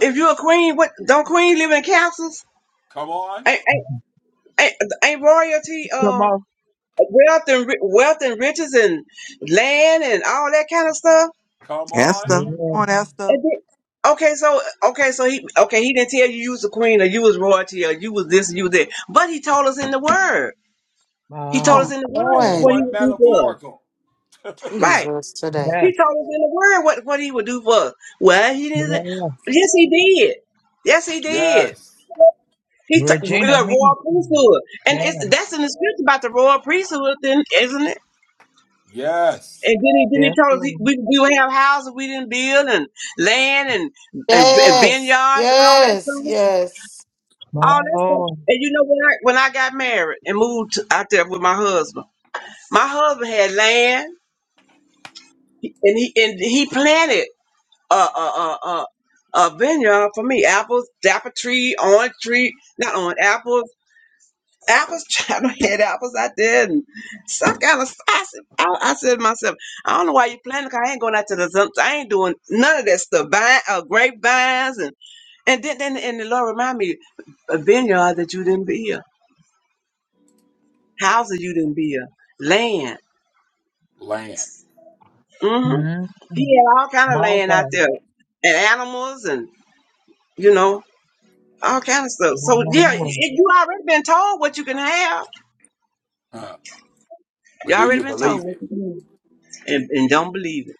If you're a queen, what don't queen live in castles?
Come on.
Ain't, ain't, ain't, ain't royalty
Come
um
on.
wealth and ri- wealth and riches and land and all that kind of stuff?
Come on.
Esther. Come
Yeah.
on, Esther.
And then- Okay, so okay, so he okay, he didn't tell you you was the queen or you was royalty or you was this and you was that. But he told us in the word. He told
Uh,
us
Come
in the
And
word
it
what
on.
he
wasn't
would do for us.
metaphorical.
Right.
Jesus today.
yeah.
He told us in the word what, what he would do for us. Well, he didn't say-
Yeah.
Yes, he did. Yes, he did.
Yes.
He t- we
Regina
are
means
royal
something.
priesthood, and
Yeah.
it's that's in the scripture about the royal priesthood, then isn't it?
Yes.
And then he then
Yes,
he told us he,
Lord.
we we would have houses we didn't build and land and, and and
Yes.
vineyards and all that
Yes.
stuff.
Yes.
My
all that stuff.
Lord.
And you know when I when I got married and moved to- out there with my husband, my husband had land and he and he planted a a a, a, a vineyard for me, apples, dapper tree, orange tree, not on apples. Apples, child, I had apples out there, and some kind of. I said, I, I said to myself, I don't know why you planting. 'cause I ain't going out to the. zump- I ain't doing none of that stuff. Vine, uh, grapevines, and and then, then and the Lord remind me a vineyard that you didn't build. houses you didn't build, land.
Land.
Mm-hmm.
mm
He had all kind of
My
land out
God.
there, and animals, and you know all kind of stuff.
My
So yeah, it,
Lord.
you already been told what you can have.
Huh.
You
But do
already
you
been told,
believe
what
it?
you can have. and and don't believe it.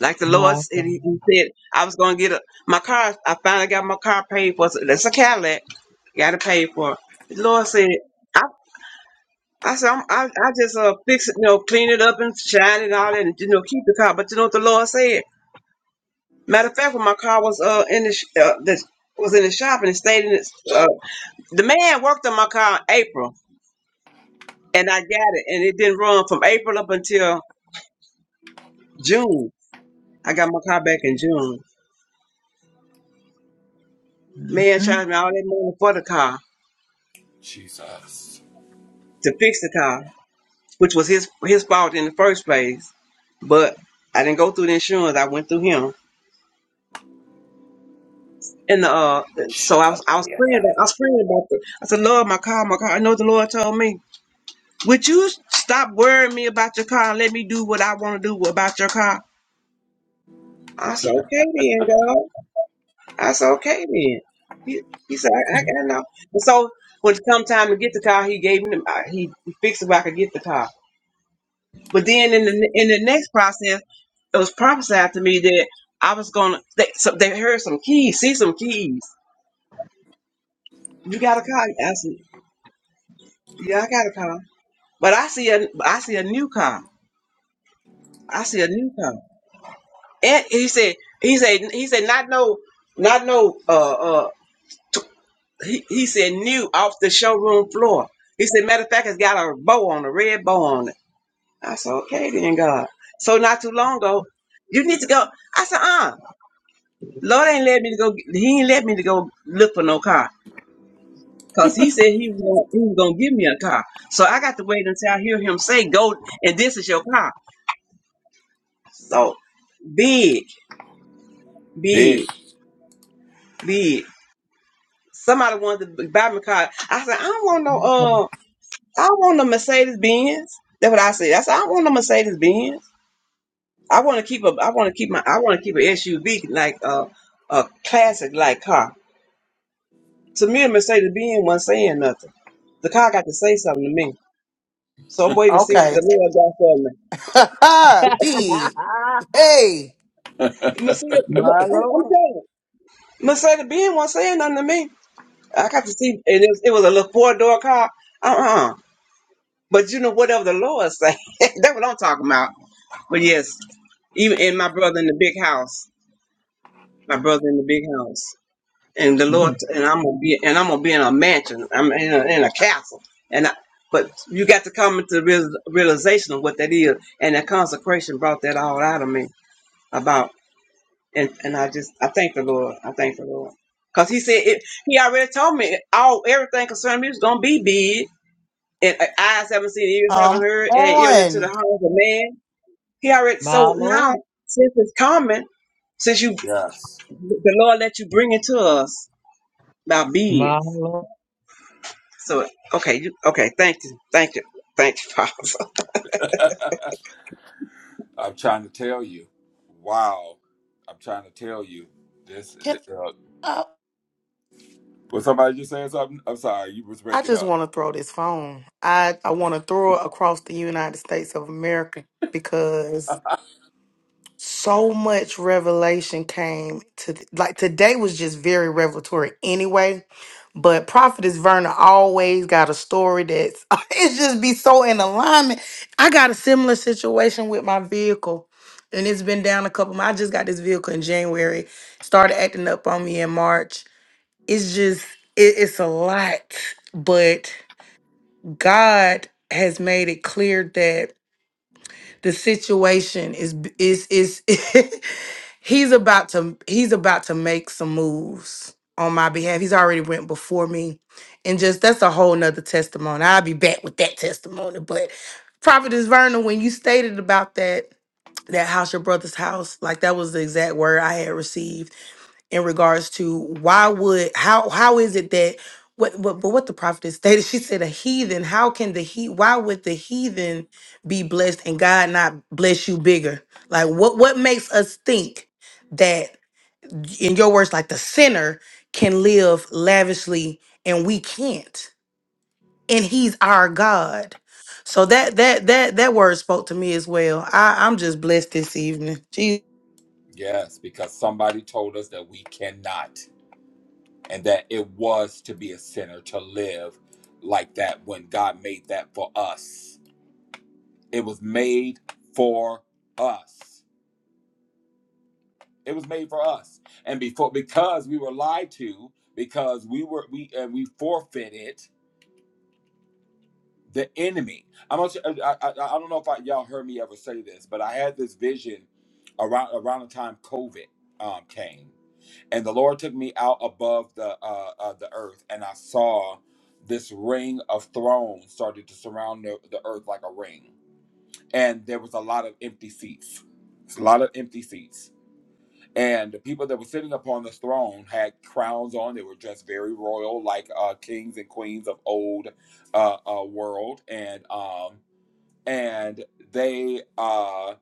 Like the Lord
My
said,
God.
he, he said I was gonna get a my car. I finally got my car paid for. So that's a Cadillac. Got it paid for. The Lord said, I. I said, I'm, I, I just uh, fix it, you know, clean it up and shine it all, and you know, keep the car. But you know what the Lord said? Matter of fact, when my car was uh in the sh- uh, this was in the shop and it stayed in its uh, the man worked on my car in April and I got it and it didn't run from April up until June. I got my car back in June. Man
Mm-hmm.
charged me all that money for the car
Jesus.
to fix the car, which was his his fault in the first place. But I didn't go through the insurance. I went through him. And uh, so I was I was praying about I was praying about the I said, Lord, my car, my car. I know what the Lord told me. Would you stop worrying me about your car and let me do what I want to do about your car? I said, okay then, dog. I said, okay then. He, he said, I, I, I know. And so when it come time to get the car, he gave me, the, uh, he fixed it where I could get the car. But then in the in the next process, it was prophesied to me that I was gonna. They, so they heard some keys, see some keys. You got a car? I said, yeah, I got a car. But I see a, I see a new car. I see a new car. And he said, he said, he said, not no, not no, uh, uh, he, he said, new off the showroom floor. He said, matter of fact, it's got a bow on, a red bow on it. I said, okay, then God. So not too long ago, you need to go. I said, uh, Lord ain't let me to go. He ain't let me to go look for no car. Cause he said he was, gonna, he was gonna give me a car. So I got to wait until I hear him say, go, and this is your car. So big,
Big.
big, big. Somebody wanted to buy me a car. I said, I don't want no uh I don't want no Mercedes Benz. That's what I said. I said, I don't want no Mercedes Benz. I want to keep a I want to keep my I want to keep a SUV like uh, a classic like car. To me, a Mercedes Benz wasn't saying nothing. The car got to say something to me. So I'm waiting to see what
Okay.
the Lord got for me.
Big. Hey.
Mercedes, I'm
my
I'm
Lord.
telling you, Mercedes Benz wasn't saying nothing to me. I got to see, and it was, it was a little four door car. Uh uh But you know, whatever the Lord say, that's what I'm talking about. But yes, even and my brother in the big house, my brother in the big house, and the Lord,
Mm.
and I'm gonna be, and I'm gonna be in a mansion, I'm in a, in a castle, and I, but you got to come into the real, realization of what that is, and that consecration brought that all out of me about, and and I just I thank the Lord, I thank the Lord, cause He said it, He already told me all everything concerning me is gonna be big, and uh, eyes haven't seen, ears haven't
Come
heard, and even into the
on.
heart of a man Hear it.
My
So now,
Lord.
since it's common, since you,
Yes.
the Lord let you bring it to us by being.
My Lord.
So okay, you okay? Thank you, thank you, thank you, Father.
I'm trying to tell you. Wow. I'm trying to tell you. This,
Can
uh,
I,
was somebody just saying something? I'm sorry, you was
I
breaking
just
up.
want to throw this phone. I, I want to throw it across the United States of America because so much revelation came to like today was just very revelatory anyway but prophetess verna always got a story that's it's just be so in alignment i got a similar situation with my vehicle and it's been down a couple months i just got this vehicle in january started acting up on me in march it's just it, it's a lot but god has made it clear that the situation is is is he's about to he's about to make some moves on my behalf. He's already went before me. And just that's a whole nother testimony. I'll be back with that testimony. But Prophetess Verna, when you stated about that that house, your brother's house, like that was the exact word I had received in regards to why would how how is it that what what but what the prophet stated she said a heathen how can the he why would the heathen be blessed and God not bless you bigger like what what makes us think that in your words like the sinner can live lavishly and we can't and he's our God so that that that that word spoke to me as well I I'm just blessed this evening Jesus.
Yes, because somebody told us that we cannot and that it was to be a sinner to live like that when God made that for us. It was made for us. It was made for us. And before because we were lied to, because we were we and we forfeited the enemy. I'm not. sure- I, I, I don't know if I, y'all heard me ever say this, but I had this vision around around the time COVID um, came, and the Lord took me out above the uh, uh, the earth, and I saw this ring of thrones started to surround the, the earth like a ring, and there was a lot of empty seats. It's a lot of empty seats. And the people that were sitting upon this throne had crowns on. They were dressed very royal, like uh, kings and queens of old uh, uh, world. And um, and they uh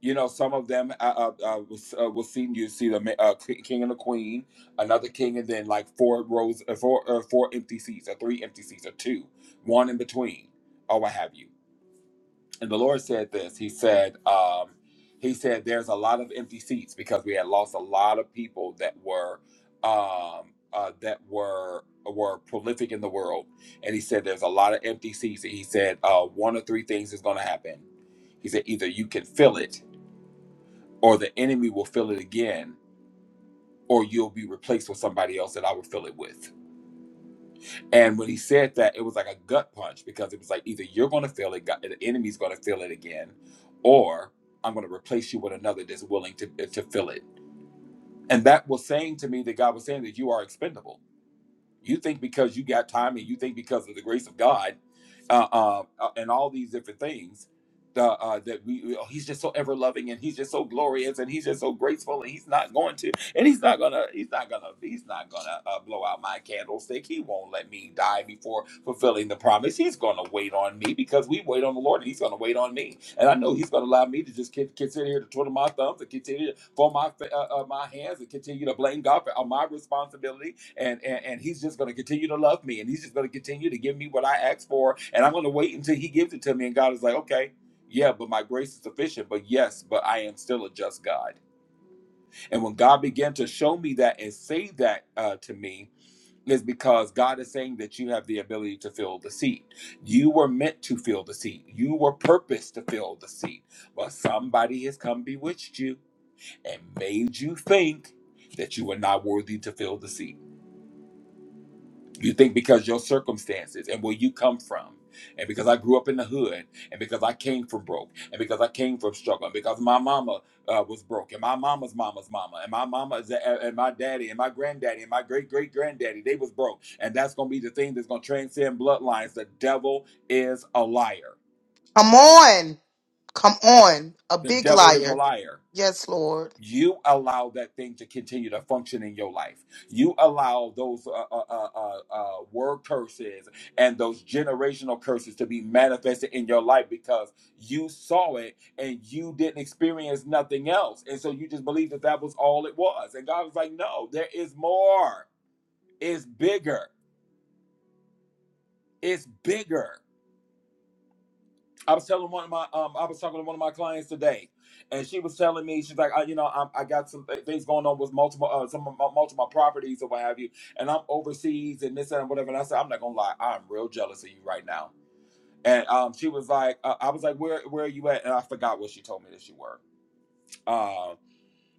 you know some of them uh, uh, uh, was, uh will see you see the ma- uh, k- king and the queen another king and then like four rows uh, four uh, four empty seats or three empty seats or two one in between or what have you and the lord said this he said um he said there's a lot of empty seats because we had lost a lot of people that were um uh that were were prolific in the world and he said there's a lot of empty seats and he said uh one of three things is going to happen he said, either you can fill it, or the enemy will fill it again, or you'll be replaced with somebody else that I will fill it with. And when he said that, it was like a gut punch because it was like either you're going to fill it, God- the enemy's going to fill it again, or I'm going to replace you with another that's willing to to fill it. And that was saying to me that God was saying that you are expendable You think because you got time and you think because of the grace of God uh, uh, uh, and all these different things uh, uh, that we, oh, he's just so ever loving and he's just so glorious and he's just so graceful and he's not going to, and he's not gonna, he's not gonna, he's not gonna uh, blow out my candlestick. He won't let me die before fulfilling the promise. He's gonna wait on me because we wait on the Lord and he's gonna wait on me. And I know he's gonna allow me to just con- continue here to twiddle my thumbs and continue to fold my, fa- uh, uh, my hands and continue to blame God for uh, my responsibility and, and and he's just going to continue to love me and he's just going to continue to give me what i ask for and i'm going to wait until he gives it to me and god is like okay yeah but my grace is sufficient but yes but i am still a just god and when god began to show me that and say that uh, to me is because god is saying that you have the ability to fill the seat you were meant to fill the seat you were purposed to fill the seat but somebody has come bewitched you and made you think that you are not worthy to fill the seat You think because your circumstances and where you come from, and because I grew up in the hood, and because I came from broke, and because I came from struggle, and because my mama uh, was broke, and my mama's mama's mama, and my mama is- uh, and my daddy, and my granddaddy, and my great great granddaddy, they was broke, and that's gonna be the thing that's gonna transcend bloodlines. The devil is a liar.
Come on. Come on. A
The
big
devil is a
liar.
liar.
Yes, Lord.
you allow that thing to continue to function in your life. You allow those uh, uh, uh, uh, uh, word curses and those generational curses to be manifested in your life because you saw it and you didn't experience nothing else. And so you just believed that that was all it was. And God was like, no, there is more. It's bigger. It's bigger. I was telling one of my um, I was talking to one of my clients today, and she was telling me she's like, I, you know, I'm, I got some th- things going on with multiple uh, some of my, multiple properties or what have you, and I'm overseas and this that, and whatever. And I said, I'm not gonna lie, I'm real jealous of you right now. And um, she was like, uh, I was like, where where are you at? And I forgot where she told me that she were.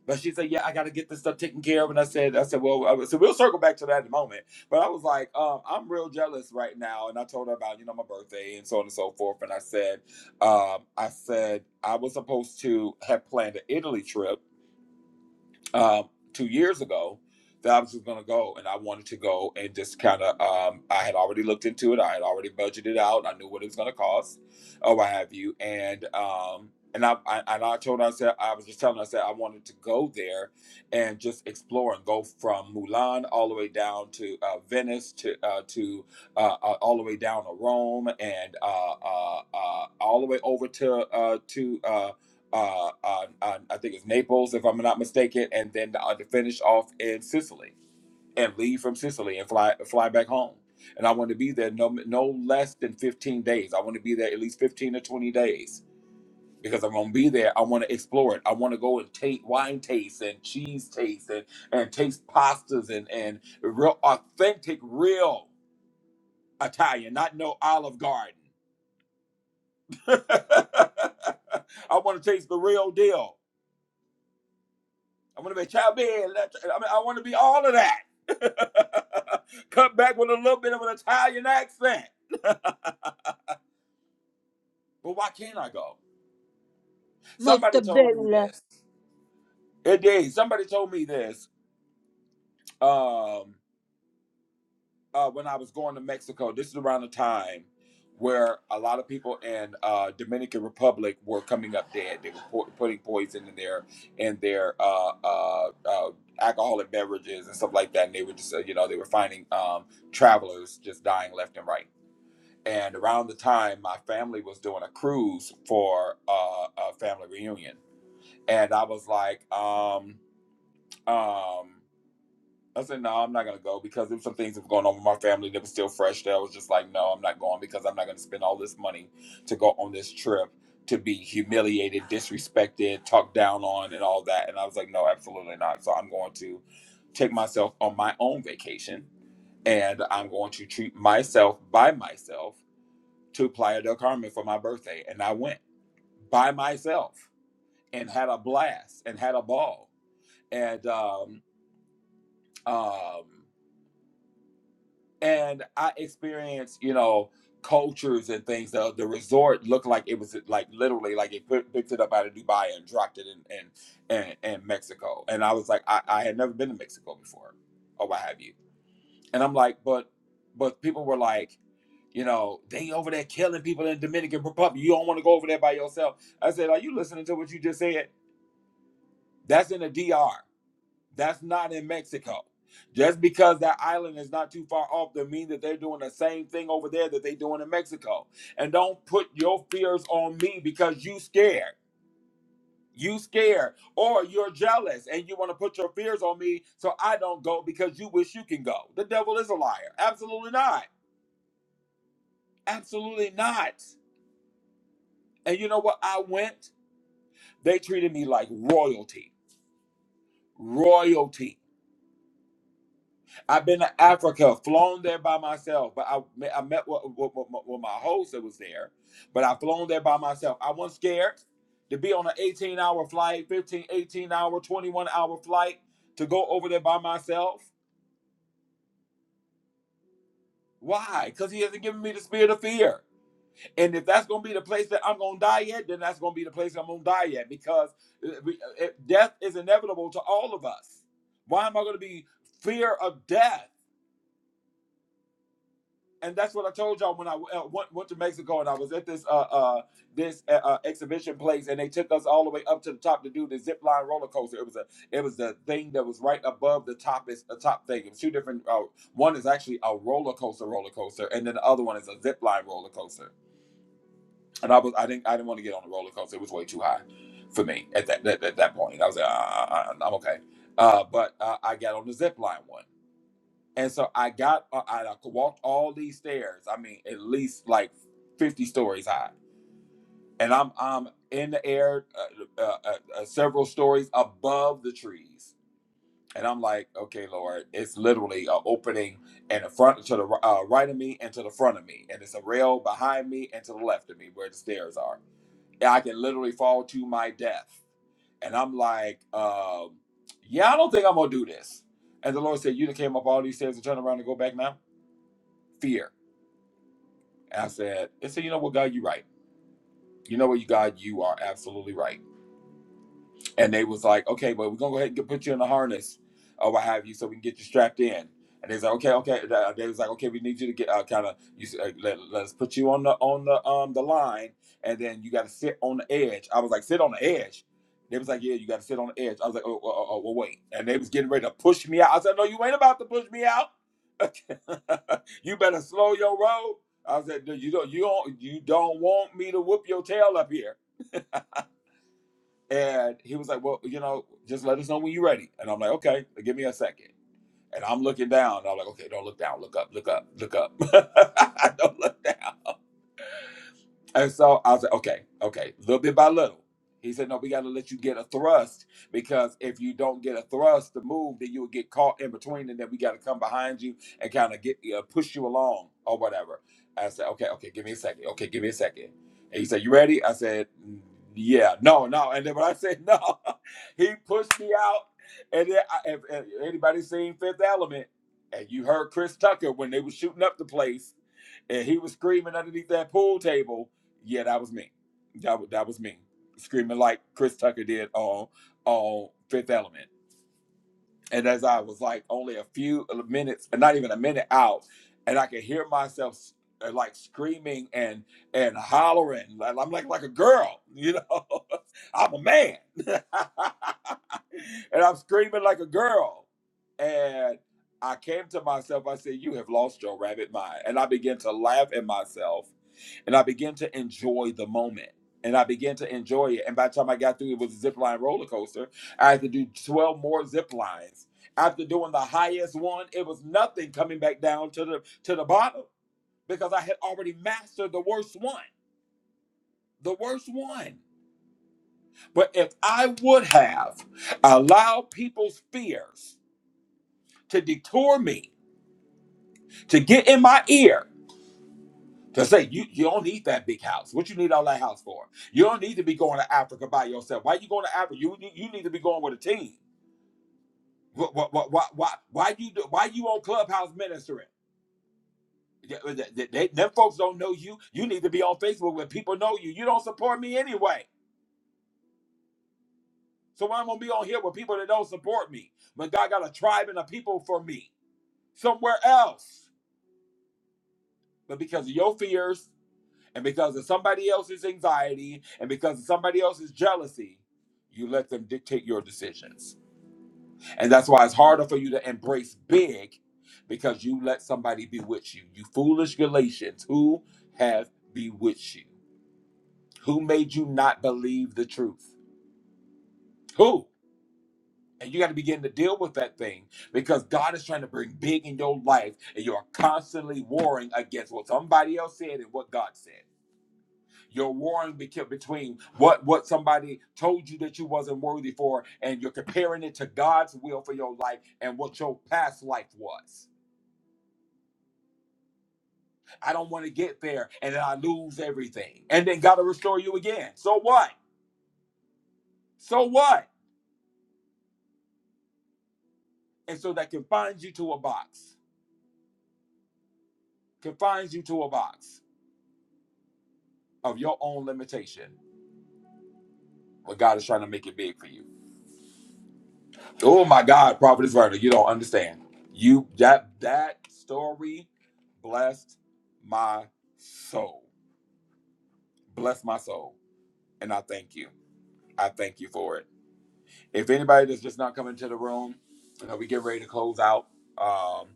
But she said, "Yeah, I got to get this stuff taken care of." And I said, "I said, well, I so we'll circle back to that in a moment." But I was like, um, "I'm real jealous right now," and I told her about you know my birthday and so on and so forth. And I said, um, "I said I was supposed to have planned an Italy trip." uh, two years ago that I was just going to go and I wanted to go and just kind of, um, I had already looked into it. I had already budgeted out. I knew what it was going to cost or what have you. And, um, and I, I, and I told her, I said, I was just telling her, I said, I wanted to go there and just explore and go from Mulan all the way down to uh, Venice to, uh, to uh, uh, all the way down to Rome and uh, uh, uh, all the way over to, uh, to, uh, uh, uh, uh, I think it's Naples, if I'm not mistaken, and then uh, to finish off in Sicily and leave from Sicily and fly fly back home. And I want to be there no no less than 15 days. I want to be there at least 15 to 20 days because I'm gonna be there. I want to explore it. I want to go and taste wine taste and cheese taste and and taste pastas and and real authentic real Italian, not no Olive Garden. I want to taste the real deal. I want to be childbearing. I mean, I want to be all of that. Come back with a little bit of an Italian accent. But why can't I go? Somebody told me
Muktabila.
this. It did. Somebody told me this. Um, uh, when I was going to Mexico, this is around the time where a lot of people in uh, Dominican Republic were coming up dead. They were po- putting poison in their in their uh, uh, uh, alcoholic beverages and stuff like that, and they were just uh, you know they were finding um, travelers just dying left and right. And around the time my family was doing a cruise for uh, a family reunion, and I was like, um, um, I said, no, I'm not going to go because there was some things that were going on with my family that was still fresh there. I was just like, no, I'm not going because I'm not going to spend all this money to go on this trip to be humiliated, disrespected, talked down on, and all that. And I was like, no, absolutely not. So I'm going to take myself on my own vacation and I'm going to treat myself by myself to Playa del Carmen for my birthday. And I went by myself and had a blast and had a ball. And, um, um, and I experienced, you know, cultures and things. The, the resort looked like it was like literally like it put, picked it up out of Dubai and dropped it in in, in, in Mexico. And I was like, I, I had never been to Mexico before, or what have you. And I'm like, but but people were like, you know, they over there killing people in Dominican Republic. You don't want to go over there by yourself. I said, are you listening to what you just said? That's in the DR. That's not in Mexico. Just because that island is not too far off doesn't mean that they're doing the same thing over there that they're doing in Mexico. And don't put your fears on me because you scared. You scared or you're jealous and you want to put your fears on me so I don't go because you wish you can go. The devil is a liar. Absolutely not. Absolutely not. And you know what? I went. They treated me like royalty. Royalty I've been to Africa, flown there by myself, but I me- I met with, with, with, my with my host that was there, but I flown there by myself. I wasn't scared to be on an 18 hour flight, 15, 18 hour, 21 hour flight to go over there by myself. Why? Because he hasn't given me the spirit of fear. And if that's going to be the place that I'm going to die at, then that's going to be the place I'm going to die at because uh, we- uh, death is inevitable to all of us. Why am I going to be fear of death? and that's what I told y'all when I uh, went, went to Mexico and I was at this uh uh this uh, uh, exhibition place and they took us all the way up to the top to do the zip line roller coaster. It was a it was the thing that was right above the top is a top thing. It was two different. Uh, one is actually a roller coaster roller coaster, and then the other one is a zip line roller coaster. And I was I didn't I didn't want to get on the roller coaster. It was way too high for me at that at, at that point. I was like uh, uh, uh, uh, I'm okay. Uh, but uh, I got on the zip line one and so I got, uh, I walked all these stairs. I mean, at least like 50 stories high. And I'm, I'm in the air uh, uh, uh, uh, several stories above the trees. And I'm like, okay, Lord, it's literally a opening in the front to the uh, right of me and to the front of me. And it's a rail behind me and to the left of me where the stairs are. And I can literally fall to my death. And I'm like, um, yeah, I don't think I'm going to do this. And the Lord said, you done came up all these stairs and turn around and go back now? fear. I said, It said, You know what, God, you're right. You know what, you God, you are absolutely right. and they was like, okay, but we're gonna go ahead and get, put you in the harness or what have you, so we can get you strapped in. And they was like, okay, okay. Uh, They was like, okay, we need you to get uh, kind of you s- uh, let, let us put you on the on the um the line, and then you got to sit on the edge. I was like, sit on the edge. They was like, yeah, you got to sit on the edge. I was like, oh, oh, oh, oh, well, wait. And they was getting ready to push me out. I said, no, you ain't about to push me out. you better slow your roll. I said, "No, you don't, you don't, you don't want me to whoop your tail up here. And he was like, Well, you know, just let us know when you're ready. And I'm like, Okay, give me a second. And I'm looking down. And I'm like, Okay, don't look down. Look up, look up, look up. don't look down. And so I was like, okay, okay, little bit by little. He said, no, we got to let you get a thrust because if you don't get a thrust to move, then you'll get caught in between, and then we got to come behind you and kind of get uh, push you along or whatever. I said, okay, okay, give me a second. Okay, give me a second. And he said, you ready? I said, "Mm, yeah, no, no. And then when I said no, he pushed me out. And then I, if, if anybody seen Fifth Element, and you heard Chris Tucker when they was shooting up the place, and he was screaming underneath that pool table. Yeah, that was me. That was that was me screaming like Chris Tucker did on on Fifth Element. And as I was like only a few minutes, not even a minute out, and I could hear myself s- uh, like screaming and and hollering. Like- I'm like like a girl, you know. I'm a man. and I'm screaming like a girl. And I came to myself, I said, You have lost your rabbit mind. And I began to laugh at myself and I began to enjoy the moment. And I began to enjoy it. And by the time I got through, it was a zip line roller coaster. I had to do 12 more zip lines. After doing the highest one, it was nothing coming back down to the to the bottom because I had already mastered the worst one. The worst one. But if I would have allowed people's fears to detour me, to get in my ear, to say, you, you don't need that big house. What you need all that house for? You don't need to be going to Africa by yourself. Why you going to Africa? You, you, you need to be going with a team. Why, why, why, why, why you do- why you on Clubhouse ministering? Th- th- They, them folks don't know you. You need to be on Facebook where people know you. You don't support me anyway. So why I'm gonna be on here with people that don't support me But God got a tribe and a people for me somewhere else? But because of your fears, and because of somebody else's anxiety and because of somebody else's jealousy, you let them dictate your decisions. And that's why it's harder for you to embrace big because you let somebody bewitch you. You foolish Galatians, who have bewitched you? Who made you not believe the truth? Who? And you got to begin to deal with that thing because God is trying to bring big in your life and you're constantly warring against what somebody else said and what God said. You're warring between what what somebody told you that you wasn't worthy for, and you're comparing it to God's will for your life and what your past life was. I don't want to get there, and then I lose everything, and then God will restore you again. So what? So what? And so that confines you to a box, confines you to a box of your own limitation. But God is trying to make it big for you. Oh my God, Prophetess Verna, you don't understand. You that that story blessed my soul. Bless my soul. And I thank you. I thank you for it. If anybody that's just not coming to the room, you know, we get ready to close out. Um,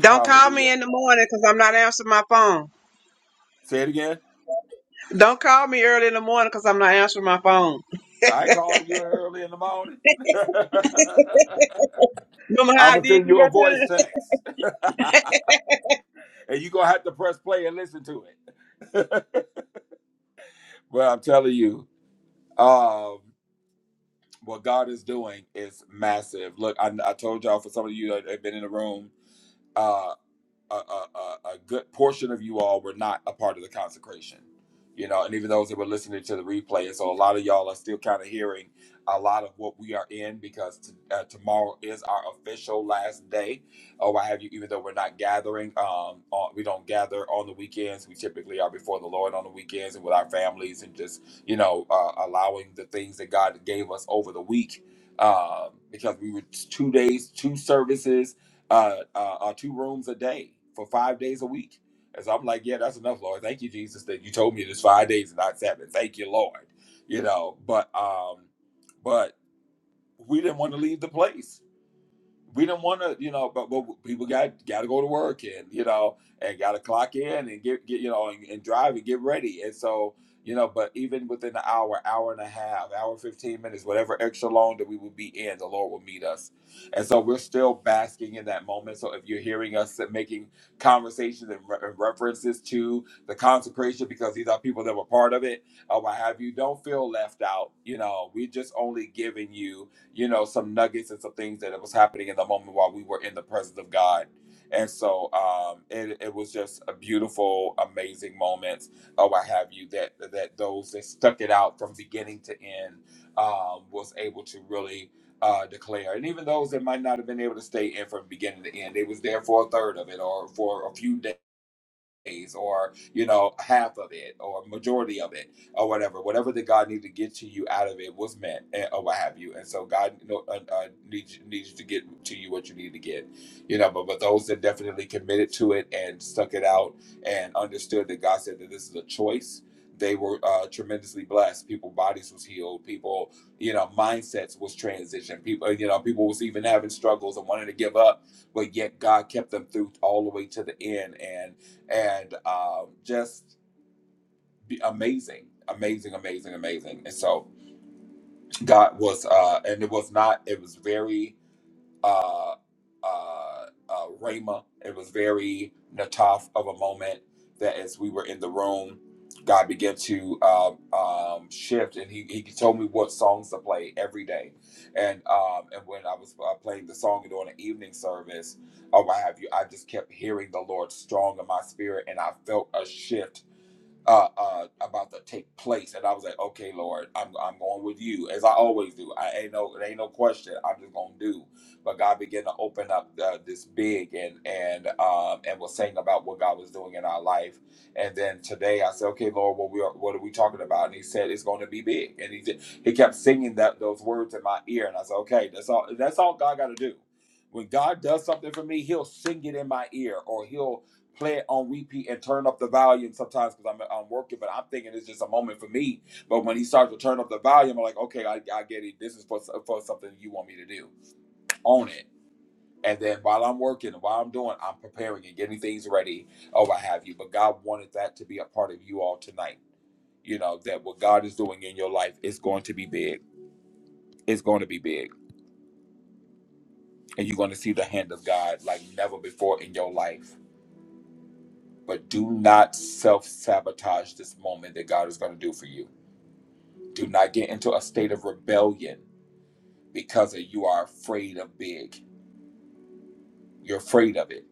Don't call me
hallelujah.
in the morning because I'm not answering my phone.
Say it again.
Don't call me early in the morning because I'm not answering my phone.
I called you early in the morning.
Remember
I'm
how I
gonna
did
send
you
you a
that
voice
time?
text, and you gonna have to press play and listen to it. well, I'm telling you. Um, what God is doing is massive. Look, I, I told y'all for some of you that have been in the room. uh, a, a, a good portion of you all were not a part of the consecration, you know, and even those that were listening to the replay. And so a lot of y'all are still kind of hearing a lot of what we are in because t- uh, tomorrow is our official last day. Oh, I have you, even though we're not gathering, um, on, we don't gather on the weekends. We typically are before the Lord on the weekends and with our families and just, you know, uh, allowing the things that God gave us over the week. Um, because we were two days, two services, uh, uh, uh, two rooms a day for five days a week. And so I'm like, yeah, that's enough, Lord. Thank you, Jesus, that you told me this five days and not seven. Thank you, Lord. You know, but um, but we didn't want to leave the place we didn't want to, you know, but, but people got got to go to work and you know, and got to clock in and get get you know and, and drive and get ready. And so you know, but even within the hour, hour and a half, hour fifteen minutes, whatever extra long that we would be in, the Lord will meet us. And so we're still basking in that moment. So if you're hearing us making conversations and, re- and references to the consecration, because these are people that were part of it, or what have you, don't feel left out. You know, we're just only giving you you know, some nuggets and some things that it was happening in the moment while we were in the presence of God. And so um, it, it was just a beautiful, amazing moment. Oh, I have you that that those that stuck it out from beginning to end um, was able to really uh, declare. And even those that might not have been able to stay in from beginning to end, they was there for a third of it or for a few days or you know half of it or majority of it or whatever whatever that god needed to get to you out of it was meant eh, or what have you and so god you know, uh, uh, needs, needs to get to you what you need to get you know but, but those that definitely committed to it and stuck it out and understood that god said that this is a choice they were uh, tremendously blessed people bodies was healed people you know mindsets was transitioned people you know people was even having struggles and wanting to give up but yet god kept them through all the way to the end and and um, just be amazing, amazing, amazing, amazing. And so God was, uh, and it was not, it was very uh, uh, uh, Rhema. It was very Nataf of a moment that as we were in the room, God began to um, um, shift, and he, he told me what songs to play every day, and um, and when I was uh, playing the song during the evening service, or what have you, I just kept hearing the Lord strong in my spirit, and I felt a shift uh, uh, about to take place. And I was like, okay, Lord, I'm, I'm going with you as I always do. I ain't no, it ain't no question. I'm just going to do. But God began to open up uh, this big and, and, um, and was saying about what God was doing in our life. And then today I said, okay, Lord, what we are, what are we talking about? And he said, it's going to be big. And he did, he kept singing that, those words in my ear. And I said, okay, that's all, that's all God got to do. When God does something for me, he'll sing it in my ear or he'll play it on repeat and turn up the volume sometimes because I'm, I'm working, but I'm thinking it's just a moment for me. But when he starts to turn up the volume, I'm like, okay, I, I get it. This is for, for something you want me to do. Own it. And then while I'm working, while I'm doing, I'm preparing and getting things ready or what have you. But God wanted that to be a part of you all tonight. You know, that what God is doing in your life is going to be big. It's going to be big. And you're going to see the hand of God like never before in your life. But do not self sabotage this moment that God is going to do for you Do not get into a state of rebellion because you are afraid of big. You're afraid of it.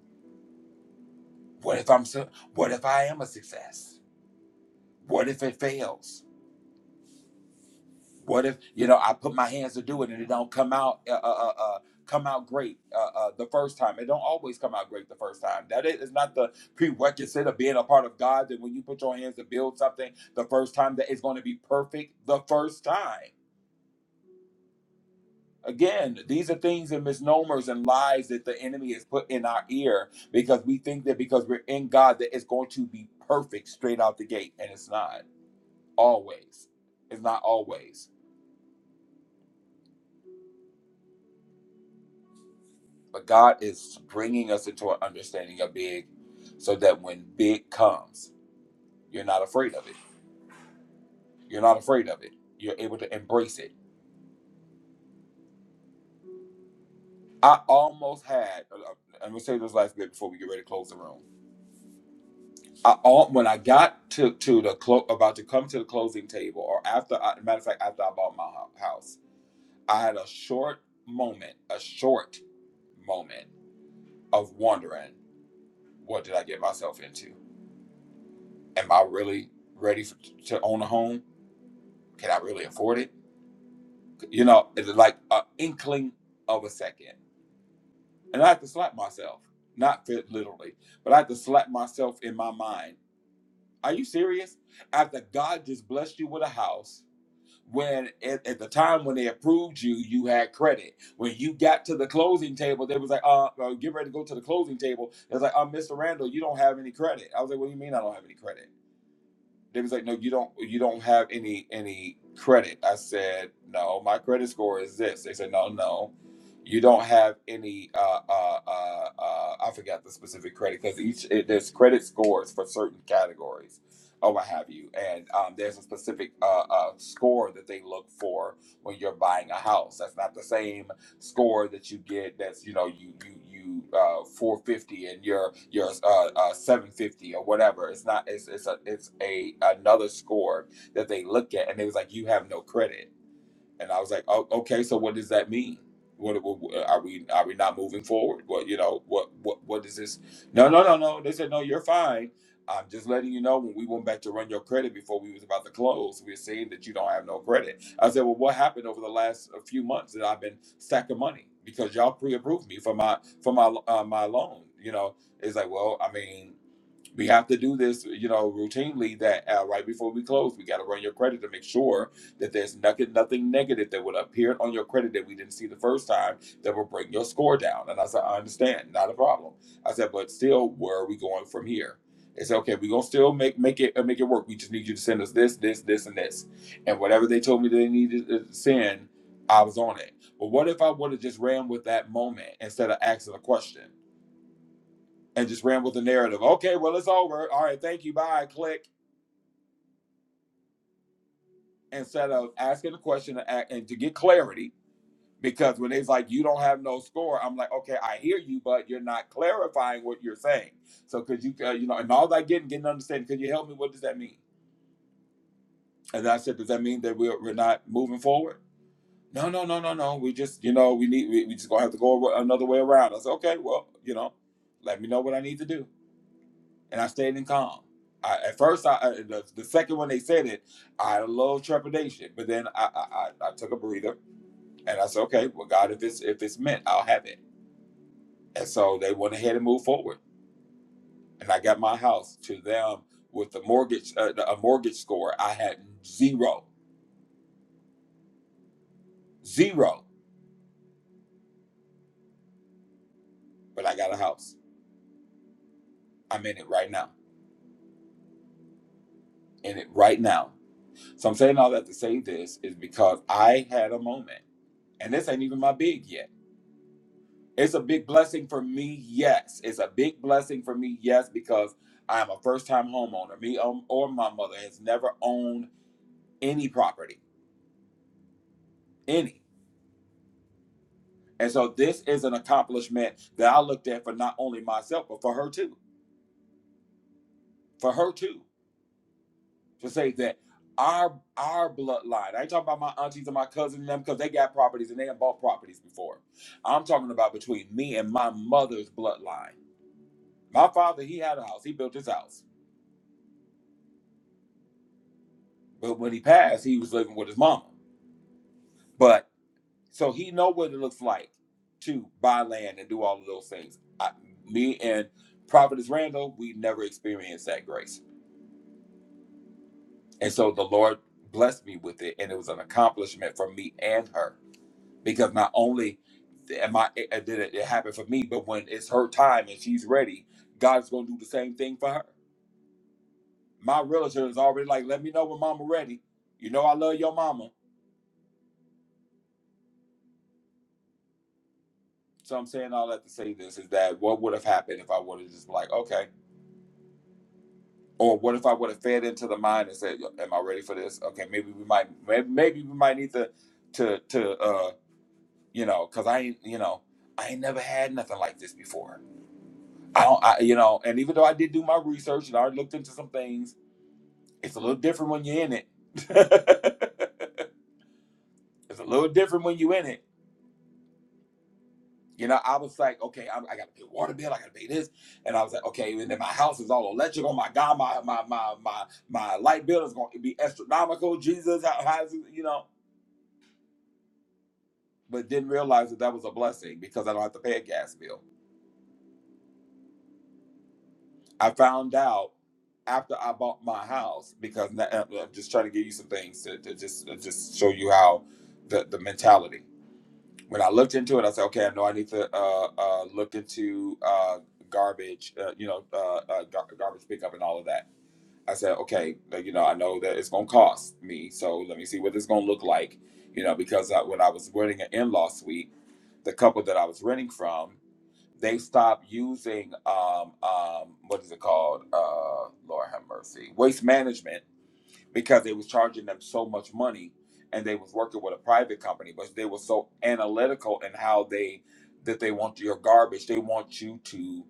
What if I'm so, what if I am a success? What if it fails? What if you know I put my hands to do it and it don't come out uh, uh, uh, uh, come out great uh, uh, the first time? It don't always come out great the first time. That is not the prerequisite of being a part of God. That when you put your hands to build something the first time, that it's going to be perfect the first time. Again, these are things and misnomers and lies that the enemy has put in our ear because we think that because we're in God that it's going to be perfect straight out the gate, and it's not always. It's not always. But God is bringing us into an understanding of big, so that when big comes, you're not afraid of it. You're not afraid of it. You're able to embrace it. I almost had. I'm gonna say this last bit before we get ready to close the room. I, all, when I got to to the clo- about to come to the closing table, or after, I, matter of fact, after I bought my hou- house, I had a short moment, a short moment of wondering, what did I get myself into? Am I really ready for, to own a home? Can I really afford it? You know, it's like an inkling of a second, and I had to slap myself, not fit literally, but I had to slap myself in my mind. Are you serious? After God just blessed you with a house when at, at the time when they approved you, you had credit. When you got to the closing table, they was like, uh, uh, get ready to go to the closing table. It was like, uh, Mr. Randall, you don't have any credit. I was like, what do you mean I don't have any credit? They was like, no, you don't, you don't have any any credit. I said, no, my credit score is this. They said, no, no, you don't have any. Uh, uh, uh, uh, I forgot the specific credit because each it, there's credit scores for certain categories or what have you, and um, there's a specific uh, uh, score that they look for when you're buying a house. That's not the same score that you get that's you know you you you uh 450 and your your uh, uh 750 or whatever it's not it's it's a it's a another score that they look at and it was like you have no credit and I was like, oh, okay, so what does that mean? What, what are we are we not moving forward? What you know? What what what is this? No no no no. They said no, you're fine. I'm just letting you know when we went back to run your credit before we was about to close, we were saying that you don't have no credit. I said, well, what happened over the last uh, few months that I've been stacking money because y'all pre-approved me for my for my uh, my loan. You know, it's like, well, I mean, we have to do this, you know, routinely. That uh, right before we close, we got to run your credit to make sure that there's nothing, nothing negative that would appear on your credit that we didn't see the first time that will bring your score down. And I said, I understand, not a problem. I said, but still, where are we going from here? It's okay. We're gonna still make make it uh, make it work. We just need you to send us this, this, this, and this, and whatever they told me they needed to send, I was on it. But what if I would have just ran with that moment instead of asking a question? and just ran with the narrative. Okay, well, it's over. All right, thank you. Bye. Click. Instead of asking a question and to get clarity, because when they's like, you don't have no score, I'm like, okay, I hear you, but you're not clarifying what you're saying. So, could you, uh, you know, and all that getting, getting understanding, could you help me? What does that mean? And I said, does that mean that we're, we're not moving forward? No, no, no, no, no. We just, you know, we need, we, we just gonna have to go another way around. I said, okay, well, you know, let me know what I need to do and I stayed in calm. I, at first, I, I the, the second one they said it, I had a little trepidation, but then I, I I I took a breather and I said, okay, well, God, if it's if it's meant, I'll have it. And so they went ahead and moved forward, and I got my house to them with a mortgage uh, a mortgage score I had zero zero, but I got a house. I'm in it right now, in it right now. So I'm saying all that to say this is because I had a moment, and this ain't even my big yet It's a big blessing for me, yes. It's a big blessing for me, yes, because I'm a first time homeowner. Me um, or my mother has never owned any property, any. And so this is an accomplishment that I looked at for not only myself, but for her too. For her too. To say that our our bloodline, I ain't talking about my aunties and my cousins and them because they got properties and they have bought properties before. I'm talking about between me and my mother's bloodline. My father, he had a house, he built his house. But when he passed, he was living with his mama. But so he know what it looks like to buy land and do all of those things. I, me and prophetess Randall, we never experienced that grace, and so the Lord blessed me with it, and it was an accomplishment for me and her because not only am I it, did it, it happened for me, but when it's her time and she's ready, God's going to do the same thing for her. My realtor is already like, let me know when Mama ready. You know I love your mama. So I'm saying all that to say this is that what would have happened if I would have just like, okay. Or what if I would have fed into the mind and said, "Am I ready for this? Okay, maybe we might, maybe we might need to, to, to, uh, you know, because I, ain't, you know, I ain't never had nothing like this before. I don't, I, you know, and even though I did do my research and I already looked into some things, it's a little different when you're in it. it's a little different when you're in it. You know, I was like, okay, i I got to pay water bill, I got to pay this, and I was like, okay, and then my house is all electric. Oh my God, my my my my my light bill is going to be astronomical. Jesus, how, how is it, you know? but didn't realize that that was a blessing because I don't have to pay a gas bill. I found out after I bought my house because now, uh, I'm just trying to give you some things to, to just to just show you how the the mentality. When I looked into it, I said, okay, I know I need to uh, uh, look into uh, garbage, uh, you know, uh, uh, gar- garbage pickup and all of that. I said, okay, like, you know, I know that it's going to cost me, so let me see what it's going to look like, you know, because I, when I was renting an in-law suite, the couple that I was renting from they stopped using um um what is it called? Uh Lord have mercy. Waste management because they was charging them so much money and they was working with a private company but they were so analytical in how they that they want your garbage they want you to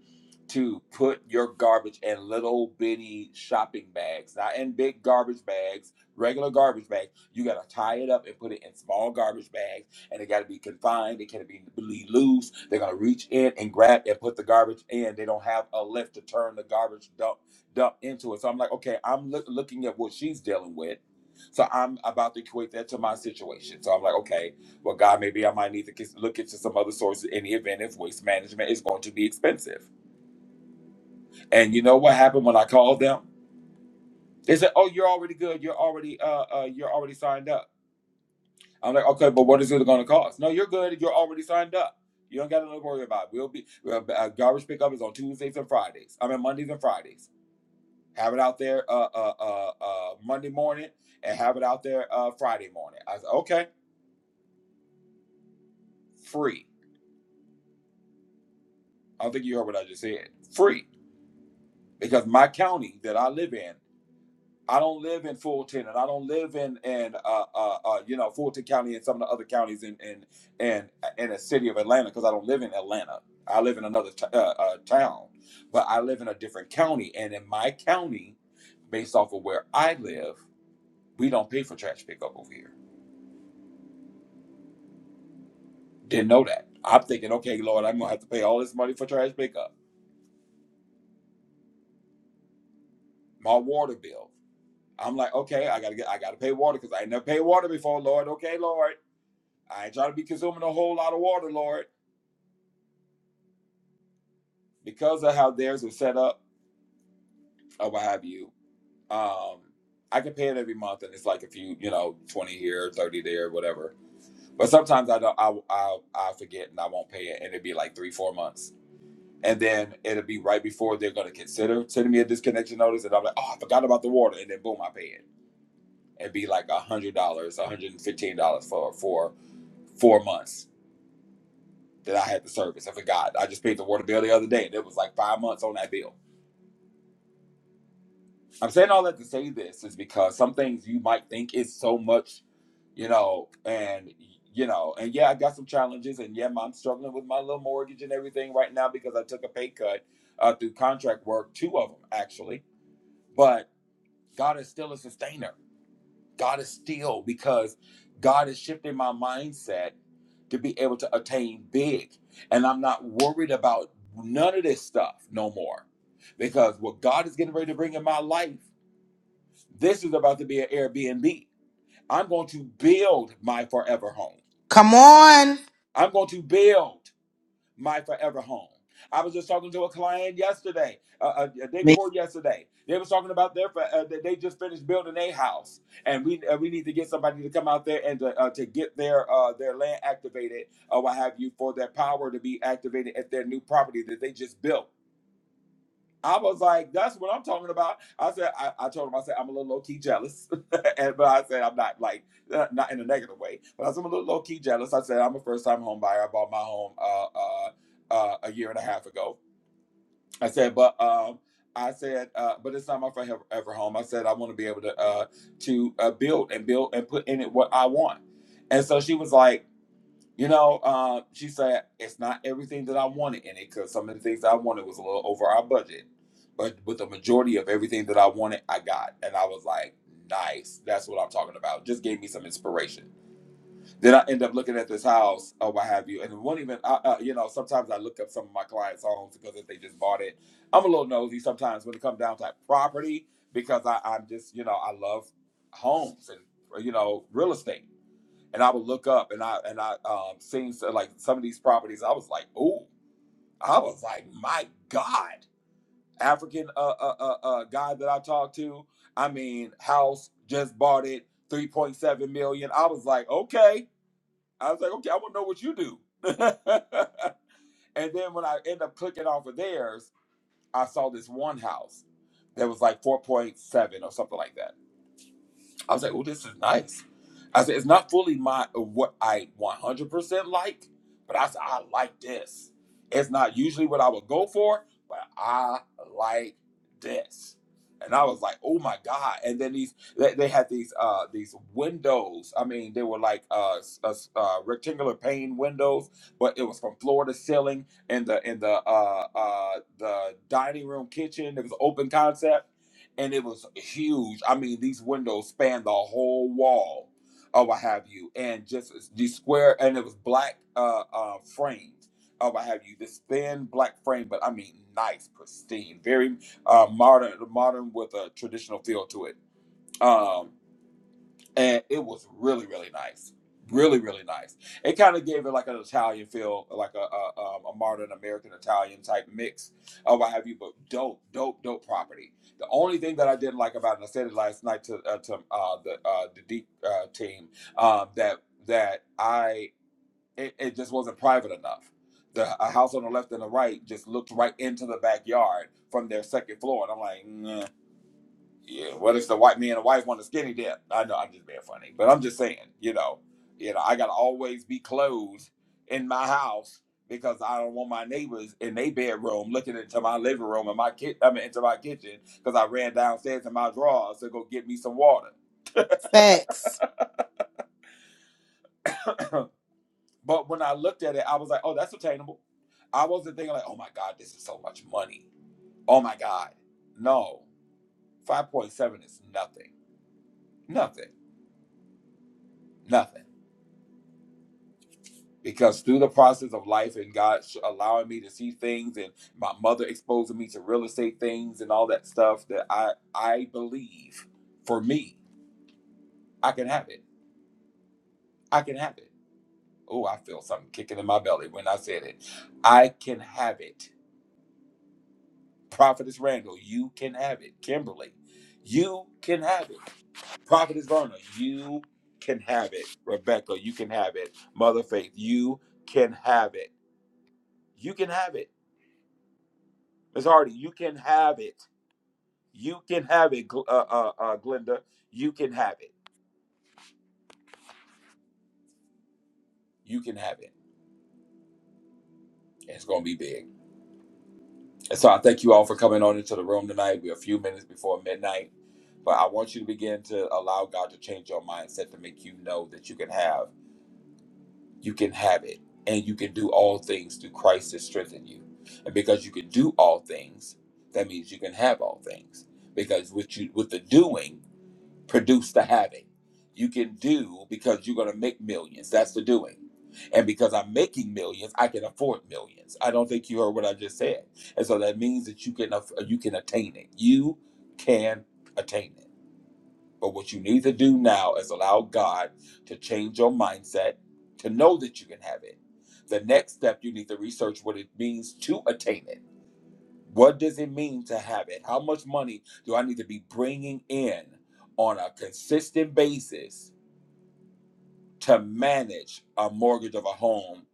to put your garbage in little bitty shopping bags not in big garbage bags regular garbage bags you gotta tie it up and put it in small garbage bags and it gotta be confined it can't be be loose they're gonna reach in and grab and put the garbage in they don't have a lift to turn the garbage dump up into it. So I'm like, okay, I'm look, looking at what she's dealing with. So I'm about to equate that to my situation. So I'm like, okay, well, God, maybe I might need to kiss- look into some other sources in the event if waste management is going to be expensive. And you know what happened when I called them? They said, oh, you're already good. You're already, uh, uh, you're already signed up. I'm like, okay, but what is it going to cost? No, you're good. You're already signed up. You don't got to worry about. it. We'll be uh, uh, garbage pickup is on Tuesdays and Fridays. I mean Mondays and Fridays. Have it out there uh, uh, uh, uh, Monday morning and have it out there uh, Friday morning. I said, okay, free. I don't think you heard what I just said. Free. Because my county that I live in, I don't live in Fulton and I don't live in, in uh, uh, uh, you know, Fulton County and some of the other counties in, in, in, in the city of Atlanta because I don't live in Atlanta. I live in another t- uh, uh, town, but I live in a different county. And in my county, based off of where I live, we don't pay for trash pickup over here Didn't know that. I'm thinking, okay, Lord, I'm gonna have to pay all this money for trash pickup, my water bill. I'm like, okay, I gotta get, I gotta pay water because I ain't never paid water before, Lord. Okay, Lord, I ain't trying to be consuming a whole lot of water, Lord, because of how theirs was set up or what have you. Um, I can pay it every month, and it's like a few, you know, twenty here, thirty there, whatever. But sometimes I don't, I, I, I forget, and I won't pay it, and it'd be like three, four months and then it'll be right before they're gonna consider sending me a disconnection notice, and I'm like, oh, I forgot about the water, and then boom, I pay it. It'd be like a hundred dollars, a hundred and fifteen dollars for for four months that I had the service. I forgot. I just paid the water bill the other day, and it was like five months on that bill. I'm saying all that to say this is because some things you might think is so much, you know, and you know, and yeah, I got some challenges, and yeah, I'm struggling with my little mortgage and everything right now because I took a pay cut uh, through contract work, two of them actually, but God is still a sustainer. God is still because God has shifted my mindset to be able to attain big. And I'm not worried about none of this stuff no more. Because what God is getting ready to bring in my life, this is about to be an Airbnb. I'm going to build my forever home.
Come on.
I'm going to build. my forever home. I was just talking to a client yesterday, uh, uh, the day
Me.
before yesterday. They was talking about their, uh, that they just finished building a house, and we uh, we need to get somebody to come out there and to, uh, to get their uh, their land activated, or what have you, for their power to be activated at their new property that they just built I was like, that's what I'm talking about. I said, I, I told him, I said, I'm a little low key jealous. and, but I said, I'm not like, uh, not in a negative way, but I said, I'm a little low key jealous. I said, I'm a first time home buyer. I bought my home uh, uh, uh, a year and a half ago. I said, but, um, I said, uh, but it's not my forever ever home. I said, I want to be able to, uh, to uh, build and build and put in it what I want. And so she was like, you know, uh, she said it's not everything that I wanted in it because some of the things I wanted was a little over our budget, but with the majority of everything that I wanted, I got, and I was like, nice. That's what I'm talking about. Just gave me some inspiration. Then I end up looking at this house or what have you, and it won't even. I, uh, you know, sometimes I look up some of my clients' homes because if they just bought it, I'm a little nosy sometimes when it comes down to like property because I, I'm just you know I love homes and you know real estate and I would look up and I and I um seen so, like some of these properties. I was like, oh, I was like, my God, African uh, uh uh uh guy that I talked to. I mean, house just bought it, three point seven million. I was like, okay. I was like, okay, I want to know what you do. and then when I end up clicking off of theirs, I saw this one house that was like four point seven or something like that. I was like, oh, this is nice. I said, it's not fully my uh, what I 100% like, but I said, I like this. It's not usually what I would go for, but I like this. And I was like, oh my God. And then these, they, they had these, uh, these windows. I mean, they were like, uh, s- uh, s- uh, rectangular pane windows, but it was from floor to ceiling in the, in the, uh, uh, the dining room kitchen. It was open concept and it was huge. I mean, these windows spanned the whole wall or what have you, and just these square, and it was black uh, uh, frames or what have you. This thin black frame, but I mean, nice, pristine, very uh, modern, modern with a traditional feel to it. Um, and it was really really nice really really nice it kind of gave it like an italian feel like a, a, um, a modern american italian type mix or what have you but dope dope dope property the only thing that i didn't like about it and i said it last night to, uh, to uh, the uh, the deep uh, team um, that that i it, it just wasn't private enough the a house on the left and the right just looked right into the backyard from their second floor and i'm like "Nah." Yeah, what if the white man and wife want a skinny dip? I know I'm just being funny, but I'm just saying, you know, you know, I gotta always be clothed in my house because I don't want my neighbors in their bedroom looking into my living room and my kid, I mean, into my kitchen because I ran downstairs in my drawers to go get me some water.
Facts.
but when I looked at it, I was like, oh, that's attainable. I wasn't thinking like, oh my god, this is so much money. Oh my god, no, five point seven is nothing, nothing, nothing. because through the process of life and God sh- allowing me to see things and my mother exposing me to real estate things and all that stuff that I I believe for me I can have it. I can have it. Oh, I feel something kicking in my belly when I said it. I can have it. Prophetess Randall, you can have it. Kimberly, you can have it. Prophetess Verna, you can have it. Rebecca, you can have it. Mother Faith, you can have it. You can have it. Miss Hardy, you can have it. You can have it, Gl- uh, uh, uh, Glenda. You can have it. You can have it. It's going to be big. And so I thank you all for coming on into the room tonight. We're a few minutes before midnight, but I want you to begin to allow God to change your mindset to make you know that you can have, you can have it, and you can do all things through Christ that strengthen you. And because you can do all things, that means you can have all things. Because with you, with the doing produce the having. You can do because you're going to make millions. That's the doing. And because I'm making millions, I can afford millions. I don't think you heard what I just said. And so that means that you can aff- you can attain it. You can attain it. But what you need to do now is allow God to change your mindset to know that you can have it. The next step you need to research what it means to attain it what does it mean to have it? How much money do I need to be bringing in on a consistent basis to manage a mortgage of a home?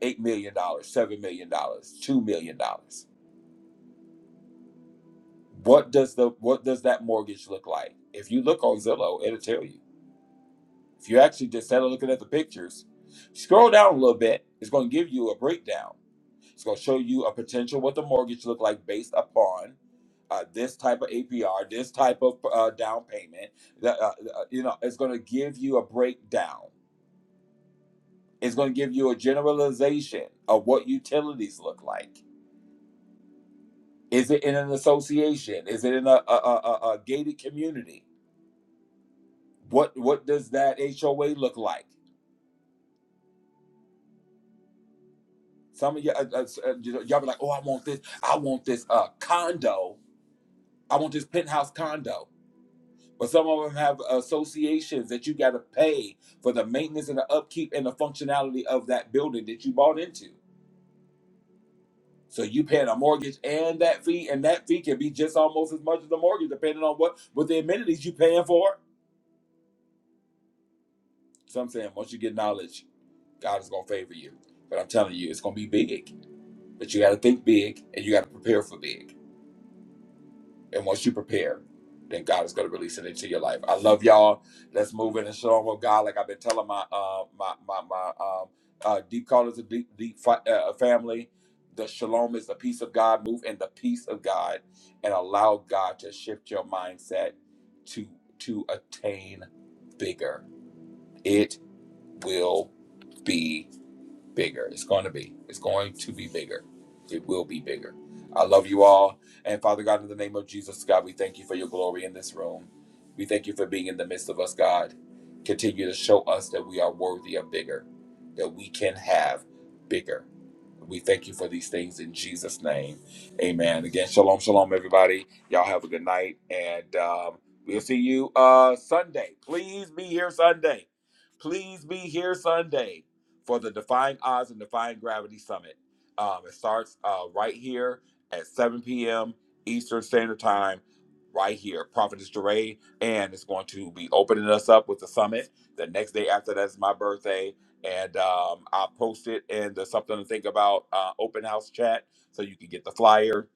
$8 million, dollars, $7 million, dollars, $2 million. dollars. What does the what does that mortgage look like? If you look on Zillow, it'll tell you. If you actually just instead of looking at the pictures, scroll down a little bit, it's going to give you a breakdown It's going to show you a potential what the mortgage look like based upon uh, this type of APR, this type of uh, down payment. That, uh, uh, you know, it's going to give you a breakdown. It's going to give you a generalization of what utilities look like. Is it in an association? Is it in a, a, a, a a gated community? What what does that HOA look like? Some of y'all, uh, uh, s- uh, you know, y'all be like, oh, I want this. I want this uh, condo. I want this penthouse condo But some of them have associations that you got to pay for the maintenance and the upkeep and the functionality of that building that you bought into. So you paying a mortgage and that fee, and that fee can be just almost as much as the mortgage, depending on what what the amenities you paying for. So I'm saying once you get knowledge, God is gonna favor you. But I'm telling you, it's gonna be big. But you got to think big and you got to prepare for big. And once you prepare, then God is going to release it into your life. I love y'all. Let's move in and show with God. Like I've been telling my uh, my my my um, uh, deep callers of deep deep fi- uh, family, the shalom is the peace of God. Move in the peace of God and allow God to shift your mindset to to attain bigger. It will be bigger. It's going to be. It's going to be bigger. It will be bigger. I love you all. And Father God, in the name of Jesus, God, we thank you for your glory in this room. We thank you for being in the midst of us, God. Continue to show us that we are worthy of bigger, that we can have bigger. We thank you for these things in Jesus' name. Amen. Again, shalom, shalom, everybody. Y'all have a good night. And um, we'll see you uh, Sunday. Please be here Sunday. Please be here Sunday for the Defying Odds and Defying Gravity Summit. Um, it starts uh, right here at 7 p.m. Eastern Standard Time, right here. Prophetess Duray, and it's going to be opening us up with the summit. The next day after that is my birthday and um, I'll post it in the something to think about uh, open house chat so you can get the flyer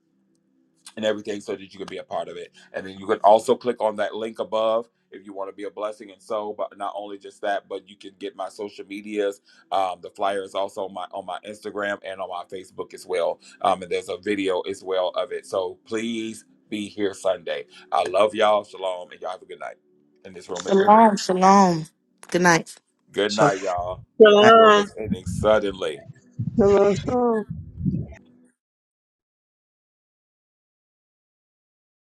and everything so that you can be a part of it. And then you can also click on that link above if you want to be a blessing and so. But not only just that, but you can get my social medias. Um, the flyer is also on my on my Instagram and on my Facebook as well. Um, and there's a video as well of it. So please be here Sunday. I love y'all. Shalom, and y'all have a good night. And this room is ending.
Shalom. Shalom. Good night.
Good
Shalom.
night, y'all. And this room
Shalom.
is ending suddenly.